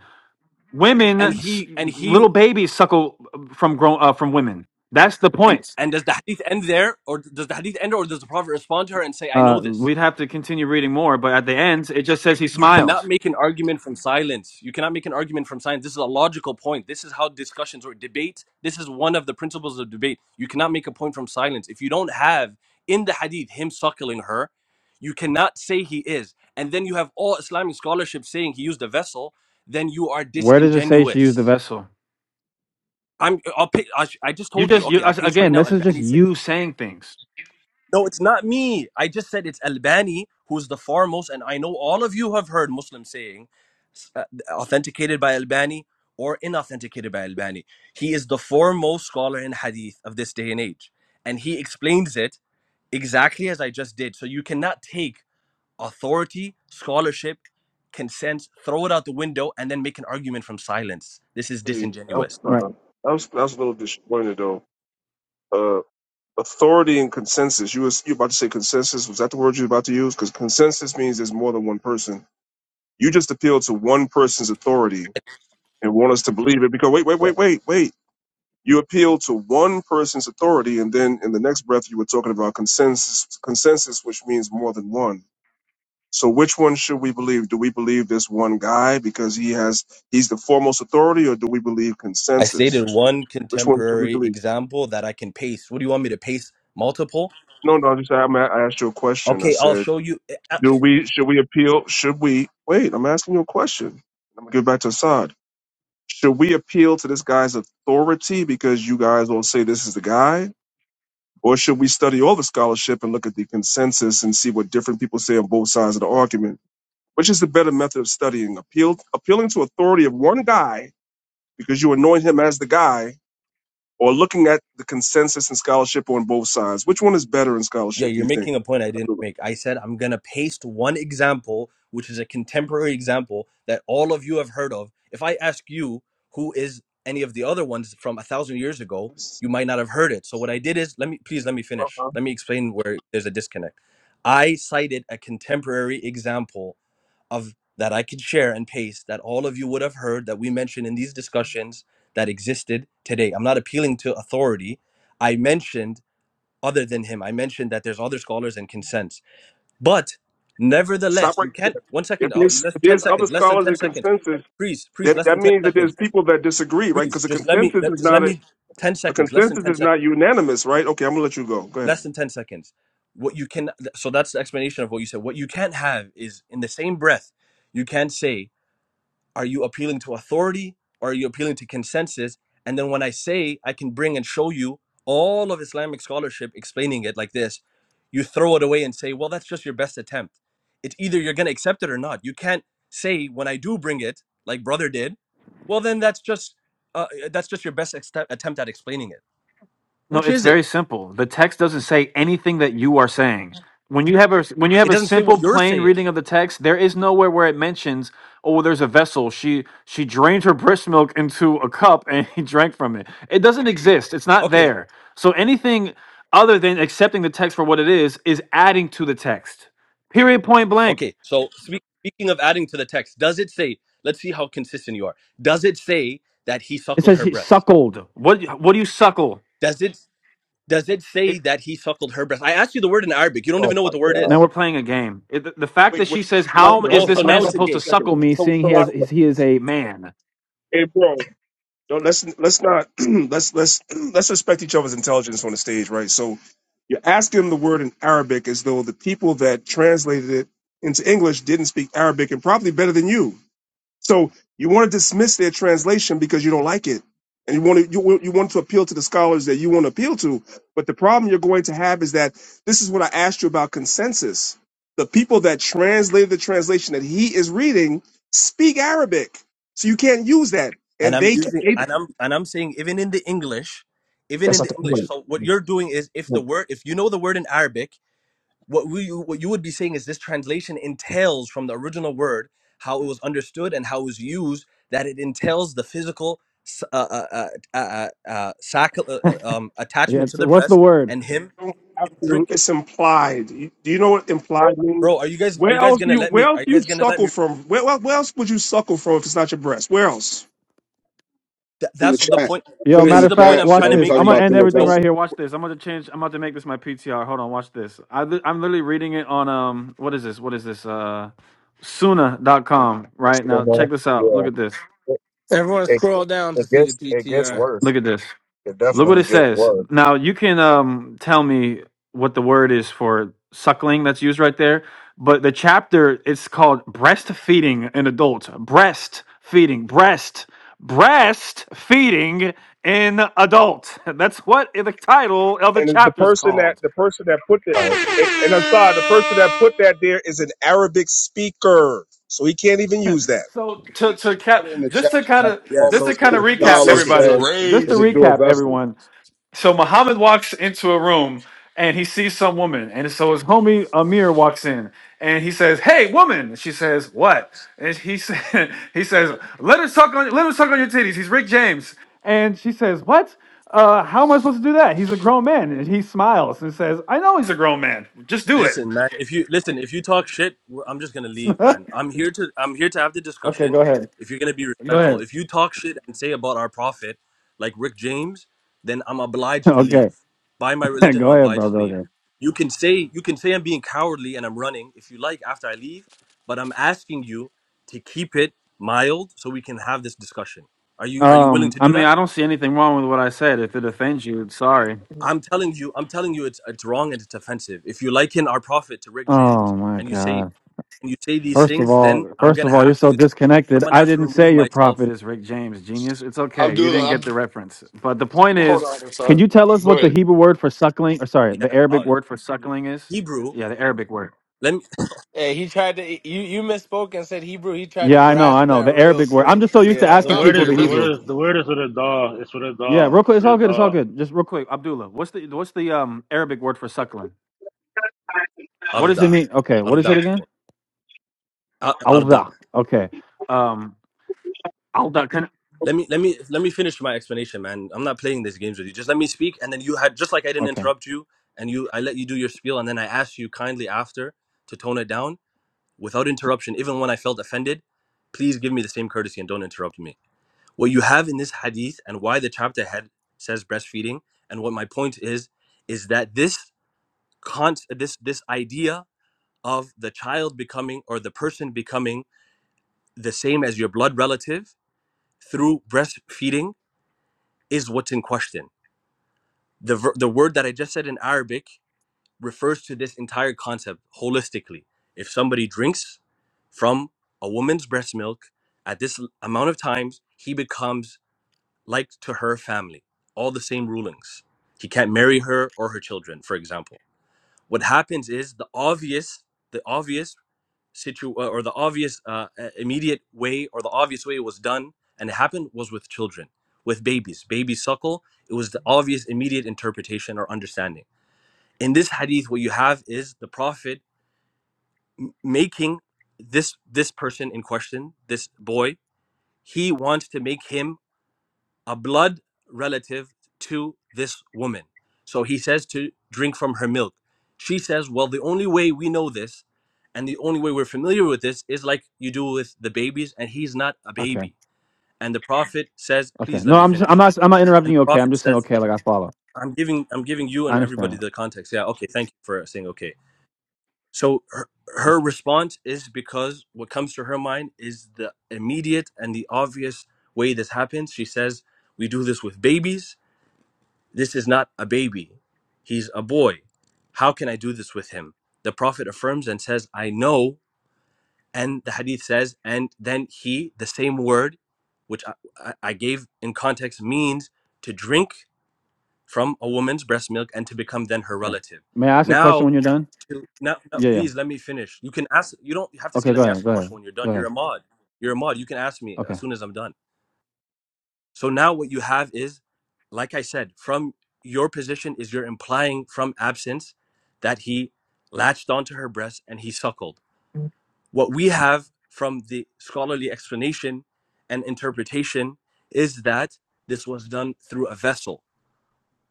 Women,
And
s-
he, and he
little babies suckle uh, from grown uh, from women. That's the
And
point.
and does the hadith end there, or does the hadith end, or does the prophet respond to her and say, "I
Uh,
know this."
we'd have to continue reading more, but at the end, it just says he
You cannot
smiled.
make an argument from silence. You cannot make an argument from silence. This is a logical point. This is how discussions or debate. This is one of the principles of debate. You cannot make a point from silence. If you don't have in the hadith him suckling her, you cannot say he is. And then you have all Islamic scholarship saying he used a vessel. Then you are
Where does it say she used the
disingenuous.
vessel?
I'm. I'll. Pay, I, sh- I just
You
told you.
just you
Okay, I'll
as-
pace right
again.
now.
This is just
Albani said.
you saying things.
No, it's not me. I just said it's Albani who's the foremost, and I know all of you have heard Muslims saying uh, authenticated by Albani or inauthenticated by Albani. He is the foremost scholar in hadith of this day and age, and he explains it exactly as I just did. So you cannot take authority, scholarship, consent, throw it out the window, and then make an argument from silence. This is
Hey, that was,
disingenuous.
right?
uh, that was that was a little disappointed though. Uh, authority and consensus. You was you about to say consensus? Was that the word you were about to use? Because consensus means there's more than one person You just appeal to one person's authority and want us to believe it because wait, wait,
Yeah.
wait, wait, wait. You appeal to one person's authority, and then in the next breath, you were talking about consensus, consensus, which means more than one. So, which one should we believe? Do we believe this one guy because he has he's the foremost authority, or do we believe
I
consensus?
stated one
Which one should we
contemporary
believe?
example that I can paste. What do you want me to paste? Multiple?
No, no. I Just I'm, I asked you a question. I
Okay, I'll
said,
show you. eh, uh,
do we should we appeal? Should we wait? I'm asking you a question. I'm gonna give it back to Assad Should we appeal to this guy's authority because you guys all say this is the guy? Or should we study all the scholarship and look at the consensus and see what different people say on both sides of the argument? Which is the better method of studying? Appeal, appealing to authority of one guy because you anoint him as the guy, or looking at the consensus and scholarship on both sides? Which one is better in
Yeah,
scholarship, do
you're
you think?
making a point I didn't
Abdullah?
make. I said I'm going to paste one example, which is a contemporary example that all of you have heard of. If I ask you who is any of the other ones from a thousand years ago, you might not have heard it. So what I did is, let me please let me finish.
Uh-huh.
Let me explain where there's a disconnect. I cited a contemporary example of that I could share and paste that all of you would have heard that we mentioned in these discussions that existed today. I'm not appealing to authority. I mentioned other than him. I mentioned that there's other scholars and consents. But nevertheless,
Stop right
you can't.
there.
One second,
If
uh,
there's,
less,
if
10
there's other
seconds, less than
scholars
10
and
seconds.
consensus,
Please, please,
that,
less
that
than 10
means that there's
seconds.
people that disagree, right?
Please,
Because the
just let me,
consensus
let,
is
just
not
let
a,
me, 10
A
seconds, less than
consensus
10
is
seconds,
not unanimous, right? Okay, I'm gonna let you go. Go ahead.
less than 10 seconds. What you can, so that's the explanation of what you said. What you can't have is in the same breath, you can't say Are you appealing to authority or are you appealing to consensus? And then when I say I can bring and show you all of Islamic scholarship explaining it like this, you throw it away and say, well, that's just your best attempt. It's either you're going to accept it or not. You can't say when I do bring it, like brother did, well, then that's just uh, uh, that's just your best ex- attempt at explaining it.
No,
Which
it's
is it?
very simple. The text doesn't say anything that you are saying. When you have a when you
It
have a
doesn't say
simple
what you're
plain
saying.
reading of the text, there is nowhere where it mentions, "Oh, there's a vessel. She she drained her breast milk into a cup and he drank from it." It doesn't exist. It's not
Okay,
there. So anything other than accepting the text for what it is is adding to the text. Period. Point blank.
okay. So spe- speaking of adding to the text, does it say? Let's see how consistent you are. Does it say that he
It
suckled
says
her
he
breast?
suckled. What what do you suckle?
Does it does it say that he suckled her breast? I asked you the word in Arabic. You don't
Oh
even know
my
what the word
God.
Now
is.
we're playing a game. It, the, the fact that
Wait, wait.
she says, "How
Salakia,
Oh,
is
hold on.
so
this
I
man
now it's
thought-
a
supposed to
game.
second.
suckle me?"
So
Seeing he has
so
Salakia.
what?
he is a man.
Hey, bro. Don't, let's let's not let's let's let's respect each other's intelligence on the stage, right? So you're asking the word in Arabic as though the people that translated it into English didn't speak Arabic and probably better than you. So you want to dismiss their translation because you don't like it, and you want to you, want- you want to appeal to the scholars that you want to appeal to. But the problem you're going to have is that this is what I asked you about consensus. The people that translated the translation that he is reading speak Arabic, so you can't use that,
And
and
I'm
they
using
they
and I'm and I'm saying even in the English, even
That's
in
not
the
the
English.
point.
So what you're doing is if the
You
word if you know the word in Arabic, what we what you would be saying is this translation entails from the original word how it was understood and how it was used that it entails the physical s- uh, uh, uh, uh, uh, uh, sac- uh, uh, um,
Yeah,
attachment to
it's,
the
what's the
breast
word?
and him,
don't have
him drink.
to. It's implied. You- Do you know what implied means?
bro are you guys are
Where
you guys
else do
gonna
you
let
where
me are
else
you
do you
guys gonna let
suckle
me
from? Where, where where else would you suckle from if it's not your breast? Where else?
Th-
In the
that's
chat.
the point
I
Yo,
put it in
this
matter
is
the
of
the point
fact,
i'm
chats.
watch
trying
I
to
was
this.
make
talking
I'm
to
gonna
you
about
end
through
everything right
so
Here,
Augustus.
watch this. I'm going to change. I'm about to make this my PTR. Hold on, watch this. I, li- I'm literally reading it on um. What is this? What is this? Uh, Suna.com.
It's
Right
still
now, check this out.
yeah,
Look at this.
it,
Everyone,
it
scroll down to
it
see the
gets it gets
PTR.
worse.
Look at this.
It
Look what
definitely
it
gets
says.
worse.
Now you can um, tell me what the word is for suckling that's used right there, but the chapter it's called breastfeeding in adults. Breastfeeding, breast, breastfeeding in adult. That's what the title of the
and the
chapter is
person that
called.
the person that put the
Like
and and I'm sorry, the person that put that there is an Arabic speaker, so he can't even use that.
So to to ca-
put it in the
just
chat.
to kind
Like
of
yeah
all the
just to
so
kind of
other
This
recap
scholar
is
okay so
everybody,
said
just to
it was
crazy.
through a
recap
vessel.
everyone. so Muhammad walks into a room and he sees some woman, and so his homie Amir walks in and he says, "Hey, woman!" And she says, "What?" And he said, "He says, let her suck on, let him suck on your titties." He's Rick James, and she says, "What? Uh, how am I supposed to do that? He's a grown man." And he smiles and says, "I know he's a grown man. Just do it."
Listen, man. If you listen, if you talk shit, we're, I'm just gonna leave, man. I'm here to I'm here to have the
Okay,
discussion.
go ahead.
If you're gonna be respectful, if you talk shit and say about our prophet, like Rick James, then I'm obliged to
okay,
leave. By my religion, I'm
go ahead, bro.
obliged to
Go
leave.
ahead.
You can say you can say I'm being cowardly and I'm running if you like after I leave, but I'm asking you to keep it mild so we can have this discussion. Are you are you willing
Um,
to
I
do
mean,
that?
I don't see anything wrong with what I said. If it offends you, sorry.
I'm telling you, I'm telling you, it's it's wrong and it's offensive. If you liken our prophet to Rick James
Oh my
and you say
god.
and you say these
First of
things, then
all,
I'm
first
gonna
of all, you're
have to
so disconnected.
I'm gonna
I
have to
didn't
remove
say your
myself.
prophet is Rick James, genius. It's okay. You didn't
Abdullah,
get
Ab-
the reference. But the point
hold
is,
on, I'm
can
sorry.
you tell us
Go
what the
ahead.
Hebrew word for suckling, or sorry, the
Yeah, uh,
Arabic word for suckling is?
Hebrew.
Yeah, the Arabic word.
Let me
Hey, he tried to you you misspoke and said Hebrew. He tried to
Yeah, I know,
grasp
I know.
that
The
real
Arabic word. I'm
quick.
just so used to
Yeah,
The
asking
About
that's
it
word
people
is,
here,
the
the
really.
Hebrew.
crazy.
word is, the word is with a It's with
Yeah, real quick. It's all good. It's all
a
good. Just real quick, Abdullah. What's the what's the um Arabic word for suckling? What does it
arda,
mean? Okay, what is
arda,
it again?
arda.
Alda. Okay. Um, alda. Can,
Let me let me let me finish my explanation, man. I'm not playing these games with you. Just let me speak, and then you had just like I didn't
okay.
interrupt you, and you I let you do your spiel, and then I asked you kindly after to tone it down without interruption, even when I felt offended. Please give me the same courtesy and don't interrupt me. What you have in this hadith and why the chapter head says breastfeeding, and what my point is, is that this Kant, this this idea of the child becoming or the person becoming the same as your blood relative through breastfeeding is what's in question. The ver- the word that I just said in Arabic refers to this entire concept holistically. If somebody drinks from a woman's breast milk at this l- amount of times, he becomes like to her family. All the same rulings. He can't marry her or her children, for example. What happens is the obvious the obvious situ uh, or the obvious uh, uh, immediate way or the obvious way it was done and it happened was with children with babies Babies suckle it was the obvious immediate interpretation or understanding in this hadith what you have is the prophet making this this person in question this boy he wants to make him a blood relative to this woman. So he says to drink from her milk. She says, Well, the only way we know this and the only way we're familiar with this is like you do with the babies, and he's not a
Okay.
baby. And the Prophet says,
Okay.
Please let
No,
me
I'm just I'm
finish.
not I'm not
And
interrupting
the
you. Okay, I'm
Prophet
just saying
says,
okay. Like I follow.
I'm giving I'm giving you
I
and everybody
understand.
the context. Yeah, okay, thank you for saying okay. So her, her response is because what comes to her mind is the immediate and the obvious way this happens. She says, We do this with babies this is not a baby. He's a boy. How can I do this with him? The Prophet affirms and says, I know. And the hadith says, and then he, the same word, which I, I I gave in context, means to drink from a woman's breast milk and to become then her
Okay.
relative.
May I ask a question
Now,
when you're done?
to, now, now,
Yeah, yeah.
please let me finish. You can ask, you don't have to say,
Okay,
let
go
me ask
ahead.
a
Go ahead.
question when you're done.
Go
You're
ahead.
a mod. You're a mod. You can ask me as
Okay.
soon as I'm done. So now what you have is, like I said, from your position is you're implying from absence that he latched onto her breast and he suckled. What we have from the scholarly explanation and interpretation is that this was done through a vessel.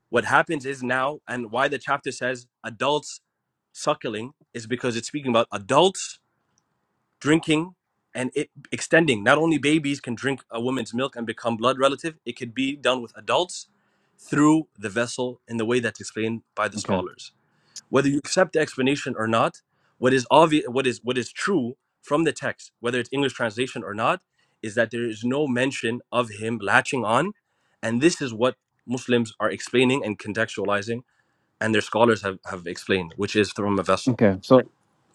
What happens is now, and why the chapter says adults suckling is because it's speaking about adults drinking and it extending. Not only babies can drink a woman's milk and become blood relative, it could be done with adults through the vessel in the way that's explained by the
Okay.
scholars. Whether you accept the explanation or not, what is obvious, what is what is true from the text, whether it's English translation or not, is that there is no mention of him latching on, and this is what Muslims are explaining and contextualizing, and their scholars have, have explained, which is from a vessel.
Okay. So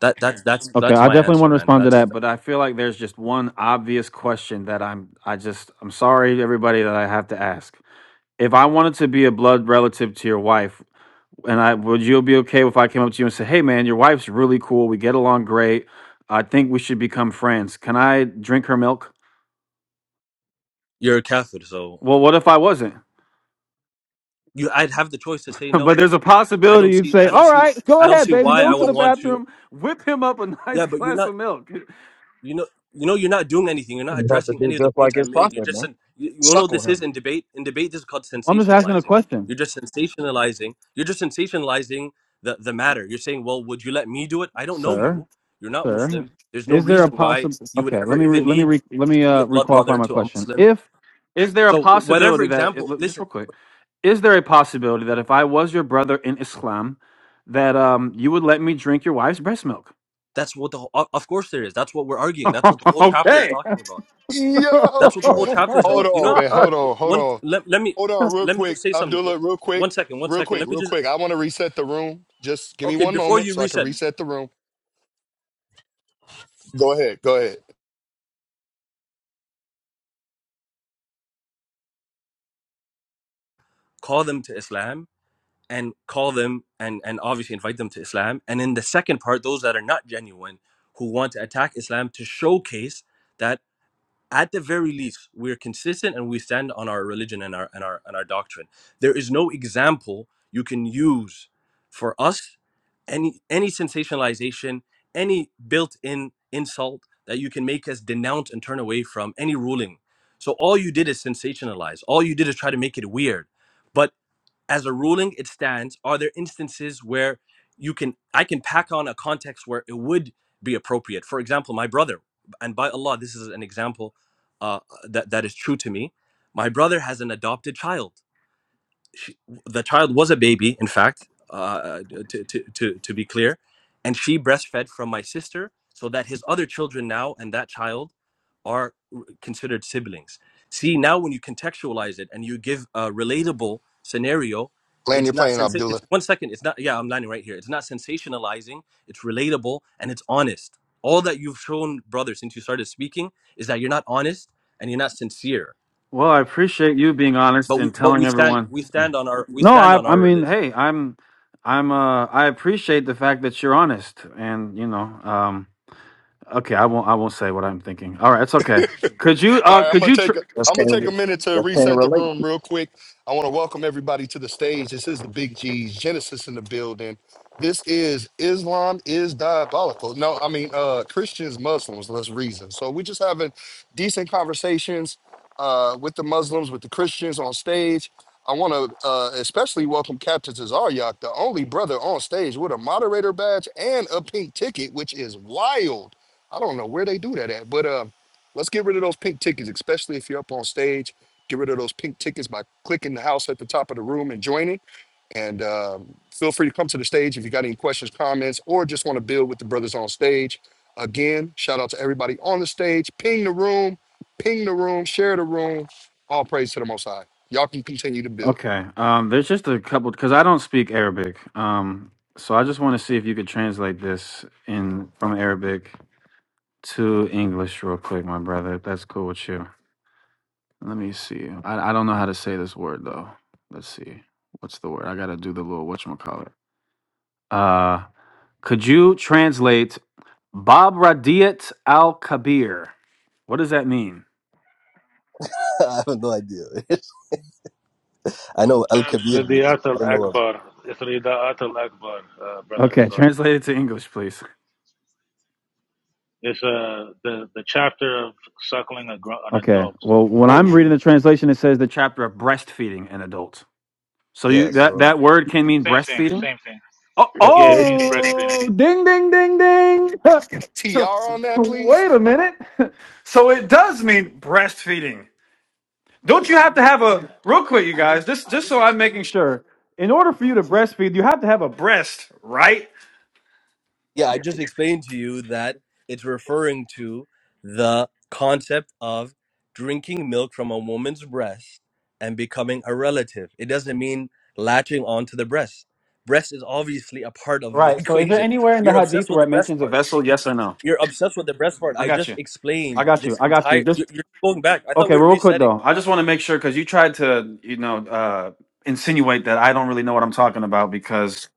That that's that's
okay,
that's
I
my
definitely
answer,
want to
man.
respond to
That's
that, but I feel like there's just one obvious question that I'm I just I'm sorry everybody that I have to ask. If I wanted to be a blood relative to your wife, and I would you be okay if I came up to you and said, "Hey man, your wife's really cool. We get along great. I think we should become friends. Can I drink her milk?"
you're a kafir, so
Well, what if I wasn't?
you I'd have the choice to say
But
no.
there's a
I
possibility
don't
you'd
see
say,
I don't
"All
see
right, go
I don't
ahead,
see
baby,
why
go
I
Yo,
to
would
the
want you.
bathroom, whip him up a nice
Yeah, but you're
glass
not
of milk."
you know you know you're not doing anything. You're not
you have to
addressing
do
any of the
just like
points I
his
made. You
prophet,
just
man.
said you, you know what
Suckle
this is
him.
in debate. In debate this is called
I'm just asking a
sensationalizing.
question,
You're just sensationalizing. You're just sensationalizing the the matter. You're saying, "Well, would you let me do it? I don't know
sir.
you. You're not
Sir,
Muslim. There's no
is there a
reason why
possible?
you would
Okay, let
ever
me re-
even
let me
need
re- let me
to be
uh,
a blood
requalify
brother
my
to a
question.
Muslim."
If is there a
So, whatever
possibility that it,
example,
look,
listen
just real quick, is there a possibility that if I was your brother in Islam, that um you would let me drink your wife's breast milk?
That's what the whole, of of course there is. That's what we're arguing. That's what the whole chapter is
okay.
talking about. That's
yo.
what the
Yeah.
whole chapter is
Hold
about. You
on,
know,
man. Hold on, hold
one
on.
let, let me
Hold on, real
let me
quick,
just say something.
Abdullah, real quick,
One second, one
real
second.
quick,
Let me
real
just
quick. I want to reset the room. Just give me
okay
one
before
moment
you
so I can
reset.
reset the room. Go ahead, go ahead.
Call them to Islam and call them and and obviously invite them to Islam. And in the second part, those that are not genuine who want to attack Islam to showcase that. at the very least, we're consistent and we stand on our religion and our and our and our doctrine. There is no example you can use for us, any any sensationalization, any built-in insult that you can make us denounce and turn away from any ruling. So all you did is sensationalize. All you did is try to make it weird. But as a ruling it stands are there instances where you can i can pack on a context where it would be appropriate for example my brother and by allah this is an example uh, that, that is true to me my brother has an adopted child she, the child was a baby, in fact, uh, uh, to, to, to, to be clear. And she breastfed from my sister so that his other children now and that child are considered siblings. See, now when you contextualize it and you give a relatable scenario,
Land
it's
your
not
plane,
sense. It's
Abdullah.
one second. It's not. Yeah, I'm landing right here. It's not sensationalizing. It's relatable and it's honest. All that you've shown, brother, since you started speaking, is that you're not honest and you're not sincere.
well, I appreciate you being honest
But we,
and
but
telling
we stand
everyone.
we stand on our we
No,
stand
I
on
I
our
mean,
religion.
hey, I'm I'm uh I appreciate the fact that you're honest and you know, um okay, I won't I won't say what I'm thinking. All right, it's okay. Could you
All
uh
right, I'm
could
gonna
you
take
tr-
a
Just
I'm gonna
can't
take a
re-
minute to
just can't
reset the
relate.
room real quick. I want to welcome everybody to the stage. This is the Big G's Genesis in the building. This is Islam is diabolical. No, I mean uh Christians, Muslims, let's reason. So we're just having decent conversations uh with the Muslims, with the Christians on stage. I want to uh, especially welcome Captain Tazaryak, the only brother on stage with a moderator badge and a pink ticket, which is wild. I don't know where they do that at, but uh, Let's get rid of those pink tickets, especially if you're up on stage. Get rid of those pink tickets by clicking the house at the top of the room and joining. And um, feel free to come to the stage if you got any questions, comments, or just want to build with the brothers on stage. Again, shout out to everybody on the stage. Ping the room, ping the room, share the room. All praise to the Most High. Y'all can continue to build.
Okay. Um there's just a couple cuz I don't speak Arabic. Um so I just want to see if you could translate this in from Arabic to English real quick, my brother. If that's cool with you. Let me see. I I don't know how to say this word though. Let's see. What's the word? I got to do the little whatchamacallit. Uh could you translate Bob Radiat Al Kabir. What does that mean?
I have no idea. I know Al Kabir means.
Ridiyat
but I
al
don't know what.
Akbar. It's Rida'at al Akbar, uh, brother
Okay, tran
Hassan.
Translate it to English, please.
It's uh, the, the chapter of suckling a gr- an
okay.
adult.
Well, when
Whoa.
I'm reading the translation, it says The that chapter of breastfeeding in adults. So
Yeah.
you that
So
that word can mean
Same thing,
breastfeeding.
same thing.
Oh,
there,
Yeah, it
there.
means breastfeeding.
oh, ding, ding, ding, ding.
TR on that, please.
Wait a minute. So it does mean breastfeeding. Don't you have to have a real quick, you guys? Just just so I'm making sure. In order for you to breastfeed, you have to have a breast, right?
Yeah, I just explained to you that it's referring to the concept of drinking milk from a woman's breast and becoming a relative. It doesn't mean latching onto the breast. Breast is obviously a part of the
Right. So is there
equation.
anywhere in the
You're obsessed
hadith
with
where
the
it
breast
mentions a
part.
vessel? Yes or no?
You're obsessed with the breast part.
I
I
got
just
you. I
explained
got you.
this
I got you.
entire. you-
Just
You're going back. I thought
okay,
we
well,
were
real quick
resetting.
though. I just want to make sure because you tried to, you know, uh insinuate that I don't really know what I'm talking about because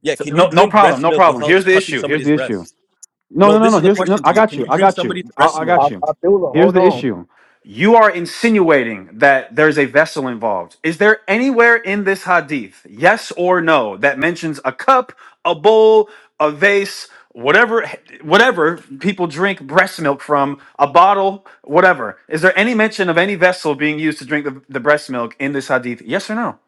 Yeah.
so,
Can you
no no
drink
problem,
breast
no
milk
problem.
without
Here's the
touching
issue. Here's
somebody's
the issue.
breast?
No,
No,
no, no,
this
no.
is a
Here's no,
question
I
to you.
got
Can
you.
you
I
drink
got you.
somebody's
I,
breast
I
I,
milk?
got you.
Abdullah,
Here's
hold
the
on.
issue. You are insinuating that there's a vessel involved. Is there anywhere in this hadith, yes or no, that mentions a cup, a bowl, a vase, whatever whatever people drink breast milk from, a bottle, whatever. Is there any mention of any vessel being used to drink the, the breast milk in this hadith? Yes or no?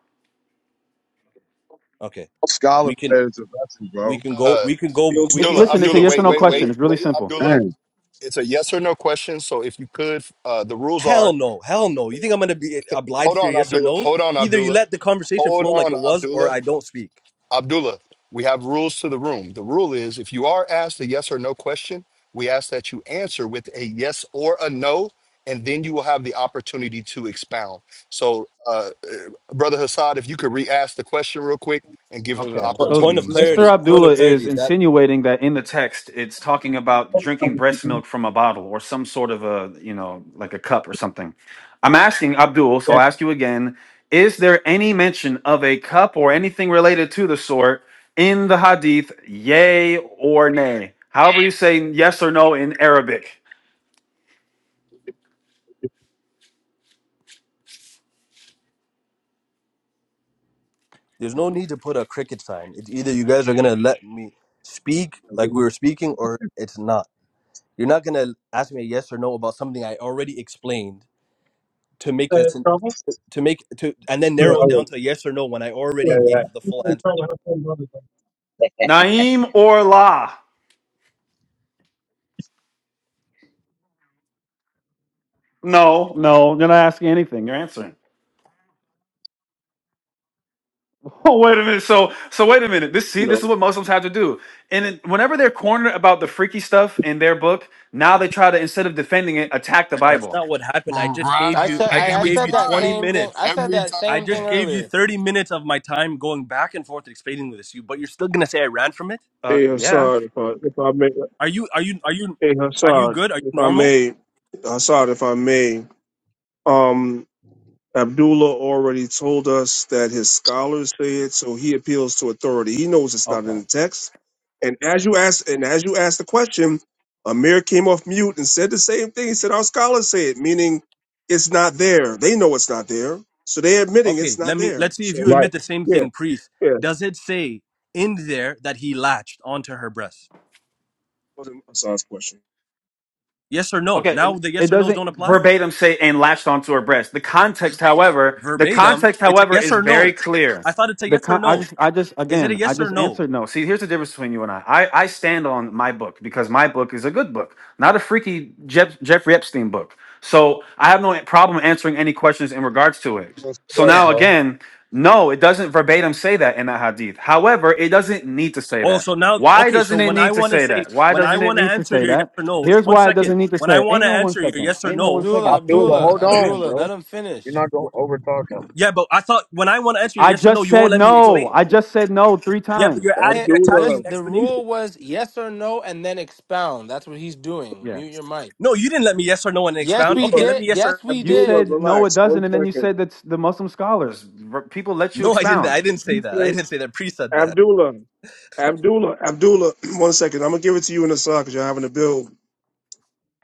Okay,
Scholar
we can,
said it's a vessel,
we
bro.
can go,
Uh,
we can go,
Yield
we
to-
It's
can,
Abdullah,
listen,
we
it's a
Abdullah,
can.
yes or
wait,
no
wait,
question.
wait,
it.
It's really
wait,
simple.
Abdullah.
Dang.
It's a yes or no question. So if you could, uh, the rules are
Hell no, hell no. You think I'm gonna be
Hold
obliged to
on,
your yes or
Abdullah.
no?
Hold on,
Either you
Abdullah.
let the conversation
Hold
flow like
on,
it was, or
Abdullah.
I don't speak.
Abdullah, we have rules to the room. The rule is if you are asked a yes or no question, we ask that you answer with a yes or a no, and then you will have the opportunity to expound. So, uh, uh, Brother Hassad, if you could re ask the question real quick and give him an
Okay,
Po-
so
point of
opportunity to
Mr.
clarity.
answer.
Point of
Abdullah is
clarity. That
insinuating that in the text it's talking about drinking breast milk from a bottle or some sort of a, you know, like a cup or something. I'm asking Abdul, so
Yeah.
I'll ask you again is there any mention of a cup or anything related to the sort in the hadith, yay or nay? However, you say yes or no in Arabic.
there's no need to put a cricket sign. It's either you guys are gonna let me speak like we were speaking, or it's not. You're not gonna ask me a yes or no about something I already explained to make us to make to and then narrow it down to a yes or no when I already gave the full answer.
Naim or la? No, no, you're not asking anything, you're answering. Oh wait a minute. So so wait a minute. This see this
No,
is what Muslims have to do. And then whenever they're cornered about the freaky stuff in their book, now they try to instead of defending it, attack the
That's
Bible.
not what happened. I just
Right.
gave
I
you
said
I
I,
just
I
Every
gave
said
you
that
20
time.
same thing.
minutes.
I said
Every
that
I
same thing
just
time.
gave you
earlier.
30 minutes of my time going back and forth explaining this to you, but you're still going to say I ran from it?
Uh,
hey
yeah.
Hassad, if I if I may,
Are you are you are you
hey
are you
Hassad,
good? Are you
if I
normal?
may, Hassad, if I may. um, Abdullah already told us that his scholars say it, so he appeals to authority. He knows it's not
Okay.
in the text. And as you asked, and as you asked the question, Amir came off mute and said the same thing. He said, "Our scholars say it," meaning it's not there. They know it's not there, so they're admitting it's
Okay,
not
let me
there.
let's see if you
So,
admit
Right.
the same
yeah,
thing, priest.
yeah.
Does it say in there that he latched onto her breast?
Wasn't Assad's question.
Yes or no?
Okay.
Now
and
the
It
yes or no's
doesn't
don't apply?
verbatim say and latched onto her breast. The context, however, the
Verbatim,
context,
it's a
however,
yes
is
or
very
no.
clear.
I thought it's a
The
yes or
con- I
no.
just I just
Is it a
again I
yes or
just
no?
answered no. See, here's the difference between you and I. I I stand on my book because my book is a good book, not a freaky Jef- Jeffrey Epstein book. So I have no problem answering any questions in regards to
You
it.
don't see
So
that,
Yeah.
now
bro.
again, no, it doesn't verbatim say that in that hadith. However, it doesn't need to say
Oh,
that.
so now,
Why
okay. So
doesn't it
when I
need to
want to
say
say,
that? Why
when I
doesn't it
want to
need to
answer
say
your yes
that?
or no's,
Here's
one
why it
second.
doesn't need to
When
say.
I
It.
want
Ain't
to
no one
answer your
second.
yes or
Ain't no one
no,
Abdullah,
second.
Abdullah,
Abdullah,
hold on,
Abdullah,
bro.
let him
You're
finish.
not gonna
wh-
overtalk him.
yeah, but I thought when I want to answer your
I
yes or no,
just
you won't
said
let me
Abdullah,
no.
explain.
I
relax.
just said no three
Yeah, but
times.
you're adding,
Hit
you're attaching
Abdullah,
an
list the rule
explanation.
was yes or no and then expound. That's what he's doing.
Yeah.
Mute your mic.
No, you didn't let me yes or no and
Yes,
expound.
we
Okay,
Abdullah,
let
did.
me yes
Yes,
or
we
You
Abdullah,
did.
said no, it
relax.
doesn't,
One
and then you
second.
said that's the Muslim scholars. People let you
no. I didn't. I
expound.
didn't
He
say that. I
said,
didn't say that. Pre said that.
Abdullah. Abdullah, Abdullah, one second. I'm gonna give it to you in a second because you're having a build.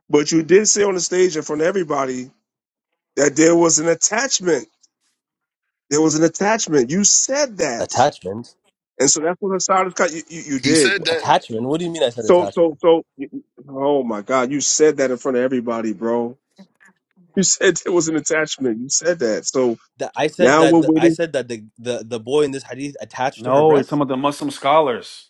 But you did say on the stage in front of everybody that there was an attachment. There was an attachment. You said that,
Attachment.
and so that's what Hassad is cut. You, you, you
He
did.
said that.
Attachment. What do you mean? I said
So, so,
attachment.
so. you- you- Oh my God, you said that in front of everybody, bro. You said there was an attachment. You said that. So
That I said
now
that.
we're
The, I
waiting.
said that the, the the boy in this hadith attached to her
No, you're talking
breast.
about the Muslim scholars.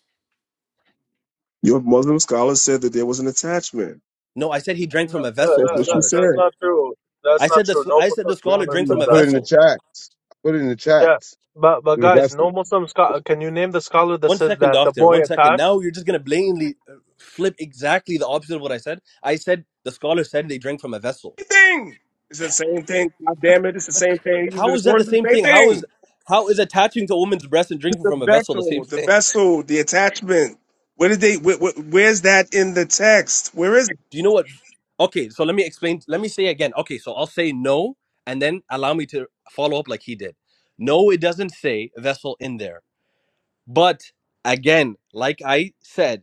Your Muslim scholar said that there was an attachment.
No, I said he drank
No,
from a
that,
vessel.
That's
The
that,
what
that,
she
scholar
that's
said.
said.
not true. That's
I
not
said
true.
the
No
I said
Muslim
the
Vessel,
scholar
scholar
drank
says
from
I
a
put
that.
it in the
vessel.
chat. I put it in the chat
Yeah, but but
through the
guys,
vessel.
no Muslim scholar. Can you name the scholar that
One
says
second,
that the
doctor.
boy
One second.
attached?
Now you're just gonna blatantly uh, flip exactly the opposite of what I said. I said the scholar said they drink from a vessel.
Same thing. It's the same thing. God damn it! It's the same thing. You did
How
it
is that
for
the
the
same
same
thing? How
thing.
is how is attaching to a woman's breast and drinking
the
from a vessel the same
vessel, the
thing?
vessel, the attachment. Where did they? Where, where, where's that in the text? Where is? It?
Do you know what? Okay, so let me explain. Let me say again. Okay, so I'll say no, and then allow me to follow up like he did. No, it doesn't say vessel in there. But again, like I said,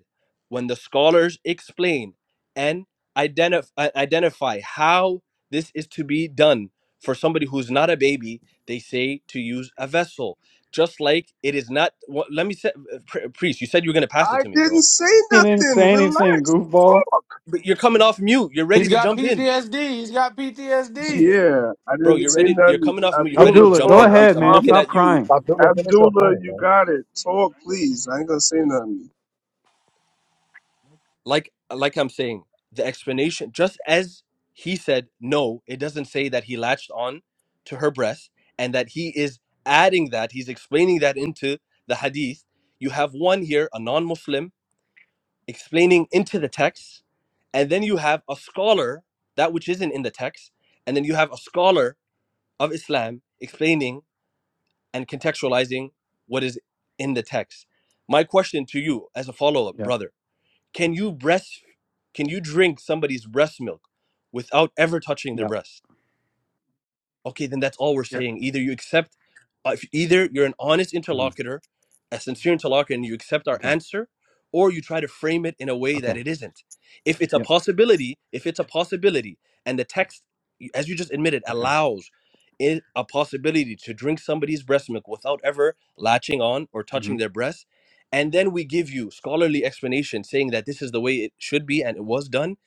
when the scholars explain and identif- uh, identify how this is to be done for somebody who's not a baby, they say to use a vessel. Just like it is not. wha- let me say, uh, pri- priest, you said you were gonna pass it
I
to me,
didn't
bro.
say
You didn't
nothing.
say anything,
Relax.
goofball.
Talk.
But you're coming off mute. You're
He's
ready to
got
jump in,
PTSD. He's got PTSD.
Yeah, I
bro.
didn't
You're
say
ready. You're
nothing.
coming off mute. You're ready
Abdullah,
to
Abdullah,
jump
go
talk.
in,
I
priest.
ahead,
I'm
man.
looking
promise.
Stop
at you
crying.
Abdullah, finish your
Abdullah,
point,
you
man.
got it. Talk, please. I ain't gonna say nothing.
like like I'm saying, the explanation just as he said no, it doesn't say that he latched on to her breast and that he is adding that, he's explaining that into the hadith. You have one here, a non-Muslim, explaining into the text, and then you have a scholar, that which isn't in the text, and then you have a scholar of Islam explaining and contextualizing what is in the text. My question to you as a follow-up, brother can you breast can you drink somebody's breast milk without ever touching their
Yep.
breast? okay, then that's all we're
Yep.
saying. Either you accept, uh, if- either you're an honest
hmm
interlocutor, a sincere interlocutor, and you accept our
Okay.
answer, or you try to frame it in a way that
Okay.
it isn't. If it's a
Yep.
possibility, if it's a possibility, and the text, as you just admitted,
Okay.
allows it a possibility to drink somebody's breast milk without ever latching on or
Mm-hmm.
touching their breast, and then we give you scholarly explanation saying that this is the way it should be and it was done,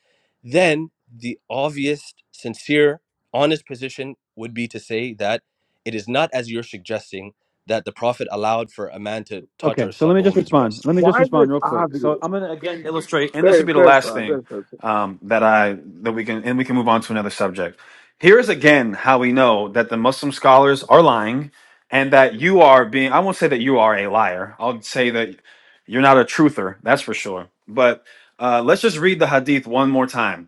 then the obvious, sincere honest position would be to say that it is not as you're suggesting that the prophet allowed for a man to touch
Okay,
or
so let
suck
me
a
just
woman's
respond.
breast
Let me just
Why is it
respond real quick. So
obvious?
I'm gonna again illustrate, and this would
Good,
be the
good,
last
sir.
thing
Good, sir.
um, that I that we can, and we can move on to another subject. Here is again how we know that the Muslim scholars are lying, and that you are being. I won't say that you are a liar. I'll say that you're not a truther. That's for sure. But uh, let's just read the hadith one more time.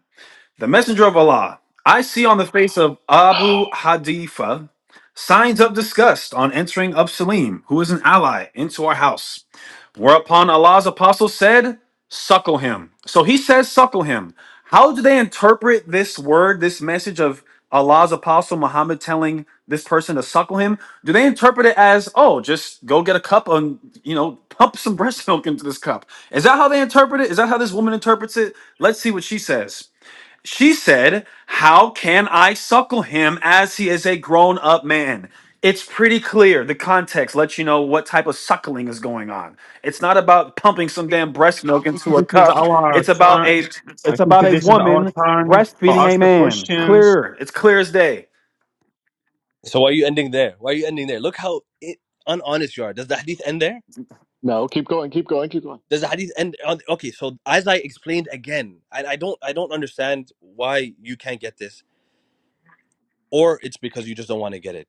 The messenger of Allah, I see on the face of Abu Hadifa signs of disgust on entering of Salim, who is an ally, into our house. Whereupon Allah's apostle said, Suckle him. So he says, Suckle him. How do they interpret this word, this message of Allah's apostle Muhammad telling this person to suckle him? Do they interpret it as, oh, just go get a cup and, you know, pump some breast milk into this cup? Is that how they interpret it? Is that how this woman interprets it? Let's see what she says. She said, How can I suckle him as he is a grown up man? It's pretty clear. The context lets you know what type of suckling is going on. It's not about pumping some damn breast milk into a
think this is
cup.
our
It's about
turn.
a
I
it's
think
about a
this is our
woman
turn for
breastfeeding
us
a
the
man.
questions.
Clear. It's clear as day.
so why are you ending there why are you ending there look how it, unhonest you are does the hadith end there
No, keep going, keep going, keep going.
does the hadith end on, okay so as i explained again I, I don't i don't understand why you can't get this or it's because you just don't want to get it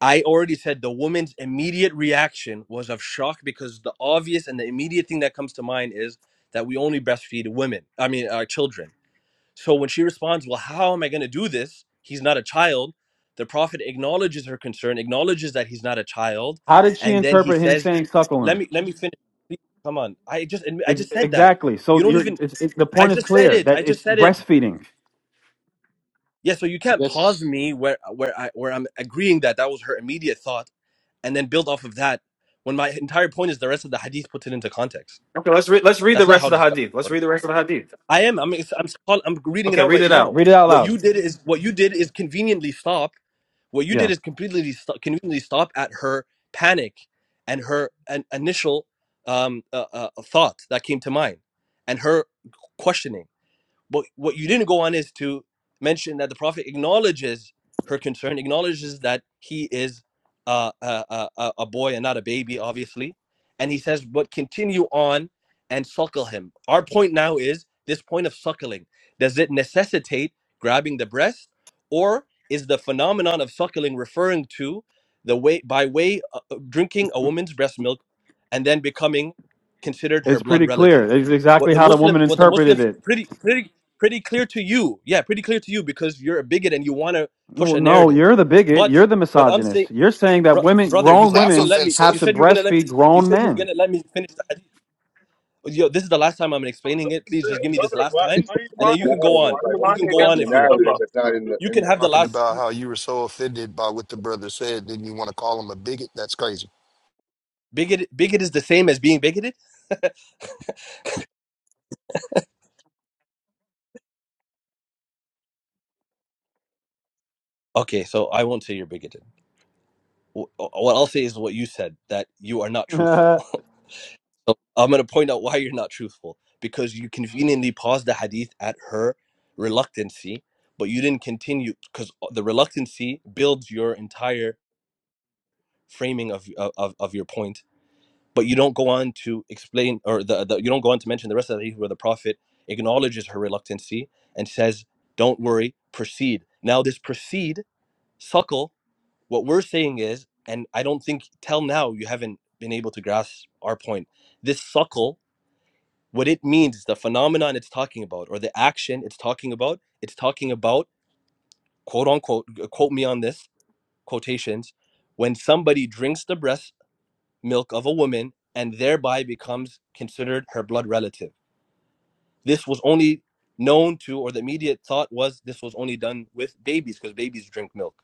i already said the woman's immediate reaction was of shock because the obvious and the immediate thing that comes to mind is that we only breastfeed women i mean uh, children So when she responds, Well, how am I going to do this? He's not a child. The Prophet acknowledges her concern, acknowledges that he's not a child,
How did she
and then he
interpret him
says,
saying suckle
Let
him?
me let me finish. Please, Come on. I just admi- I
Ex-
just said that.
exactly.
You
So
don't
you're,
even
it's, it's, the
I
point is
just said
clear
it.
that
I just
it's
said it.
breastfeeding.
Yeah, so you can't pause
Yes.
me where where I where I'm agreeing that that was her immediate thought and then build off of that when my entire point is the rest of the hadith puts it into context.
Okay, let's read. Let's read
That's
the
not
rest
how
of the
discussion
hadith.
works.
Let's read the rest of the hadith.
I am. I'm. ex- I'm. scroll- am reading it
Okay,
out
read
right
it out.
now.
Read it out
What you
loud.
did is what you did is conveniently stop. What you
Yeah.
did is completely stop, conveniently stop at her panic and her an initial um, uh, uh, thought that came to mind and her questioning. But what you didn't go on is to mention that the Prophet acknowledges her concern, acknowledges that he is uh, a, a, a a boy and not a baby, obviously. And he says, but continue on and suckle him. Our point now is this point of suckling. Does it necessitate grabbing the breast, or is the phenomenon of suckling referring to the way by way of drinking a woman's breast milk and then becoming considered her
It's
blood
pretty clear.
relative?
It's
What
exactly
the
how the
Muslim,
woman
what the
interpreted
Muslims
it.
pretty pretty pretty clear to you. Yeah, pretty clear to you because you're a bigot and you want to push
Well,
a
no,
narrative.
you're the bigot.
But
You're the
what I'm saying,
misogynist. You're saying that
bro,
women,
brother, you
Well,
grown
said you were
that's
gonna
women,
let me.
have
You
to
offensive.
said you were gonna let me.
breastfeed
You
grown
said you were
men.
gonna let me finish the hadith. Yo, this is the last time I'm
No, no,
explaining it. Please
sir.
just give me this
brother.
last
Why
time,
It's
why are
for
you
and
the
then you can
lying?
go
Why
on.
narrative.
are you
Like what
You can
you
lying
go
put
against
on
in the
if you want.
narrative
Abdullah?
that's not in the
You
in
can have
there.
the
talking
last
about how you were so offended by what the brother said, then you want to call him a bigot? That's crazy.
bigot. Bigot is the same as being bigoted. Okay, so I won't say you're bigoted. Wh- What I'll say is what you said that you are not truthful.
yeah.
So I'm going to point out why you're not truthful because you conveniently paused the hadith at her reluctancy, but you didn't continue because the reluctancy builds your entire framing of, of of your point. But you don't go on to explain, or the, the you don't go on to mention the rest of the hadith where the prophet acknowledges her reluctancy and says, "Don't worry, proceed." Now this proceed, suckle. What we're saying is, and I don't think till now you haven't been able to grasp our point. This suckle what it means is the phenomenon it's talking about or the action it's talking about it's talking about quote unquote quote me on this quotations when somebody drinks the breast milk of a woman and thereby becomes considered her blood relative this was only known to or the immediate thought was this was only done with babies because babies drink milk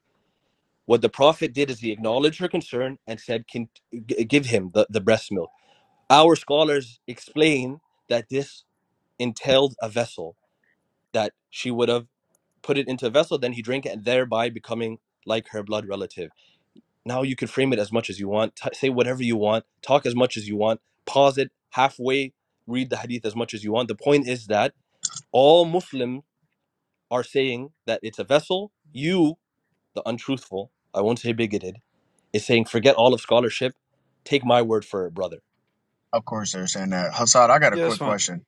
what the prophet did is he acknowledged her concern and said Can, g- give him the, the breast milk our scholars explain that this entailed a vessel that she would have put it into a vessel, then he drank it, and thereby becoming like her blood relative. Now you can frame it as much as you want, t- say whatever you want, talk as much as you want, pause it halfway, read the hadith as much as you want. The point is that all Muslims are saying that it's a vessel. You, the untruthful, I won't say bigoted, is saying forget all of scholarship, take my word for it, brother.
Of course, they're saying that. Hassad, I got a
Yes,
quick
man.
question.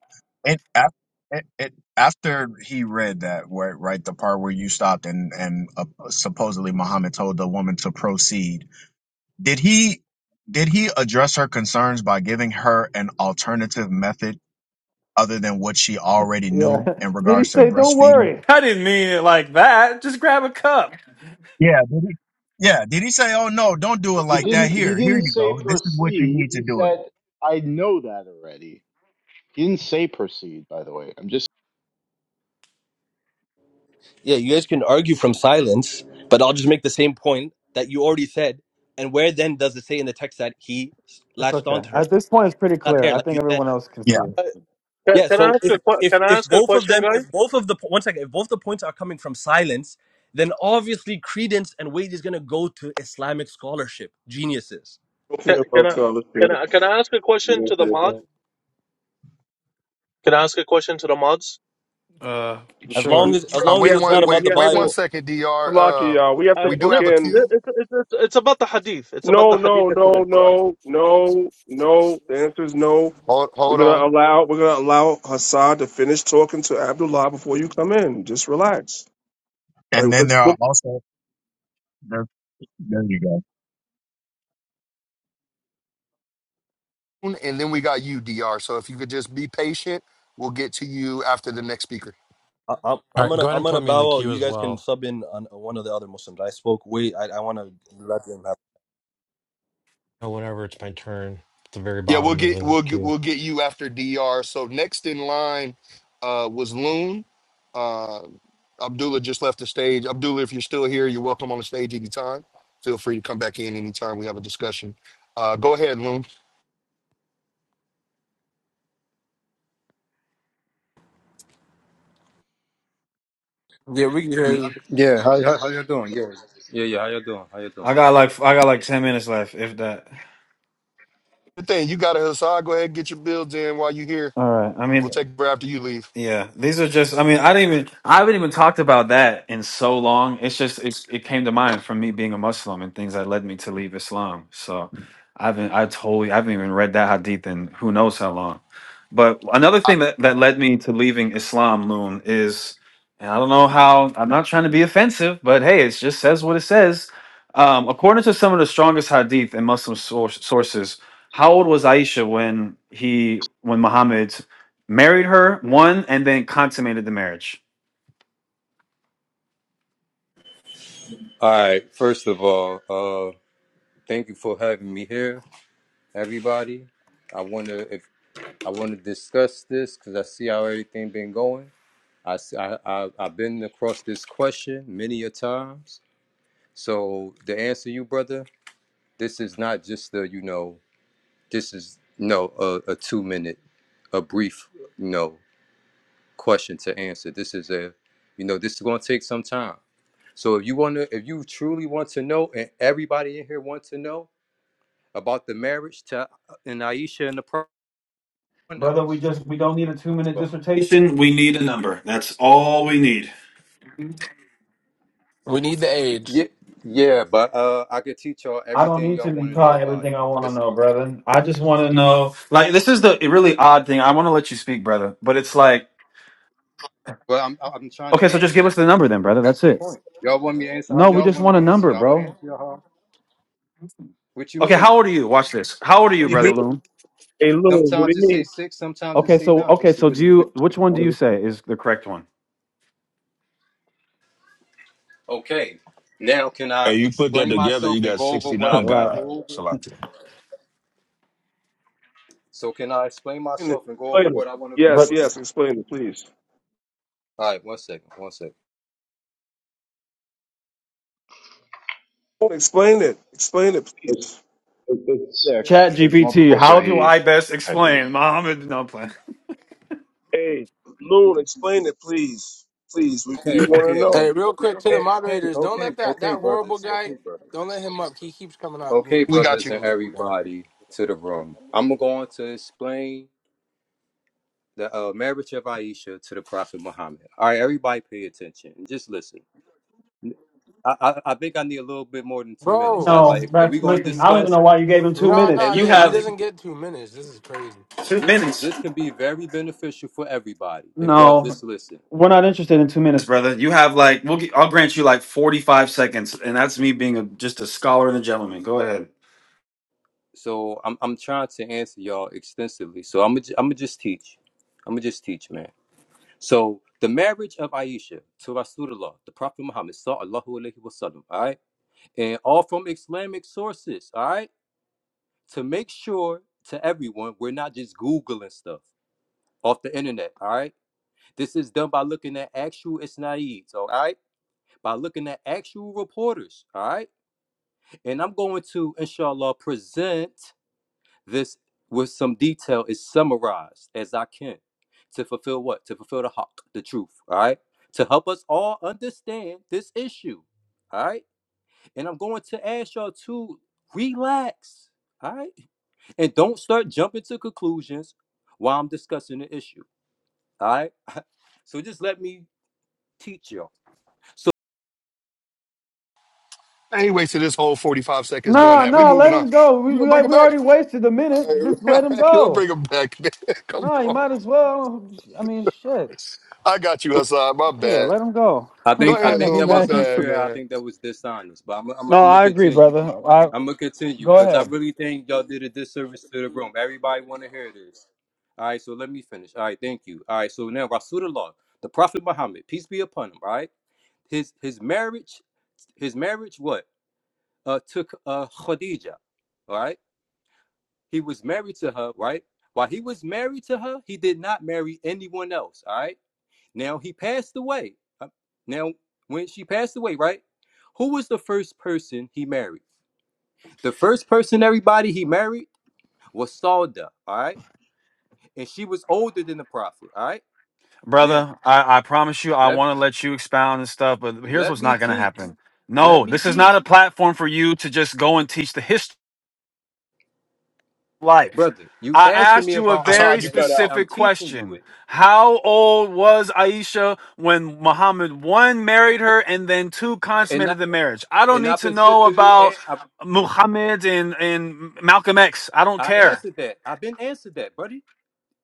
It, af- it, it after he read that where right the part where you stopped and and uh, supposedly Muhammad told the woman to proceed Did he did he address her concerns by giving her an alternative method other than what she already knew in
Did he
regards to
say, don't
breastfeeding?
worry? I didn't mean it like that. Just grab a cup.
Yeah, did he? Yeah, did he say, "Oh no, don't do it
He
like that.
didn't he
Here, here
didn't
you
say
go. This is what you
proceed.
need to
He
do it."
said, I know that already. He didn't say proceed, by the way. I'm just
Yeah, you guys can argue from silence, but I'll just make the same point that you already said. And where then does it say in the text that he
It's
latched
okay.
onto her?
At this point, it's pretty
Not
clear.
there,
I
like you
think
said.
everyone else can see
Yeah,
it.
Uh, Can,
Yeah.
can I
So
ask you
if
a que-
if
can I
if
ask a
both of
question,
them,
guys?
if both of the po- one second, if both the points are coming from silence, then obviously credence and weight is going to go to Islamic scholarship geniuses.
Okay,
Can, can I
okay, let's do
can I can I ask a question to the mod?
it.
Can I ask a question to the mods?
As long
Sure.
We
as as
Uh,
long
we
wait
as
have
it's
one,
not
to
wait,
about
we
the
have
wait one
to
Bible,
second, Dr.
Salaki,
Uh,
y'all. We have to
I
we do
no,
book
have a
in.
it-
queue.
it's it's it's it's about the hadith. It's about
No,
the
no,
hadith.
no,
Hold on,
no, no, no. The answer is no.
hold,
We're
hold on,
gonna allow we're gonna allow Hassan to finish talking to Abdullah before you come in. Just relax. Like
and then
let's
there are
look
also there. There you go.
and then we got you, Dr. So if you could just be patient, we'll get to you after the next speaker.
I, I'm
All
I'm
right, go
gonna
ahead
I'm
and
gonna
put me in the
bow out.
queue
You
as
guys can
well.
sub in on one of the other Muslims. I spoke way. I, I want to let them
Uh, Whenever it's my turn, at the very
Yeah, we'll
bottom of
get
the
we'll get,
queue.
we'll get you after DR. So next in line uh, was Loon. Uh, Abdullah just left the stage. Abdullah, if you're still here, you're welcome on the stage anytime. Feel free to come back in anytime we have a discussion. Uh, go ahead, Loon.
Yeah, we uh,
Yeah, how, how, how you doing? Yeah.
I got like I got like ten minutes left, if that.
Good thing you got it, Hassan. Go ahead and get your builds in while you're here.
All right. I
We'll
mean.
take a break after you leave.
Yeah, these are just. I mean, I didn't even. I haven't even talked about that in so long. It's just. It, it came to mind from me being a Muslim and things that led me to leave Islam. So, I haven't. I totally. I haven't even read that hadith in who knows how long. But another
Uh,
thing that that led me to leaving Islam, Loon, is, and I don't know how. I'm not trying to be offensive, but hey, it just says what it says. Um, according to some of the strongest hadith in Muslim source, sources, how old was Aisha when he when Muhammad? married her, won, and then consummated the marriage.
All right. First of all, uh, thank you for having me here, everybody. I wanna if I wanna discuss this because I see how everything been going. I, s- I, I have been across this question many a times. So the answer, you brother, this is not just a you know this is no a, a two minute, a brief you know question to answer. This is a you know this is gonna take some time. So if you want to, if you truly want to know, and everybody in here wants to know about the marriage to and Aisha and the
Brother, we
Pronos.
just we don't need a two minute
So,
dissertation. We need a number. That's all we need.
we need the age.
Yeah, yeah, but uh, I could teach y'all
I don't
everything
need
y'all
to
want to know
reply
about
everything
it.
I want to
That's,
know, brother. I just want to know. Like this is the really odd thing. I want to let you speak, brother, but it's like,
but I'm I'm trying to
okay, so just
answer
give us
you.
the number then, brother.
That's
That's
the
it.
point. Y'all want me to answer how
No, we
y'all
just
want me
want
to
a
answer
number,
y'all. I'm gonna
bro.
answer y'all how. What you
Okay, how
mean?
old are you? Watch this. How old are
what
you,
do you
brother
good.
mean?
Loom?
Hey Lou, what do
Sometimes it
you
say
mean?
six, sometimes it
Okay,
say
so
nine.
okay,
What's the
so do
what's the, what's
you?
the,
Which one do you say
Explain
is The correct one.
Okay. Now can I
Hey, you put that
explain
together, you
myself and
got
go over what I
69
want to
right?
God.
go over?
Salaki.
So can I explain
it.
myself and go over
Explain it.
what I want to go
Yes,
over?
But
yes, explain it, please.
All right, one second, one second.
Loon, Explain it. Explain it,
it,
please.
it, it's six.
Chat
There's
GPT,
multiple
how do
Sahih
I? I best
hadith.
explain, Muhammad. No plan.
Hey, Loon, explain it, please. Please, we, we
Okay,
wanna
okay, okay,
know.
Hey, real quick to the
okay, okay,
moderators, don't
okay,
let that
okay,
that horrible
brothers,
guy.
okay, brothers,
Don't let him up. He keeps coming off
okay,
mute,
We
so we're
got
just
brothers,
you.
and
gonna leave it there.
everybody to the room. I'm going to explain the uh, marriage of Aisha to the Prophet Muhammad. All right, everybody, pay attention and just listen. I, I, I think I need a little bit more than two minutes. I
Bro,
No,
like. Are we
that's
going to
listen. I don't even
discuss?
know why you gave him two
no,
Hey,
minutes.
no,
You
yeah,
listen, I
he
have
think
doesn't
it could-
get two minutes. This is crazy.
two
this
minutes.
this can be very beneficial for everybody if y'all
No,
just listen.
we're not interested in two minutes, brother. You have like we'll. gi- I'll grant you like forty-five seconds, and that's me being a, just a scholar and a gentleman. Go ahead.
So I'm I'm trying to answer y'all extensively. So I'm gonna I'm gonna just teach. I'm gonna just teach, man. So the marriage of Aisha to Rasulullah, the Prophet Muhammad, sallallahu alaihi wasallam, all right, and all from Islamic sources, all right, to make sure to everyone we're not just googling stuff off the internet, all right. This is done by looking at actual isnaids, all right, by looking at actual reporters, all right. And I'm going to, inshallah, present This, with some detail, is summarized as I can to fulfill what? To fulfill the hawk, the truth, all right? To help us all understand this issue, all right? And I'm going to ask y'all to relax, all right? And don't start jumping to conclusions while I'm discussing the issue, all right? So just let me teach y'all. So
Anyway, so this whole 45 seconds doing
No,
that. We
no,
moving
let
on.
him go. We,
You gonna
we we
bring him back?
already wasted a minute. Just let him
You'll
go.
bring him back. man. Come
No, you
on.
might as well. I mean, shit.
I got you, Hassan. My
Yeah,
bad.
let him go.
I
Go
think I
I
ahead,
know
think
he
Loon.
that
My
was
mad. He...
bad,
unfair. I
man.
think that was dishonest, but I'm I'm, I'm
No,
gonna
I agree,
continue.
brother. I
I'm gonna continue
go
because I
ahead.
really think y'all did a disservice to the room. Everybody want to hear this. All right, so let me finish. All right, thank you. All right, so now Rasulullah, the Prophet Muhammad, peace be upon him. All right, his his marriage, his marriage, what? Uh, took uh Khadija. All right, he was married to her. Right, while he was married to her, he did not marry anyone else. All right, now he passed away. Uh, Now when she passed away, right, who was the first person he married? The first person everybody he married was Salda, all right? And she was older than the prophet, all right? Now,
brother. I, I promise you, I
let
want to let you expound and stuff, but here's
let
what's
me
not going to
teach.
happen.
Let
No,
me
this is
teach.
not a platform for you to just go and teach the history of life.
Brother, you
I
asking
asked
me
you a
about
That's
very
hard you
Aisha
cut
age,
out.
I'm
specific
teaching you
question.
it.
How old was Aisha when Muhammad one married her and then two
And I,
consummated the marriage? I don't
and I
need to know
specifically
about
a- I,
Muhammad and, and Malcolm X. I don't
I
care.
answered that. I've been answered that, buddy.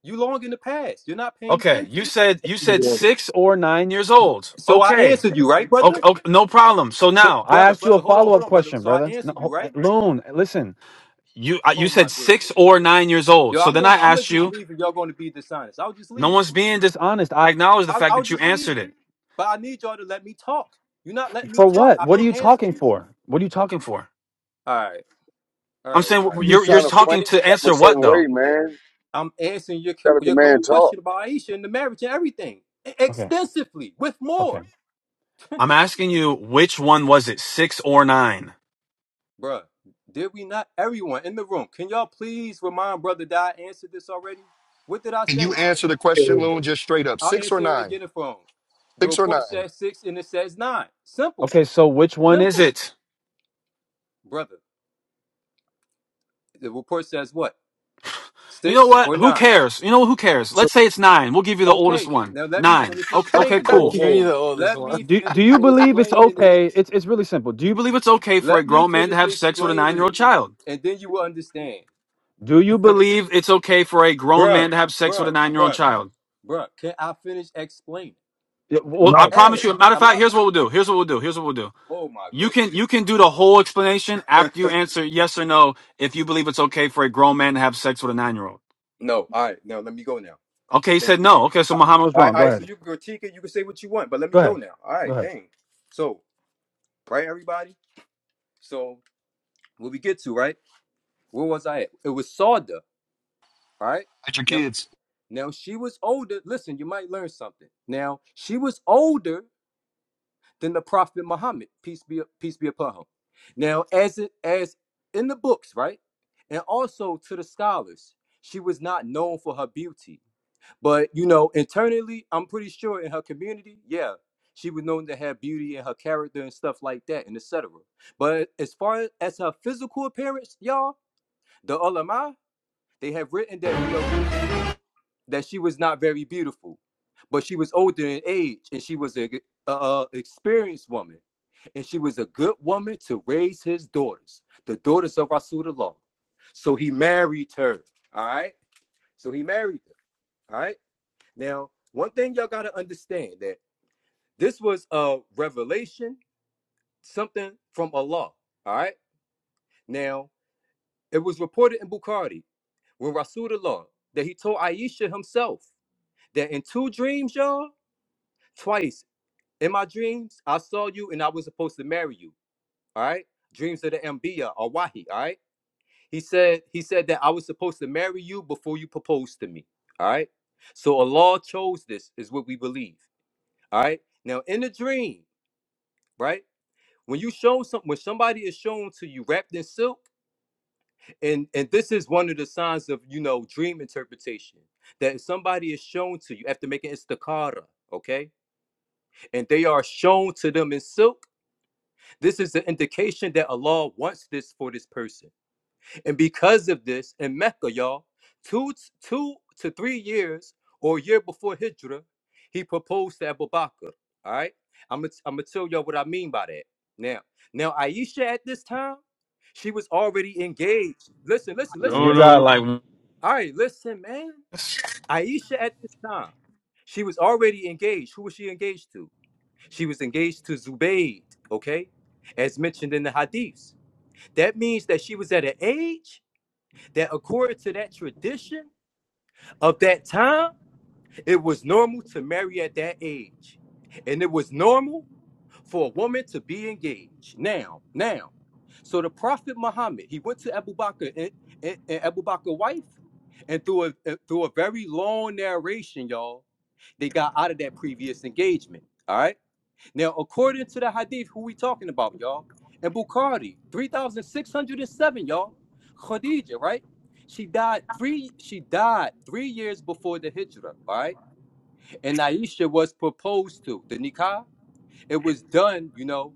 You long in the past. You're not paying
Okay, you
attention.
said you said
Again.
six or nine years old.
So I
Okay,
answered you, right,
Okay,
brother?
okay, no problem. So
So
now I
brother,
asked you a
brother, hold on,
follow
hold
up
on, brother.
question,
So I
brother. No,
answered you,
ho-
right?
Loon, listen. You uh, you
Oh my
said
goodness.
six or nine years old.
Yo,
So
I'm
then
going
I
I'm gonna
asked
just
you.
leave and y'all gonna be dishonest. I'll just
No
leave.
one's being dishonest. I acknowledge the
I'll,
fact
I'll
that you
just
answered
leave.
it.
But I need y'all to let me talk. You're not letting me
For
talk.
what?
I've
What are
been
you
answering
talking
you.
for? What are you talking for?
All right, all right,
I'm saying
everybody.
you
wh-
just
you're you're
trying to frame
talking to
yourself a
answer what
certain
though.
way, man.
I'm answering your
Gotta the
your
man
cold
talk.
question about Aisha and the marriage and everything e-
Okay.
extensively with
Okay.
more,
I'm asking you which one was it, six or nine?
bruh. Did we not? Everyone in the room, can y'all please remind brother that I answered this already? What did I
Can you
say?
answer the
Hey,
question, Loon, just straight up?
I'll
Six or
answer it
nine?
again for phone. The
Six or
report
nine?
says six and it says nine. Simple,
Okay. So which one is
simple,
it?
brother. The report says what?
You know
Six
what?
or
Who
nine?
cares? You know who cares?
so,
Let's say it's nine. We'll give you the oldest
Okay,
one.
now let me
Nine.
finish
Okay. Okay.
explaining it.
I'll
so
Cool.
give you
Loon,
the oldest
Let
one.
me
Do Do
finish
you believe it's
explaining it.
okay? It's It's really simple. Do you believe it's okay for a
Let me
grown man to
finish
have sex with a nine
explaining
year
it,
old child?
and then you will understand.
Do you believe it's okay for a grown
bruh,
man to have sex with
bruh,
a nine year old
bruh,
child?
bruh. Can I finish explaining?
Yeah, Well, I
No,
Hey,
promise you. Matter of
I'm
fact,
not
here's what
going.
we'll
To,
do. Here's what we'll do. Here's what we'll do.
oh my
You
goodness.
can you can do the whole explanation after you answer yes or no if you believe it's okay for a grown man to have sex with a nine year old.
no, all right, no. Let me go now.
Okay, he
Thank
said
you.
no. Okay, so
Uh,
Muhammad was
All right,
wrong.
all
Go
right. So
ahead.
you can critique it. You can say what you want, but let me
Go
go
ahead.
now. All
Go
right,
ahead.
dang. So, right, everybody. So, what we get to, right? Where was I at? It was Sawda, right?
At your
Now,
kids.
Now she was older. Listen, you might learn something. Now she was older than the Prophet Muhammad, peace be peace be upon him. Now, as it as in the books, right, and also to the scholars, she was not known for her beauty, but you know, internally, I'm pretty sure in her community, yeah, she was known to have beauty in her character and stuff like that, and etc. But as far as her physical appearance, y'all, the ulama, they have written that you know she that she was not very beautiful, but she was older in age and she was a uh, experienced woman, and she was a good woman to raise his daughters, the daughters of Rasulullah. So he married her. All right. So he married her. All right. Now, one thing y'all gotta understand that this was a revelation, something from Allah. All right. Now, it was reported in Bukhari when Rasulullah that he told Aisha himself that in two dreams, y'all, twice In my dreams, I saw you and I was supposed to marry you. All right. Dreams of the Mbiya or Wahi. All right. He said, he said that I was supposed to marry you before you proposed to me. All right. So Allah chose this, is what we believe. All right. Now in the dream, right? When you show something, when somebody is shown to you wrapped in silk, and and this is one of the signs of you know dream interpretation that if somebody is shown to you after making istikara. okay, and they are shown to them in silk This is an indication that Allah wants this for this person. And because of this, in Mecca, y'all, two, two to three years or a year before Hijrah, he proposed to Abu Bakr. All right? I'm going to tell y'all what I mean by that. Now, now Aisha at this time, she was already engaged. Listen, listen, listen,
No,
You
no,
listen.
got
no.
like
All right, listen, man. Aisha at this time, she was already engaged. Who was she engaged to? She was engaged to Zubayd, okay? As mentioned in the hadiths. That means that she was at an age that, according to that tradition of that time, it was normal to marry at that age. And it was normal for a woman to be engaged. Now, now. So the Prophet Muhammad, he went to Abu Bakr and, and, and Abu Bakr's wife. And through a, uh, through a very long narration, y'all, they got out of that previous engagement. All right. Now, according to the hadith, who we talking about, y'all? And Bukhari, 3,607, y'all. Khadija, right? She died three, she died three years before the hijrah, all right? And Aisha was proposed to. The nikah, it was done, you know,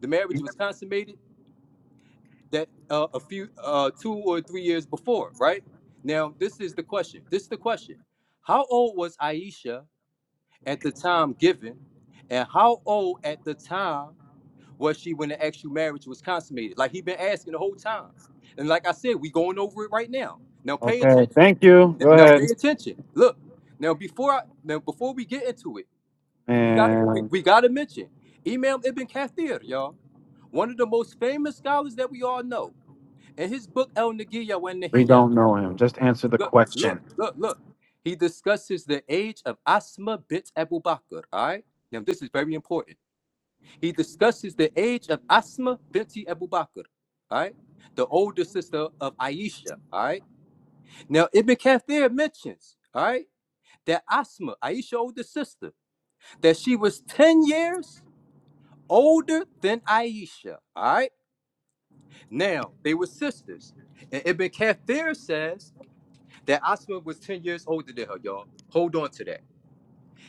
the marriage was consummated that uh, a few uh, two or three years before, right? Now, this is the question. This is the question. How old was Aisha at the time given? And how old at the time was she when the actual marriage was consummated? Like he been asking the whole time. And like I said, we going over it right now. Now pay
okay.
attention.
Thank you. Go
Now pay
ahead.
attention. Look. Now before I now before we get into it, we gotta
and.
we, we gotta mention Imam Ibn Kathir, y'all. One of the most famous scholars that we all know. In his book El Nagiya wa
We
Nahiya,
don't know him. Just answer the
look, look,
question.
look, look. He discusses the age of Asma bint Abu Bakr. All right. Now this is very important. He discusses the age of Asma binti Abu Bakr, all right? The older sister of Aisha, all right? Now, Ibn Kathir mentions, all right, that Asma, Aisha's older sister, that she was 10 years older than Aisha, all right? Now, they were sisters. And Ibn Kathir says that Asma was 10 years older than her, y'all. Hold on to that.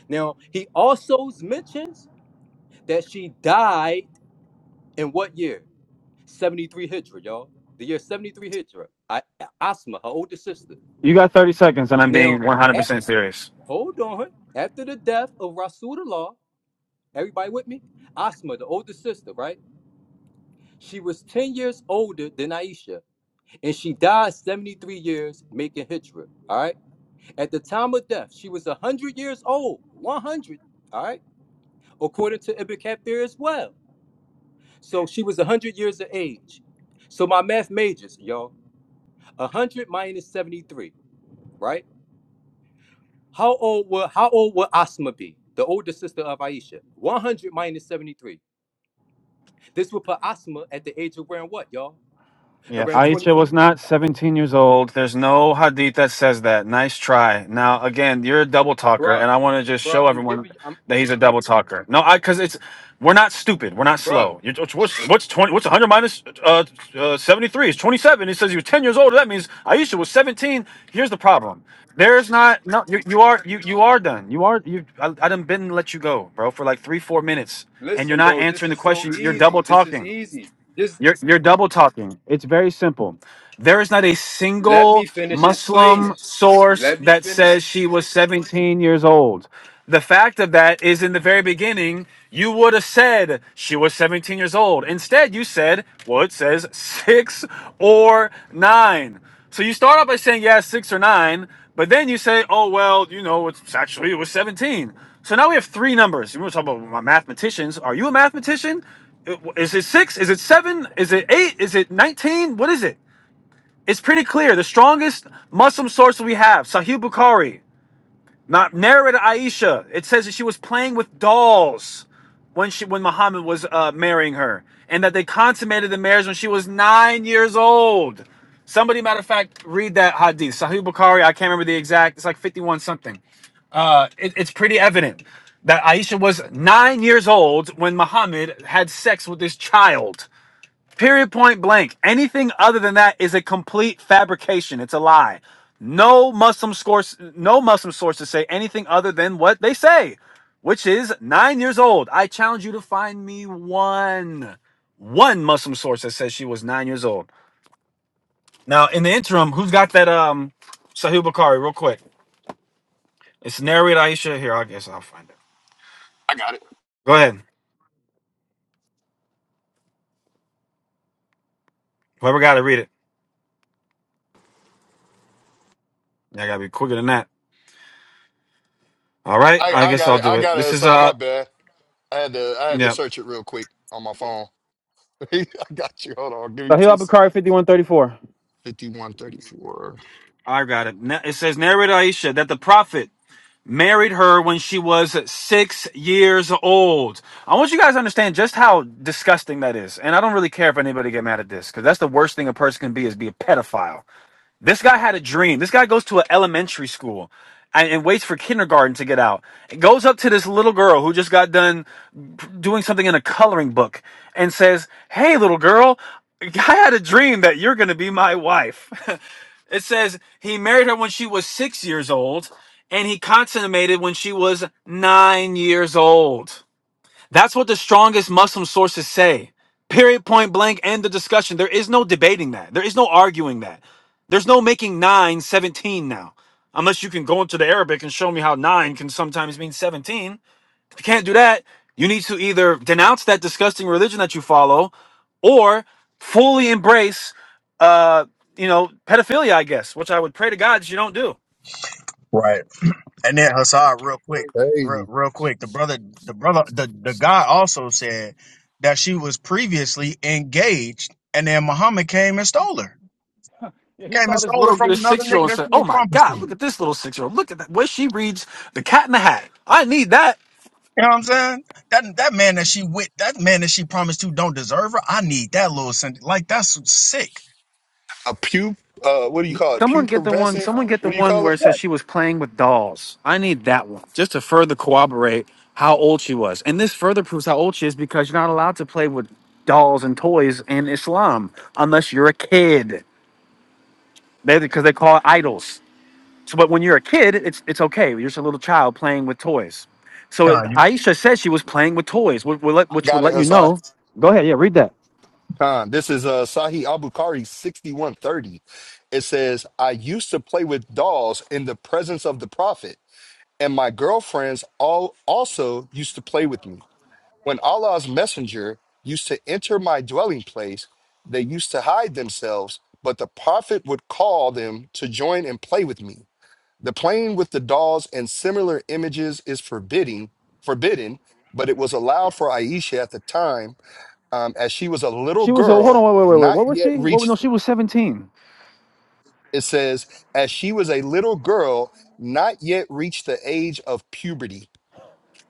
Now, he also mentions that she died in what year? 73 Hijra, y'all. The year 73 Hijra. I, Asma, her older sister.
You got 30 seconds, and I'm being
Now, at,
100% serious.
hold on. After the death of Rasulullah, everybody with me? Asma, the older sister, right? She was 10 years older than Aisha, and she died 73 years making Hijra, all right? At the time of death, she was 100 years old, 100, all right? According to Ibn Kathir as well. So she was 100 years of age. So my math majors, y'all, 100 minus 73. right? How old will how old will Asma be? The older sister of Aisha. 100 minus 73. This would put Asma at the age of around what, y'all?
Yeah,
Around 20.
Aisha was not 17 years old. There's no hadith that says that. Nice try. Now, again, you're a double talker,
Bruh,
and I want to just
bruh,
show
I'm
everyone
giving you, I'm,
that he's a double talker. No, I because it's we're not stupid. We're not
bruh,
slow. You're, what's what's 20? What's 100 minus uh, uh, 73? It's 27. It says you're 10 years old. That means Aisha was 17. Here's the problem. There's not no. You, you are you you are done. You are you. I, I done been let you go, bro, for like three four minutes, and you're
listen,
not
bro, this
answering the
is so
question. You're double
easy. This is
talking.
easy. Just
You're you're double talking. It's very simple. There is not a
let me
single
finish explaining.
Muslim source
Let me
that
finish.
says she was 17 years old. The fact of that is in the very beginning, you would have said she was 17 years old. Instead, you said, well, it says six or nine. So you start out by saying, yeah, six or nine, but then you say, oh, well, you know, it's actually, it was 17. So now we have three numbers. We were talking about my mathematicians. Are you a mathematician? Uh, Is it six? Is it seven? Is it eight? Is it 19? What is it? It's pretty clear. The strongest Muslim source we have, Sahih Bukhari. Not married Aisha. It says that she was playing with dolls when she when Muhammad was uh, marrying her, and that they consummated the marriage when she was nine years old. Somebody, matter of fact, read that hadith, Sahih Bukhari. I can't remember the exact. It's like fifty-one something. Uh, it- it's pretty evident that Aisha was nine years old when Muhammad had sex with this child. Period point blank. Anything other than that is a complete fabrication. It's a lie. No Muslim source, no Muslim sources say anything other than what they say, which is nine years old. I challenge you to find me one, one Muslim source that says she was nine years old. Now, in the interim, who's got that um Sahih Bukhari? Real quick, it's narrated Aisha here. I guess I'll find it.
I got it.
Go ahead. Whoever got to read it. Yeah, I gotta be quicker than that. All right.
I,
I
I
guess
got
I'll
it.
do
I
it.
got it,
This is
Hassan.
uh,
My bad. I had to I had to
yeah.
search it real quick on my phone. I got you. Hold on. Give me
Sahih
two. sec-
Bukhari 5134.
5134.
I got it. Na- It says, "Narrated Aisha that the prophet married her when she was six years old. I want you guys to understand just how disgusting that is. And I don't really care if anybody get mad at this because that's the worst thing a person can be is be a pedophile. This guy had a dream. This guy goes to an elementary school and, and waits for kindergarten to get out. It goes up to this little girl who just got done doing something in a coloring book and says, Hey, little girl, I had a dream that you're going to be my wife. it says he married her when she was six years old and he consummated when she was nine years old. That's what the strongest Muslim sources say. Period, point blank, end the discussion. There is no debating that. There is no arguing that. There's no making 9 17 now. Unless you can go into the Arabic and show me how 9 can sometimes mean 17. If you can't do that, you need to either denounce that disgusting religion that you follow or fully embrace, uh, you know, pedophilia, I guess, which I would pray to God that you don't do.
right. And then Hassad, real quick, real,
Crazy.
real quick. The brother, the brother, the the guy also said that she was previously engaged, and then Muhammad came and stole her.
Yeah, he
Came and
saw this
stole it
little
from
this
another
six year
nigga
old and
that
said,
she
"Oh
was
my
promised to.
God, look at
You
this little six year old! Look at that way she reads The Cat in the Hat. I need that."
know what I'm saying? That that man that she with that man that she promised to don't deserve her. I need that little sen- like that's sick.
A pu uh what do you call it?
Someone get the one.
Pupubescent?
Someone get the
What do you
one
call
where it
it?
Yeah,
says she was playing with dolls. I need that one just to further corroborate how old she was. And this further proves how old she is because you're not allowed to play with dolls and toys in Islam unless you're a kid. They because they call it idols. So, but when you're a kid, it's it's okay. You're just a little child playing with toys. So it,
John, you-
Aisha said she was playing with toys, which would, let,
I
which would
got it,
let you
Hassan.
know. Go ahead, yeah, read that.
Khan. This is uh, Sahih Abukari 6130. It says, I used to play with dolls in the presence of the Prophet, and my girlfriends all also used to play with me. When Allah's messenger used to enter my dwelling place, they used to hide themselves, but the Prophet would call them to join and play with me. The playing with the dolls and similar images is forbidding, forbidden, but it was allowed for Aisha at the time um, as she was a little
She was. Oh, hold on,
girl,
wait, wait, wait, wait.
not
What was
yet
she? What? No,
reached,
she was 17.
it says, as she was a little girl, not yet reached the age of puberty.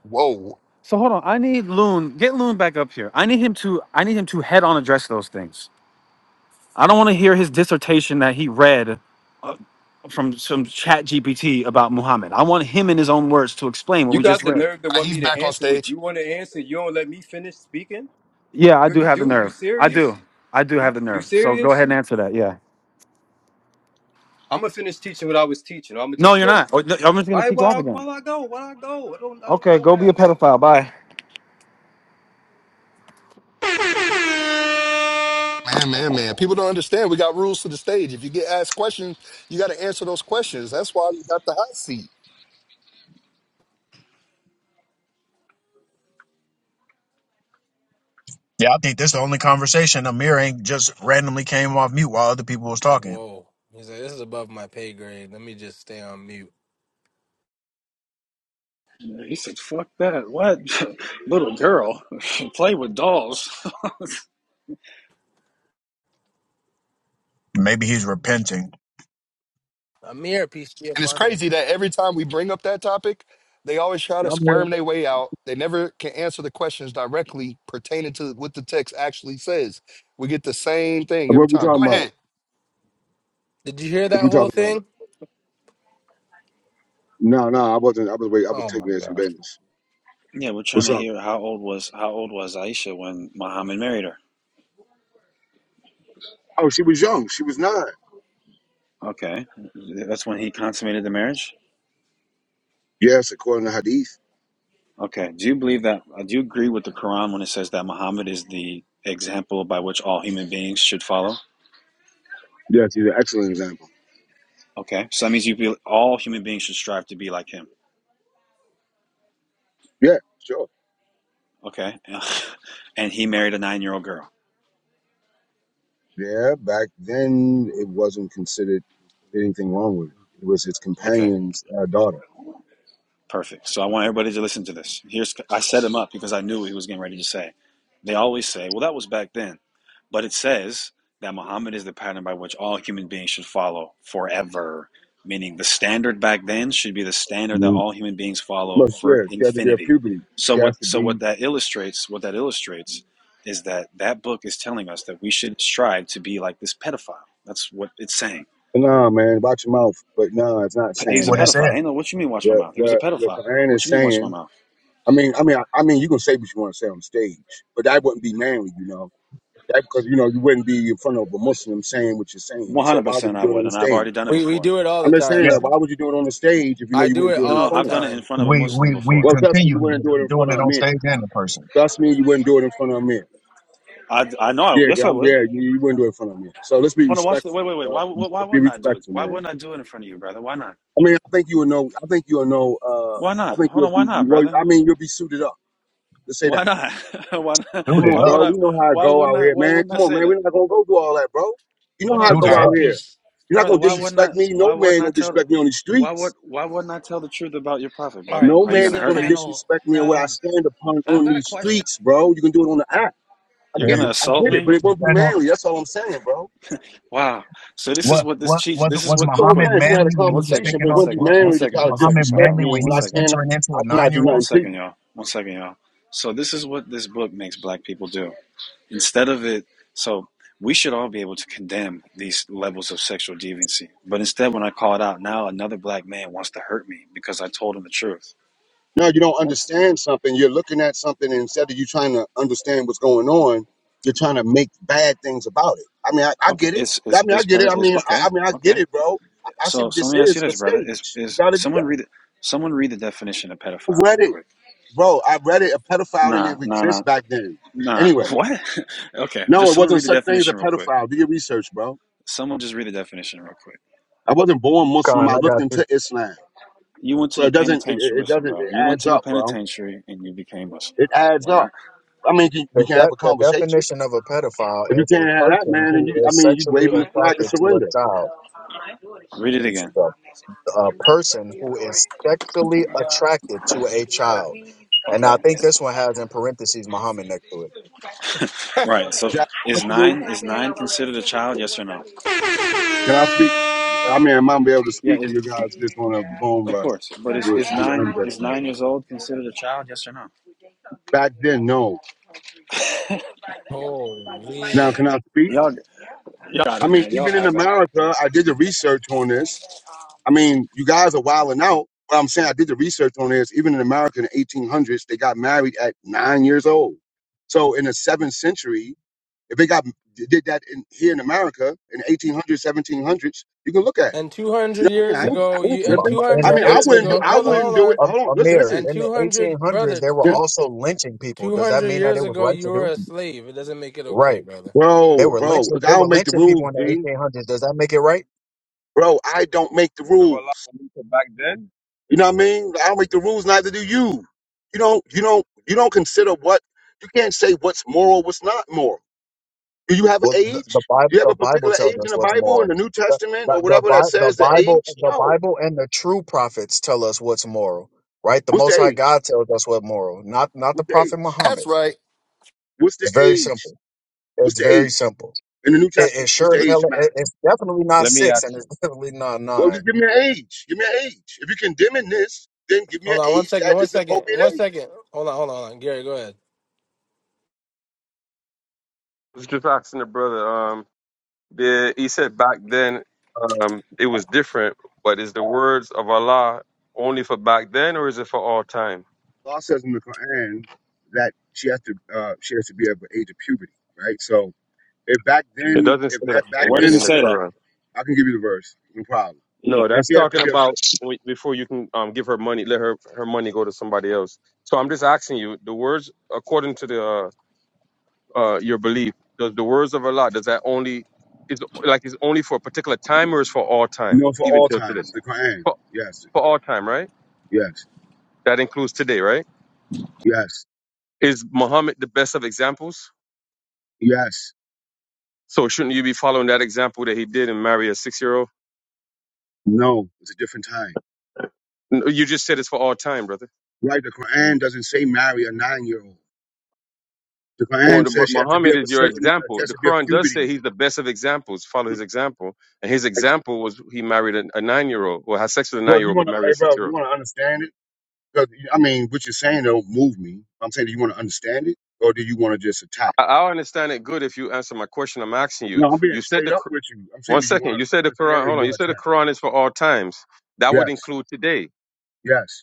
Whoa.
So hold on. I need Loon. Get Loon back up here. I need him to. I need him to head on address those things. I don't want to hear his dissertation that he read from some Chat GPT about Muhammad. I want him in his own words to explain what
You
we just
got the
read.
nerve to
Uh,
want
He's
me to
back on
answer what
stage.
you want to answer. You don't let me finish speaking?
Yeah, I
Yo,
do
you
have the
do? You
nerve. I
serious?
do. I do
You,
have the
you
nerve. So go
serious?
ahead and answer that. Yeah.
I'm going to finish teaching what I was teaching. I'm going to
No,
just
you're
go.
not. Oh, no, I'm just
All
gonna
right,
kick you off
well, I,
again.
well, I go, well, I go. It don't, it don't
Okay,
don't
go be a
matter. I'll
pedophile. Bye.
Man, man, man. People don't understand. We got rules to the stage. If you get asked questions, you got to answer those questions. That's why we got the hot seat.
yeah. I think this the only conversation Amir ain't just randomly came off mute while other people was
Like,
talking.
whoa. He's like, this is above my pay grade. Let me just stay on mute.
Fuck that. What? You're a girl with dolls.
Maybe he's repenting.
I'm here, PCF
And it's
partner.
crazy that every time we bring up that topic, they always try
Yeah,
to
I'm here.
squirm their way out. They never can answer the questions directly pertaining to what the text actually says. We get the same thing every
What we
time. Go
talking about?
ahead.
Did you hear
What
that
we
whole
talking about?
thing?
No, no, I wasn't. I was wait. I was
Oh my
taking in some
gosh.
business.
Yeah, we're trying
What's
to
up?
hear how old was how old was Aisha when Muhammad married her.
Oh, she was young. She was nine.
Okay. That's when he consummated the marriage?
Yes, according to Hadith.
Okay. Do you believe that uh, do you agree with the Quran when it says that Muhammad is the example by which all human beings should follow?
Yes, he's an excellent example.
Okay. So that means you feel all human beings should strive to be like him.
Yeah, sure.
Okay. and he married a 9-year-old girl.
Yeah, back then it wasn't considered anything wrong with it. It was his
Okay.
companion's uh, daughter.
Perfect. So I want everybody to listen to this. Here's I set him up because I knew what he was getting ready to say. They always say, "Well, that was back then," but it says that Muhammad is the pattern by which all human beings should follow forever. Meaning, the standard back then should be the standard that
Mm.
all human beings follow
Look,
for
yeah, she had to be a
infinity.
puberty.
So
She has
what?
to
So what
be.
that illustrates? What that illustrates is that that book is telling us that we should strive to be like this pedophile. That's what it's saying.
Nah, man, watch your mouth. But nah, it's not
That's
He's
saying
a
what it
that.
said.
pedophile. Ain't no. What you mean? Watch my
The
mouth. He was a
the the
pedophile.
Quran
What
is
you mean? Watch my
saying.
mouth.
I mean, I mean, I, I mean, you can say what you want to say on stage, but that wouldn't be manly, you know. That because you know you wouldn't be in front of a Muslim saying what you're saying.
One
So
hundred
why would
percent,
you
I
do it on
would,
the
and I've
stage?
already done it
We we
before.
do it all the
I'm just
time.
saying
Yeah,
that why would you do it on the stage if you know
I
you
do
wouldn't
it
do it
No,
in
no,
all
no,
the
front
I've
of me?
done it in
time.
front of a
we
Muslim
we we
before.
Well, trust me,
continue
you
to do
wouldn't do it
it,
in
doing
front of
it
a
on
man.
stage and in person.
Trust me, you wouldn't do it in front of a man.
I, I know. I,
Yeah,
yes, I
I'm
would.
yeah, you, you wouldn't do it in front of a man. So let's be
Hold on, watch the.
respectful,
Wait, wait, wait.
yo.
Why, why, why
Let's be
wouldn't I do it?
respectful,
Why
man.
wouldn't I do it in front of you, brother? Why not?
I mean, I think you will know. I think you'll know. Uh,
Why
I
not?
think
Hold
you'll
on, why
be.
not,
You, will- I
brother?
mean, you'll be suited up. Let's say
Why
that.
not? why not?
Suit
Come
it
on,
Why would
bro.
up,
I?
We know how I
Why
go
wouldn't
out
I?
here,
Why
man.
wouldn't I
Come on,
say
man. We're
that?
not gonna go do all that, bro. You know
Hold
how I
on,
suit
go
All
it
just
out
right,
up.
here.
peace,
You're not
brother.
gonna
Why
peace.
wouldn't I?
disrespect me. No
Why wouldn't
man
I
gonna
tell?
disrespect me on the
Why
streets.
would? Why wouldn't I tell the truth about your prophet,
All right,
brother?
No
Are you
peace
man
gonna
to
is
the
hurt
gonna
me?
panel.
disrespect me and what I
Now,
stand upon
I've
on
got a
these
question.
streets, bro. You can do it on the app. I
You're
get it.
gonna
I
assault
get it.
me?
But it won't be
Yeah,
manly. That's all I'm saying, bro.
Wow. So this is
What
what this
what
cheat.
was
This is
was
what.
That's
Real
all I'm
quick.
Muhammad
saying. We had a
manly when he
One
was
second,
conversation, but
taking
it
one
on
wouldn't be
second,
what,
one
what
manly to
was
second,
try to
one
Muhammad
second,
disrespect
manly
Kayala.
when
me
he
One
when I
was
second,
can
entering into
I
a
cannot
nine
do
year
one
old?
nothing to
second,
you.
y'all. One second, y'all. So this is what this book makes black people do. Instead of it, so we should all be able to condemn these levels of sexual deviancy. But instead, when I call it out, now another black man wants to hurt me because I told him the truth.
No, you don't
That's
understand something. You're looking at something and instead of you trying to understand what's going on, you're trying to make bad things about it. I mean, I, I
okay.
get it.
It's
I
it's
mean, I
it's,
get it.
better-
I
it's
mean, I,
okay.
I mean, I get
Okay.
it, bro. I, I see
So
what
so let
this
me ask you
is. It's a
this, brother. Is
stage. You
is
got to do
someone
that.
read it? Someone read the definition of
I
pedophile
read
real
it.
quick.
bro, I read it. A pedophile didn't
Nah,
even
nah,
exist
nah,
back then.
nah.
Anyway,
What? okay,
no,
just
it
someone
wasn't
read the
such thing as a
definition real quick.
pedophile. Do your research, bro.
Someone just read the definition real quick.
I wasn't born Muslim.
Con,
I
I
looked
got you.
into Islam,
You went to
so
the
it doesn't. It, it
penitentiary.
it
Listen,
doesn't.
bro.
It
You went
adds
to the
up, bro.
penitentiary and you became Muslim,
It
bro.
adds
We're
up.
not.
I mean, you-
The,
we can have
de-
a
the
conversation.
definition of a
If
pedophile
you
is a
can't have that,
person
man, and you,
who
I
is
mean, you
sexually
waving the flag of
attracted to a
surrender.
child.
Read it
You should
again.
go. A person who is sexually attracted to a child. And I
Okay.
think
Is-
this one has in parentheses Muhammad next to
Yeah,
Right. So
Is that
is
possible?
nine is nine considered a child? Yes or no?
Can I speak? I mean, I'm gonna be able to
Yeah.
speak with
Is,
you guys just gonna bone
of
rush
course. But
and
is,
do
is
it, do the
nine
unjust
is
thing.
nine years old considered a child? Yes or no?
Back then, no. Now,
Holy.
can I speak?
Y'all, y'all got
I
it,
mean,
man. Y'all
even in
have it.
America, I did the research on this I mean, you guys are wilding out. But I'm saying I did the research on this. Even in America in the 1800s, they got married at nine years old. So in the seventh century, if they got did that in, here in America in the 1800s, 1700s, you can look at it.
And
You
200
know what I mean?
years
I
it.
ain't, I
ago,
ain't
you
In
and
tripping. I
the
200
mean, I
years
wouldn't do.
ago,
1800s,
I
hold on,
in,
hold
wouldn't do
on.
it.
um,
Hold on. Listen,
Amir,
And
listen.
in the
200,
1800s,
brother,
they were
Yeah.
two,
also lynching people. Does that
200
mean that
years
it was
ago,
right
you
to
were
do?
a slave. It doesn't make it
Right.
okay, brother.
They
Bro,
were
bro.
lynching.
Look, I
They were
don't make the
lynching people
rules,
in the
Dean.
1800s. Does that make it right?
Bro, I don't make the
Of
rules.
Allah back then.
You know what I mean? I don't make the rules, neither do you. You don't you don't you don't consider what you can't say what's moral, what's not moral. Do you have an
Well, the,
age?
the Bible,
Do you have
the
a
Bible
particular
tells
age in
us
the
what's
Bible in
moral.
the New
The,
Testament
the,
or
the,
whatever that
Bi- the
says the
Bible,
age?
the
No.
Bible, and the true prophets tell us what's moral, right? The
What's the
Most High
age?
God tells us what's moral, not not the
What's the
Prophet
age?
Muhammad.
That's right.
What's the
It's very
age?
simple.
What's
It's
the
very
age
simple.
in the New
It, it
Testament? What's
sure
the
Let
as
me
age
hell.
of
It,
marriage?
it's definitely not
let me
six, and
ask
it's
him.
definitely not
Well,
nine.
just give me an age. Give me an age. If you're condemning this, then give me an
Hold on one
age
second,
that
one
is the
second,
appropriate
one
age.
second. Hold on, hold on, hold on. Gary, go ahead.
I was just asking the brother. Um, The, he said back then um, it was different, but is the words of Allah only for back then or is it for all time?
Allah says in the Quran that she has to uh, she has to be of the age of puberty, right? So If back
It
then,
doesn't
if
say that
at back
in
Where
the,
does
then,
it
in the
should
say
I,
that?
Quran.
I can give you the verse, no problem.
Yeah.
No,
And
that's
she has to
talking
be, a,
about w- before you can um, give her money, let her, her money go to somebody else. So I'm just asking you, the words according to the uh, uh, your belief, does the words of Allah does that only is like is only for a particular time or is for all
you
time,
know, for
even
all
till today?
times, the Quran.
For,
Yes,
for all time, right?
yes,
That includes today, right?
yes,
Is Muhammad the best of examples?
yes.
So shouldn't you be following that example that he did and marry a six year old?
No, it's a different time.
You just said it's for all time, brother.
Right, the Quran doesn't say marry a nine-year-old. The
Or
Quran
the, but
says she has to be
Muhammad
of
is
a
your
certain, uh, she
example.
has
The
to be of
Quran does
puberty.
say he's the best of examples. Follow his example, and his
Ex-
example was he married a, a nine year old, or had sex with a nine
Bro, do
year
you
old, but
want to,
married a
hey,
six
bro, do
year
you
old.
want to understand it? Because I mean, what you're saying don't move me. I'm saying, do you want to understand it, or do you want to just attack?
I, I understand it good if you answer my question. I'm asking you.
No, I'm being
You said
straight
the
up
Qu-
with you. I'm
one
saying, do you want
second. You said
to
the
understand
Quran.
it, or
Hold
you
on. You
want
said
to
the
attack?
Quran is for all times. That would
Yes,
include today.
yes.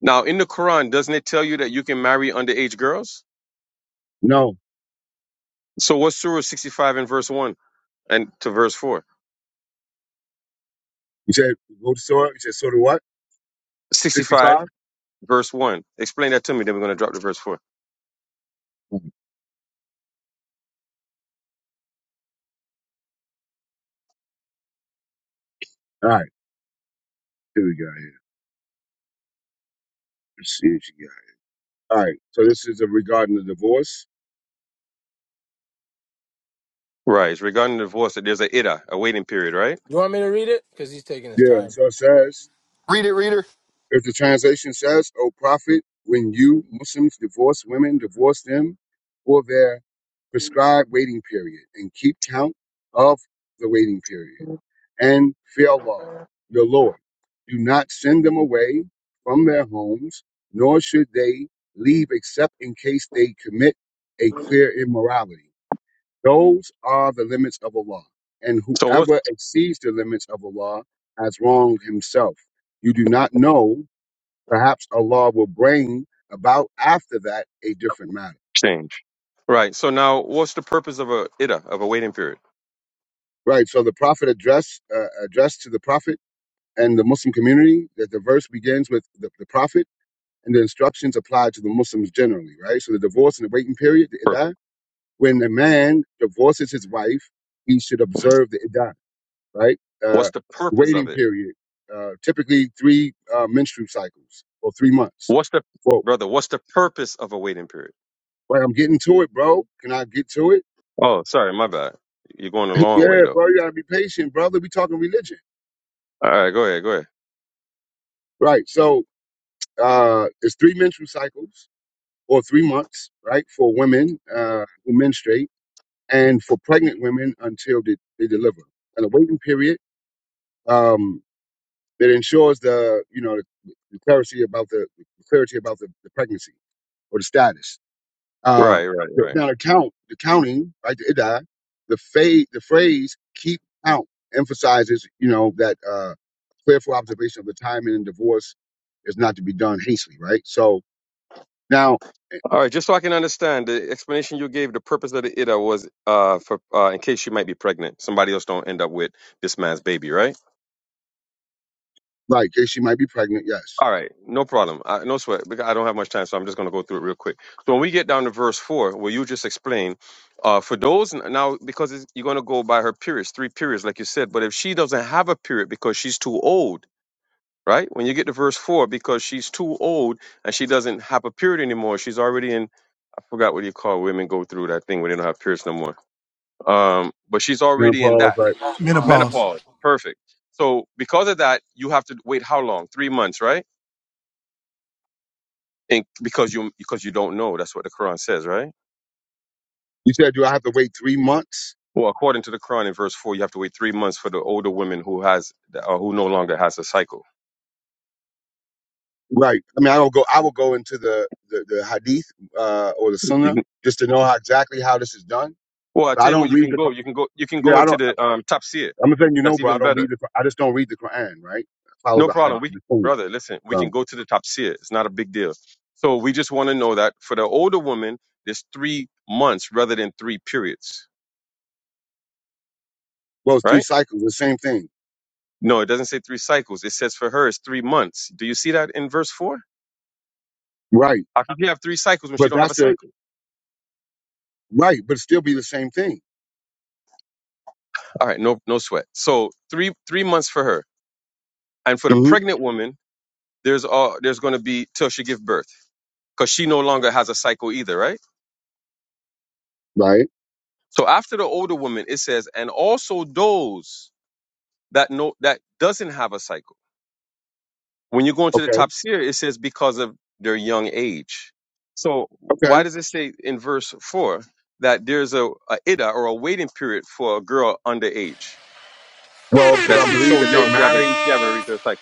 Now, in the Quran, doesn't it tell you that you can marry underage girls?
No.
So, what's Surah 65 and verse one and to verse four?
You said go to Sora. You said Sora what?
65,
65?
verse 1. Explain that to me, then we're going to drop to verse 4.
All right. Here we go. Here. Let's see what you got. All right. So this is a regarding the divorce.
Right. Regarding the divorce, that there's a ida, a waiting period, right?
You want me to read it? Because he's taking his
Yeah.
time.
So it says,
Read it, reader.
if the translation says, O prophet, when you Muslims divorce women, divorce them for their prescribed waiting period and keep count of the waiting period. and Philá, your Lord. Do not send them away from their homes, nor should they leave except in case they commit a clear immorality. Those are the limits of Allah, and
So what's
whoever exceeds the limits of Allah has wronged himself. You do not know, perhaps Allah will bring about after that a different matter.
change? Right. So now, what's the purpose of a ida, of a waiting period?
Right, so the Prophet address uh, addressed to the Prophet and the Muslim community that the verse begins with the, the Prophet and the instructions apply to the Muslims generally, right? So the divorce and the waiting period, the
Perfect.
iddah, when a man divorces his wife, he should observe the iddah, right?
What's
Uh,
the purpose of
waiting
it?
period, uh, typically three uh, menstrual cycles or three months.
What's the,
Whoa,
brother, what's the purpose of a waiting period?
wait, I'm getting to it, bro. Can I get to it?
Oh, sorry, my bad. You're going a long way,
yeah,
though.
bro, you gotta be patient, brother. We talking religion,
All right, go ahead, go ahead.
right? So uh, it's three menstrual cycles or three months, right, for women uh, who menstruate and for pregnant women until they, they deliver. And a waiting period um, that ensures the you know the, the clarity about the, the clarity about the, the pregnancy or the status. Uh,
Right, right,
the-
right.
now the count, the counting, right? The idah, the phase, the phrase "keep count" emphasizes you know that uh, careful observation of the timing and divorce is not to be done hastily, right? So now,
All right, just so I can understand, the explanation you gave, the purpose of the ida was uh, for uh, in case she might be pregnant, somebody else don't end up with this man's baby, right?
like, yeah, she might be pregnant, yes.
All right, no problem. I, no sweat. Because I don't have much time, so I'm just going to go through it real quick. So when we get down to verse four, where you just explain, uh, for those n- now because it's, you're going to go by her periods, three periods, like you said. But if she doesn't have a period because she's too old, right? When you get to verse four, because she's too old and she doesn't have a period anymore, she's already in. I forgot what you call women go through that thing where they don't have periods no more. Um, but she's already in
Menopause,
that
right?
Menopause
menopause. Perfect. So because of that, you have to wait how long? Three months, right? And because you because you don't know, that's what the Quran says, right?
You said, do I have to wait three months?
Well, according to the Quran, in verse four, you have to wait three months for the older woman who has or who no longer has a cycle.
Right. I mean, I don't go. I will go into the the, the hadith uh, or the
You
sunnah
can-
just to know how exactly how this is done.
well, I
But
tell
I
you what,
don't
you
read
can
the.
go,
Qur-
you can go, you can go
Yeah, I
into
don't.
the um, tafsir.
I'm letting you know,
That's
bro. I
even
don't read
better.
the. Qur- I just don't read the Quran. Right. I follow
No
the
problem.
hadith,
We
the sunnah.
brother, listen, we can
Bro.
go to the tafsir. It's not a big deal. So we just want to know that for the older woman, there's three months rather than three periods,
Well, it's three
right?
cycles. The same thing.
No, it doesn't say three cycles. It says for her it's three months. Do you see that in verse four?
Right.
How could you have three cycles when she
But
don't have a
that's the
cycle?
right. But it still be the same thing.
All right, no no sweat. So three three months for her, and for the
hmm
pregnant woman, there's all there's going to be till she give birth because she no longer has a cycle either, right?
Right.
So after the older woman, it says, and also those that no that doesn't have a cycle. When you go into the
Okay.
top tier, it says because of their young age. So why
Okay.
does it say in verse four that there's a, a ida or a waiting period for a girl underage
Well, because
that
I
she's
believe
so
that they
young she haven't
marry.
she haven't reached her cycle?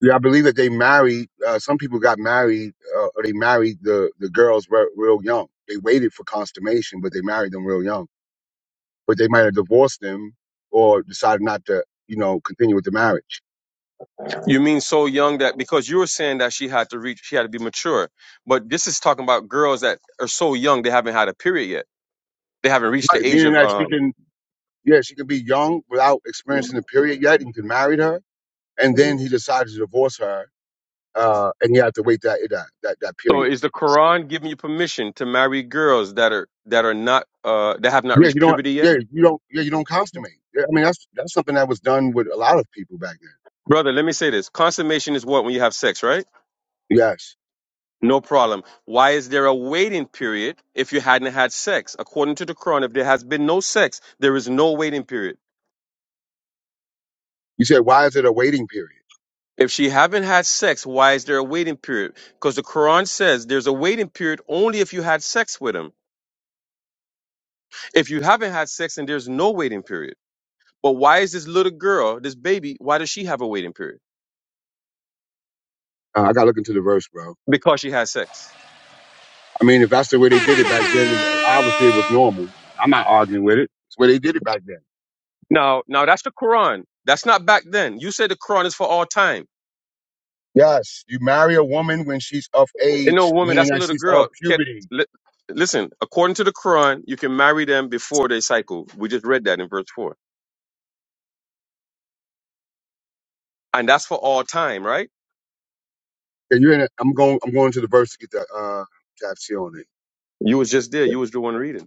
Yeah, I believe that they married. Uh, some people got married, uh, or they married the the girls re- real young. They waited for consummation, but they married them real young. But they might have divorced them or decided not to, you know, continue with the marriage.
You mean so young that because you were saying that she had to reach, she had to be mature. But this is talking about girls that are so young they haven't had a period yet. They haven't reached
Right,
the age
meaning
of.
that she
Um,
can, yeah, she can be young without experiencing the period yet, and you can marry her, and then he decides to divorce her, uh, and you have to wait that that that, that
so
period.
is the Quran giving you permission to marry girls that are that are not uh, that have not
Yeah,
reached
you don't.
puberty yet,
Yeah, you don't. Yeah, you don't consummate. Yeah, I mean, that's that's something that was done with a lot of people back then.
brother? Let me say this: consummation is what when you have sex, right?
Yes.
No problem. Why is there a waiting period if you hadn't had sex? According to the Quran, if there has been no sex, there is no waiting period.
You said, why is it a waiting period?
If she haven't had sex, why is there a waiting period? Because the Quran says there's a waiting period only if you had sex with him. If you haven't had sex and there's no waiting period, but why is this little girl, this baby, why does she have a waiting period?
Uh, I got to look into the verse, bro.
Because she had sex.
I mean, if that's the way they did it back then, obviously it was normal. I'm not arguing with it. It's the way they did it back then.
Now, now that's the Quran. That's not back then. You said the Quran is for all time.
Yes, you marry a woman when she's of
You know,
age,
woman,
meaning
that's a
that
little
she's
girl.
of
Can
puberty.
li- listen. According to the Quran, you can marry them before they cycle. We just read that in verse four, and that's for all time, right?
And you're in. A, I'm going. I'm going to the verse to get the uh, tap C on it.
You was just there.
Yeah.
You was the one reading.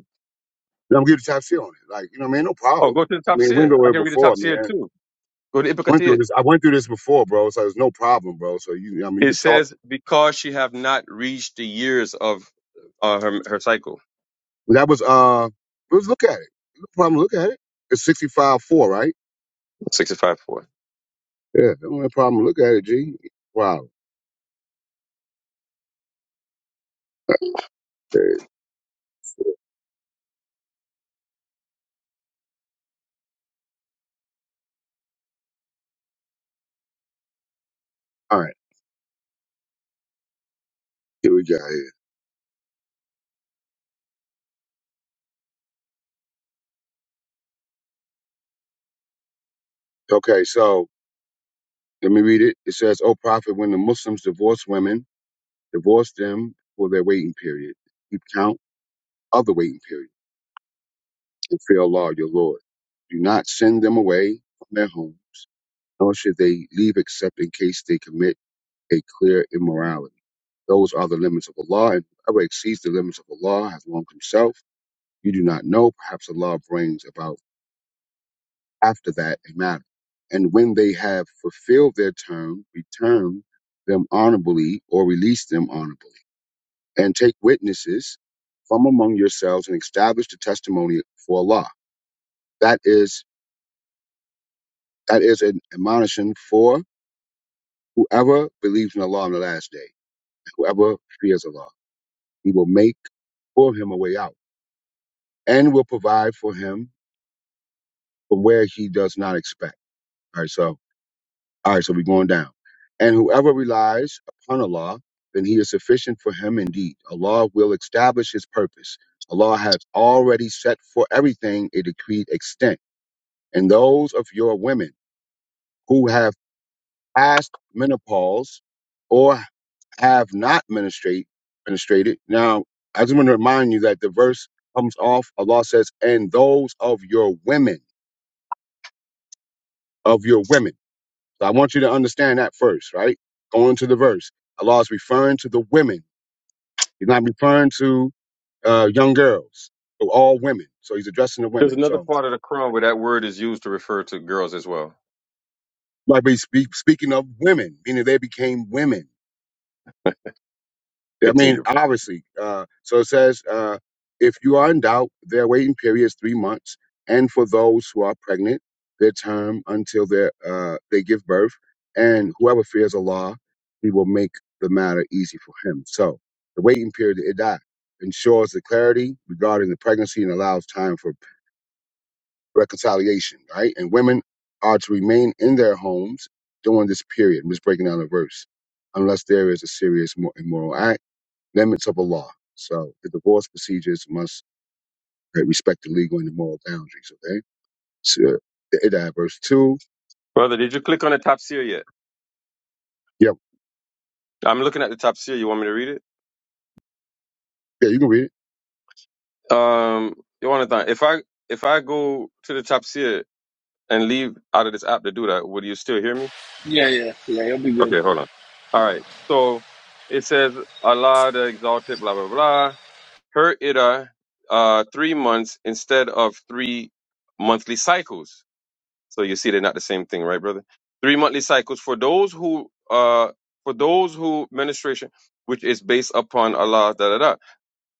I'm gonna get the tap C on it. Like you know, what I mean, no
Oh,
problem.
go to the
I mean, we went
Tafsir.
over
I
it
can read the
before,
Tafsir
man.
too. Go to Ibn
I went through
Kathir.
this. I went through this before, bro. So there's no problem, bro. So you, I mean, you
It
could talk.
says, because she have not reached the years of uh, her, her cycle.
That was uh, let's look at it. No problem. Look at it. It's 65-4, right?
65 4.
Yeah, the only problem. Look at it, G. Wow. That's crazy. All right, here we go. Here. Okay, so let me read it. It says, "O prophet, when the Muslims divorce women, divorce them for their waiting period. Keep count of the waiting period and fear Allah, your Lord. Do not send them away from their home, nor should they leave except in case they commit a clear immorality. Those are the limits of Allah, and whoever exceeds the limits of Allah has wronged himself. You do not know. Perhaps Allah brings about." after that a matter. And when they have fulfilled their term, return them honorably or release them honorably. And take witnesses from among yourselves and establish the testimony for Allah. That is that is an admonition for whoever believes in Allah on the last day, whoever fears Allah. He will make for him a way out and will provide for him from where he does not expect. All right, so All right, so we're going down. And whoever relies upon Allah, then he is sufficient for him indeed. Allah will establish his purpose. Allah has already set for everything a decreed extent. And those of your women who have passed menopause or have not ministrate, ministrated. Now, I just want to remind you that the verse comes off, Allah says, and those of your women, of your women. So I want you to understand that first, right? Going to the verse, Allah is referring to the women. He's not referring to uh, young girls, so all women. So he's addressing the
There's
women.
another
So
part of the Quran where that word is used to refer to girls as well.
like he's speak, speaking of women, meaning they became women. I mean,
Continue.
obviously. Uh, so it says, uh, if you are in doubt, their waiting period is three months, and for those who are pregnant, their term until they uh, they give birth. And whoever fears Allah, He will make the matter easy for him. So the waiting period it died ensures the clarity regarding the pregnancy and allows time for reconciliation. Right, and women are to remain in their homes during this period. I'm just breaking down the verse, unless there is a serious mo- immoral act limits of Allah. So the divorce procedures must uh, respect the legal and the moral boundaries. Okay. So it uh, verse two.
Brother, did you click on the Tafsir yet?
Yep.
I'm looking at the Tafsir. You want me to read it?
Yeah, you can read it.
Um, you want Jonathan, if I if I go to the Tafsir and leave out of this app to do that, would you still hear me?
Yeah, yeah, yeah. He'll be good.
Okay, hold on. All right. So it says, Allah the Exalted, blah, blah, blah. her ida uh, uh, three months instead of three monthly cycles. So you see, they're not the same thing, right, brother? Three monthly cycles for those who uh, for those who menstruation, which is based upon Allah. Da da da.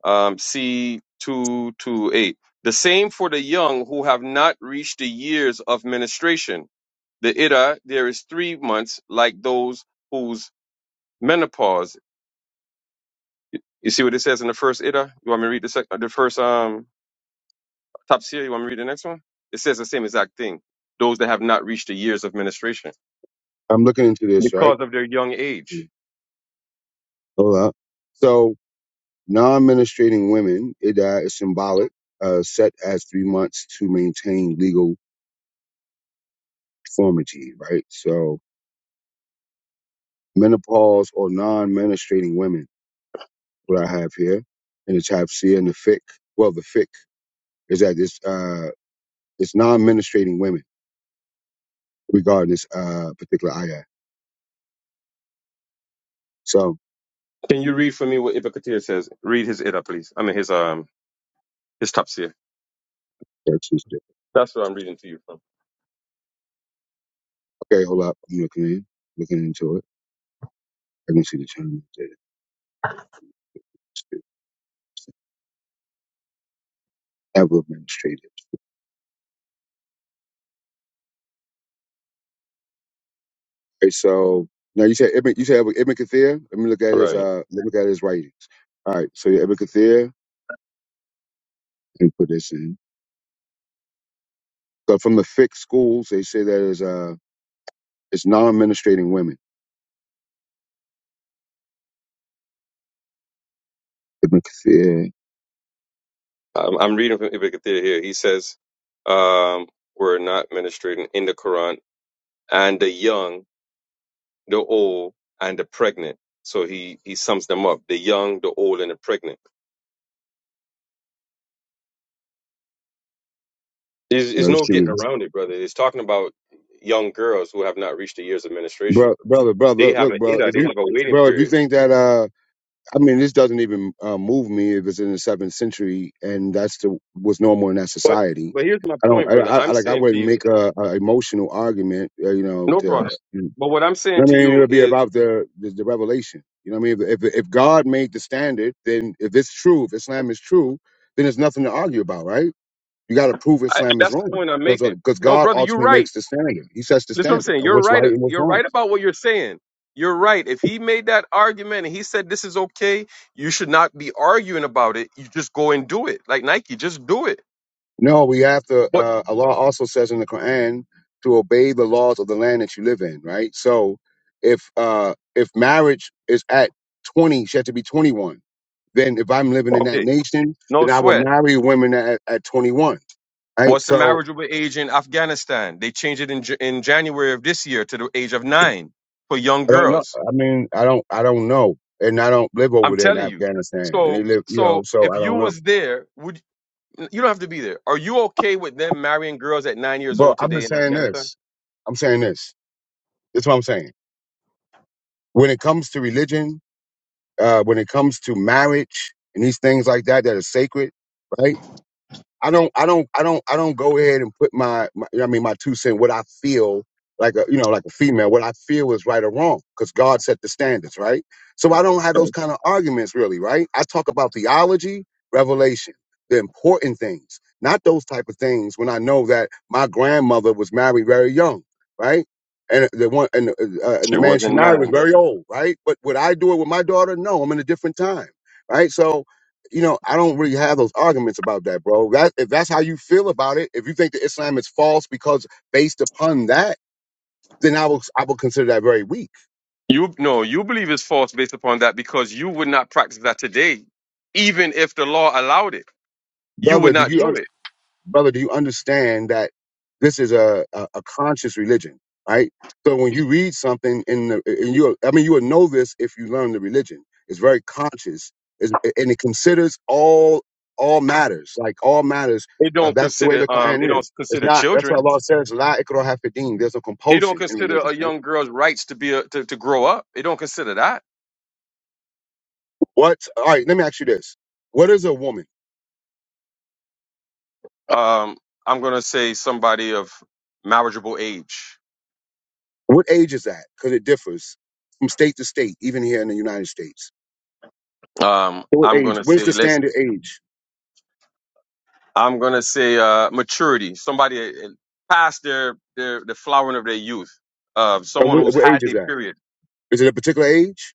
Um, C two two eight. The same for the young who have not reached the years of menstruation. The ida there is three months, like those whose menopause. You see what it says in the first ida. You want me to read the sec- the first um Tafsir, you want me to read the next one? It says the same exact thing. Those that have not reached the years of ministration
I'm looking into this, right?
because of their young
Mm-hmm.
age.
Hold up. So non-ministrating women, it uh, is symbolic, uh, set as three months to maintain legal conformity, right? So menopause or non-ministrating women, what I have here in the chapter C and the fic. Well, the fic is that it's uh, it's non-ministrating women regarding this uh, particular ayah. So
Can you read for me what Ibn Kathir says? Read his Ida, please. I mean, his um his Tafsir.
that's just it.
That's what I'm reading to you from.
Okay, hold up. I'm looking in, looking into it. I can see the term that it's ever administrated. Okay, so now you said Ibn, you said Ibn Kathir. Let me look at his
Right.
uh, let me look at his writings. All right, so yeah, Ibn Kathir. Let me put this in. So from the fiqh schools, they say that is uh, it's non-administrating women. Ibn Kathir.
I'm, I'm reading from Ibn Kathir here. He says, um, we're not ministrating in the Quran and the young, the old, and the pregnant. So he, he sums them up. The young, the old, and the pregnant. There's, there's
Or
no
she
getting
was-
around it, brother. It's talking about young girls who have not reached the years of menstruation.
Bro, brother,
They
brother,
have
look,
an
bro.
ida,
If
they
you,
have a waiting
bro, if you
period.
think that uh, I mean, this doesn't even uh, move me if it's in the seventh century and that's the was normal in that
But
society.
but here's my
I don't,
point,
I,
brother.
I I-
I'm
like, I
saying to
wouldn't
you,
make a, a emotional argument, uh, you know,
no
to,
problem.
you
But what I'm saying
know
to
what I mean,
you
it'll be
is
about the, the, the revelation. You know what I mean? If, if, if God made the standard, then if it's true, if Islam is true, then there's nothing to argue about, right? You got to prove
I,
Islam is
that's the
wrong
point I'm
because,
making.
because
No,
God
brother, you're
ultimately
right.
makes the standard. He sets the
Listen, what I'm
standard
saying.
of
You're
what's
right.
right and what's
You're
wrong.
right about what you're saying. You're right. If he made that argument and he said this is okay, you should not be arguing about it. You just go and do it, like Nike. Just do it.
No, we have to.
But
Uh, Allah also says in the Quran to obey the laws of the land that you live in, right? So, if uh, if marriage is at twenty, she had to be twenty one. Then, if I'm living in that
okay,
nation,
no
then I will
sweat.
marry women at, at twenty one, right?
What's the
So,
marriageable age in Afghanistan? They changed it in, J- in January of this year to the age of nine for young
I don't know.
girls.
I mean, I don't. I don't know, and I don't live
I'm
over there in
telling you.
Afghanistan, and they
So,
live, you know.
so
So,
if
I
you
don't know.
was there, would you don't have to be there? Are you okay with them marrying girls at nine years
But
old
I've been
today in
saying
Afghanistan?
this. I'm saying this. This is what I'm saying. When it comes to religion, uh, when it comes to marriage and these things like that that are sacred, right? I don't, I don't, I don't, I don't go ahead and put my, my I mean, my two cent, what I feel like a, you know, like a female, what I feel is right or wrong, because God set the standards, right? So I don't have those
Right.
kind of arguments really, right? I talk about theology, revelation, the important things, not those type of things when I know that my grandmother was married very young, right? And the one, and the, uh, and
She
the man she
wasn't
married was
nine,
very
brother.
old, right? But would I do it with my daughter? No, I'm in a different time, right? So you know, I don't really have those arguments about that, bro. That if that's how you feel about it, if you think that Islam is false because based upon that, then I will I will consider that very weak,
You no, you believe it's false based upon that because you would not practice that today, even if the law allowed it. You would
brother. Do
not
you?
do it.
brother, do you understand that this is a, a, a conscious religion, right? So when you read something in the, and you, I mean, you will know this if you learn the religion. It's very conscious, it's, and it considers all all matters, like all matters.
It
Uh,
don't
that's the way
consider
the
um, it
Quran
don't
is. It's
consider
not. That's
children.
what Allah says. La ikrah hafidin. There's no
It don't
compulsion in
consider
religion,
a
right?
young girl's rights to be a, to, to grow up. It don't consider that.
What? All right. Let me ask you this. What is a woman?
Um, I'm gonna say somebody of marriageable age.
What age is that? Because it differs from state to state, even here in the United States.
Um,
What
I'm
age?
gonna
Where's
say
the
let's.
standard age?
I'm gonna say uh, maturity. Somebody uh, uh, past their their the flowering of their youth. Uh,
And
someone
what,
who's
what age
had
is
their
that?
period.
Is it a particular age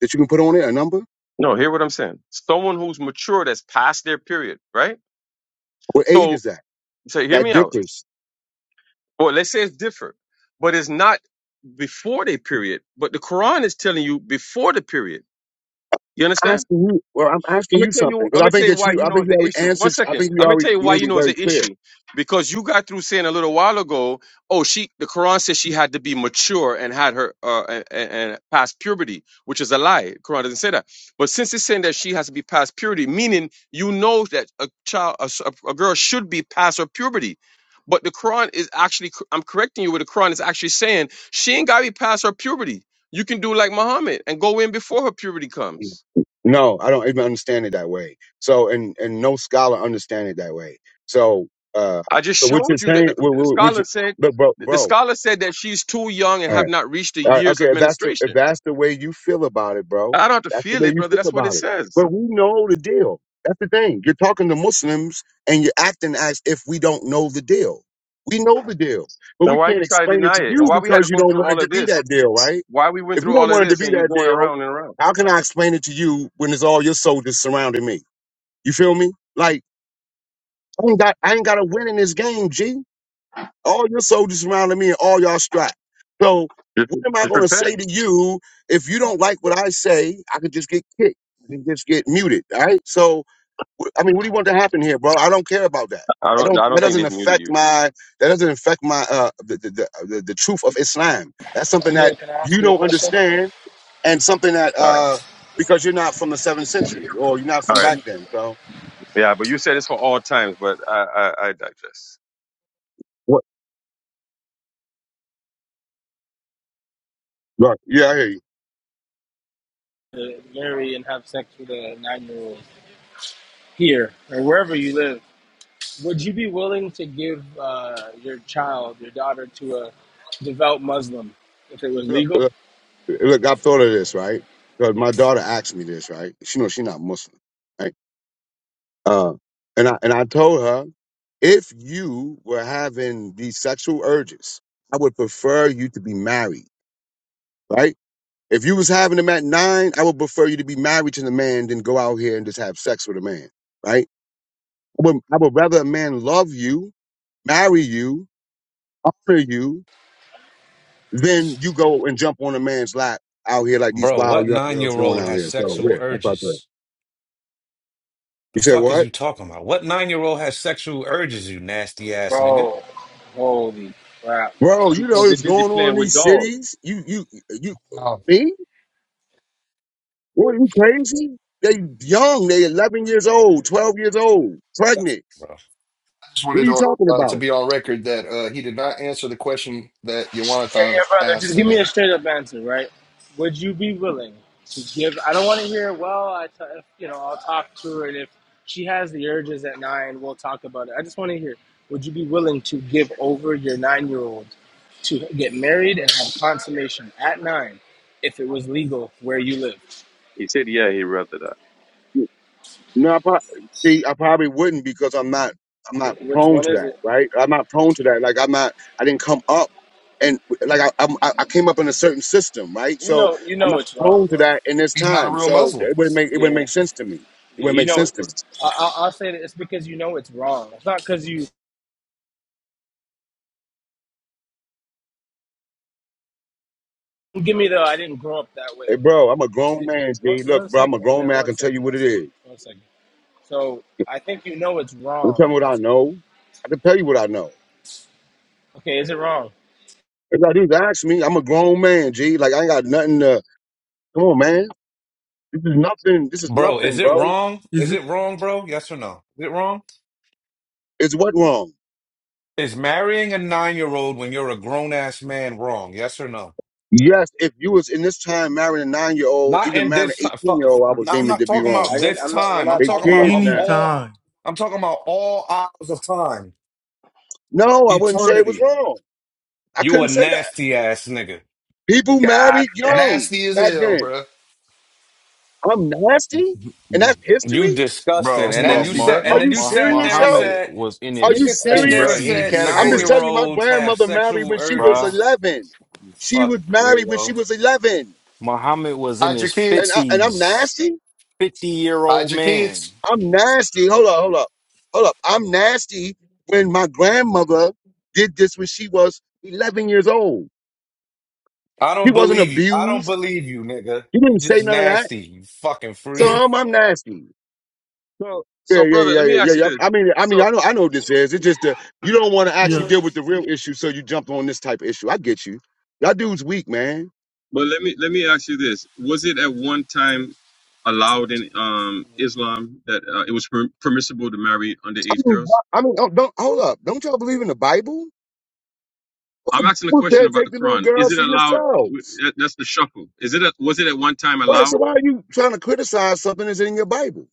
that you can put on it, a number?
No, hear what I'm saying. Someone who's mature that's past their period, right?
What age
So,
is that?
so hear
That
me out.
differs.
Well, let's say it's different, but it's not before their period. But the Quran is telling you before the period. You
I'm
understand?
Asking you, well, I'm
I'm
asking
gonna
you
tell
something
you. I'm
because I
gonna tell
think
you
that
why
you,
you
I
know
think
it's
you
an
already
issue. One
answered. I
second.
think you
I'm gonna
already
tell you why
made
you
it
know it's an
very clear.
issue, because you got through saying a little while ago. Oh, she. The Quran says she had to be mature and had her uh, and, and past puberty, which is a lie. Quran doesn't say that. But since it's saying that she has to be past puberty, meaning you know that a child, a, s- a a girl should be past her puberty. But the Quran is actually. I'm correcting you. Where the Quran is actually saying she ain't gotta be past her puberty. You can do like Muhammad and go in before her puberty comes.
No, I don't even understand it that way. So, and and no scholar understand it that way. So, uh,
I just
so what you're
showed you that
saying,
the,
what,
the
what, what
scholar
you,
said
but bro,
the
bro,
scholar said that she's too young and have not reached the
All right,
years
okay,
of
if that's the if
ministration.
that's the way you feel about it, bro,
I don't have to
that's the
feel
way
it,
you
brother.
feel
That's what it
about it.
says.
But we know the deal. That's the thing. You're talking to Muslims and you're acting as if we don't know the deal. We know the deal, but
Then
we
why you
can't
try to
explain it
deny
to
it?
you
And why we had to
because you
go
don't
through
want it
all of
to be
this?
that deal, right?
Why we went
If you
through
don't
all of
want it to
this
be
and you
that
going
deal,
around and around?
how can I explain it to you when it's all your soldiers surrounding me? You feel me? Like I ain't got I ain't got to win in this game, G. All your soldiers surrounded me and all y'all strapped. So
Just,
what am I
just
going to
repent.
say to you if you don't like what I say? I could just get kicked. I can just get muted. All right. So wh- I mean, what do you want to happen here, bro? I don't care about that.
I
I
don't.
don't.
I
That
don't think
doesn't
they've muted
affect
you.
my. That doesn't affect my. Uh, the the the, uh, the the truth of Islam. That's something that
Amir, can I ask
you
you a
don't
question?
understand, and something that
All right.
uh, because you're not from the seventh century or you're not
All
from
right.
back then. So
Yeah, but you said it's for all times. But I, I, I digest.
what? Right. Yeah, I hear you.
Uh, marry and have sex with a nine-year-old here or wherever you live. Would you be willing to give uh, your child, your daughter, to a devout Muslim if it was
Yeah.
legal?
Look, I've thought of this, right? Because my daughter asked me this, right? She knows she's not Muslim, right? Uh, and I and I told her if you were having these sexual urges, I would prefer you to be married, right? If you was having them at nine, I would prefer you to be married to the man than go out here and just have sex with a man, right? I would, I would rather a man love you, marry you, honor you, than you go and jump on a man's lap out here like these
Bro,
wild
what
young
nine year
girls doing
old
out
has
here. So
sexual
weird. That's what I thought.
urges? The
You said
fuck is
what?
you talking about? What nine year old has sexual urges, you nasty ass nigga?
Bro, holy crap, bro.
Bro, you know
Because they're
what's
busy
going on
playing
in
with
these
dolls.
cities? You, you, you,
Uh, I
me? What, are you crazy? They young. They 11 years old, 12 years old,
That's-
pregnant.
Bro.
just
What
wanted
are you
to,
talking
uh, to
about?
be on record that uh, he did not answer the question that
Yeah,
Yawanathan
yeah, brother.
asked
Just
to
give me
him.
a straight up answer, right? Would you be willing to give? I don't want to hear. Well, I, t- if, you know, I'll talk to her, and if she has the urges at nine, we'll talk about it. I just want to hear. Would you be willing to give over your nine year old to get married and have consummation at nine, if it was legal where you live?
He said, "Yeah, he rather that."
No, I, prob- see, I probably wouldn't because I'm not, I'm not
Wh- Which
prone
one
to
is
that,
it?
right? I'm not prone to that. Like I'm not, I didn't come up and like I, I'm, I I came up in a certain system, right?
You
So
know, you
I'm
know
not
it's wrong,
prone to
bro.
that in this
He's not a
time.
real
So
Muslim.
it wouldn't make, it wouldn't
Yeah,
make sense to me. It
yeah.
wouldn't
You
make
know,
sense
it-
to me.
I- I'll, I'll say that it's because you know it's wrong. It's not because you give me the I didn't grow up that way.
Hey, bro, I'm a grown man,
One,
G. Look,
one
bro, I'm a
second,
grown
man.
man. I
One
can tell
second.
you
One
what it
second.
is.
One second. So I think you know it's
Don't
wrong.
tell me what I
That's,
know. I can tell you what I know.
okay, is it wrong?
If I do is ask me, I'm a grown man, G. Like I ain't got nothing to come on, man. This is nothing. This is
Bro, is
nothing,
it
bro.
wrong? Is
is it
it wrong, bro? Yes or no? Is it wrong?
It's what wrong?
Is marrying a nine year old when you're a grown ass man wrong? Yes or no?
Yes, if you was in this time marrying a nine year old,
Not
even
in
marrying an
this time.
eighteen year old, I would
No, I'm
deem it
not
to be
talking
wrong.
I
about
didn't.
this
I'm not. We're
time. I'm
not
They
talking
talking
about
about
kids
of
this
any
now.
time.
all.
time.
I'm talking about all hours of time,
No, I wouldn't say it was
eternity.
wrong. I
You a
couldn't say that.
nasty ass nigga.
People
God.
married young
Nasty as
back
hell,
then.
bruh.
I'm nasty? And that's
You
history?
disgusting.
That's
Bro,
And then
bro,
you
nasty,
Mu-
sat
bruh.
Are
and
Mu-
then
you
you
Mu-
sat
serious,
there and
yo?
Muhammad
said,
was in
Are you
his
nigga sat
Nasty,
there
bruh.
and
serious?
In any
said
I'm
nine
50s,
just
category.
year
telling you, my
olds have
grandmother married
sexual
when she was
bruh.
urges.
11.
You
She was
fucking
married when she
weirdo.
was 11.
Muhammad was in
Hide
his
your
And,
kids.
I, and I'm
50s,
nasty?
50 year
Hide
old
your kids.
man.
I'm nasty. Hold up, hold up. Hold up. I'm nasty when my grandmother did this when she was 11 years old.
I
He
don't
wasn't
believe you. I don't
abused.
believe you, nigga.
He
You
didn't say
just
none of that.
nasty. You fucking
So
freak.
I'm, I'm nasty.
So,
Yeah,
so
yeah,
brother,
yeah,
let me
yeah, yeah.
ask you
yeah.
this.
I mean, I
So,
mean, I know, I know what this is. It's just that you don't want to actually
Yeah,
deal with the real issue, so you jump on this type of issue. I get you. Y'all dudes weak, man.
But let me let me ask you this: Was it at one time allowed in um, Islam that uh, it was per- permissible to marry underage
mean, why-
girls?
I mean, oh, don't hold up. Don't y'all believe in the Bible? What
I'm
the
asking a
Bible
question
said,
about
take
the
the little
Quran. Is
girls
it
for
allowed?
yourselves.
that- That's the shuffle. Is it? A, was it at one time
Right.
allowed?
So why are you trying to criticize something that's in your Bible?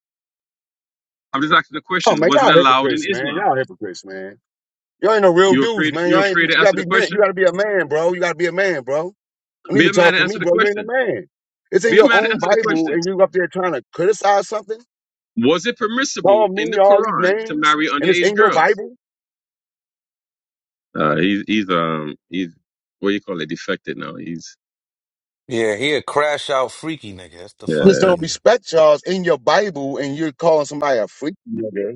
I'm just asking the
Oh
question.
man,
Was it
y'all
allowed in
hypocrites, man.
Islam?
Y'all hypocrites, man. Y'all ain't no real
You
dudes,
afraid?
man.
You
Y'all ain't,
afraid to
you gotta
answer the
be man. You
question?
gotta be a man, bro. You gotta be a man, bro. You need
Be
to
a man
talk
and
to me,
answer the
bro. You ain't a
question.
man. It's in
Be a
your
man and
own
answer the
Bible,
question.
and you up there trying to criticize something.
Was it permissible
Call me
in the
all these
Quran to
names,
marry
and it's
underage
in your
girls?
Bible.
Uh, he's he's um he's what do you call it? Defected now. He's
Yeah, he a crash out freaky nigga. That's the
yeah.
Just don't
fucking
respect y'all's in your Bible, and you're calling somebody a freak nigga.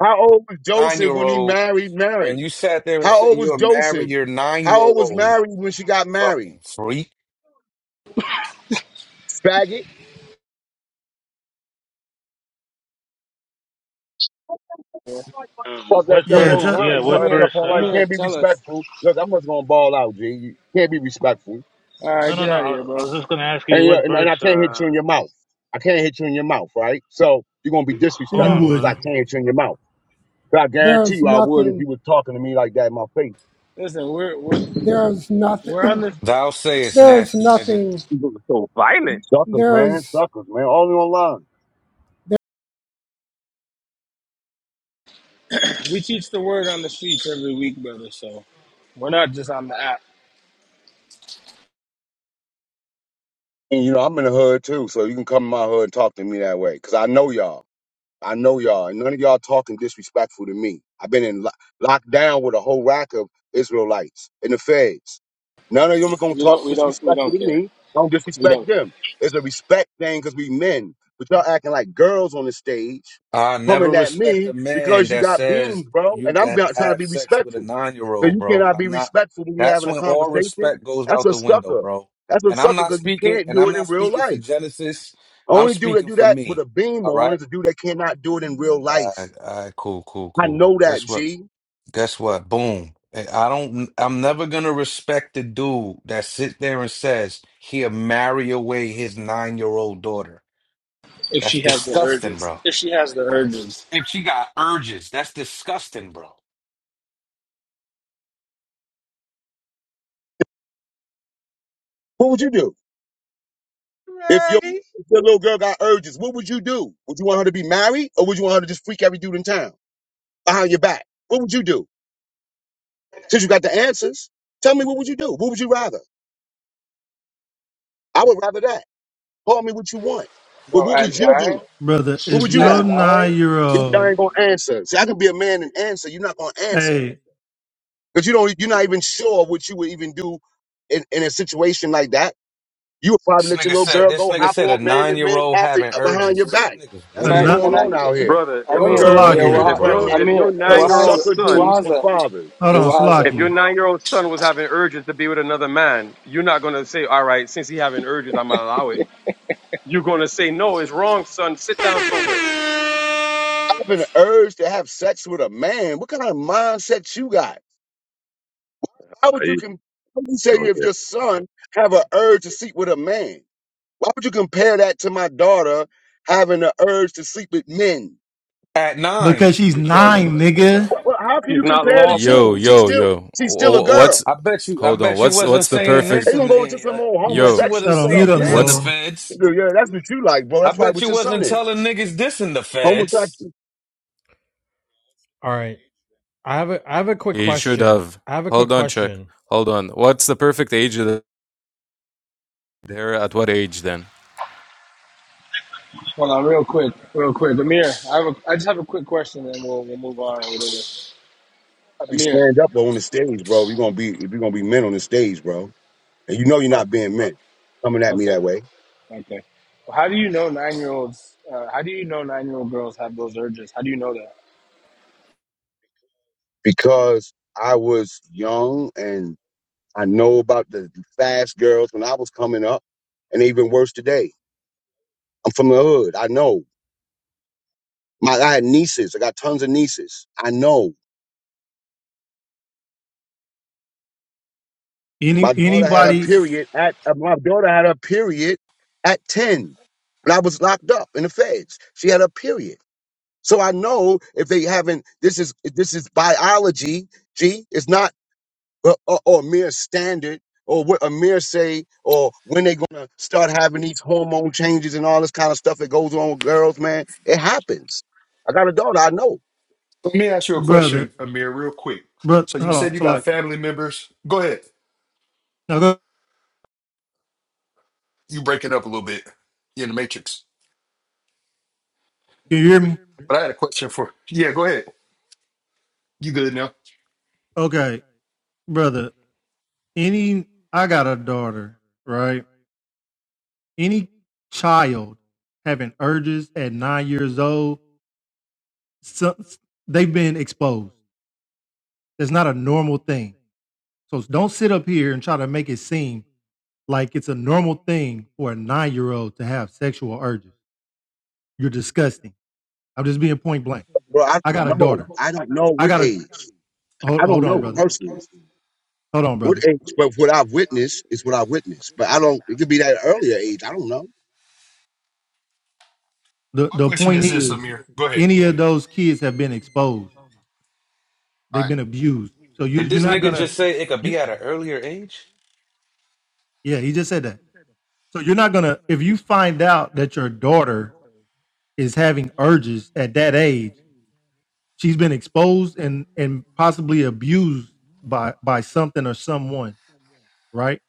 How old was
nine
Joseph
year
when he
old.
married
When
Mary?
you sat there and
How
said
old was
you'll marry
Joseph?
your nine year
How old was
old
Mary when she got married?
fucking freak.
Faggot.
Um,
Fuck that
what
stuff
yeah.
verse?
It's a,
online.
Yeah,
You talk
what
that
Amir,
stuff
verse?
online.
Uh,
You
Amir,
can't be
tell us.
respectful. Look, I'm just gonna ball out, G. You can't be respectful.
All
no,
right,
no,
get
no.
out of
I,
here,
I
bro.
was just going to ask
And,
you
you know,
what
and and
verse.
I can't hit
Uh,
you in your mouth. I can't hit you in your mouth, right? So you're gonna be
hold
you
on,
disrespectful because
brother.
I
There's
wouldn't,
can't hit you in your mouth. But I guarantee
there's
you I would if you
nothing
was talking to me like that in my face.
Listen, we're we're
there's nothing
we're on the.
Thou sayest
there's
nasty nigga.
nothing
You look so violent,
Suckers, man.
there's
Suckers, man. Only online.
We teach the word on the streets every week, brother. So we're not just on the app.
And you know, I'm in the hood too, so you can come in my hood and talk to me that way. Cause I know y'all. I know y'all. And none of y'all talking disrespectful to me. I've been in lo- locked down with a whole rack of Israelites and the feds. None of them are gonna
We
talk
don't. We don't. We
disrespectful
don't
to
care.
me. Don't
We
disrespect
don't care.
them. It's a respect thing because we men. But y'all acting like girls on the stage,
I never
coming at
respect a
me
man
because you
that
got
says
beans, bro.
you
And I'm
can
about- trying to
have
be
sex with a
respectful.
nine year
So
old,
you
bro.
cannot be
I'm not.
respectful when you're
That's
having a
when all
conversation.
respect goes
That's
out
a
the window,
sucker.
bro.
That's a
And I'm
sucker
not
because you
speaking.
can't
And
do
I'm
it in
not
real
speaking for
life.
Genesis. I'm
Only dude that
speaking
do
for
that with
me.
a beam
All
on
right.
is a dude that cannot do it in real
All right.
life.
All right cool. Cool.
I
Cool.
know that,
Guess what?
G.
Guess what? Boom. And I don't. I'm never gonna respect the dude that sits there and says he'll marry away his nine year old daughter.
If
That's
she has the
disgusting,
urges.
bro.
If she has the urges,
If she got urges, that's disgusting, bro.
What would you do if your,
Ready?
if your little girl got urges? What would you do? Would you want her to be married or would you want her to just freak every dude in town behind your back? What would you do? Since you got the answers, tell me what would you do? What would you rather? I would rather that. Call me what you want. But
bro.
what
At
would you
nine.
do?
brother.
What
If
would you rather?
At
your
nine.
You
nine-year-old,
ain't gonna answer. See, I can be a man and answer. You're not gonna answer
hey,
because you don't. You're not even sure what you would even do in, in a situation like that. You would
This
probably let your
nigga
little
said
girl
this
go
nigga
hop
said a
on men
nine
and
year
men
old
after
having
uh, behind your
urges.
back.
This nigga's
That's
Can
a
what's
I?
brother.
weird,
ni-
going
Can I?
bro.
on
Can,
out here.
Brother, If
Young
You're
Amir,
your
yeah,
girls getting
if
Salakia.
weird,
Waha,
your
pregnant
bro.
if your
Amir,
because
nine
of
year
Wahaza,
old
sucker
son
dudes for
Wahaza,
fathers.
Hold
hey
on,
Wahaza.
if your
Salakia.
nine year old son was having urges to be with another man, you're not gonna say, all right, since he having urges, I'm gonna allow it. You're gonna say, no, it's wrong, son. Sit down somewhere
Having an urge to have sex with a man. What kind of mindset you got?
Uh,
How would you
you
can? How would you say
go
if
there.
your son have an urge to sleep with a man? Why would you compare that to my daughter having the urge to sleep with men?
At
Because
nine,
she's
because
nine, nigga.
Wh- wh- How can
she's
you
not
compare the
lawful. All
Yo,
two? She's
yo,
still
yo.
she's still a
Wh-
girl.
What's
I bet you. I
hold on?
bet you
What's
wasn't
what's the
saying this,
perfect
They
and
gonna go into
uh,
some old
I bet you
yo?
wasn't
homosexual
Hold on, mute
saying
stuff,
up,
this in
man.
the
What's
Noah.
feds.
Nigga, Yeah, that's what you like, bro.
I
That's probably
bet
what
you
your son
wasn't
is.
telling niggas this in the feds.
Homosexual.
All right. I have a I have a quick
he should
question.
have?
I have a quick
Hold on, check.
question.
Hold on. What's the perfect age of the there? At what age then?
Hold on, real quick, real quick. Amir, I have a, I just have a quick question, and we'll we'll move on or whatever.
I be
Amir,
stand up on the stage, bro. You're gonna be if you're gonna be men on the stage, bro. And you know you're
oh,
not being men coming at me
okay,
that way.
okay. Well, how do you know nine year olds? Uh, how do you know nine year old girls have those urges? How do you know that?
Because I was young and I know about the fast girls when I was coming up, and even worse today. I'm from the hood. I know. My I had nieces. I got tons of nieces. I know.
Any
My daughter had a
anybody,
period at uh, my daughter had a period at 10. And I was locked up in the feds. She had a period. So I know if they haven't this is this is biology, G. It's not a, a, a mere standard or what a mere say or when they're gonna start having these hormone changes and all this kind of stuff that goes on with girls, man. It happens. I got a daughter, I know.
Let me ask you a
brother,
question, Amir, real quick.
brother,
So you
hold
said
on,
you
so
got
like,
family members. Go ahead.
Now go.
You break it up a little bit. You're in the matrix.
Can you hear me?
But I had a question for. Yeah, go ahead. You good now? My
Okay, brother. Any, I got a daughter, right? Any child having urges at nine years old, so, they've been exposed. That's not a normal thing. So don't sit up here and try to make it seem like it's a normal thing for a nine year old to have sexual urges. You're disgusting. I'm just being point blank.
Bro, I
I got a
don't know.
daughter.
I don't know
I
what
got a
age.
hold,
I
hold
don't
on,
know
brother.
personally
Hold on,
what
brother.
age, but what I've witnessed is what I've witnessed. But I don't. It could be that earlier age. I don't know.
The the
question
point
is this,
is,
Amir. Go ahead.
any of those kids have been exposed.
All
They've
right.
been abused. So you
Did
you're
this
not
nigga
gonna.
just say it could be
You,
at an earlier age?
yeah, he just said that. So you're not gonna if you find out that your daughter is having urges at that age. She's been exposed and and possibly abused by by something or someone. Right?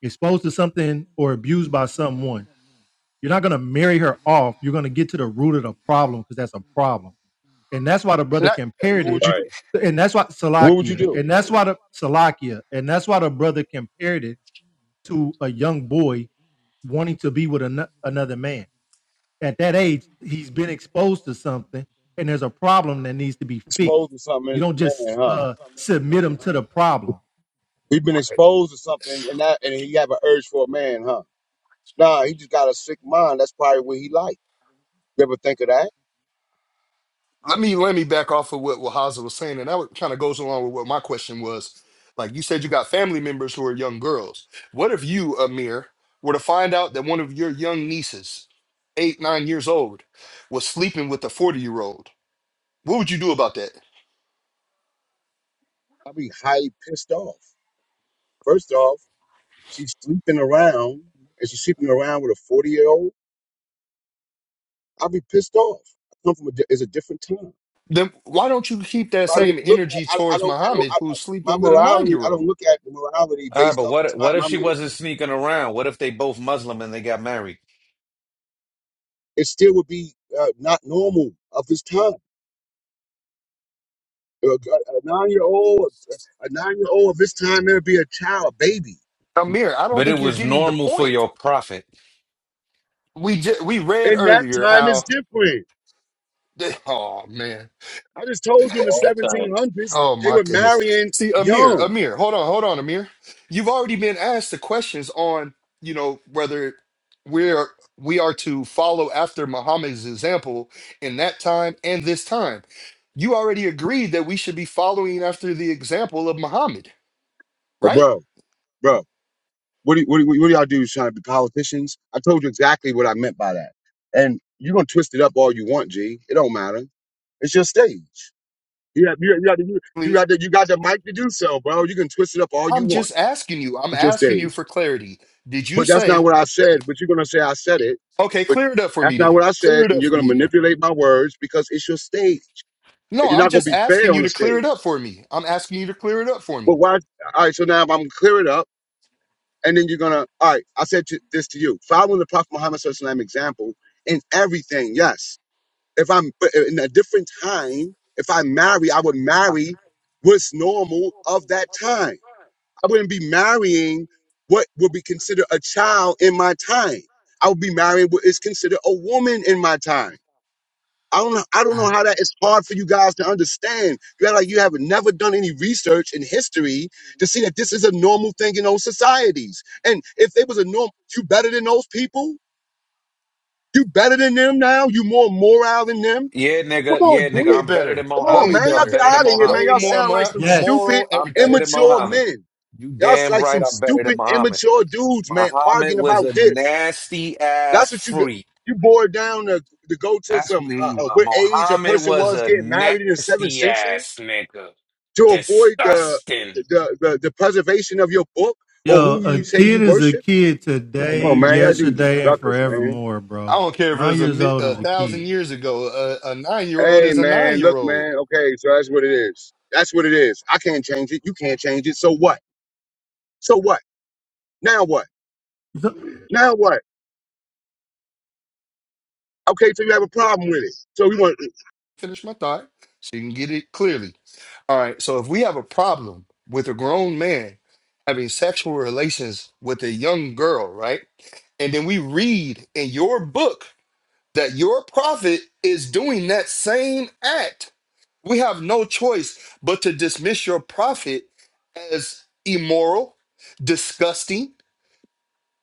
Exposed to something or abused by someone. You're not gonna marry her off. You're gonna get to the root of the problem because that's a problem. and that's why the
And
brother
I,
compared
What would
it,
you do?
right,
and that's why
What would you
Salakia,
do?
and that's why the Salakia, and that's why the brother compared it to a young boy wanting to be with ano- another man. At that age, he's been exposed to something, and there's a problem that needs to be fixed.
Exposed to something
You
as
don't
a man,
just
huh?
uh, submit him to the problem.
We've been
right.
exposed to something, and that, and he have an urge for a man, huh? Nah, he just got a sick mind. That's probably what he like. You ever think of that?
let me let me back off of what Wahaza was saying, and that kind of goes along with what my question was. Like you said, you got family members who are young girls. What if you, Amir, were to find out that one of your young nieces, eight nine years old, was sleeping with a forty year old? What would you do about that?
I'd be highly pissed off. First off, she's sleeping around, and she's sleeping around with a forty year old. I'd be pissed off. I come from a, di- it's a different time.
Then why don't you keep that
I don't
same
look at,
energy
I, I
towards
don't, I don't,
Muhammad,
I, I-
who's
my
sleeping with a nine
morality,
year
I don't
old?
look at morality
Ah,
based
but
off the
what?
time
What if
I'm
she
in.
wasn't sneaking around? What if they both Muslim and they got married?
It still would be uh, not normal of this time. A, a nine year old, a nine year old of this time, it would be a child, a baby.
Amir, I don't
But it
think you're
was
getting the
normal for
point.
your prophet.
We just, we read
And that
earlier
time is
how.
different.
Oh man
I just told
it's
you in
for all time.
the 1700s,
Oh
they
my
were
goodness.
marrying
See, Amir,
young.
Amir, hold on, hold on, Amir. You've already been asked the questions on, you know, whether we're we are to follow after Muhammad's example in that time and this time. You already agreed that we should be following after the example of Muhammad,
Hey,
right?
bro, bro, what do, what, do, what do y'all do trying to be politicians? I told you exactly what I meant by that. And you're going to twist it up all you want, G. It don't matter. It's your stage. Yeah, you, you, you, you
We-
got the you got the mic to do so, bro. You can twist it up all you
I'm
want.
just asking you. I'm
It's your
asking you
stage.
for clarity. Did you
But that's not
say,
what I said. But you're gonna say I said it.
okay,
But
clear it up for me
that's not
then.
what I
Clear
said,
it
and
up
you're
for
gonna
me then.
manipulate my words because it's your stage,
No,
and you're
I'm
not gonna
just
be fair
asking
on
you
the
to clear
stage.
it up for me. I'm asking you to clear it up for me.
But why? All right. So now I'm gonna clear it up, and then you're gonna. All right. I said to, this to you, following the Prophet Muhammad Sallallahu Alaihi Wasallam example in everything. Yes. If I'm but in a different time, if I marry, I would marry what's normal of that time I wouldn't be marrying what would be considered a child in my time. I would be marrying what is considered a woman in my time. I don't know, I don't know how that is hard for you guys to understand. You're like you have never done any research in history to see that this is a normal thing in those societies. And if it was a norm, you better than those people? You better than them now? You more moral than them?
Yeah,
Come
nigga.
on,
Yeah, nigga.
dude.
way
I'm better
better,
than
Come on,
way
Muhammad.
man. Y'all
I'm
better,
get
better than
out of here, man.
way
Mohammed.
Y'all
Yup.
more
sound like
mor-
some
Yes.
stupid,
moral,
I'm better
everything.
than
immature
Muhammad.
men.
You
Y'all's
damn
like
right
some
I'm better than
stupid,
Muhammad.
immature dudes, man,
Muhammad
arguing
was a
about this.
nasty
That's
ass
what you
freak.
you bored down to, to go to
That's
some
what he
uh, uh,
was.
what age a
Muhammad
person
was
was
a
getting married in the seventh
nasty
century
ass nigga.
to avoid the
Disgusting.
the, the the preservation of your book or
Yo,
who
a
you say
kid
you
is a
worship.
kid today,
Well, man, y'all dudes are
yesterday, and
suckers, man.
forevermore,
I
bro.
don't care if it
Nine
was a,
years
mi-
old is
a
a
thousand
kid.
years ago. A, a nine year old
Hey,
is a nine
man,
year
look,
old.
man. Okay, so that's what it is. That's what it is. I can't change it. You can't change it. So what? So what? Now what? Now what? Okay, so you have a problem with it. So we want,
Finish my thought so you can get it clearly. All right. So if we have a problem with a grown man having sexual relations with a young girl, right? And then we read in your book that your prophet is doing that same act We have no choice but to dismiss your prophet as immoral, disgusting,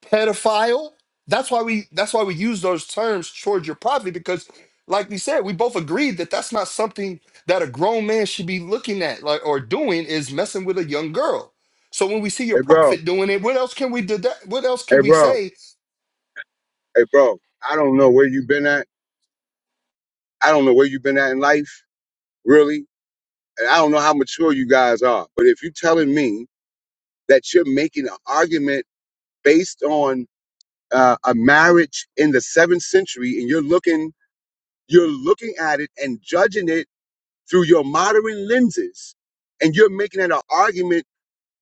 pedophile. That's why we that's why we use those terms towards your prophet because like we said, we both agreed that that's not something that a grown man should be looking at like or doing is messing with a young girl. So when we see your
hey, bro.
prophet doing it, what else can we do What else can
Hey,
we
bro.
say
hey bro, I don't know where you've been at. I don't know where you've been at in life, really. And I don't know how mature you guys are. But if you're telling me that you're making an argument based on uh, a marriage in the seventh century, and you're looking, you're looking at it and judging it through your modern lenses, and you're making it an argument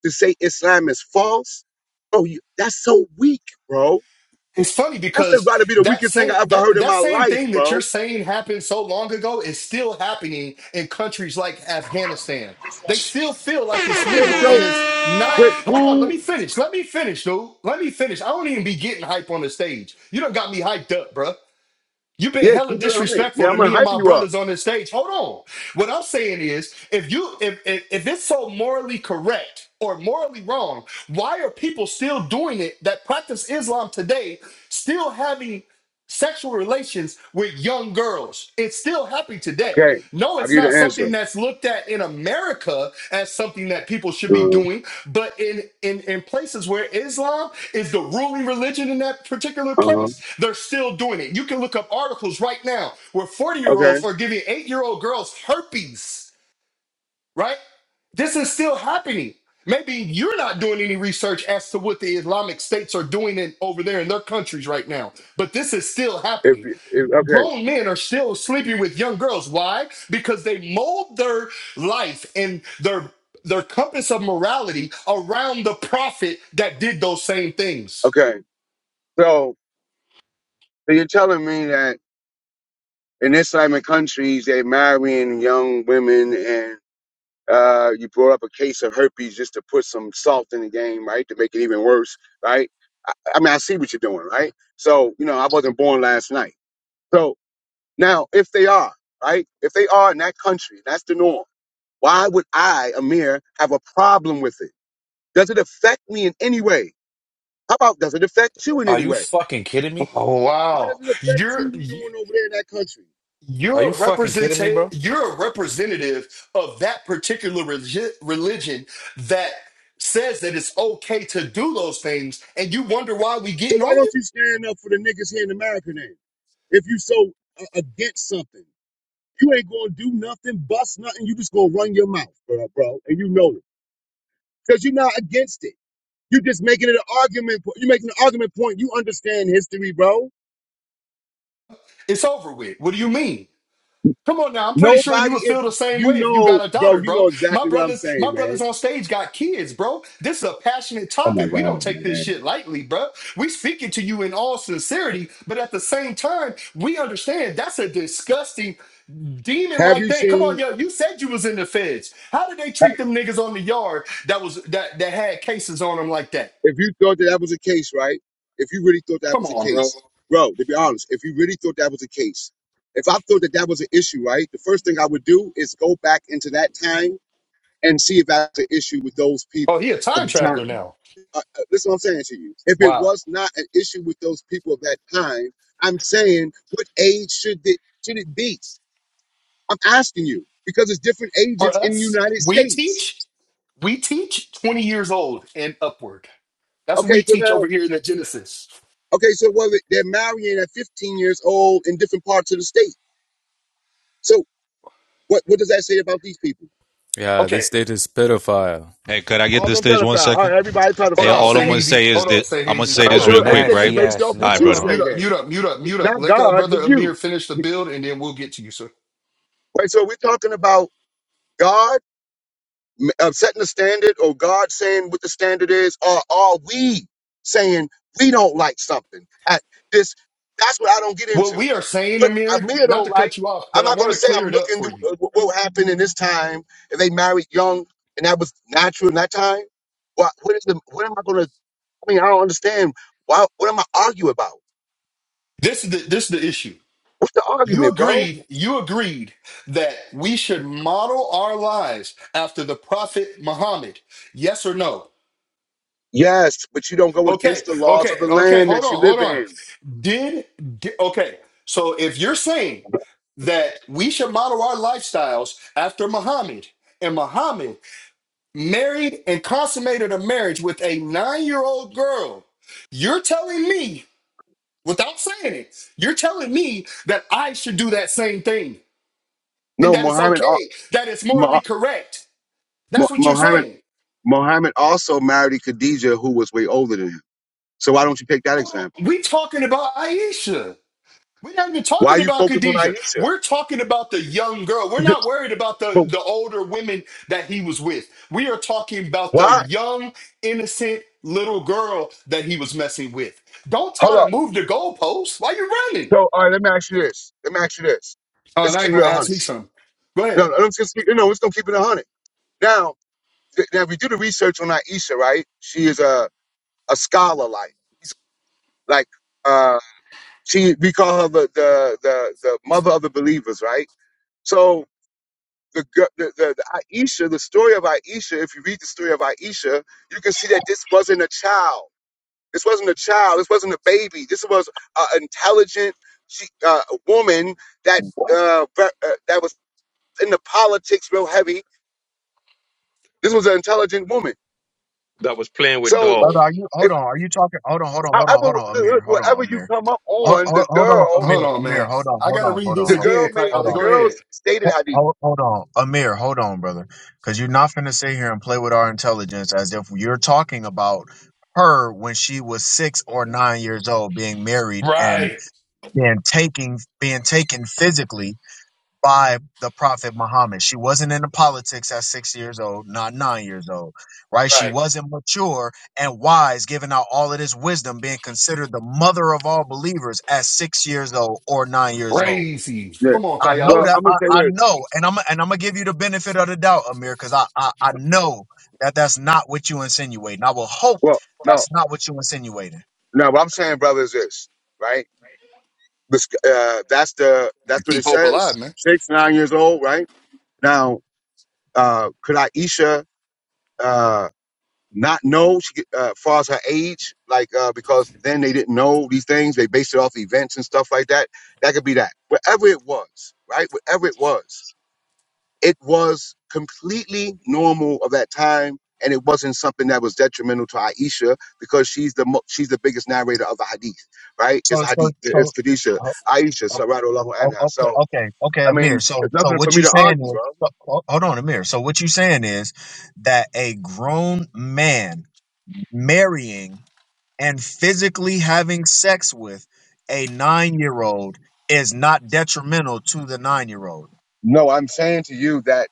to say Islam is false, bro, you, that's so weak, bro.
It's funny
That's
because
about to be the
that
weakest thing
same
I ever
that
heard in
that
my
same
life,
thing that
bro.
you're saying happened so long ago is still happening in countries like Afghanistan. They still feel like it's
Okay,
legal and
so
it's not.
with
Hold on, let
who
me finish. Let me finish, dude. Let me finish. I don't even be getting hype on the stage. You don't got me hyped up, bruh. You've been
Yeah,
hella
keep it on it. Yeah,
disrespectful
I'm
to
gonna
me and
hype
my
you up.
brothers on this stage. Hold on. What I'm saying is, if you if if, if it's so morally correct or morally wrong, why are people still doing it that practice Islam today, still having sexual relations with young girls? It's still happening today.
Okay,
No,
I'll
it's
give
not
you the answer.
something that's looked at in America as something that people should be
Uh
doing, but in in, in places where Islam is the ruling religion in that particular
huh.
place, still doing it. You can look up articles right now where 40 year
Okay.
olds are giving eight year old girls herpes, right? This is still happening. Maybe you're not doing any research as to what the Islamic states are doing in, over there in their countries right now, but this is still
If,
happening.
if okay,
Grown men are still sleeping with young girls. Why? Because they mold their life and their their compass of morality around the prophet that did those same things.
okay. So, so you're telling me that in Islamic countries they marrying young women, and uh, you brought up a case of herpes just to put some salt in the game, right, to make it even worse, right? I, I mean, I see what you're doing, right? So, you know, I wasn't born last night. So now, if they are right, if they are in that country, that's the norm. Why would I, Amir, have a problem with it? Does it affect me in any way? How about does it affect you in
Are
any
you
way?
fucking kidding me?
Oh,
How does
Wow.
it affect you what you're doing over there in that country?
Are
You're
you
a
fucking kidding me,
representative.
bro?
You're a representative of that particular relig- religion that says that it's okay to do those things, and you wonder why we
So
getting
why
on
don't
you.
you stand up for the niggas here in America then? If you so uh, against something, you ain't gonna do nothing, bust nothing. You just gonna run your mouth, bro, bro, and you know it because you're not against it. You're just making it an argument. po- You're making an argument point. You understand history, bro.
It's over with. What do you mean? Come on now. I'm pretty sure you
Nobody
would
is.
feel the same
You
way if you got
know,
a daughter,
bro. You know
bro. My
exactly what I'm
brothers,
saying,
my brothers
man.
on stage got kids, bro. This is a passionate
Oh my
topic. We
god,
don't take this
man.
shit lightly, bro. We speaking to you in all sincerity, but at the same time, we understand that's a disgusting demon
Have
like
you
that? Come
seen?
on, yo, you said you was in the feds. How did they treat them niggas on the yard that was that that had cases on them like that?
if you thought that, that was the case, right? If you really thought that
Come
was the
on, bro.
case, bro, to be honest, if you really thought that was the case, if I thought that that was an issue, right, the first thing I would do is go back into that time and see if that's an issue with those
Oh,
people
he a
of
time
the
traveler
time.
now.
Uh, uh, listen, what I'm saying to you, if it
Wow.
was not an issue with those people of that time, I'm saying, what age should it should it be? I'm asking you because it's different
For
ages in the
us,
United
we
States.
teach, we teach 20 years old and upward. That's what we
Okay, so
teach
now
over here in the Genesis.
Okay, so what they're marrying at 15 years old in different parts of the state. So what what does that say about these people?
Yeah,
Okay.
this date is pedophile.
Hey, could I get
All
this
them
stage one
pedophile. All
second?
right, everybody
Hey,
Hold on,
pedophile.
all
Okay.
I'm
stay
gonna
easy.
say is
Hold on,
that
stay
I'm gonna
easy.
All
say
Hold
right.
this
A
on.
So
real quick,
everything is
right?
nasty
based
ass
off
All
what
right,
nigga,
Hold
you
on,
brother.
mute
say
bro.
up,
then.
mute up, mute up, mute up.
Not
Let the
God,
brother
but you.
Amir finish the build and then we'll get to you, sir.
Right, so we're talking about God. m- uh, setting the standard or God saying what the standard is, or are we saying we don't like something? At this, that's what I don't get
What
into.
we are saying,
But I
Amir,
mean, I
not
don't
to
like.
cut you off,
I'm
but I
not going
want
to
to
say
clear
I'm
it up
looking to
for you
uh, what what happened in this time and they married young and that was natural in that time. What what is the what am I going to? I mean, I don't understand. Why? What am I arguing about?
This is the this is the issue.
What's the
You
argument, bro?
agreed, you agreed that we should model our lives after the Prophet Muhammad. Yes or no?
Yes, but you don't go
Okay,
against the laws
okay,
of the
okay,
land
hold
that you
on,
live
hold on.
in.
Did, di- okay, so if you're saying that we should model our lifestyles after Muhammad, and Muhammad married and consummated a marriage with a nine-year-old girl, you're telling me, without saying it, you're telling me that I should do that same thing. and
No,
that it's
Muhammad,
okay, that it's morally correct. That's what you're
Muhammad.
saying.
Muhammad also married Khadijah, who was way older than him. So why don't you take that
Hold
example?
on. We talking about Aisha. We're not even
Why
talking
you
about
focus on
Khadijah.
Aisha?
We're talking about the young girl. We're not worried about the,
but
the older women that he was with. We are talking about the
why?
young, innocent little girl that he was messing with. Don't try
Hold
to
up.
move the goalposts. Why you running?
So, all right, let me ask you this. Let me ask you this.
Oh,
Let's
now
keep
you
it a
want to
100.
ask me something. Go
No,
ahead.
no, let's just keep, no, no, let's gonna keep it a 100. Now, th- now, if we do the research on Aisha, right? She is a, a scholar, like, she's like, uh, she, we call her the, the, the, the mother of the believers, right? So, the, gir- the, the, the Aisha, the story of Aisha, if you read the story of Aisha, you can see that this wasn't a child. This wasn't a child. This wasn't a baby. This was an intelligent she, uh, woman that
What,
uh, ver- uh, that was in the politics real heavy. This was an intelligent woman.
That was playing with
So,
brother? Are
dogs.
you?
if,
Hold on. Are you talking? Hold on. Hold on. Hold on.
however,
Hold on, Amir. Hold
whatever
on,
you
Amir.
come up
Hold,
on,
hold,
the
hold on,
girl,
Amir.
Hold on,
Amir.
man.
Hold on.
I
Hold
got to
on.
read
Hold
this
on.
the
Hold on.
girl
again,
made
Hold
Kayala.
the
on.
Go
girl
ahead.
stated
Ho-
Hadith.
Hold, hold on, Amir. Hold on, brother, because you're not finna sit here and play with our intelligence as if you're talking about her when she was six or nine years old, being married and
Right,
being taking being taken physically by the Prophet Muhammad. She wasn't into politics at six years old, not nine years old, right? She
right.
wasn't mature and wise, giving out all of this wisdom, being considered the mother of all believers at six years old or nine years old
Crazy.
Yeah.
Come on,
I know
Well,
Kayala.
that
I'm gonna
I,
say
I
this.
know, and I'm and I'm gonna give you the benefit of the doubt, Amir, because I, I I know that that's not what you insinuating. I will hope
Well, no,
that's not what you insinuating.
no. What I'm saying, brother, is this right? the uh, that's the
Gotta
that's what
keep
it
hope alive,
says.
man.
Six nine years old, right now. Uh, could Aisha uh, not know she, could- uh, as far as her age? Like uh, because then they didn't know these things. They based it off events and stuff like that. That could be that. Whatever it was, right? Whatever it was, it was completely normal of that time. And it wasn't something that was detrimental to Aisha because she's the mo- she's the biggest narrator of the hadith, right?
So
It's
so
hadith,
so.
it's Kadisha,
Oh,
Aisha,
oh,
Sarado Allahu
oh,
Anha.
okay,
So
okay, okay,
I
Amir.
mean,
So,
it's
so
nothing for
what
me
you
to
saying
argue,
is,
bro.
so- ho- hold on, Amir. So what you saying is that a grown man marrying and physically having sex with a nine-year-old is not detrimental to the nine-year-old.
No, I'm saying to you that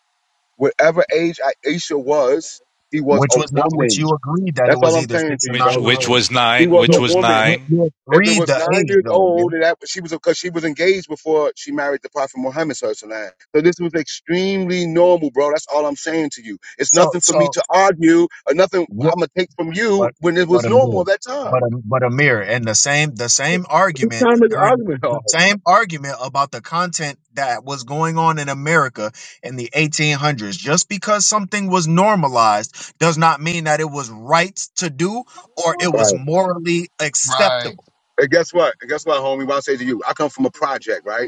whatever age Aisha was, he was
which
a
was not which
woman.
you agreed that it
That's
was
all I'm
either
saying
six
to
or
you,
Which
nine
bro.
year
which
olds.
was
He
nine?
was a
Which
You,
was
woman.
you,
nine?
you
If it
agreed
was
the
nine
age
years
though, Amir.
old, and that she was because she was engaged before she married the Prophet Muhammad Sallallahu So this was extremely normal, bro. That's all I'm saying to you. It's
So
nothing for me
so
to argue or nothing
what?
I'm gonna take from you
But
when it
but
was normal
Amir,
at that time.
but Am- but Amir, and the same the same
What
argument
time is the
during
argument
the
off?
same argument about the content that was going on in America in the 1800s. Just because something was normalized does not mean that it was right to do or it was
Right.
morally
Right,
acceptable.
And guess what? And guess what, homie? What I say to you, I come from a project, right?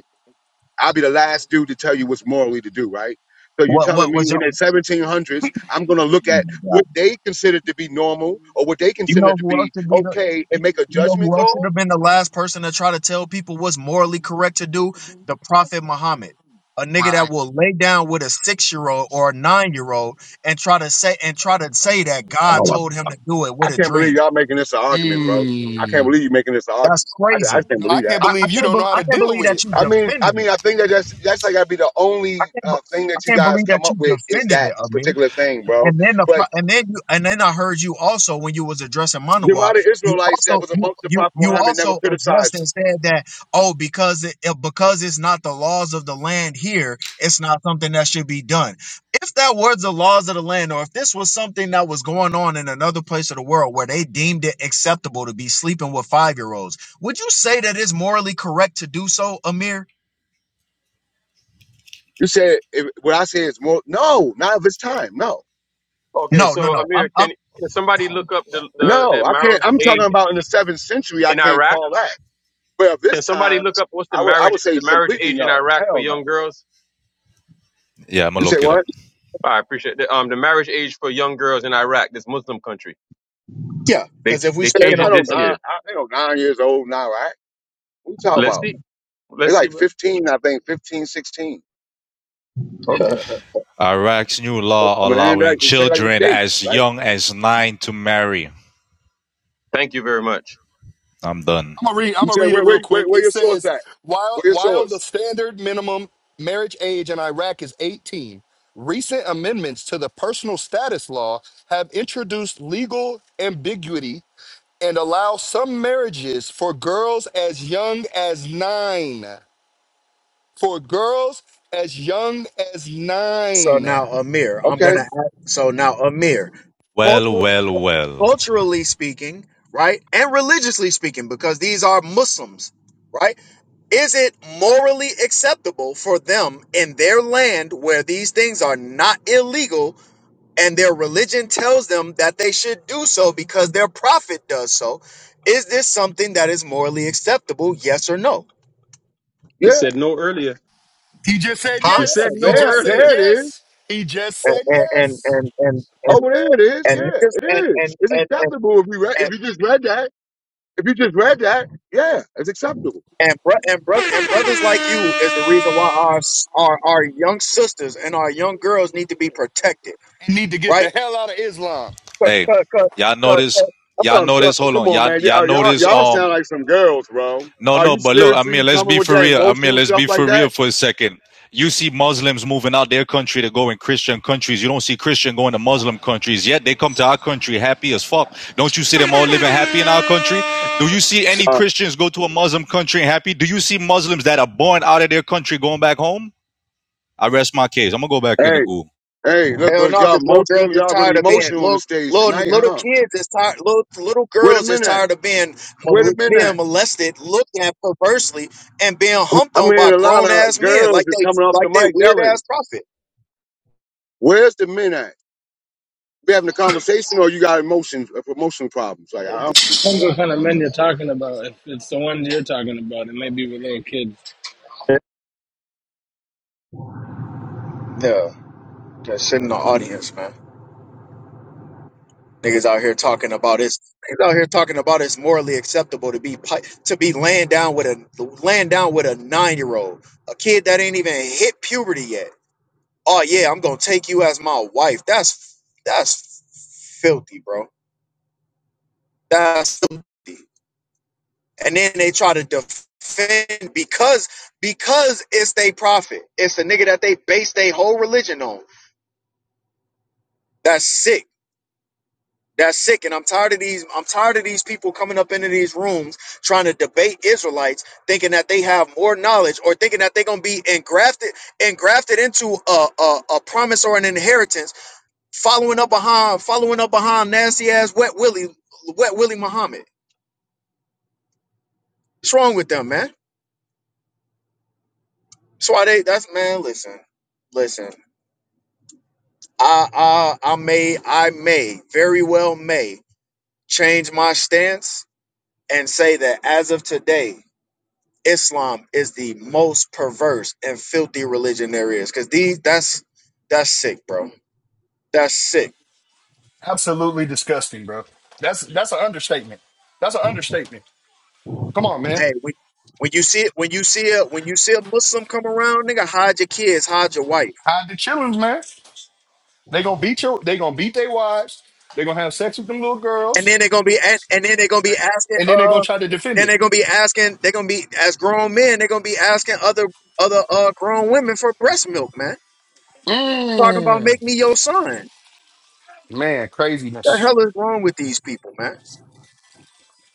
I'll be the last dude to tell you what's morally to do, right? So you're
What
telling
what
me in
was your?
the 1700s, I'm going to look at what they consider to be normal or what they
You
consider
know
to
who else
be
should be the
okay
you
and make a
you know
judgment
who else should
call?
have been the last person to try to tell people what's morally correct to do? The Prophet Muhammad. A nigga that
right.
will lay down with a six year old or a nine year old and try to say and try to say that
I
God
don't want.
told him to do it
I
with a
can't believe
dream.
y'all making this an argument, bro. I can't
Mm.
believe you making this an
That's
argument. I, I just
crazy.
can't
No, I
believe
can't
that.
I, I
believe you
can't
don't
be,
know how
I
to
can't
deal
believe
with
that
it.
you
I mean, I
defending
mean,
it.
I think that that's that's like gotta be the
I
only
can't be,
uh, thing
I
that you
can't
guys
believe that
come up
you
with is
defending
that
it, Amir.
particular thing, bro.
And then the pro-
But
and then you and then I heard you also when you was addressing
then why
Manawak,
the
you
Israelites that
also
was
you
amongst the
you,
Prophet
you
Muhammad never
also addressed
criticized him?
and said that oh because it it- because it's not the laws of the land here, it's not something that should be done. If that were the laws of the land, or if this was something that was going on in another place of the world where they deemed it acceptable to be sleeping with five year olds, would you say that it's morally correct to do so, Amir?
You said if, what I say is more. No, not of his time. No,
Okay,
No, no,
so
no.
Amir,
I'm, I'm
can can somebody look up the the, the
no, I can't.
marriage
I'm talking
age
about in the seventh century. I
in
can't
Iraq?
call that. But of
Can
this
somebody
time,
look up what's the
I would I
marriage
would say
the marriage
completely
age in
no.
Iraq for
Hell no.
young girls?
Yeah, I'm gonna
You say
look it up.
what?
I appreciate that. Um, the marriage age for young girls in Iraq, this Muslim country,
yeah,
they
because
ch-
if we
they
Yeah, It's
speaking
changed it
not on
this
nine.
year.
I think on nine years old now, right? What you talking
Let's
about?
see.
They're
Let's see,
like
brother.
15, I think, 15, 16.
on
Okay.
Iraq's new law
Man, that
allowing
can say like the
children
states,
as
right?
young as nine to marry.
Thank you very much.
I'm done.
I'm gonna read. I'm
You
gonna
say
read it
where
real
where
quick.
where, where
It
your source
says,
at?
while
Where your
while the
source?
standard minimum marriage age in Iraq is 18, recent amendments to the personal status law have introduced legal ambiguity and allow some marriages for girls as young as nine. For girls as young as
So
nine.
now, Amir, I'm
Okay,
gonna. Ask, so now, Amir,
Well,
cultu-
well, well.
culturally speaking, right, and religiously speaking, because these are Muslims, right? Is it morally acceptable for them in their land where these things are not illegal and their religion tells them that they should do so because their prophet does so? Is this something that is morally acceptable? Yes or no?
You
yeah,
said no earlier.
He just said
Huh?
You
yeah,
yes.
said
He
no
there
just said
earlier.
there it is.
yes. He just said
And and and
yes.
and and and
Over there it is.
and
Yeah,
niggas- and
it
and
is. It's
and and,
acceptable if we read
and,
if you just read that. If you just read that, yeah, it's acceptable.
And bro- and brother and brothers like you is the reason why our s- our our young sisters and our young girls need to be protected,
You need to get the
right?
hell out of Islam.
Cause,
Hey,
cause, cause,
y'all
'cause-
notice?
'cause-
That's
Y'all
what I'm saying.
notice? Hold
Come
on.
on,
Y'all
man.
y'all
Y'all, y'all
notice?
y'all
Um,
sound like some girls, bro.
No,
Are
no,
you
but look, Amir,
seriously
let's
coming
be
with
for
that
real. Amir,
emotional
let's
stuff
be
like
for real
that?
for a second. You see Muslims moving out their country to go in Christian countries. You don't see Christian going to Muslim countries. Yet they come to our country happy as fuck. Don't you see them all living happy in our country? Do you see any
Uh,
Christians go to a Muslim country happy? Do you see Muslims that are born out of their country going back home? I rest my case. I'm gonna go back in the
hey,
goo.
hey, look,
hell
was
no,
y'all
because little girls
emotional?
is
Y'all really
tired of being
emotional on the
little
stage
little
tonight,
little
huh?
kids is tired little little
Wait a
girls is
minute.
tired of being
Wait a
mol- being
minute.
molested, looked at perversely, and being humped
I'm
on by
hearing a lot
grown
of
ass men
girls
like
that's
they
coming off the
like they
mic
weird
yelling.
ass prophet.
Where's the men at? We having a conversation, or you got emotions, uh, emotional problems? Like, I don't.
Depends what kind of men you're talking about. If it's the ones you're talking about, it might be with little kids.
Yeah, just sit in the audience, man. Niggas out here talking about it's niggas out here talking about it's morally acceptable to be pi- to be laying down with a laying down with a nine year old, a kid that ain't even hit puberty yet. Oh yeah, I'm gonna take you as my wife. That's that's filthy, bro. That's filthy. And then they try to defend because because it's they prophet. It's the nigga that they base their whole religion on. That's sick. That's sick. And I'm tired of these, I'm tired of these people coming up into these rooms trying to debate Israelites, thinking that they have more knowledge or thinking that they're gonna be engrafted, engrafted into a, a, a promise or an inheritance, following up behind, following up behind nasty ass wet Willie, wet Willie Muhammad. What's wrong with them, man? That's why they that's man, listen, listen. I I I may I may very well may change my stance and say that as of today. Islam is the most perverse and filthy religion there is. Cause these that's that's sick, bro. That's sick.
Absolutely disgusting, bro. That's that's an understatement. That's an understatement. Come on, man.
Hey, when, when you see it, when you see a when you see a Muslim come around, nigga, hide your kids, hide your wife.
Hide the children, man. They gonna beat your. They gonna beat their wives. They gonna have sex with them little
And
girls,
then they're gonna be and, and then they're gonna be asking
and then they gonna
uh
try to defend
then
it.
they're gonna be asking they're gonna be as grown men, they're gonna be asking other other uh grown women for breast milk, man. Talking about
Mm,
make me your son.
man,
The
craziness.
hell is wrong with these people, man?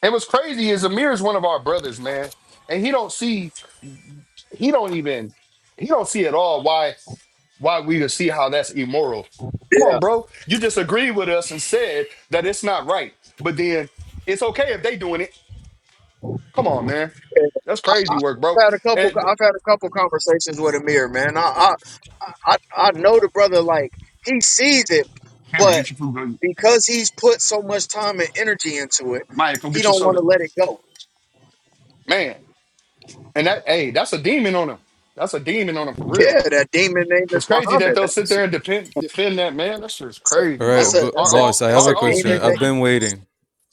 And what's crazy is Amir is one of our brothers, man, and he don't see. he don't even he don't see at all why why we would see how that's immoral. Come on,
Yeah.
bro. You just agreed with us and said that it's not right, but then it's okay if they doing it. Come on, man. That's crazy
I've
work, bro.
had a couple.
And
I've had a couple conversations with Amir, man. I I I, I know the brother. Like he sees it,
Cameron,
but
get your food. Go.
because he's put so much time and energy into it,
Maya, go
he
get your
don't want
soda.
to let it go.
Man. And that hey, that's a demon on him. That's a demon on him for real.
Yeah, that demon name is
It's crazy that
Muhammad,
they'll
man.
sit
S-
there and defend defend that man. That's just
That's a
crazy,
All right,
that's
bro.
a
b-
Our
that's a,
own
boss. I have
that's
our
a
a
own
question.
demon
people.
I've
name.
been waiting.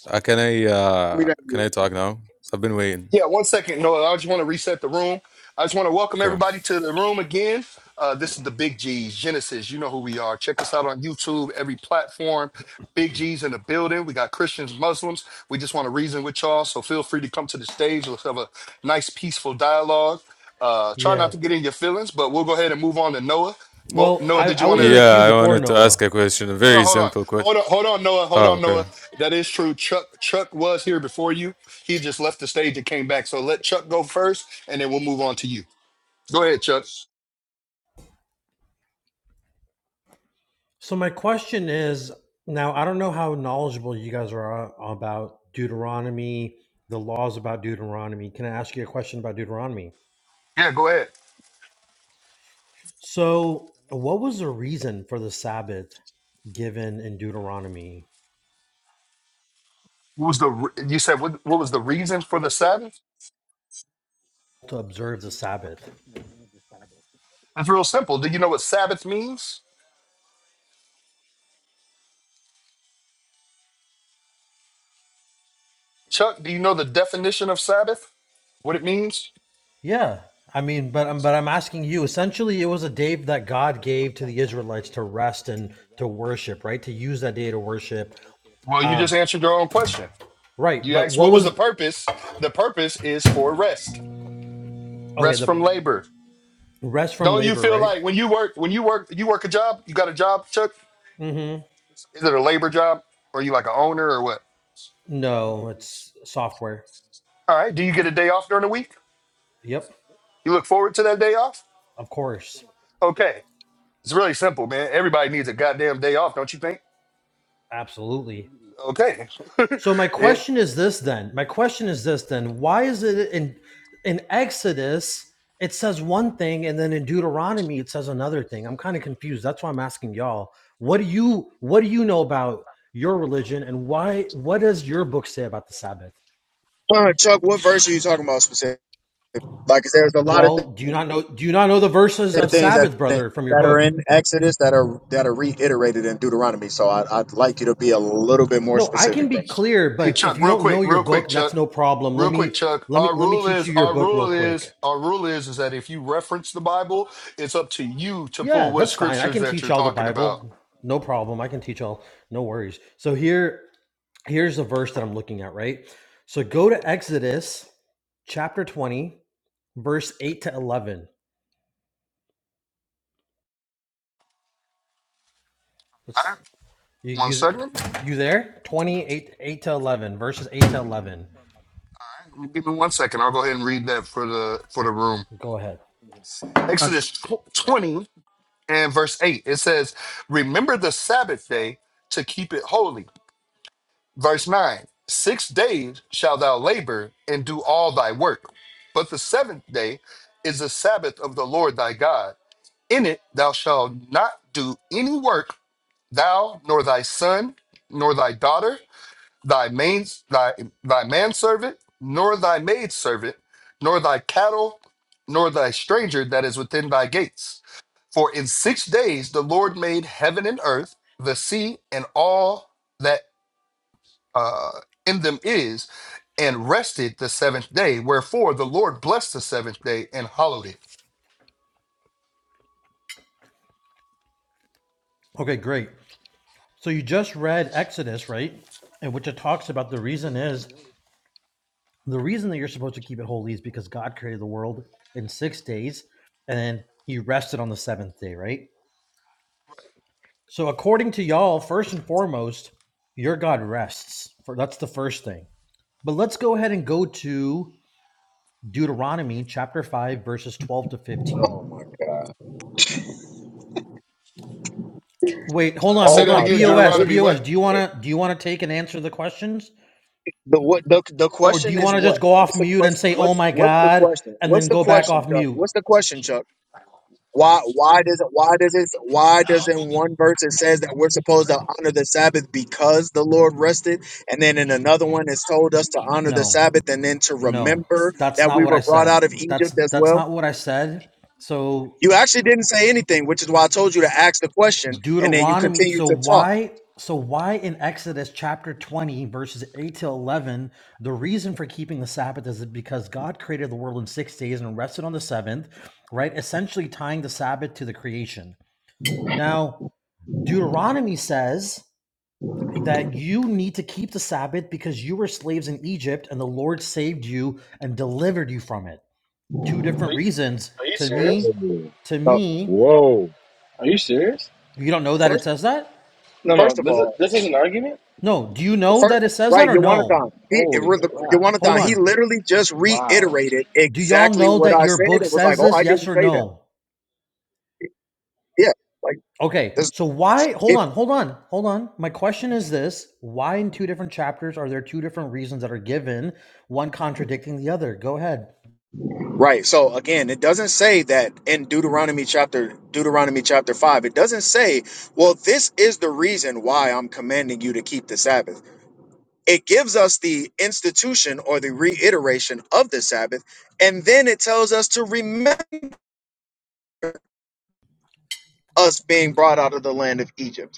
Uh, can I
I mean,
uh
that-
can I talk now? I've been waiting.
Yeah, one second, Noah. I just want to reset the room. I just want to welcome
Okay.
everybody to the room again. Uh, this is the Big G's Genesis. You know who we are. Check us out on YouTube, every platform. Big G's in the building. We got Christians, Muslims. We just want to reason with y'all. So feel free to come to the stage. Let's have a nice, peaceful dialogue. Uh, try not
Yeah.
to get in your feelings, but we'll go ahead and move on to Noah. Mo-
Well,
Noah,
I,
did
I
you want
was in
to?
the
Yeah,
queue
I
before
wanted to
Noah.
ask a question. A
Hold
very
on,
simple question.
hold on, hold on, hold on, Noah, hold on,
Oh, okay.
Noah. That is true. Chuck, Chuck was here before you. He just left the stage and came back. So let Chuck go first, and then we'll move on to you. Go ahead, Chuck.
So my question is now I don't know how knowledgeable you guys are about Deuteronomy, the laws about Deuteronomy. Can I ask you a question about Deuteronomy?
Yeah, go ahead.
So, what was the reason for the Sabbath given in Deuteronomy
What was the? re- You said what? What was the reason for the Sabbath?
to observe the Sabbath?
It's real simple. Do you know what Sabbath means, Chuck? Do you know the definition of Sabbath? What it means?
Yeah, I mean, but i but I'm asking you. Essentially, it was a day that God gave to the Israelites to rest and to worship, right? To use that day to worship.
Well, you just
Um,
answered your own question.
right.
You
But
asked
what
what was the
was
purpose. The purpose is for rest,
okay?
rest from
The
labor,
rest from
Don't you
labor,
feel
right?
like when you work when you work you work a job? You got a job, Chuck?
Mm-hmm.
Is it a labor job? Or are you like an owner or what?
No, it's software.
All right. Do you get a day off during the week?
Yep,
You look forward to that day off?
of course,
Okay. It's really simple, man. Everybody needs a goddamn day off, don't you think?
absolutely.
Okay.
So my
It-
question is this then. My question is this then. Why is it in in Exodus it says one thing and then in Deuteronomy it says another thing? I'm kind of confused. That's why I'm asking y'all. What do you what do you know about your religion and why what does your book say about the Sabbath?
Uh, Chuck, what verse are you talking about specifically? Like, there's a lot of th-
Well, do you not know do you not know the verses of
things that
Sabbath,
that
brother, from your
are
book?
in Exodus that are that are reiterated in Deuteronomy. So I, I'd like you to be a little bit more
No, I can
specific, bro.
be clear,
hey
but
Chuck,
if you
real
don't
quick,
know your
real quick,
book, that's
Chuck.
no problem. Let
Real quick,
me
Chuck.
let me
Our
let me
rule
teach
is
you your
our
book real
rule
quick.
is our rule is is that if you reference the Bible, it's up to you to
Yeah,
pull what
that's fine. I
scriptures
can
that
teach
you're
y'all the
talking about.
Bible. No problem. I can teach y'all. No worries. So here here's the verse that I'm looking at, right? So go to Exodus chapter 20, verse 8 to 11.
All
Let's
right.
you
One
you,
second.
you there? 28 8 to 11, verses 8 to 11.
Give me one second. I'll go ahead and read that for the for the room.
Go ahead.
I,
Exodus tw- 20 and verse 8. It says, "Remember the Sabbath day to keep it holy." Verse 9. Six days shall thou labor and do all thy work, but the seventh day is the Sabbath of the Lord thy God. In it thou shalt not do any work, thou nor thy son nor thy daughter thy main thy thy manservant, nor thy maidservant, nor thy cattle, nor thy stranger that is within thy gates. For in six days the Lord made heaven and earth, the sea, and all that uh, in them is, and rested the seventh day. Wherefore the Lord blessed the seventh day and hallowed it.
Okay, great. So you just read Exodus, right? And which it talks about the reason is the reason that you're supposed to keep it holy is because God created the world in six days and then he rested on the seventh day, right? So according to y'all, first and foremost, your God rests. For that's the first thing. But let's go ahead and go to Deuteronomy chapter 5 verses 12 to 15. Wait, hold
Uh,
on,
say
Oh
hold
that
my
on.
again,
BOS,
God!
Deuteronomy.
BOS,
What
do you want to do you want to take and answer the questions
The what the the
or do
question
you
is
want to
what?
just go off
What's the
mute and
question?
say, "Oh
What's
my
what's the
god,"
question?
and
What's
then
the
go back
question,
off
Chuck?
mute?
What's the question, Chuck? Why why does it why does it why does in one verse it says that we're supposed to honor the Sabbath because the Lord rested, and then in another one it's told us to honor the
No.
Sabbath and then to
No,
remember
that's
that
not
we
what
were
I
brought
said.
out of
That's
Egypt as
that's
well?
not what I said. So
You actually didn't say anything, which is why I told you to ask the question, and then you
Deuteronomy.
continue
So
to talk.
why? So why in Exodus chapter twenty verses eight to eleven? The reason for keeping the Sabbath is because God created the world in six days and rested on the seventh, right? Essentially tying the Sabbath to the creation. Now Deuteronomy says that you need to keep the Sabbath because you were slaves in Egypt and the Lord saved you and delivered you from it. two
Are
different
you,
reasons.
are you
To
serious?
me,
oh,
to
So
me,
whoa.
Are you serious?
you don't know that it
first
says that?
No, no.
first of
This is
all,
this is an argument.
No. Do you
The
know
Fir-
that it says
right,
that or no?
Yawanathan. He it
Holy
was the-
crap!
Hold
Yawanathan. He
on.
literally just
Wow.
reiterated
Do y'all
exactly
know
what
that
I
your
said.
book
It was like,
says
oh,
this?
I
Yes
didn't
or
say that.
no?
Yeah, like
Okay.
this.
So why hold
It
on, hold on, hold on. My question is this why in two different chapters are there two different reasons that are given, one contradicting the other? Go ahead.
right. So again, it doesn't say that in Deuteronomy chapter Deuteronomy chapter five. It doesn't say, well, this is the reason why I'm commanding you to keep the Sabbath. It gives us the institution or the reiteration of the Sabbath, and then it tells us to remember us being brought out of the land of Egypt.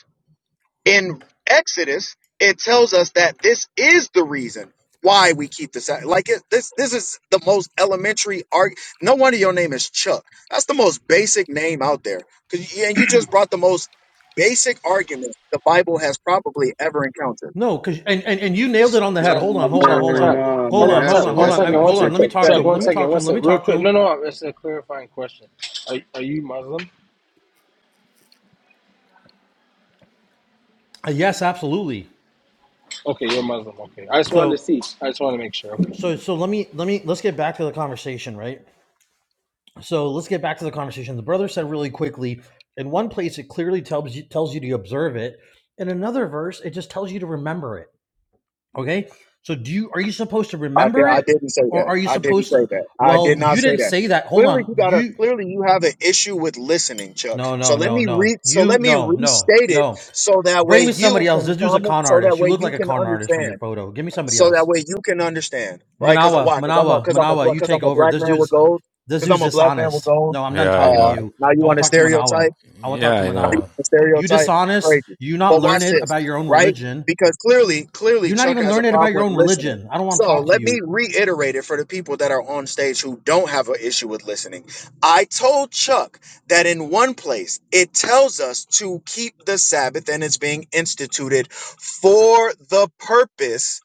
in Exodus, it tells us that this is the reason why we keep the Sabbath. Like it, this, this is the most elementary arg. No wonder your name is Chuck. That's the most basic name out there. Cause you, and you just brought the most basic argument the Bible has probably ever encountered.
No, because and, and and you nailed it on the
Nah,
head.
Chuck,
Hold on, hold on,
Chuck,
hold
man,
on.
Chuck.
nah,
Hold
Hold
man.
on,
on, hold
That's a
Chuck.
on, hold
One
that's
on.
a
I,
second, one
hold on.
second.
Let
contradiction.
me talk to
Chuck,
him.
Pathetic, bro.
one
Let me
second,
talk to
one
him. Let me
second. Real
talk to
quick.
him.
No, no, no, it's a clarifying question. Are, are you Muslim?
Uh, yes, absolutely.
Okay, you're Muslim. Okay. I just wanted to
So
see. I just wanted to make sure. Okay.
So so let me let me let's get back to the conversation, right? So let's get back to the conversation. The brother said really quickly, in one place it clearly tells you tells you to observe it. In another verse, it just tells you to remember it. Okay? So do you are you supposed to
I, di-
remember
I
it
didn't say
or
that.
are you
I didn't
supposed
say
to
that. I
well,
did not
you
say
didn't
that.
say that. Hold
Clearly,
on.
you got a
You
clearly you have an issue with listening, Chuck.
no,
So
no,
let
no,
me
no.
read. So
You
let me
no, no,
restate it,
no.
so that
Bring
way
me
you
somebody else.
can
This dude's a
comment.
con
So that
artist. You
way
look
you
like a
can
con artist from your
understand.
photo. Give me somebody
So
else.
that way you can understand, right? Because
Manawa,
why? Because I'm a
Manawa,
because I'm a
Manawa, you
because
take
I'm a
over.
black
This
man with
dude's
gold.
this
Because
dude's
I'm a black man with
dishonest.
gold.
No, I'm done
Yeah, I
talking to
Uh,
know.
you.
now you
I want
want a
to talk to Manawa.
stereotype?
I want to
Yeah,
talk to
I
right?
know.
Manawa.
The
You
stereotype,
dishonest.
crazy.
You not
But watch
learned
this,
about your own
right?
religion.
Because clearly, clearly,
You're not
Chuck
even
has a
learned
problem
about your
with
own
listening.
religion. I don't want to
So
talk to
let me
you.
reiterate it for the people that are on stage who don't have an issue with listening. I told Chuck that in one place it tells us to keep the Sabbath and it's being instituted for the purpose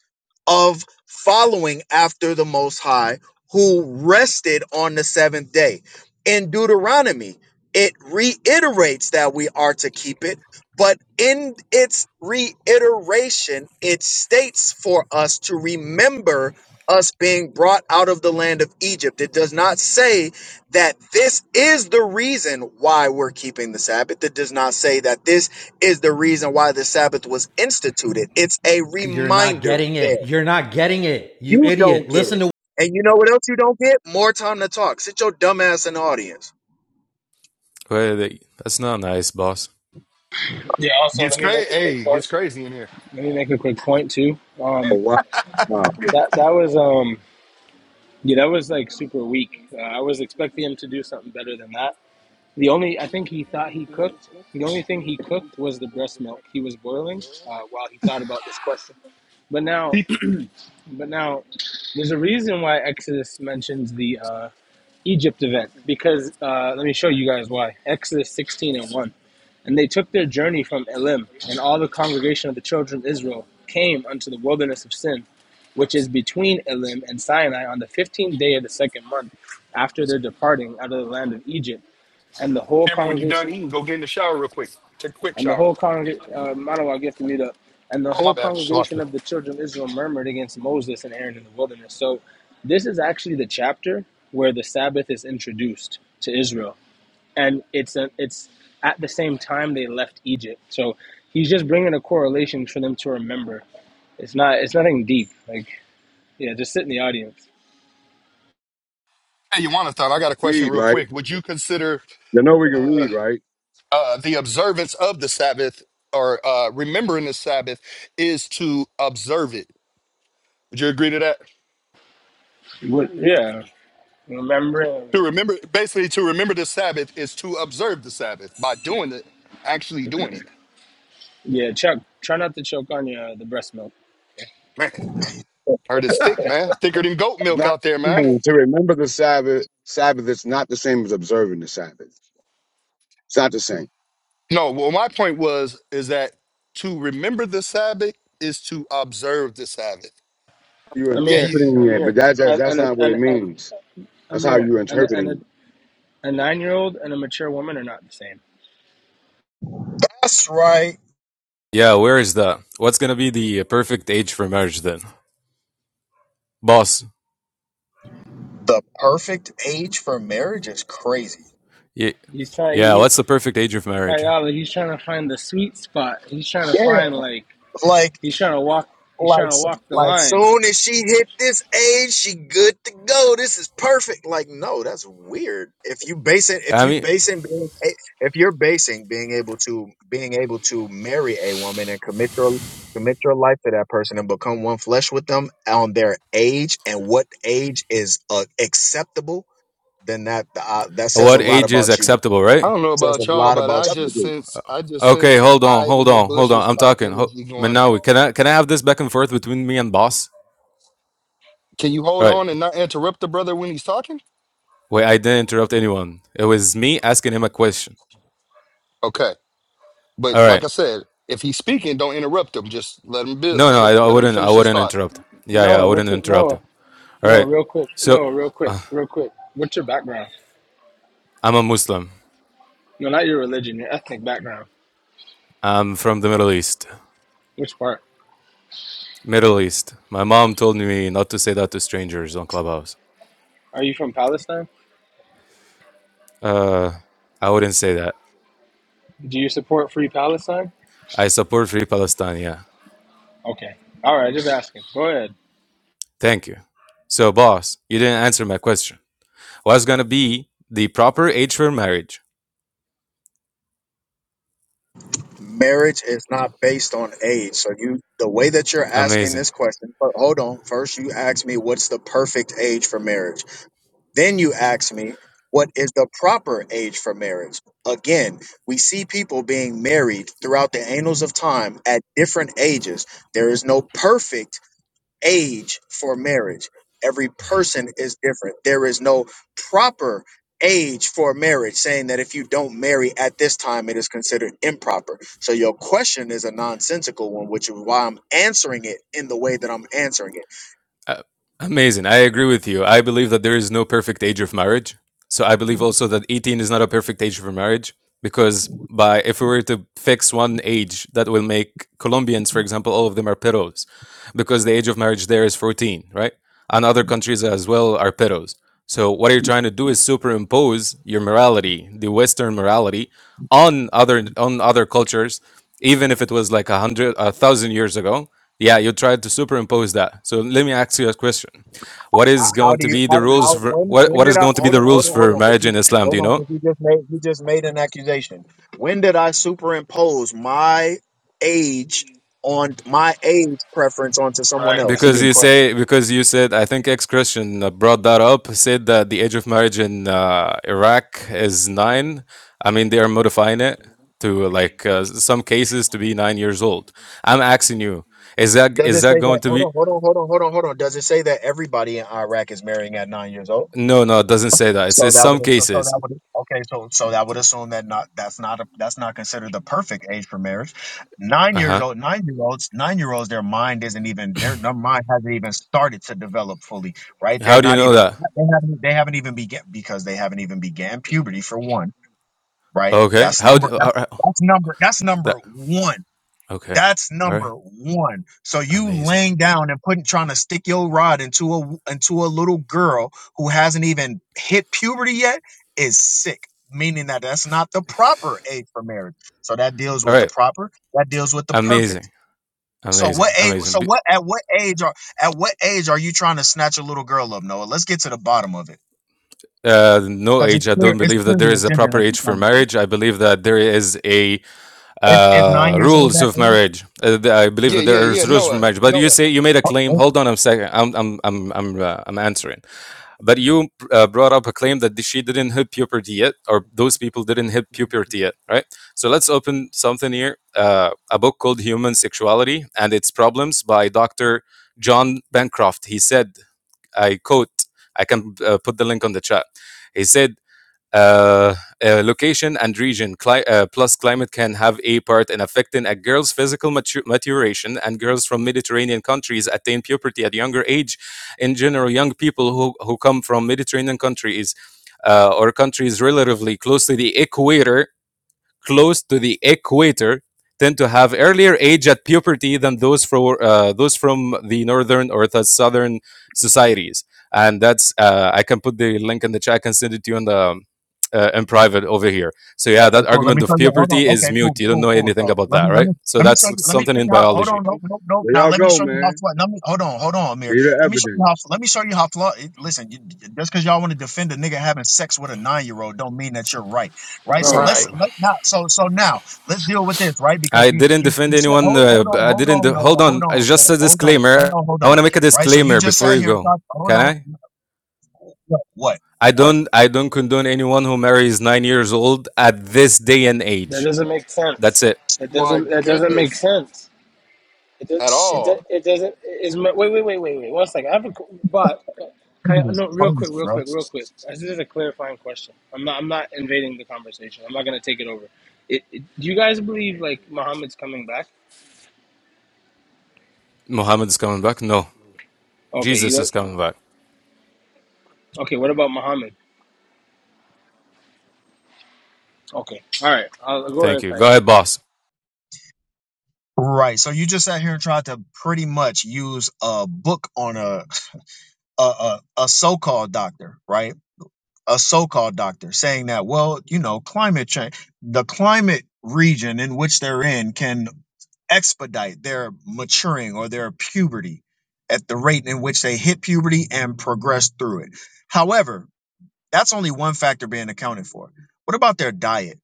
of following after the Most High who rested on the seventh day. In Deuteronomy, it reiterates that we are to keep it, but in its reiteration, it states for us to remember us being brought out of the land of Egypt. It does not say that this is the reason why we're keeping the Sabbath. It does not say that this is the reason why the Sabbath was instituted. It's a
You're not
reminder
getting
there.
it. You're not getting it. You
You
idiot.
don't get
Listen
it.
to
And you know what else you don't get? More time to talk. Sit your dumb ass in the audience.
Well, they- that's not nice, boss.
Yeah, also,
gets
let me
crazy?
make a quick
Hey,
point.
gets crazy in here.
Let me make a quick point, too.
Oh,
Um,
wow. wow.
that, that was, um, yeah, that was like super weak. Uh, I was expecting him to do something better than that. The only, I think he thought he cooked. The only thing he cooked was the breast milk he was boiling uh, while he thought about this question. But now But now, there's a reason why Exodus mentions the uh, Egypt event because uh, let me show you guys why. Exodus 16 and 1. And they took their journey from Elim, and all the congregation of the children of Israel came unto the wilderness of Sin, which is between Elim and Sinai, on the 15th day of the second month after their departing out of the land of Egypt. And the whole
Cameron, when you're done
congregation
eating, go get in the shower real quick. Take a quick
and the
shower.
whole congreg- uh, Manoah, I guess the meetup, and the
Oh my
whole
bad,
congregation
Shalaki.
of the children of Israel murmured against Moses and Aaron in the wilderness. So, this is actually the chapter where the Sabbath is introduced to Israel, and it's a, it's at the same time they left Egypt. So, he's just bringing a correlation for them to remember. It's not it's nothing deep. Like yeah, just sit in the audience.
Hey, Yawanathon, I got a question
Read,
real
right?
quick. Would you consider
You know we can read, right?
uh, the observance of the Sabbath or uh, remembering the Sabbath is to observe it? Would you agree to that?
What? Yeah, remembering.
To remember, basically, to remember the Sabbath is to observe the Sabbath by doing it, actually doing it.
Yeah, Chuck, try not to choke on your uh, the breast milk.
Man, heard it's thick, man. Thicker than goat
It's
milk
not
out there,
the
man.
same. to remember the Sabbath. Sabbath is not the same as observing the Sabbath. It's not the same.
No, well, my point was is that to remember the Sabbath is to observe the Sabbath.
You're
Yeah, you.
Amir,
interpreting it, but
Amir,
that's that's,
and
that's
and,
not what
and,
it
and
means. That's how
Amir,
you're
and a, and a,
interpreting it.
a nine year old and a mature woman are not the same.
That's right.
Yeah, where is that? What's gonna be the perfect age for marriage then? Boss.
The perfect age for marriage is crazy.
Y-
He's trying,
yeah,
he,
what's the perfect age of marriage?
Kayala, he's trying to find the sweet spot. He's trying to
Yeah.
find, like,
like.
he's trying to walk, he's
Like,
trying to
s-
walk the
like
line.
soon as she hit this age, she good to go. This is perfect. Like, no, that's weird. If you basing, if
I
you
mean,
basing, being a- if you're basing being able to being able to marry a woman and commit your commit your life to that person and become one flesh with them on their age and what age is uh, acceptable, then that uh, that says a
what
lot
age is
about you.
acceptable,
I
right?
don't know
says
about
a
y'all,
lot
but I
about you.
just
Substitute.
sense I just
Okay,
sense some
hold on,
hide
hold
in the
on, hold
bushes
on. I'm
type
talking. Ho-
energy going
Manawi,
on.
can I can I have this back and forth between me and boss?
Can you
All
hold
right.
on and not interrupt the brother when he's talking?
Wait, I didn't interrupt anyone. It was me asking him a question.
Okay. But
All
like
right.
I said, if he's speaking, don't interrupt him. Just let him build
No,
let
no, I,
him
I
let him
wouldn't. I
finish his
wouldn't
thought.
interrupt. Yeah, yeah, I
Noah,
wouldn't
what's it,
interrupt
Noah?
him. All
Noah,
right.
real quick,
So,
Noah, real quick,
uh,
real quick. What's your background?
I'm a Muslim.
No, not your religion, your ethnic background.
I'm from the Middle East.
Which part?
Middle East. My mom told me not to say that to strangers on Clubhouse.
Are you from Palestine?
Uh, I wouldn't say that.
Do you support free Palestine?
I support Free Palestine, yeah.
Okay. All right, just asking. Go ahead.
Thank you. So, boss, you didn't answer my question. What's gonna be the proper age for marriage?
marriage is not based on age. So you the way that you're asking
Amazing.
this question, but hold on. First you ask me what's the perfect age for marriage. Then you ask me what is the proper age for marriage? Again, we see people being married throughout the annals of time at different ages. There is no perfect age for marriage. Every person is different. There is no proper age for marriage, saying that if you don't marry at this time, it is considered improper. So your question is a nonsensical one, which is why I'm answering it in the way that I'm answering it.
Uh, amazing. I agree with you. I believe that there is no perfect age of marriage. So I believe also that 18 is not a perfect age for marriage because by if we were to fix one age that will make Colombians, for example, all of them are peros because the age of marriage there is 14, right? And other countries as well are peros. So what you're trying to do is superimpose your morality, the Western morality, on other on other cultures, even if it was like a hundred, a thousand years ago yeah, you tried to superimpose that. So let me ask you a question. What
How,
is
how
going
do
to
you?
be the
How,
rules
how?
for
When?
what
When
what
did
is
I?
going to be
Hold
the
on. Hold
rules
on. Hold
for
on. 'cause
marriage
you-
in Islam, do
Hold
you
on,
know?
because you just made you just made an accusation. When did I superimpose my age on my age preference onto someone
Right.
else?
That's a
Because
good
you
question.
say because you said I think ex-Christian uh, brought that up, said that the age of marriage in uh, Iraq is 9. I mean, they are modifying it to like uh, some cases to be 9 years old. I'm asking you, is that
Does
is
it
that
say that?
going to
Hold
be
on, hold on, hold on, hold on, hold on. Does it say that everybody in Iraq is marrying at nine years old?
No, no, it doesn't say that. It
So
says
that
some
would so, so
cases.
that would okay. So so that would assume that not that's not a, that's not considered the perfect age for marriage. Nine years
Uh-huh.
old, nine year olds, nine year olds. Their mind isn't even their, their mind hasn't even started to develop fully. Right? They're
How do you
not
know
even
that?
they haven't they haven't even began because they haven't even began puberty for one. Right?
Okay.
That's
How
number
do,
that's,
uh, uh,
that's number that's
that
number one
Okay.
that's
All right.
number one. So you
Amazing.
laying down and putting trying to stick your rod into a into a little girl who hasn't even hit puberty yet is sick. Meaning that that's not the proper age for marriage. So that deals
All
with the
right.
proper. That deals with the perfect.
Amazing.
So what
Amazing.
age?
Amazing.
So
B-
what at what age are at what age are you trying to snatch a little girl up, Noah? Let's get to the bottom of it
Uh, no
because it's
age. I
clear.
don't
It's
believe that
clear
there
the
is a
agenda
proper
that
age
you're
for
trying to put.
marriage. I believe that there is a
If, if nine
uh,
years old
rules
that
of
age,
marriage. Uh, th- I believe
Yeah,
that
yeah,
there
yeah.
is rules for
Noah.
marriage. But you
Noah.
say you made a
oh,
claim.
oh,
Hold on a second. I'm I'm I'm I'm uh, I'm answering. But you uh, brought up a claim that she didn't hit puberty yet, or those people didn't hit puberty yet, right? So let's open something here uh, a book called Human Sexuality and Its Problems by Dr. John Bancroft. He said, I quote, I can uh, put the link on the chat. He said, uh, uh, location and region Cli- uh, plus climate can have a part in affecting a girl's physical matu- maturation and girls from mediterranean countries attain puberty at younger age in general young people who, who come from mediterranean countries uh, or countries relatively close to the equator close to the equator tend to have earlier age at puberty than those from uh, those from the northern or the southern societies. And that's uh, I can put the link in the chat. I can send it to you in the uh, in private over here. So yeah,
Okay,
that
cool. Let
argument
me
of
show you. Hold on.
puberty is
Okay, cool,
mute. You don't
cool,
know
cool.
anything
So
about
let
that,
me let
right?
me
So
let me
that's
show you. Let me
something
show
in
you how. Hold
biology.
on. Nope, nope, nope.
There
Now
y'all
let me
go,
show you how.
man.
Fly, let me hold on. Hold on,
Get
Amir.
the
Let me show you how.
evidence.
Let me show you how. Flaw, listen, you, just because y'all want to defend a nigga having sex with a nine year old, don't mean that you're right, right? So
Bro,
let's
Right.
Astaghfirullah.
let now. So so now let's deal with this, right? Because
I
you
didn't
you,
defend
you said,
anyone.
hold
Uh,
hold
b-
on,
I
hold
didn't.
on,
Hold
no, hold
on. I
on,
just
no,
a
hold on, ain't
disclaimer.
no hold
I want
on,
to make a
right? So you
disclaimer
just
before
sat
you
here and
go.
talked. Hold
Can
on.
I?
What? What?
I
what?
don't I don't condone anyone who marries nine years old at this day and
that
age.
doesn't make
That's
sense.
it.
That
My
doesn't, that doesn't make
goodness.
sense. It does.
At
Shit,
It, does.
all.
it doesn't. Is wait, wait, wait, wait, wait. One second. I have a qu- but can I,
this is
no, real
crazy,
quick, real
bro.
quick, real quick. This is a clarifying question. I'm not. I'm not invading the conversation. I'm not gonna take it over. It, it, do you guys believe like Muhammad's coming back?
Muhammad is coming back. No,
Okay. You
Jesus is
look.
coming back.
Okay. What about Muhammad? Okay. All right. I'll go
Thank
ahead,
you. Go
Kyle.
ahead, boss.
Right. So you just sat here and tried to pretty much use a book on a a a, a so-called doctor, right? A so-called doctor saying that, well, you know, climate change, the climate region in which they're in can expedite their maturing or their puberty at the rate in which they hit puberty and progress through it. However, that's only one factor being accounted for. What about their diet?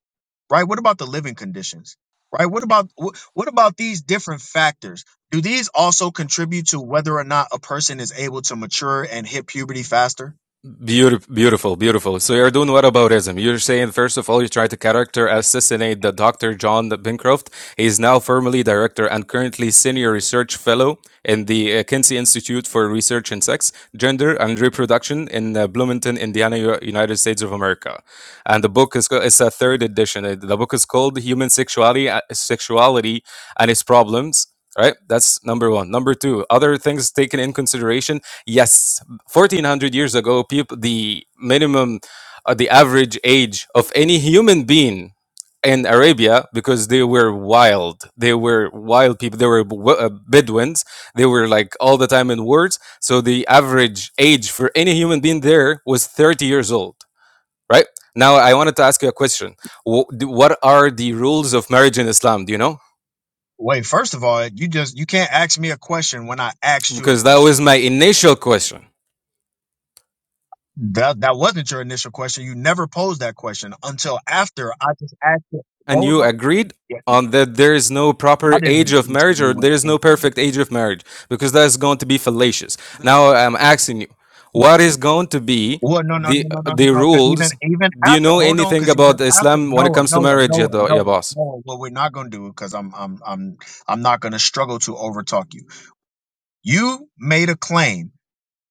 right? What about the living conditions, right? What about wh- what about these different factors? Do these also contribute to whether or not a person is able to mature and hit puberty faster?
Beautiful, beautiful, beautiful. So you're doing what about ism? You're saying first of all you try to character assassinate the Dr. John Bancroft. He is now formerly director and currently senior research fellow in the uh, Kinsey Institute for Research in Sex, Gender, and Reproduction in uh, Bloomington, Indiana, U- United States of America. And the book is it's a third edition. Uh, The book is called Human Sexuality, uh, Sexuality and Its Problems. Right, that's number one. Number two, other things taken in consideration. Yes, 1400 years ago people the minimum uh, the average age of any human being in arabia because they were wild they were wild people they were b- uh, bedouins they were like all the time in wars so the average age for any human being there was 30 years old right now i wanted to ask you a question Wh- d- what are the rules of marriage in islam do you know
Wait, first of all, you just you can't ask me a question when I asked you a
because that was
question.
my initial question
That that wasn't your initial question. You never posed that question until after I just asked it.
And
Hold
you
on.
agreed
Yeah,
on that there is no
I
proper
didn't
age of
agree to
marriage
you
or
with
there is no
anything.
perfect age of marriage because that is going to be fallacious. Now I'm asking you, what is going to be
Well, no, no,
the
no, no, no, no,
the
no. Because even
rules?
even
Do you
after,
know
hold on.
anything
Because even
about
after
Islam when it
Noah,
comes to
Noah,
marriage, ya,
Noah,
do- ya
Noah,
boss?
Noah. What we're not gonna do, because I'm I'm I'm I'm not gonna struggle to overtalk you. You made a claim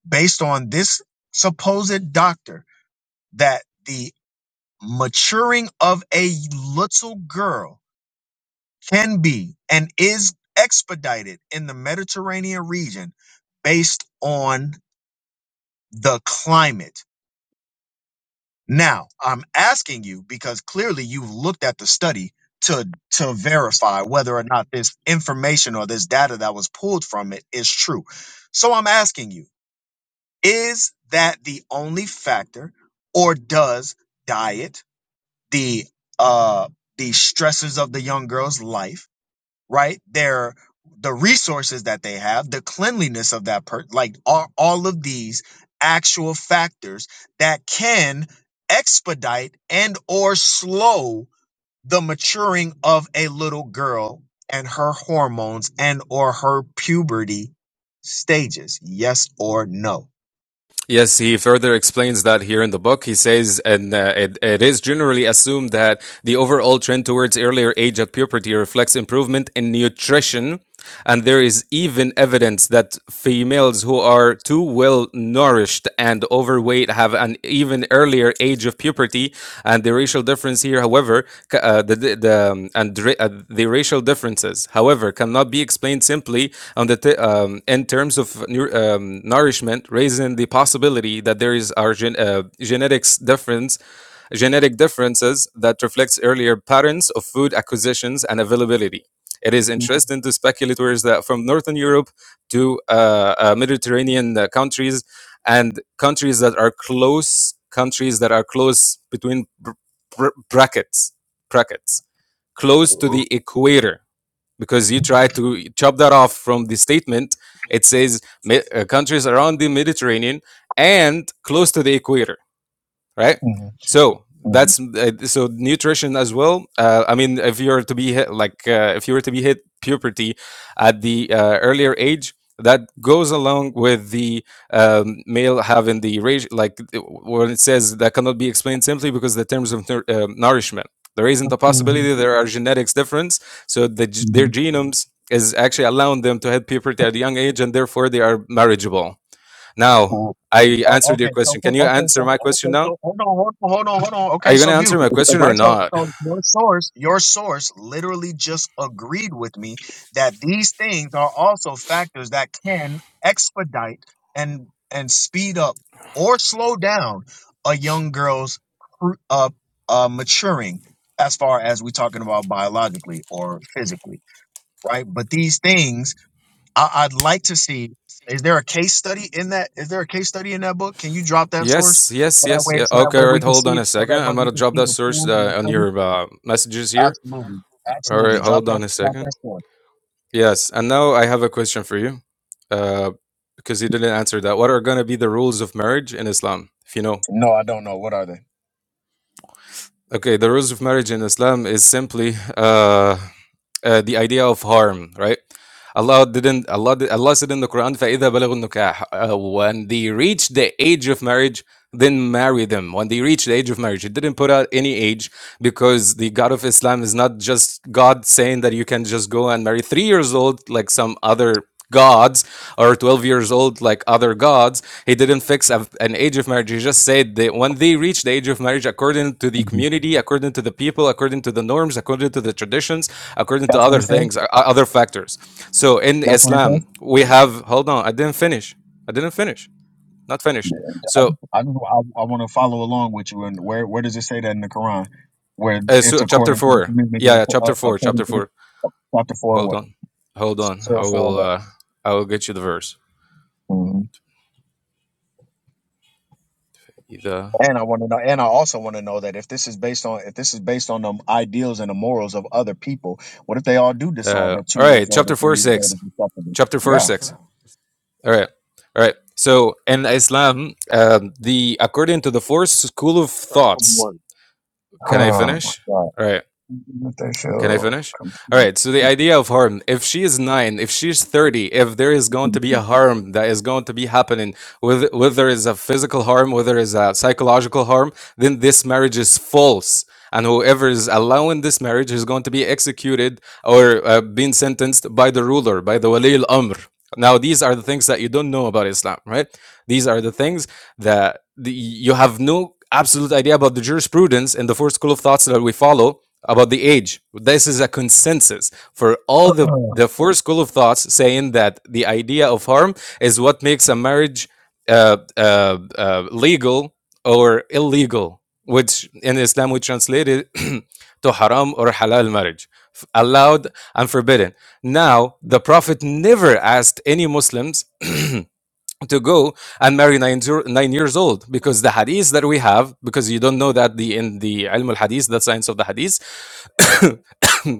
based on this supposed doctor that the maturing of a little girl can be and is expedited in the Mediterranean region based on the climate. Now, I'm asking you because clearly you've looked at the study to to verify whether or not this information or this data that was pulled from it is true. So I'm asking you, is that the only factor or does diet, the uh the stresses of the young girl's life right? Their the resources that they have, the cleanliness of that person, like all, all of these actual factors that can expedite and or slow the maturing of a little girl and her hormones and or her puberty stages yes or no
Yes, he further explains that here in the book. He says, and uh, it, it is generally assumed that the overall trend towards earlier age at puberty reflects improvement in nutrition. And there is even evidence that females who are too well nourished and overweight have an an even earlier age of puberty, and the racial difference here, however, ca- uh, the the the, um, and ra- uh, the racial differences, however, cannot be explained simply on the t- um, in terms of nu- um, nourishment, raising the possibility that there is our gen- uh, genetics difference genetic differences that reflects earlier patterns of food acquisitions and availability. It is interesting to speculators that from Northern Europe to uh, uh, Mediterranean uh, countries and countries that are close, countries that are close between br- br- brackets, brackets, close to the equator. Because you try to chop that off from the statement, it says "Me- uh, countries around the Mediterranean and close to the equator right?
Mhm,
So
mhm,
that's uh, so nutrition as well. Uh, I mean, if you were to be hit, like uh, if you were to be hit puberty at the uh, earlier age, that goes along with the um, male having the ratio, like uh, when it says that cannot be explained simply because the terms of nour- um nourishment. There isn't a possibility. There are genetics difference. So the, g- their
mhm,
genomes is actually allowing them to hit puberty at a young age, and therefore they are marriageable. Now,
mhm.
I
Oh,
answered your
okay. So
question. Can
cool.
you
okay.
answer
So
my question
okay.
now?
So hold on, hold on, hold on, hold on.
Are
Okay.
you
So
gonna answer
beautiful.
my question or
Right. So
not?
so your source, your source, literally just agreed with me that these things are also factors that can expedite and and speed up or slow down a young girl's cru- uh, uh maturing as far as we're talking about biologically or physically, right? But these things I, I'd like to see. Is there a case study in that? Is there a case study in that book? Can you drop that source
Yes,
so
yes,
that
yes.
way,
Yeah.
so that
Okay,
way
all
we
right.
can
Hold on
see,
a
so
second.
that way
I'm
we
gonna
can
drop
see
that
the
source
pool and
uh,
the
on
study?
your uh, messages here.
Absolutely,
All right,
absolutely. Drop
hold
that,
on a
drop
second.
that source.
Yes, and now I have a question for you, uh, because you didn't answer that. What are gonna be the rules of marriage in Islam, if you know?
No, I don't know. What are they?
Okay, the rules of marriage in Islam is simply uh, uh, the idea of harm, right? Allah didn't Allah did, Allah said in the Quran فَإِذَا بَلَغُوا النُّكَاحَ uh, when they reach the age of marriage then marry them when they reach the age of marriage it didn't put out any age because the God of Islam is not just God saying that you can just go and marry 3 years old like some other gods or 12 years old like other gods he didn't fix a, an age of marriage he just said that when they reach the age of marriage according to the
Mhm.
community according to the people according to the norms according to the traditions according to
That's what
other
it says.
things, uh, uh, other factors. So in
That's what it says.
Islam, we have, hold on, I didn't finish. I didn't finish. Not finished.
Yeah.
So,
I just, I, I want to follow along with you. And where, where does it say that in the Quran? Where
uh,
it's
so chapter
according to the
four.
community,
Yeah, yeah,
uh,
chapter four,
according
chapter
to the
four.
chapter four,
Hold
what?
on. Hold on.
Surah
I
four,
will,
what?
uh, I will get you the verse.
Mhm.
The,
And I want to know, and I also want to know that if this is based on if this is based on the ideals and the morals of other people, what if they all do decide
uh,
that two
all
years
right,
old or
chapter
three
four,
years old
six.
is acceptable?
Chapter four,
Yeah.
six. All right. All right. So in Islam, um, the according to the fourth school of
Start from
thoughts,
one.
can I
Oh my
finish?
God.
All right.
What they
Can I
show.
finish? All right. So the idea of harm, if she is nine, if she's 30, if there is going to be a harm that is going to be happening, whether, whether it's a physical harm, whether it's a psychological harm, then this marriage is false. And whoever is allowing this marriage is going to be executed or uh, being sentenced by the ruler, by the Wali al Amr. Now, these are the things that you don't know about Islam, right? These are the things that the, you have no absolute idea about the jurisprudence and the four school of thoughts that we follow about the age. This is a consensus for all the, the four school of thoughts saying that the idea of harm is what makes a marriage uh, uh, uh, legal or illegal, which in Islam we translate it to haram or halal marriage, allowed and forbidden now, the Prophet never asked any Muslims to go and marry nine nine years old because the hadith that we have, because you don't know that the in the Ilm al Hadith, the science of the hadith,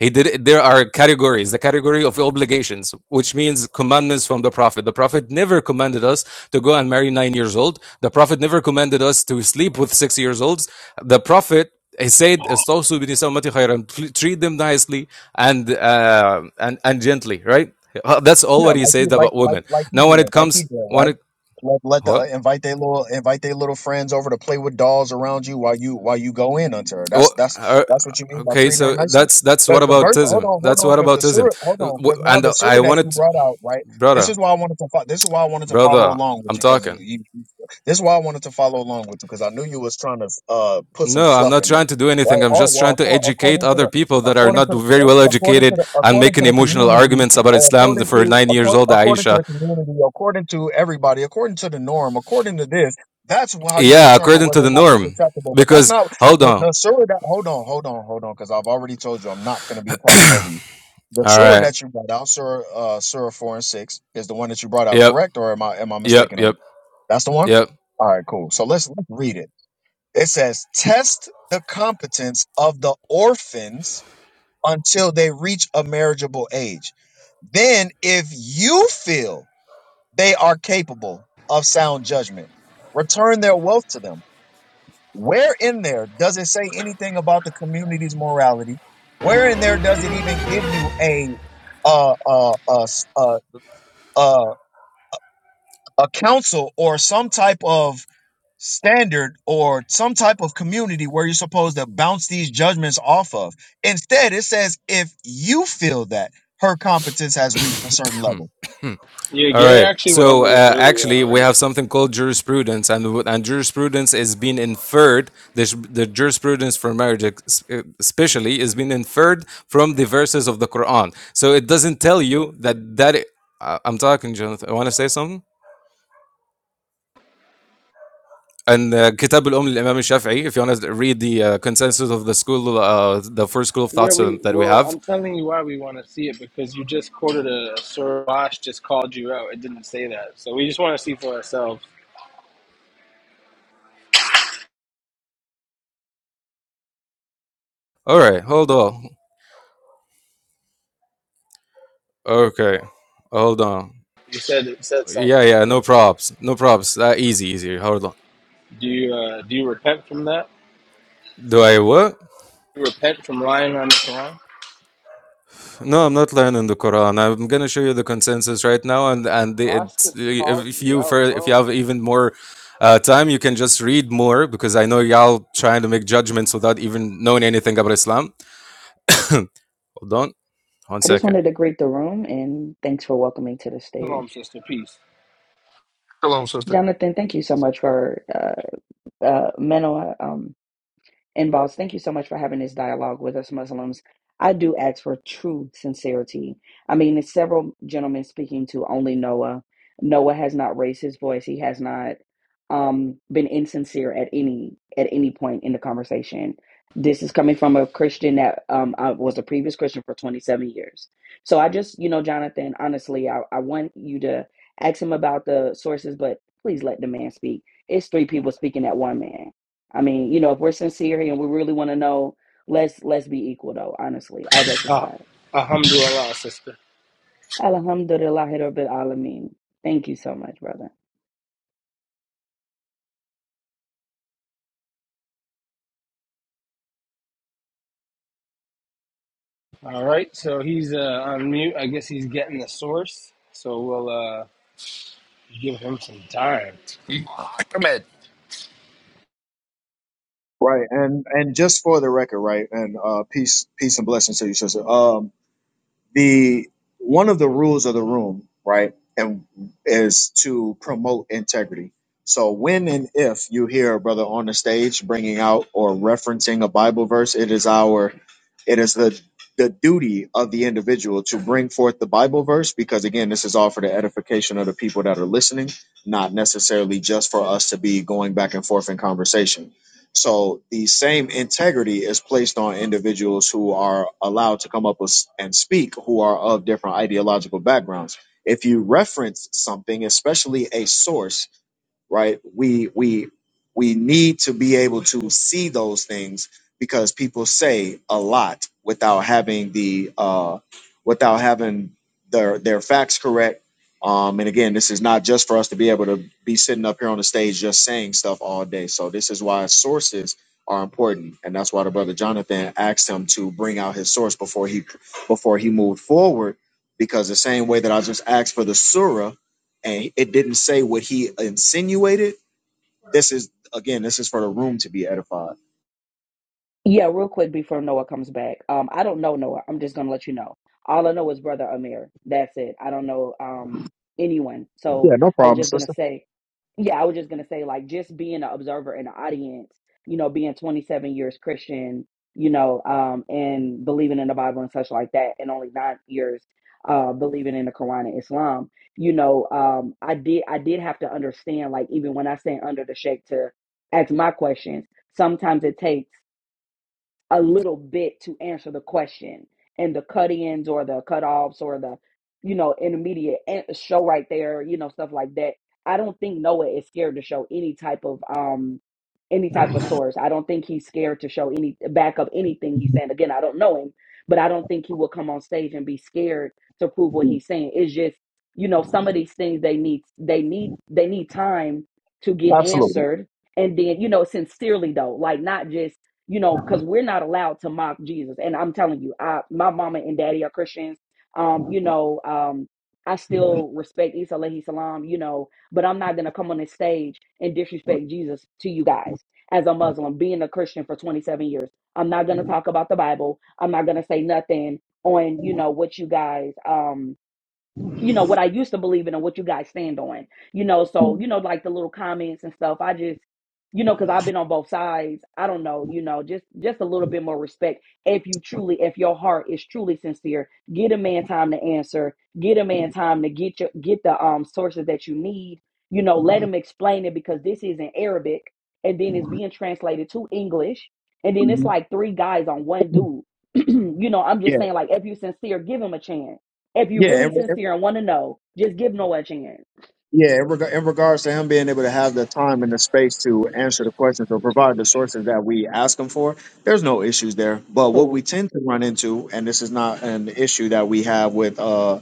He did There are categories, the category of obligations, which means commandments from the Prophet. The Prophet never commanded us to go and marry nine years old. The Prophet never commanded us to sleep with six years olds. The Prophet he said, "Istawsu bi nisammati khayran." treat them nicely and uh, and and gently, right? Uh, That's all
Yeah,
what he
like you
said
like
about
like
women.
like he
Now, when
did,
it
like he
comes,
did,
when
right?
it
Let let the uh,
what?
invite their little invite their little friends over to play with dolls around you while you while you go in onto her.
Oh,
That's that's
uh,
that's what you mean by
okay,
treating her
so
nicely.
that's that's
Because
what
the verse, hold
aboutism.
on, hold
That's
on,
what
because the
aboutism.
surah, hold
Uh,
on, because now
And
the
I
surah that you
wanted, to,
brought out, right? This
brother.
is why I wanted to fo- this is why I wanted to follow
Brother,
along
I'm
with you because you,
talking.
you you- this is why I wanted to follow along with you because I knew you was trying to uh put some
No, I'm
fluff
not
in there,
trying to do anything.
right?
I'm
Oh
just trying
well,
to
acco-
educate
according to
other
the
people that are
according
not
to the
very well
according to
educated
the
and
according to
making
the
emotional
community
arguments about
or
Islam
according
for
to
nine years
according,
old
according to
Aisha.
the community, according to everybody, according to the norm, according to this, that's how you
Yeah,
determine
according to
whether or
the
not it's
norm.
acceptable. But that's
Because
not
hold
the,
on.
the sewer that. Hold on, hold on, hold on, because I've already told you I'm not going to be talking over you. The
All
sewer
right.
that you brought out, sewer, uh, sewer four and six, is the one that you brought out,
Yep.
correct? Or am I am I
Yep.
mistaken on?
Yep.
That's the one.
Yep.
All right, cool. So let's, let's read it. It says, "Test the competence of the orphans until they reach a marriageable age." Then, if you feel they are capable of sound judgment, return their wealth to them. Where in there does it say anything about the community's morality? Where in there does it even give you a uh, uh, uh, uh, uh, a council or some type of standard or some type of community where you're supposed to bounce these judgments off of? Instead, it says if you feel that her competence has reached a certain level
Yeah,
All
Gary
right.
actually went
So
over this
uh,
earlier
actually, we
already.
have something called jurisprudence, and w- and jurisprudence is being inferred. The, sh- the jurisprudence for marriage, ex- uh, especially, is being inferred from the verses of the Quran. So it doesn't tell you that that. i- I- I'm talking, Jonathan. I want to say something. And uh, Kitab al-Umm al-Imam al-Shafi'i, if you want to read the uh, consensus of the school, uh, the first school of
Yeah,
thoughts uh,
we
that we
well,
have.
I'm telling you why we want to see it because you just quoted a Sir Bosch just called you out. It didn't say that, so we just want to see for ourselves.
All right, hold on. Okay, hold on.
You said it said something.
Yeah, yeah, no props, no props. Uh, easy, easy. Hold on.
Do you uh, do you repent from that?
Do I what?
Do you repent from lying on the Quran?
No, I'm not learning the Quran. I'm gonna show you the consensus right now, and and the,
Boss
it's,
just
if
called
if
you
you for
out,
if you
bro.
have even more uh, time, you can just read more because I know y'all trying to make judgments without even knowing anything about Islam. Hold on, one
I just
second.
wanted to greet the room and thanks for welcoming to the
Come on,
stage.
sister. Peace.
Hello, sister.
Jonathan, thank you so much for uh, uh, Manoa. And boss, thank you so much for having this dialogue with us Muslims. I do ask for true sincerity. I mean, there's several gentlemen speaking to only Noah. Noah has not raised his voice. He has not um, been insincere at any at any point in the conversation. This is coming from a Christian that um, I was a previous Christian for 27 years. So I just, you know, Jonathan, honestly, I, I want you to ask him about the sources, but please let the man speak. It's three people speaking at one man I mean, you know, if we're sincere here and we really want to know, let's let's be equal though, honestly. All jokes
Uh,
aside.
alhamdulillah, sister.
Alhamdulillah Rabbil Alameen. Thank you so much, brother.
All right. So he's uh, on mute. I guess he's getting the source. So we'll uh, give him some time.
You- Ahmed.
Right, and and just for the record, right, and uh, peace, peace and blessings to you, sister. Um, the one of the rules of the room, right, and is to promote integrity. So when and if you hear a brother on the stage bringing out or referencing a Bible verse, it is our, it is the the duty of the individual to bring forth the Bible verse because again, this is all for the edification of the people that are listening, not necessarily just for us to be going back and forth in conversation so the same integrity is placed on individuals who are allowed to come up with, and speak who are of different ideological backgrounds. If you reference something, especially a source, right? We we we need to be able to see those things because people say a lot without having the uh, without having their their facts correct. Um, and again, this is not just for us to be able to be sitting up here on the stage just saying stuff all day. So this is why sources are important, and that's why the brother Jonathan asked him to bring out his source before he before he moved forward. Because the same way that I just asked for the surah, and it didn't say what he insinuated. This is again, this is for the room to be edified.
Yeah, real quick before Noah comes back. Um, I don't know Noah. I'm just gonna let you know. All I know is brother Amir. That's it. I don't know um anyone. So
Yeah, no
I was just gonna say, yeah, I was just gonna say like just being an observer in the audience, you know, being 27 years Christian, you know, um, and believing in the Bible and such like that, and only nine years uh believing in the Quran and Islam. You know, um, I did I did have to understand like even when I say under the shade to ask my questions. Sometimes it takes a little bit to answer the question and the cut-ins or the cut-offs or the you know intermediate an- show right there you know stuff like that i don't think noah is scared to show any type of um any type of source i don't think he's scared to show any back up anything he's saying again i don't know him but i don't think he will come on stage and be scared to prove what
problem.
he's saying it's just you know some of these things they need they need they need time to get
Absolutely.
answered and then you know sincerely though like not just you know, because we're not allowed to mock Jesus. And I'm telling you, I my mama and daddy are Christians. Um, you know, um, I still respect Isa alayhi salam, you know, but I'm not gonna come on this stage and disrespect Jesus to you guys as a Muslim, being a Christian for 27 years. I'm not gonna talk about the Bible. I'm not gonna say nothing on, you know, what you guys um you know what I used to believe in and what you guys stand on. You know, so you know, like the little comments and stuff. I just, you know, because I've been on both sides. I don't know, you know, just just a little bit more respect. If you truly, if your heart is truly sincere, get a man time to answer. Get a man time to get your get the um sources that you need. You know, let him explain it because this is in Arabic, and then it's being translated to English, and then it's
Mhm.
like three guys on one dude. you know, I'm just
Yeah,
saying, like, if you sincere, give him a chance if you're
yeah, in,
really
in-
sincere and want to know, just give Noah a chance.
yeah. In, reg- in regards to him being able to have the time and the space to answer the questions or provide the sources that we ask him for, there's no issues there. But what
Cool.
we tend to run into, and this is not an issue that we have with. uh,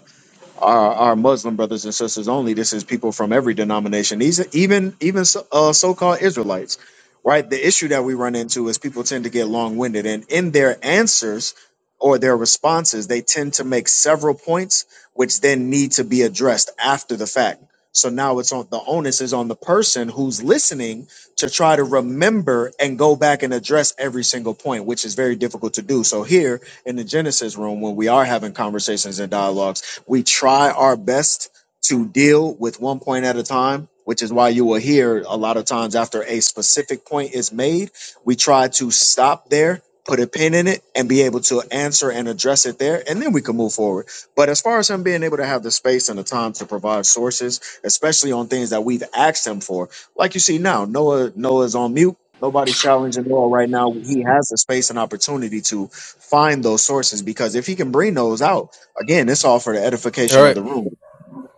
our, our Muslim brothers and sisters only. This is people from every denomination, these even even so, uh, so-called Israelites, right? The issue that we run into is people tend to get long-winded, and in their answers or their responses, they tend to make several points, which then need to be addressed after the fact. So now it's on the onus is on the person who's listening to try to remember and go back and address every single point, which is very difficult to do. So here in the Genesis room, when we are having conversations and dialogue we try our best to deal with one point at a time, which is why you will hear a lot of times after a specific point is made, we try to stop there, put a pin in it, and be able to answer and address it there, and then we can move forward. But as far as him being able to have the space and the time to provide sources, especially on things that we've asked him for, like you see now, Noah Noah's on mute. Nobody's challenging Noah right now. He has the space and opportunity to find those sources because if he can bring those out, Again, it's all for the
All
edification of
right,
the room.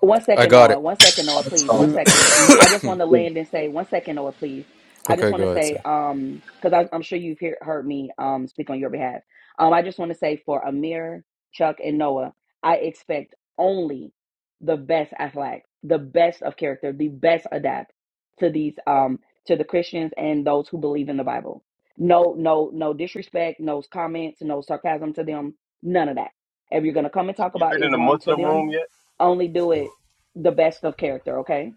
One
I
second,
got
Noah.
it.
One second, Noah, please. One
So,
second. I just want to
yeah.
land and say, one second, Noah, please. I just
okay,
want
go
to
ahead.
say,
Sir.
um, because I'm sure you've hear, heard me um speak on your behalf. Um, I just want to say for Amir, Chuck, and Noah, I expect only the best Aflac, the best of character, the best adapt to these um to the Christians and those who believe in the Bible. No, no, no disrespect, no comments, no sarcasm to them, none of that. If you're gonna come and
Have
talk
you
about
been in a
Islam to
Muslim
them,
room yet?
only do it the best of character, okay?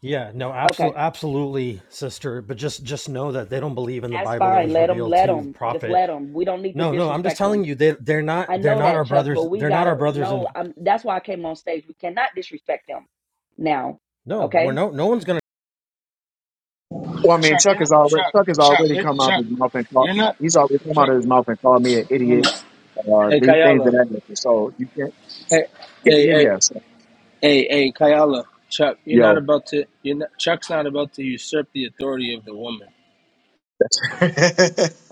Yeah, no,
Okay.
absolutely absolutely, sister, but just just know that they don't believe in the
That's
Bible that
fine.
was
Let them,
revealed
let
to the
them. Just
prophet.
let them. We don't need to
No, no, I'm just
disrespect them.
telling you they they're not
I
they're
know
not
that,
our
Chuck, but
brothers.
we
They're not
gotta
our brothers
no,
and
I'm that's why I came on stage. We cannot disrespect them now.
no, we're
Okay?
no no one's going to
Well, I mean,
Chuck, you're
Chuck
not,
has already
Chuck,
Chuck has
Chuck,
already
you're,
come out of
Chuck,
his mouth and called
you're not,
he's already come out
Chuck.
of his mouth and called me an
Hold
idiot.
on.
Uh,
Hey,
these things of
Kayala.
that nature. So you can't.
Hey,
Yeah,
hey,
yeah,
hey,
yeah. So,
hey, hey, Kayala. Chuck, you're not
yo.
about to. You're not, Chuck's not about to usurp the authority of the woman.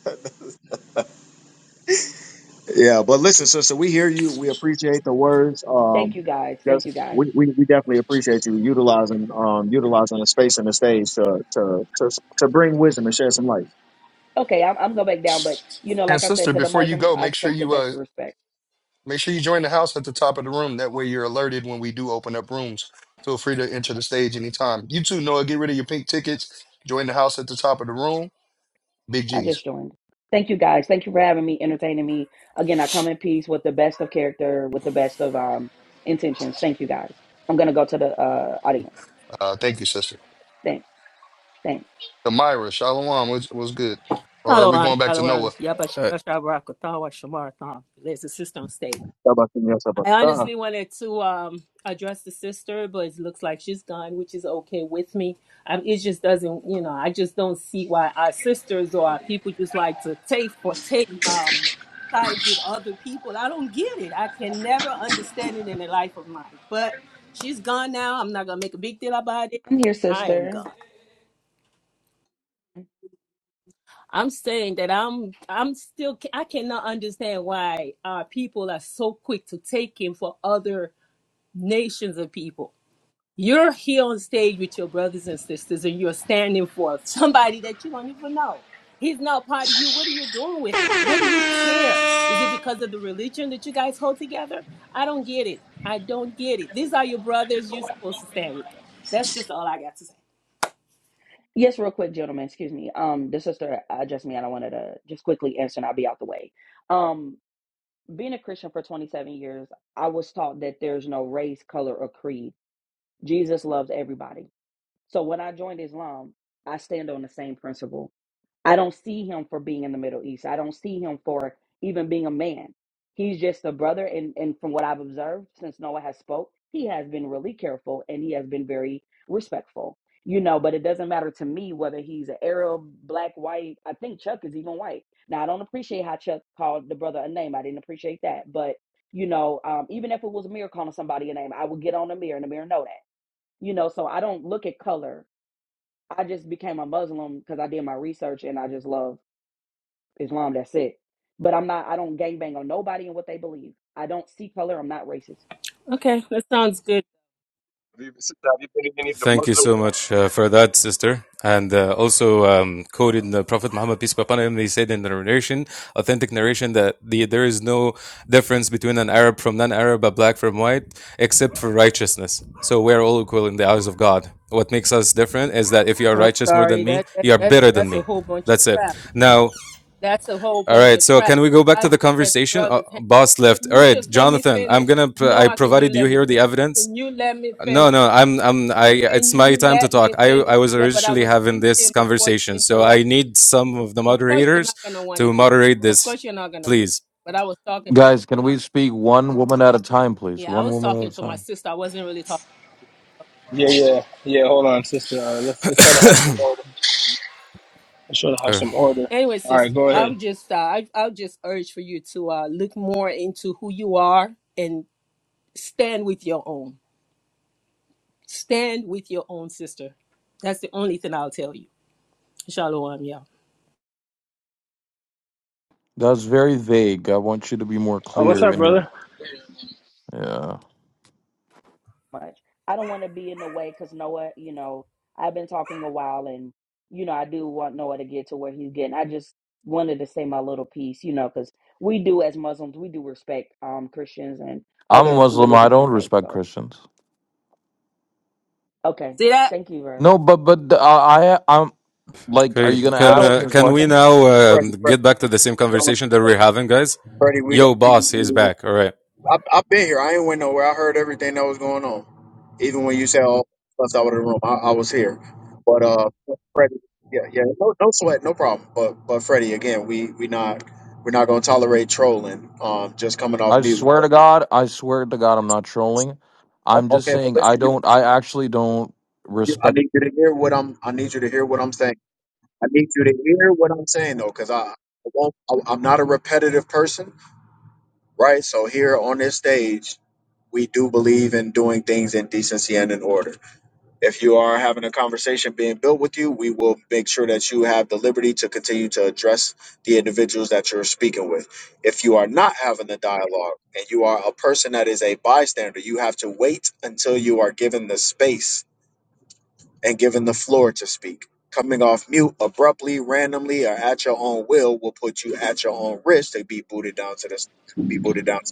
yeah, but listen, sister, we hear you. We appreciate the words.
Thank
Um,
you guys.
just
Thank you guys.
we, we, we definitely appreciate you utilizing um utilizing the space and the stage to to to, to bring wisdom and share some light.
Okay, I'm I'm going back down, but you know,
And
like I said
sister,
to the
before you
Muslims,
go,
I
make sure
expect the
you uh
best of respect.
Make sure you join the house at the top of the room. That way you're alerted when we do open up rooms. Feel free to enter the stage anytime. You too, Noah. Get rid of your pink tickets. Join the house at the top of the room. Big
I just
G's.
joined. Thank you guys. Thank you for having me, entertaining me. Again, I come in peace with the best of character, with the best of um intentions. Thank you guys. I'm gonna go to the uh audience.
Uh, thank you, sister.
Thank, thank.
Amira, Shalom, was was good. Or are we
Shalom,
going back to Noah?
shalom. Yabashir
Uh,
Shabarakatawa Shamarathon. There's a sister on stage.
How about you, yourself?
I
Uh,
honestly wanted to um address the sister, but it looks like she's gone, which is okay with me. Um, it just doesn't, you know, I just don't see why our sisters or our people just like to take for take um sides with other people. I don't get it. I can never understand it in the life of mine. But she's gone now. I'm not gonna make a big deal about it.
I'm here,
I am gone.
sister.
I'm saying that I'm I'm still I cannot understand why our people are so quick to take him for other nations of people. You're here on stage with your brothers and sisters and you're standing for somebody that you don't even know. He's not part of you. What are you doing with him? What do you care? Is it because of the religion that you guys hold together? I don't get it. I don't get it. These are your brothers. You're supposed to stand with them. That's just all I got to say.
Yes, real quick, gentlemen. Excuse me. Um, the sister addressed me, and I wanted to just quickly answer, and I'll be out the way. Um, being a Christian for 27 years, I was taught that there's no race, color, or creed. Jesus loves everybody. So when I joined Islam, I stand on the same principle. I don't see him for being in the Middle East. I don't see him for even being a man. He's just a brother, and and from what I've observed since Noah has spoke, he has been really careful and he has been very respectful. You know, but it doesn't matter to me whether he's an Arab, black, white. I think Chuck is even white. Now I don't appreciate how Chuck called the brother a name. I didn't appreciate that, but you know, um, even if it was Amir calling somebody a name, I would get on Amir and Amir know that. You know, so I don't look at color. I just became a Muslim because I did my research and I just love Islam, that's it. But I'm not, I don't gangbang on nobody and what they believe. I don't see color. I'm not racist
Okay, that sounds good.
Have you, sister, have you been in any of the
Thank you
Muslim
so
rooms?
much uh, for that, sister. And uh, also um, quoted in the Prophet Muhammad, peace be upon him, he said in the narration, authentic narration, that the, there is no difference between an Arab from non-Arab, a black from white, except for righteousness. So we are all equal in the eyes of God. What makes us different is that if you are
I'm
righteous more than
sorry.
me,
That, that
you are
that's
better than
that's a
me.
whole bunch of
That's it.
crap.
Now,
That's a whole
all
bunch
right.
of
So
crap.
can we go back
I
to the
just let the
conversation? Uh,
brothers handle it.
boss left.
Can
All
you
right,
just let me
Jonathan. I'm
finish?
gonna. Pr-
No,
I
I can you
provided you
let me
here the
finish?
evidence.
Can you let me
No,
finish?
no, I'm, I'm, I, it's
Can
my
you
time to
let
talk.
me
I,
finish?
I was
Yeah, but I
originally
was
having this
speaking before you
conversation, so I
interrupted.
need some of the
Of course you're
moderators
not gonna want to
to
hear.
moderate
Of
this,
course you're not gonna
please.
but I was talking
Guys, can we speak one woman at a time, please?
yeah, I
One
was
woman at
talking
a
to my
time.
sister. I wasn't really talking.
Yeah, yeah, yeah. Hold on, sister. Uh, let's let's try to have some order. Let's try to have
Uh,
some order.
Anyway,
All right,
sister,
go
uh,
ahead.
I'll just uh, I, I'll just urge for you to uh, look more into who you are and stand with your own. Stand with your own sister. That's the only thing I'll tell you. Shalom, y'all.
That's very vague. I want you to be more
Oh, what's
clear
up,
in your.
brother?
Yeah,
much. I don't want to be in the way because Noah, you know, I've been talking a while and, you know, I do want Noah to get to where he's getting. I just wanted to say my little piece, you know, because we do as Muslims, we do respect um Christians and
I'm
other
Muslim. I
religions
don't
and faiths.
respect
So,
Christians.
okay.
See that?
Thank you, brother.
No, but but uh, I I'm like, are
okay,
you gonna
can,
ask me
uh,
a
can we
question?
now um, get back to the same conversation that we're having, guys?
Freddie, we
Yo, boss, he's
definitely.
back. All right,
I've I have i have been here. I ain't went nowhere. I heard everything that was going on. Even when you said all stuff out of the room, I, I was here. But uh, Freddie, yeah, yeah, no, no sweat, no problem. But but Freddie, again, we we not we're not gonna tolerate trolling. Um, just coming off
I
mute.
swear
O-
to God, I swear to God, I'm not trolling. I'm just
Okay, but
saying
listen,
I
you,
don't. I actually don't
you, I
respect.
need you to hear what I'm. I need you to hear what I'm saying. I need you to hear what I'm saying though, because I I won't. I, I'm not a repetitive person, right? So here on this stage, we do believe in doing things in decency and in order If you are having a conversation being built with you, we will make sure that you have the liberty to continue to address the individuals that you're speaking with. If you are not having a dialogue and you are a person that is a bystander, you have to wait until you are given the space and given the floor to speak. Coming off mute abruptly, randomly, or at your own will will put you at your own risk to be booted down to the be booted down to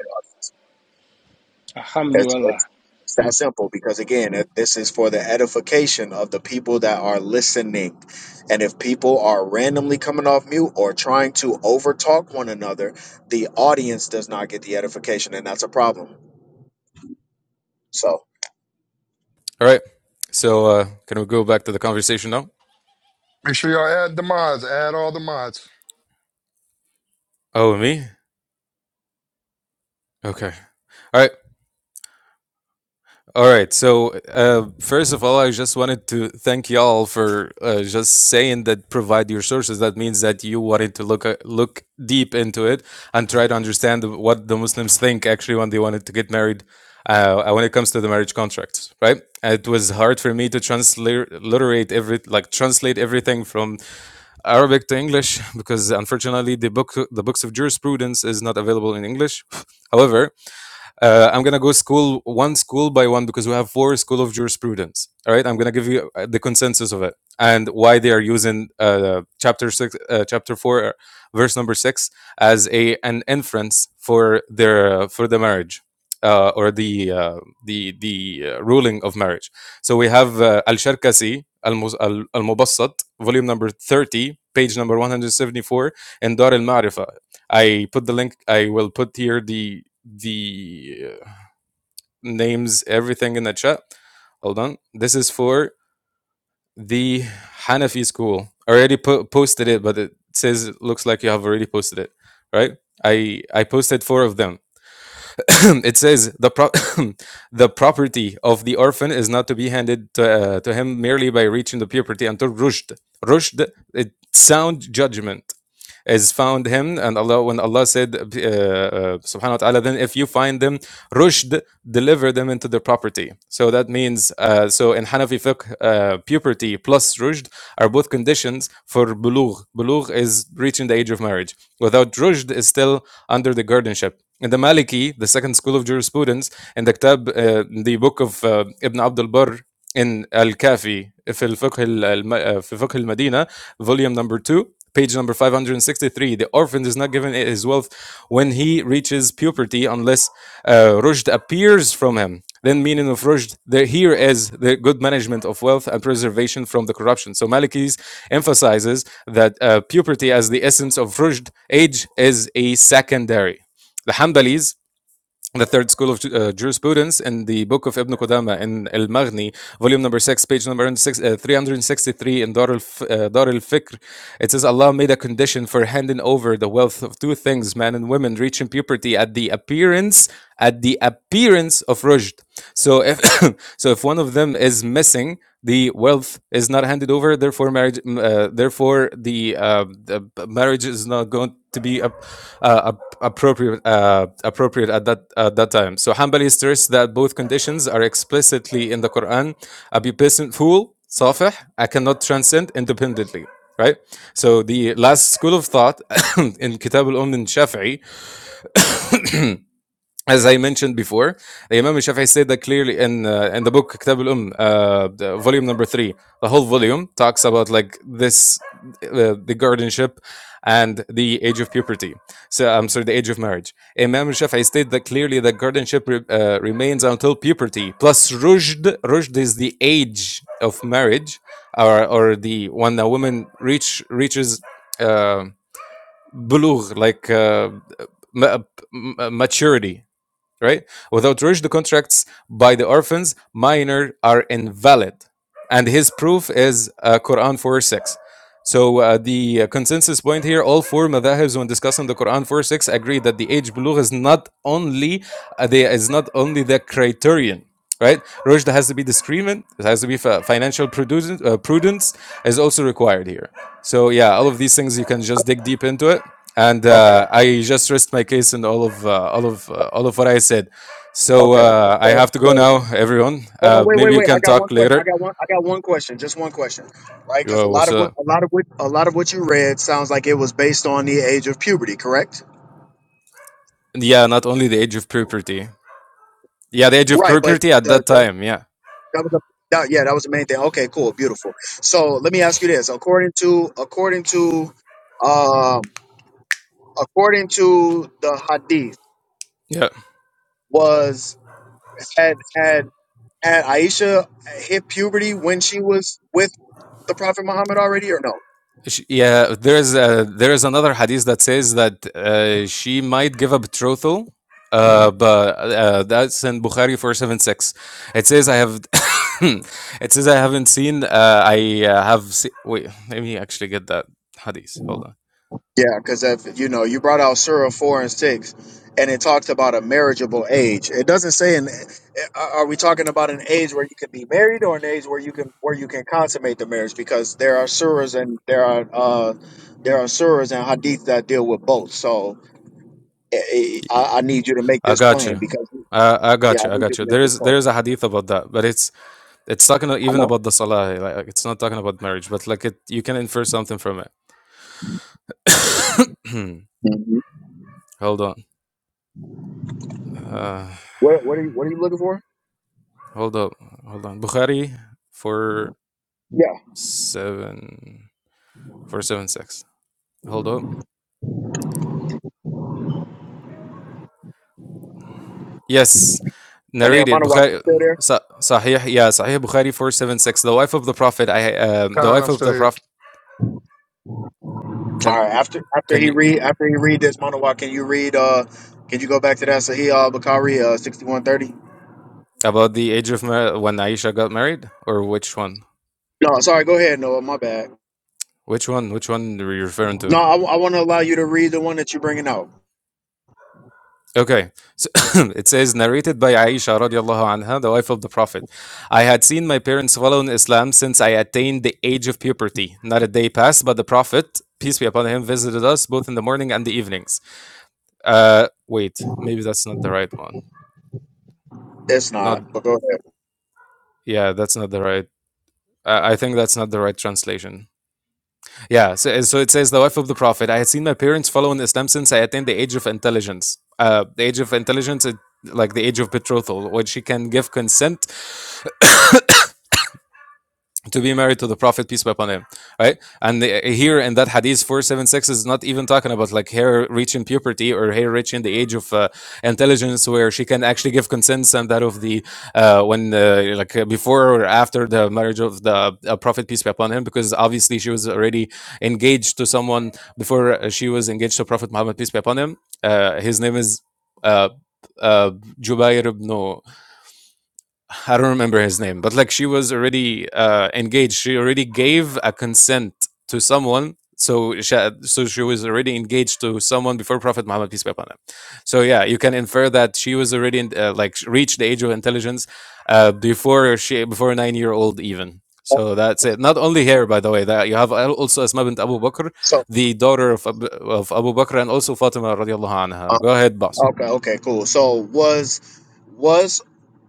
it's,
Alhamdulillah.
it's, it's that simple because, again, if this is for the edification of the people that are listening. And if people are randomly coming off mute or trying to overtalk one another, the audience does not get the edification, and that's a problem. So,
all right. So, uh, can we go back to the conversation now?
Make sure y'all add the mods. Add all the mods.
Oh, me? Okay. All right. All right. So, uh, first of all, I just wanted to thank y'all for uh, just saying that provide your sources. That means that you wanted to look at, look deep into it and try to understand what the Muslims think actually when they wanted to get married. Uh, when it comes to the marriage contracts, right? It was hard for me to transliterate every like translate everything from Arabic to English because unfortunately the book the books of jurisprudence is not available in English. However, uh, I'm gonna go school one school by one because we have four school of jurisprudence. All right, I'm gonna give you uh, the consensus of it and why they are using uh, chapter six, uh, chapter four, uh, verse number six as a an inference for their uh, for the marriage uh, or the uh, the the uh, ruling of marriage. So we have uh, Al Sharkasi Al Mubassat, volume number thirty, page number one hundred seventy four, and Dar Al Marifa. I put the link. I will put here the the uh, names, everything in the chat. Hold on. This is for the Hanafi school. I already po- posted it, but it says it looks like you have already posted it, right? I I posted four of them. it says the pro- the property of the orphan is not to be handed to, uh, to him merely by reaching the puberty until rushd. Rushd, it sound judgment is found him and Allah when Allah said uh, uh, subhanahu wa ta'ala then if you find them rushd deliver them into their property so that means uh, so in Hanafi fiqh uh, puberty plus rushd are both conditions for bulugh bulugh is reaching the age of marriage without rushd is still under the guardianship in the Maliki the second school of jurisprudence in the Kitab uh, the book of uh, Ibn Abdul Barr in الكافي في الفقه ال- الم- في فقه المدينة volume number 2 page number 563 the orphan is not given his wealth when he reaches puberty unless uh, rushd appears from him then meaning of rushd there here is the good management of wealth and preservation from the corruption so malikis emphasizes that uh, puberty as the essence of rushd age is a secondary the Hanbalis the third school of uh, jurisprudence in the book of Ibn Qudama in Al Maghni, volume number six, page number six, uh, 363 in Dar al F- uh, Fikr. It says Allah made a condition for handing over the wealth of two things, men and women, reaching puberty at the appearance at the appearance of rujd. So if so, if one of them is missing, the wealth is not handed over. Therefore, marriage. m- Uh, therefore, the, uh, the b- marriage is not going to be ap- uh, ap- appropriate uh, appropriate at that at that time. So Hanbali stress that both conditions are explicitly in the Quran. A pubescent fool, safih, I cannot transcend independently. Right. So the last school of thought in Kitab al-Umm and Shafi'i as I mentioned before, the Imam Shafi'i said that clearly in uh, in the book Kitab al-Umm, uh, the volume number three. The whole volume talks about like this, uh, the guardianship and the age of puberty. So I'm sorry, the age of marriage. Imam Shafi'i stated that clearly the guardianship re- uh, remains until puberty. Plus rushd, rushd is the age of marriage, or or the when a woman reach reaches uh, bulugh, like uh, ma- uh, uh, maturity, right? Without which the contracts by the orphans minor are invalid. And his proof is uh, Quran 4 6. So uh, the uh, consensus point here, all four madhahibs when discussing the Quran 4 6 agree that the age bulugh is not only uh, the, is not only the criterion. Right, rushd has to be discriminant. It has to be financial prudence. Uh, prudence is also required here. So yeah, all of these things you can just dig deep into it. And
okay,
uh, I just rest my case in all of uh, all of uh, all of what I said. So
okay.
uh, I
So,
have to go
so
now, everyone.
hold on,
Uh,
wait,
maybe
wait,
you
wait. I
can
got one
talk
question. I
later.
got one. I got one question. Just one question, right? Because a
Yo,
lot
what's
of what
up?
a lot of what a lot of what you read sounds like it was based on the age of puberty, correct?
Yeah, not only the age of puberty. Yeah, the age of
Right, but
puberty at
the,
that
the
time. Yeah,
That was the that, yeah, that was the main thing. Okay, cool, beautiful. So let me ask you this: according to according to um according to the hadith,
yeah,
was had had had Aisha hit puberty when she was with the Prophet Muhammad already, or no?
Sh- yeah. There is a, there is another hadith that says that uh, she might give a betrothal. Uh, but uh, that's in Bukhari four seven six. It says I have. it says I haven't seen. Uh, I uh, have. Se- Wait, let me actually get that hadith. Hold on.
Yeah, because if you know, you brought out Surah four and six, and it talks about a marriageable age. It doesn't say an. Are we talking about an age where you can be married, or an age where you can where you can consummate the marriage? Because there are surahs and there are uh, there are surahs and hadith that deal with both. So I, I, I need you to make
I
this
got
plain
you.
because
I, I
yeah,
got
I
you. I
need you
got
to
you.
make
There
this
is there
plain.
is a hadith about that, but it's it's talking a-
I
even
know.
about the salah. Like like, it's not talking about marriage, but like it, you can infer something from it.
hmm
hold on. Uh,
What what are you what are you looking for?
hold up. Hold on. Bukhari four
Yeah,
seven four seven six. Hold up. Yes.
and then
narrated
Manawak
Bukhari,
still there.
Sa- Sahih, yeah, Sahih Bukhari four seven six. The wife of the Prophet, I um, the
Khan, I'm
wife of
still
the
here.
Prophet.
All
Can
right. After after
can
he
you
read after he read this monologue, can you read? Uh, can you go back to that Sahih Al Bukhari uh sixty one thirty?
about the age of mar- when Aisha got married, or which one?
No, sorry. Go ahead, Noah. My bad.
Which one? Which one are you referring to?
No, I, I want to allow you to read the one that you're bringing out.
Okay, so it says narrated by Aisha radiallahu anha, the wife of the Prophet. I had seen my parents follow in Islam since I attained the age of puberty. Not a day passed, but the Prophet, peace be upon him, visited us both in the morning and the evenings. Uh, wait, maybe that's not the right one.
It's
Not
not, but go ahead.
Yeah, that's not the right. I I think that's not the right translation. Yeah, so, so it says the wife of the prophet. I had seen my parents following Islam since I attained the age of intelligence. Uh, the age of intelligence, it, like the age of betrothal, when she can give consent to be married to the prophet peace be upon him right and uh, here in that hadith 476 is not even talking about like hair reaching puberty or hair reaching the age of uh, intelligence where she can actually give consents and that of the uh, when uh, like uh, before or after the marriage of the uh, prophet peace be upon him because obviously she was already engaged to someone before uh, she was engaged to prophet muhammad peace be upon him uh, his name is uh, uh, Jubair ibn I don't remember his name, but like she was already uh, engaged. She already gave a consent to someone. So she, so she was already engaged to someone before Prophet Muhammad peace be upon him. So yeah, you can infer that she was already in, uh, like reached the age of intelligence uh, before she before a nine year old even. So that's it. Not only here, by the way, that you have al- also Asma bint Abu Bakr,
So
the daughter of Ab- of Abu Bakr, and also Fatima radiallahu
um,
anha. Go ahead, boss.
okay, okay, cool. So was was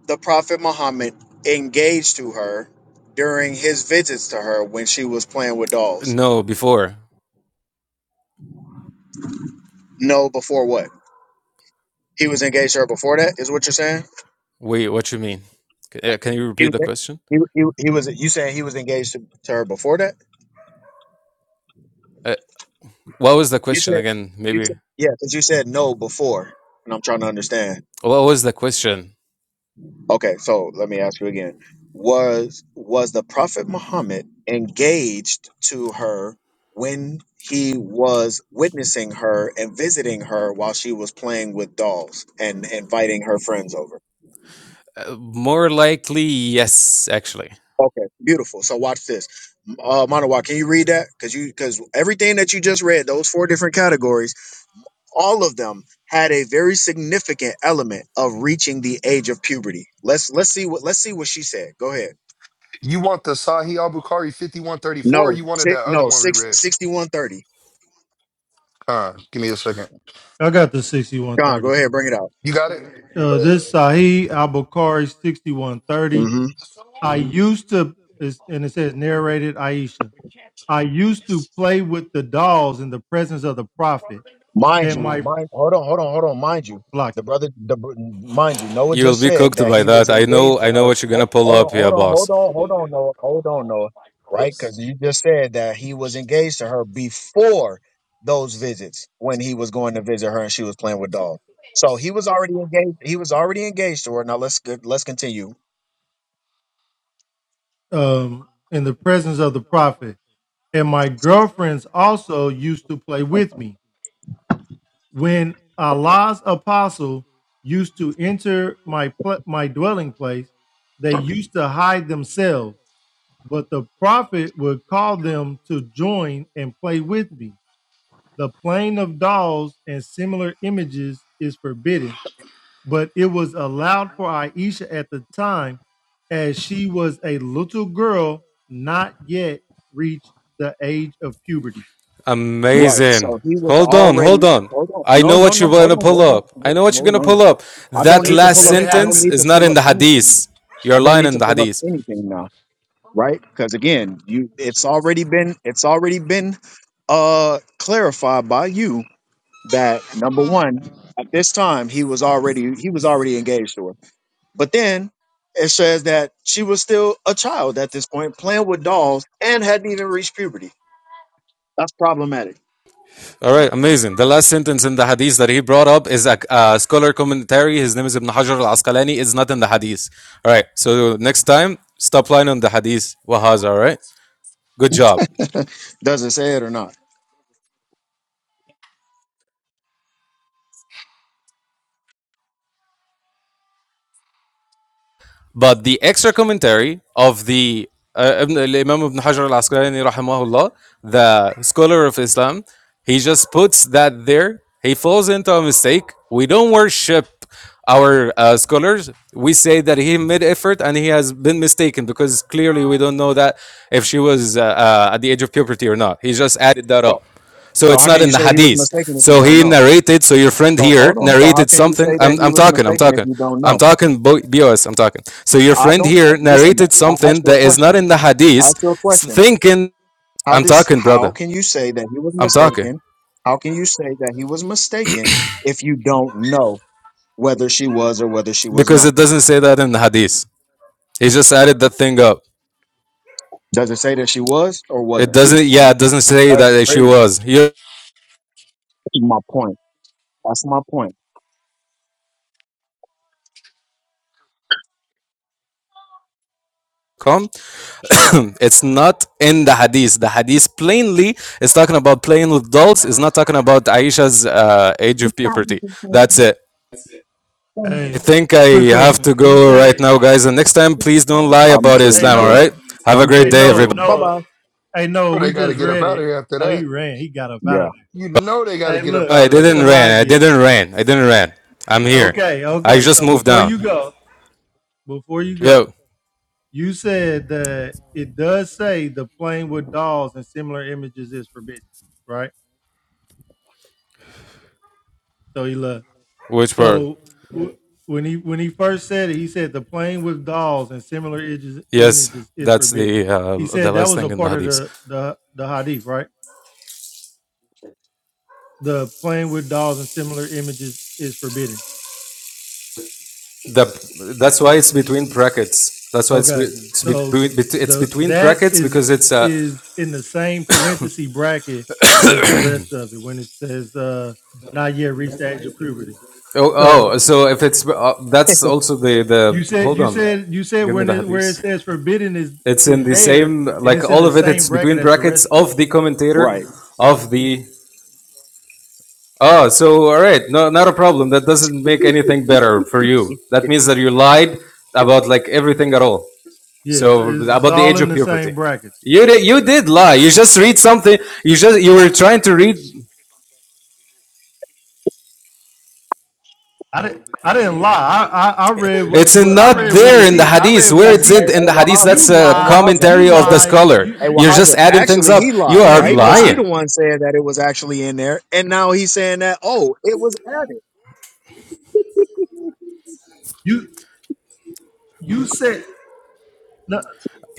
the Prophet Muhammad engaged to her during his visits to her when she was playing with dolls?
No, before.
No, before what? He was engaged to her before that. Is what you're saying?
Wait, what you mean? C- uh, Can you
He
repeat
was
the question?
he, he, he was you saying he was engaged to, to her before that?
Uh, what was the
You
question
said
again?
you
Maybe.
said yeah, because you said no before, and I'm trying to understand.
What was the question?
Okay, so let me ask you again: was was the Prophet Muhammad engaged to her when he was witnessing her and visiting her while she was playing with dolls and inviting her friends over?
Uh, more likely, yes. Actually,
Okay, beautiful. So watch this, uh, Manawa. Can you read that? Because you because everything that you just read, those four different categories all of them had a very significant element of reaching the age of puberty. Let's let's see what let's see what she said. Go ahead.
You want the Sahih Al Bukhari 5134 or
No,
you wanted
si-
that other
no,
one we
six
read?
sixty one thirty.
Khan, give me a second.
I got the sixty-one
6130. Go on, go
thirty.
ahead, bring it out.
You got it?
Uh,
Yeah.
this Sahih Al Bukhari 6130.
hmm
I used to, is- and it says narrated Aisha, I used to play with the dolls in the presence of the Prophet
Mind
and
you,
my
mind hold on, hold on, hold on. Mind you,
block
the brother, the br- mind you, Noah
you will
just
be
said
cooked
that
by
he was
that. I
engaged
know.
to
I know
her.
what you're
Ho-
gonna pull
Hold on,
up,
hold
yeah,
on, hold
boss.
on, hold on, Noah, hold on, Noah, right? Because you just said that he was engaged to her before those visits when he was going to visit her and she was playing with dolls. So he was already engaged. He was already engaged to her. Now let's go- let's continue.
it, um, in the presence of the Prophet. And my girlfriends also used to play with me. When Allah's apostle used to enter my pl- my dwelling place, they used to hide themselves. But the prophet would call them to join and play with me. The playing of dolls and similar images is forbidden, but it was allowed for Aisha at the time as she was a little girl not yet reached the age of puberty.
Right.
Amazing.
So he was
Hold on. Hold
already.
on.
Hold on.
I
No,
know
no,
what
no.
you're
Hold
gonna
on.
pull
Hold on.
up. I
Hold
know what you're
on.
gonna
Hold
pull
on.
up.
I don't
That
Let
need to
it
last
pull
let
up.
it
I don't
sentence
happen.
need
is
to
not
pull
in
up
the
anything.
hadith.
I
You're
don't
lying
need
in
to
the
pull up
hadith.
anything now, right? Because again, you it's already been it's already been uh clarified by you that number one, at this time he was already he was already engaged to her. But then it says that she was still a child at this point, playing with dolls and hadn't even reached puberty. That's problematic.
All right, amazing. The last sentence in the hadith that he brought up is a, a scholar commentary. His name is Ibn Hajar al Asqalani. It's not in the hadith. All right, so next time, stop line on the hadith. Wahaz, all right? Good job.
Doesn't say it or not.
But the extra commentary of the uh, Ibn, Imam Ibn Hajar al Asqalani, rahimahullah, the scholar of Islam, he just puts that there. He falls into a mistake. We don't worship our uh, scholars. We say that he made effort and he has been mistaken because clearly we don't know that if she was uh, uh, at the age of puberty or not. He just added that
So
up. So
so
it's
how
not
can you
in the
say he was
hadith.
mistaken if you
So
don't
he
know?
narrated, so your friend
So
here
hold on. So how
narrated
can you
something.
say that
I'm,
he
I'm
was
talking, I'm
mistaken if
talking.
you don't know?
I'm talking bo- I'm talking. So your
I
friend
don't
here
listen.
narrated
I asked
something
you a
that is not
question.
in the
I
hadith,
asked you a question.
thinking,
How
I'm
does
talking,
how
brother.
can you say that he was
I'm talking.
mistaken? How can you say that he was mistaken if you don't know whether she was or whether she was
Because
not?
it doesn't say that in the hadith. He just added that thing up.
Does it say that she was or
It
wasn't?
doesn't, yeah, it doesn't say
That's
that she
crazy.
was. Here
That's my point. That's my point.
come. it's not in the hadith. The hadith plainly is talking about playing with dolls. It's not talking about Aisha's uh, age of puberty. That's it. I
Hey,
think I
quick
have
question.
to
You
go right
said
now, guys. And next time, please don't lie
I'm
about
sure
hey
you
Islam, all
do.
Noah.
right? Have
I'm
a
sure
Hey
great day,
you
Noah,
everybody.
do. Bye
Noah.
bye.
Hey Noah,
Oh,
we
they got to
just
get up
read
out
it.
of here after
Oh, he
that.
ran. He got up out
Yeah.
of
You know they got
there.
to
Hey,
get up
No,
look,
I
out of
didn't
there.
ran. I
Salagia.
didn't ran. I didn't ran. I'm here.
Okay,
I
okay.
just
So
moved
before
down.
you go, before you go,
Yo,
you said that it does say the playing with dolls and similar images is forbidden, right? So he left.
which part?
So w- when he when he first said it, he said the playing with dolls and similar images
Yes,
images is
that's
forbidden.
the
He
uh, the
said that
last
was a
thing in the
part of
hadith.
the the the hadith, right? The playing with dolls and similar images is forbidden.
The, that's why it's between brackets. That's why it's be-
Okay.
it's,
So
between it's
the
between
that
brackets
is
because it's uh,
is in the same parenthesis bracket as the rest of it when it says uh not yet reached the age of puberty.
oh oh.
So
So if it's uh, that's also the
you
the
said
hold
you
on,
said you said
give me
when
the
it where it
hadith.
says forbidden is
It's in
is
the
there
same,
and
like
it's in
all
the
of it.
same
It's
bracket
between
as the
brackets
rest of it.
of the commentator
Right.
of the. Oh, so all right, no, not a problem. That doesn't make anything better for you. That means that you lied about like everything at all.
Yeah, it's,
So
it's, it's
about the
all
age
in
of
the
puberty,
same bracket.
you did, you did lie. You just read something. You just you were trying to read.
I didn't I didn't lie. I I, I read what,
It's
what I
not
read what
there
is
in the
here. I
hadith.
read what
Where
Hey,
is
is
hey,
it
here.
hey
in the hadith?
Wahaza.
That's
You
a
Hey,
lied.
Wahaza.
You
commentary of
Hey,
the
lied.
scholar.
You,
hey,
you
You're just
Wahaza.
adding things
Actually, he
up. You
lied,
yeah,
are
right?
he
Because he
lied.
the
lying.
one said that it was actually in there, and now he's saying that oh, it was added.
You You said no,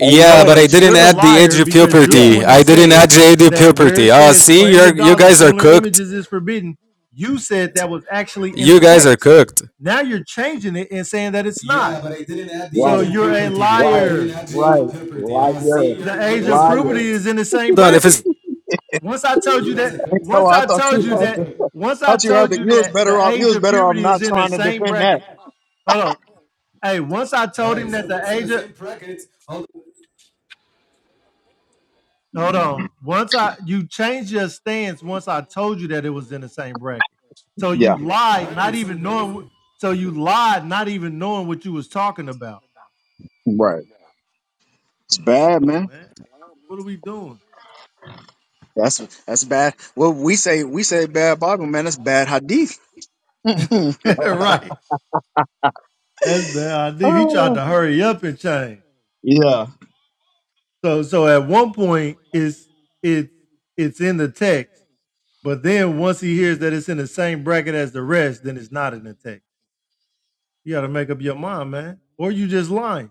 Hey Noah,
but
Noah.
I
did you
didn't
You're the
just?
add the age
liar
of
because you're the
Yeah,
Yeah.
puberty.
one that
I didn't
said
add the age of
that where it
puberty. Oh,
says
see,
playing
you're
with
you
dolls and
guys are
similar
cooked.
images is forbidden. You said that was actually in
You
the
guys are
text.
cooked.
Now you're changing it and saying that it's Yeah, not. but I didn't add the So age
right,
you're of a puberty. I
right,
liar. add the age
right,
of puberty. Ah, see,
liar,
The age of puberty
liar.
is in the same
Hold on, if it's
bracket. Once I told you that,
Oh,
once
I
I
thought
told
you
You
had
that,
to.
once
I
I
thought you had
told
to.
you
You was
that
better
the
off. You
age
was
of
better off
puberty
not
is in the
trying to
same
defend that.
bracket. Hold on. Hey, once I told right, him so that the age of Hold on. Once I you changed your stance once I told you that it was in the same bracket. So you
Yeah,
lied, not even knowing what- so you lied, not even knowing what you was talking about.
right. It's
Come
bad,
on,
man.
man. What are we doing?
That's that's bad. Well, we say we say bad Bible, man. That's bad hadith.
right. That's bad idea. He tried
Oh.
to hurry up and change.
Yeah.
So so at one point it's it's it's in the text, but then once he hears that it's in the same bracket as the rest, then it's not in the text. You gotta make up your mind, man. Or you just lying.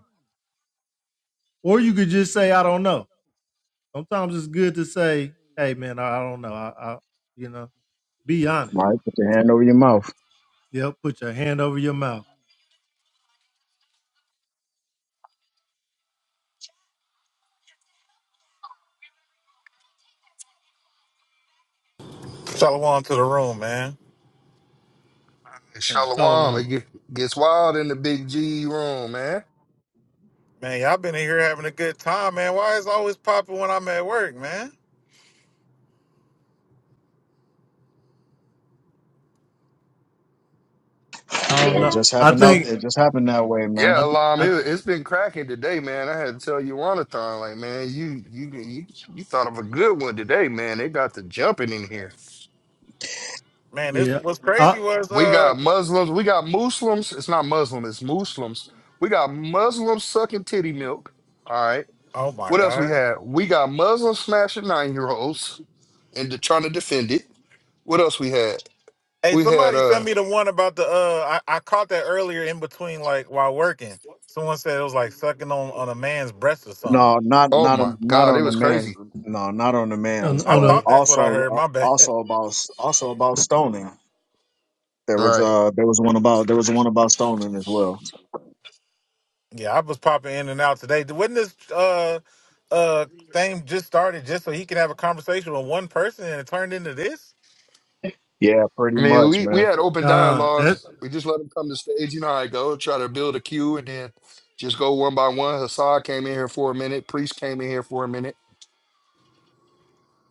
Or you could just say, I don't know. Sometimes it's good to say, "Hey, man, I, I don't know. I, I, you know, be honest.
All right, put your hand over your mouth.
Yep, put your hand over your mouth."
Shalom to the room, man.
Hey, tell them
Shalom, it
one.
get- gets wild in the big G room, man.
Man, y'all been in here having a good time, man. Why is it always popping when I'm at work, man?
I don't
It
know.
just
I
happened out. there.
think.
It just happened that way, man.
Yeah,
I.
Alam,
I
it, it's been cracking today, man. I had to tell you, Ronathon, like, man, you, you you you thought of a good one today, man. They got the jumping in here.
Man, this
yeah.
what's
I,
crazy was
We
uh
got Muslims, we got Muslims. It's not Muslim, it's Muslims. We got Muslims sucking titty milk. All right.
oh my
What else we
god.
had? We got Muslims smashing nine year olds and de- trying to defend it. What else we had?
Hey,
We had
somebody sent
uh
me the one about the uh I, I caught that earlier in between like while working. Someone said it was like sucking on, on a man's breast or something.
No, not
oh
not a,
my
not
god, it
on the
was
man's.
crazy.
No, not on the
on,
man's.
I
on
But
a
thought that's what I
also
heard. My
uh,
bad.
also about also about stoning. There was
right?
uh there was one about there was one about stoning as well.
Yeah, I was popping in and out today. Wouldn't this uh uh thing just started just so he can have a conversation with one person and it turned into this?
Yeah, pretty
I mean,
much,
we, we
man.
had open
God. That
dialogues. We just let them come to stage. You know how I go. Try to build a queue and then just go one by one. Hassan came in here for a minute. Priest came in here for a minute.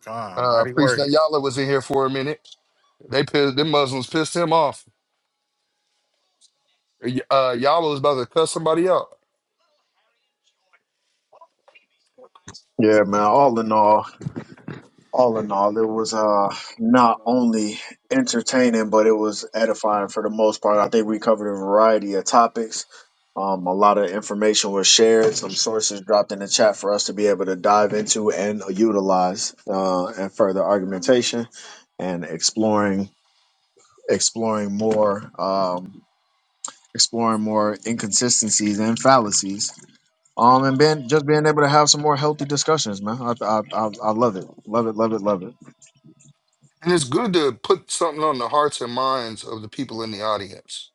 God,
Uh,
mighty
Priest
work.
Yala was in here for a minute. They pissed, them Muslims pissed him off. Y- Uh, Yala was about to cut somebody out.
Yeah, man. All in all. all in all, it was uh not only entertaining, but it was edifying for the most part. I think we covered a variety of topics. Um, a lot of information was shared, some sources dropped in the chat for us to be able to dive into and utilize uh, and further argumentation and exploring exploring more um, exploring more inconsistencies and fallacies. Um, and being just being able to have some more healthy discussions, man. I I I, I love it, love it, love it, love it.
And it's good to put something on the hearts and minds of the people in the audience.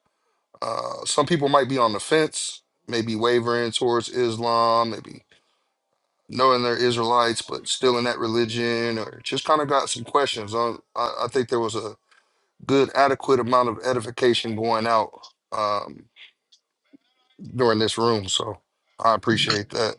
Uh, some people might be on the fence, maybe wavering towards Islam, maybe knowing they're Israelites, but still in that religion, or just kind of got some questions. On, I, I think there was a good, adequate amount of edification going out um, during this room, so I appreciate that.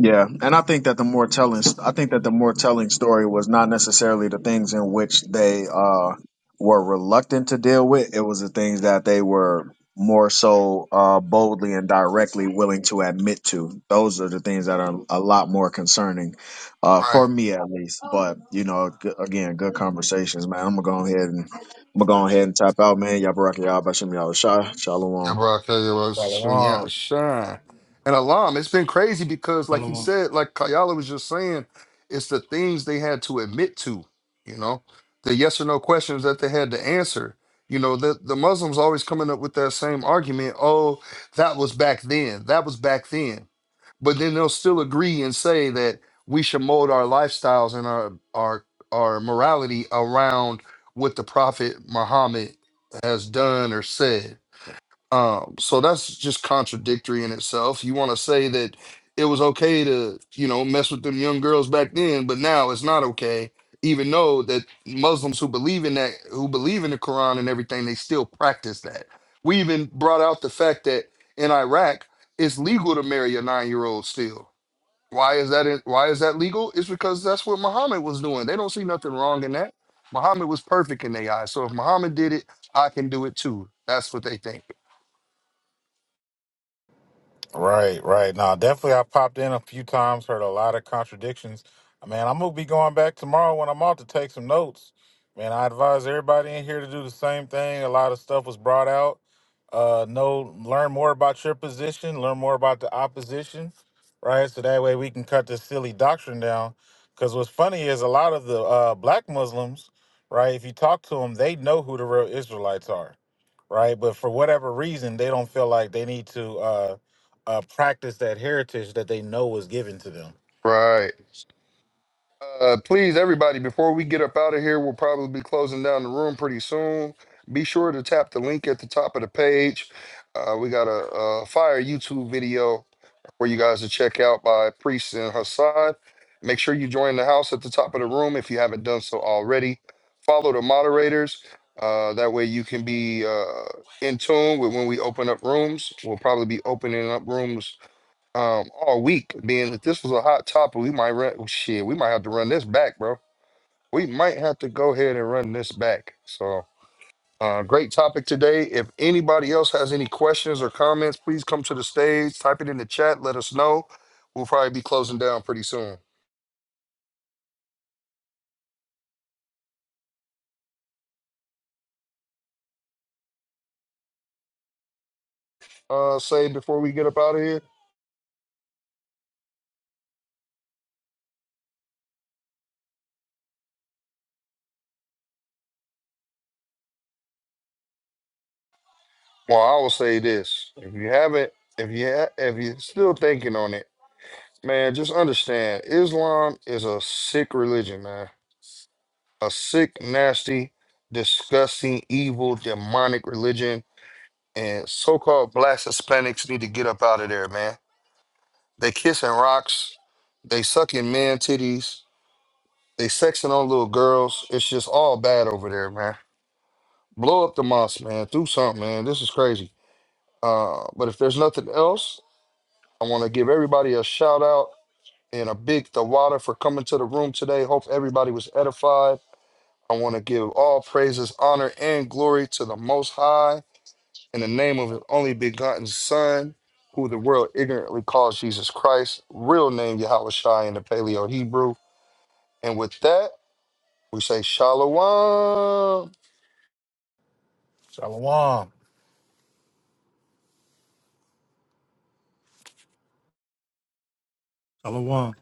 Yeah, and I think that the more telling, I think that the more telling story was not necessarily the things in which they uh, were reluctant to deal with. It was the things that they were more so uh, boldly and directly willing to admit to. Those are the things that are a lot more concerning uh,
Right.
for me, at least. But you know, g- again, good conversations, man. I'm gonna go ahead and I'm gonna go ahead and tap out, man. Y'all, Baraka, y'all, Bashim, y'all, Shah, Shalom.
Yeah, bro, I tell you what, sh- yeah,
Shalom.
shine. And Alam, it's been crazy because, like he
Salawam.
said, like Kayala was just saying, it's the things they had to admit to, you know, the yes or no questions that they had to answer. You know, the, the Muslims always coming up with that same argument oh, that was back then, that was back then. But then they'll still agree and say that we should mold our lifestyles and our, our, our morality around what the Prophet Muhammad has done or said um, so that's just contradictory in itself. You want to say that it was okay to, you know, mess with them young girls back then, but now it's not okay, even though that Muslims who believe in that, who believe in the Quran and everything, they still practice that. We even brought out the fact that in Iraq, it's legal to marry a nine-year-old still. Why is that? Why is that legal? It's because that's what Muhammad was doing. They don't see nothing wrong in that. Muhammad was perfect in their eyes. So if Muhammad did it, I can do it too. That's what they think.
Right, right. Now, definitely, I popped in a few times, heard a lot of contradictions. Uh, Man, I'm gonna be going back tomorrow when I'm out to take some notes. Man, I advise everybody in here to do the same thing. A lot of stuff was brought out. Uh, know, learn more about your position, learn more about the opposition, right? So that way we can cut this silly doctrine down. Because what's funny is a lot of the uh, black Muslims, right? If you talk to them, they know who the real Israelites are right? But for whatever reason, they don't feel like they need to. uh, uh, practice that heritage that they know was given to them.
Right. Uh, please, everybody, before we get up out of here, we'll probably be closing down the room pretty soon. Be sure to tap the link at the top of the page. Uh, we got a, a fire YouTube video for you guys to check out by Priest and Hassan. Make sure you join the house at the top of the room if you haven't done so already. Follow the moderators. Uh, that way you can be uh, in tune with when we open up rooms. We'll probably be opening up rooms um all week. Being that this was a hot topic, we might run oh, shit. We might have to run this back, bro. We might have to go ahead and run this back. So, uh, great topic today. If anybody else has any questions or comments, please come to the stage. Type it in the chat. Let us know. We'll probably be closing down pretty soon. Uh, say before we get up out of here. Well, I will say this: if you haven't, if you ha- if you're still thinking on it, man, just understand Islam is a sick religion, man a sick, nasty, disgusting, evil, demonic religion. And so called black Hispanics need to get up out of there, man. They kissing rocks, they sucking man titties, they sexing on little girls. It's just all bad over there, man. Blow up the mosque, man. Do something, man. This is crazy. Uh, but if there's nothing else, I want to give everybody a shout out and a big Tawada for coming to the room today. Hope everybody was edified. I want to give all praises, honor, and glory to the Most High in the name of His only begotten Son, who the world ignorantly calls Jesus Christ, real name Yahweh Shai in the Paleo Hebrew. And with that, we say Shalom.
Shalom.
Salawam.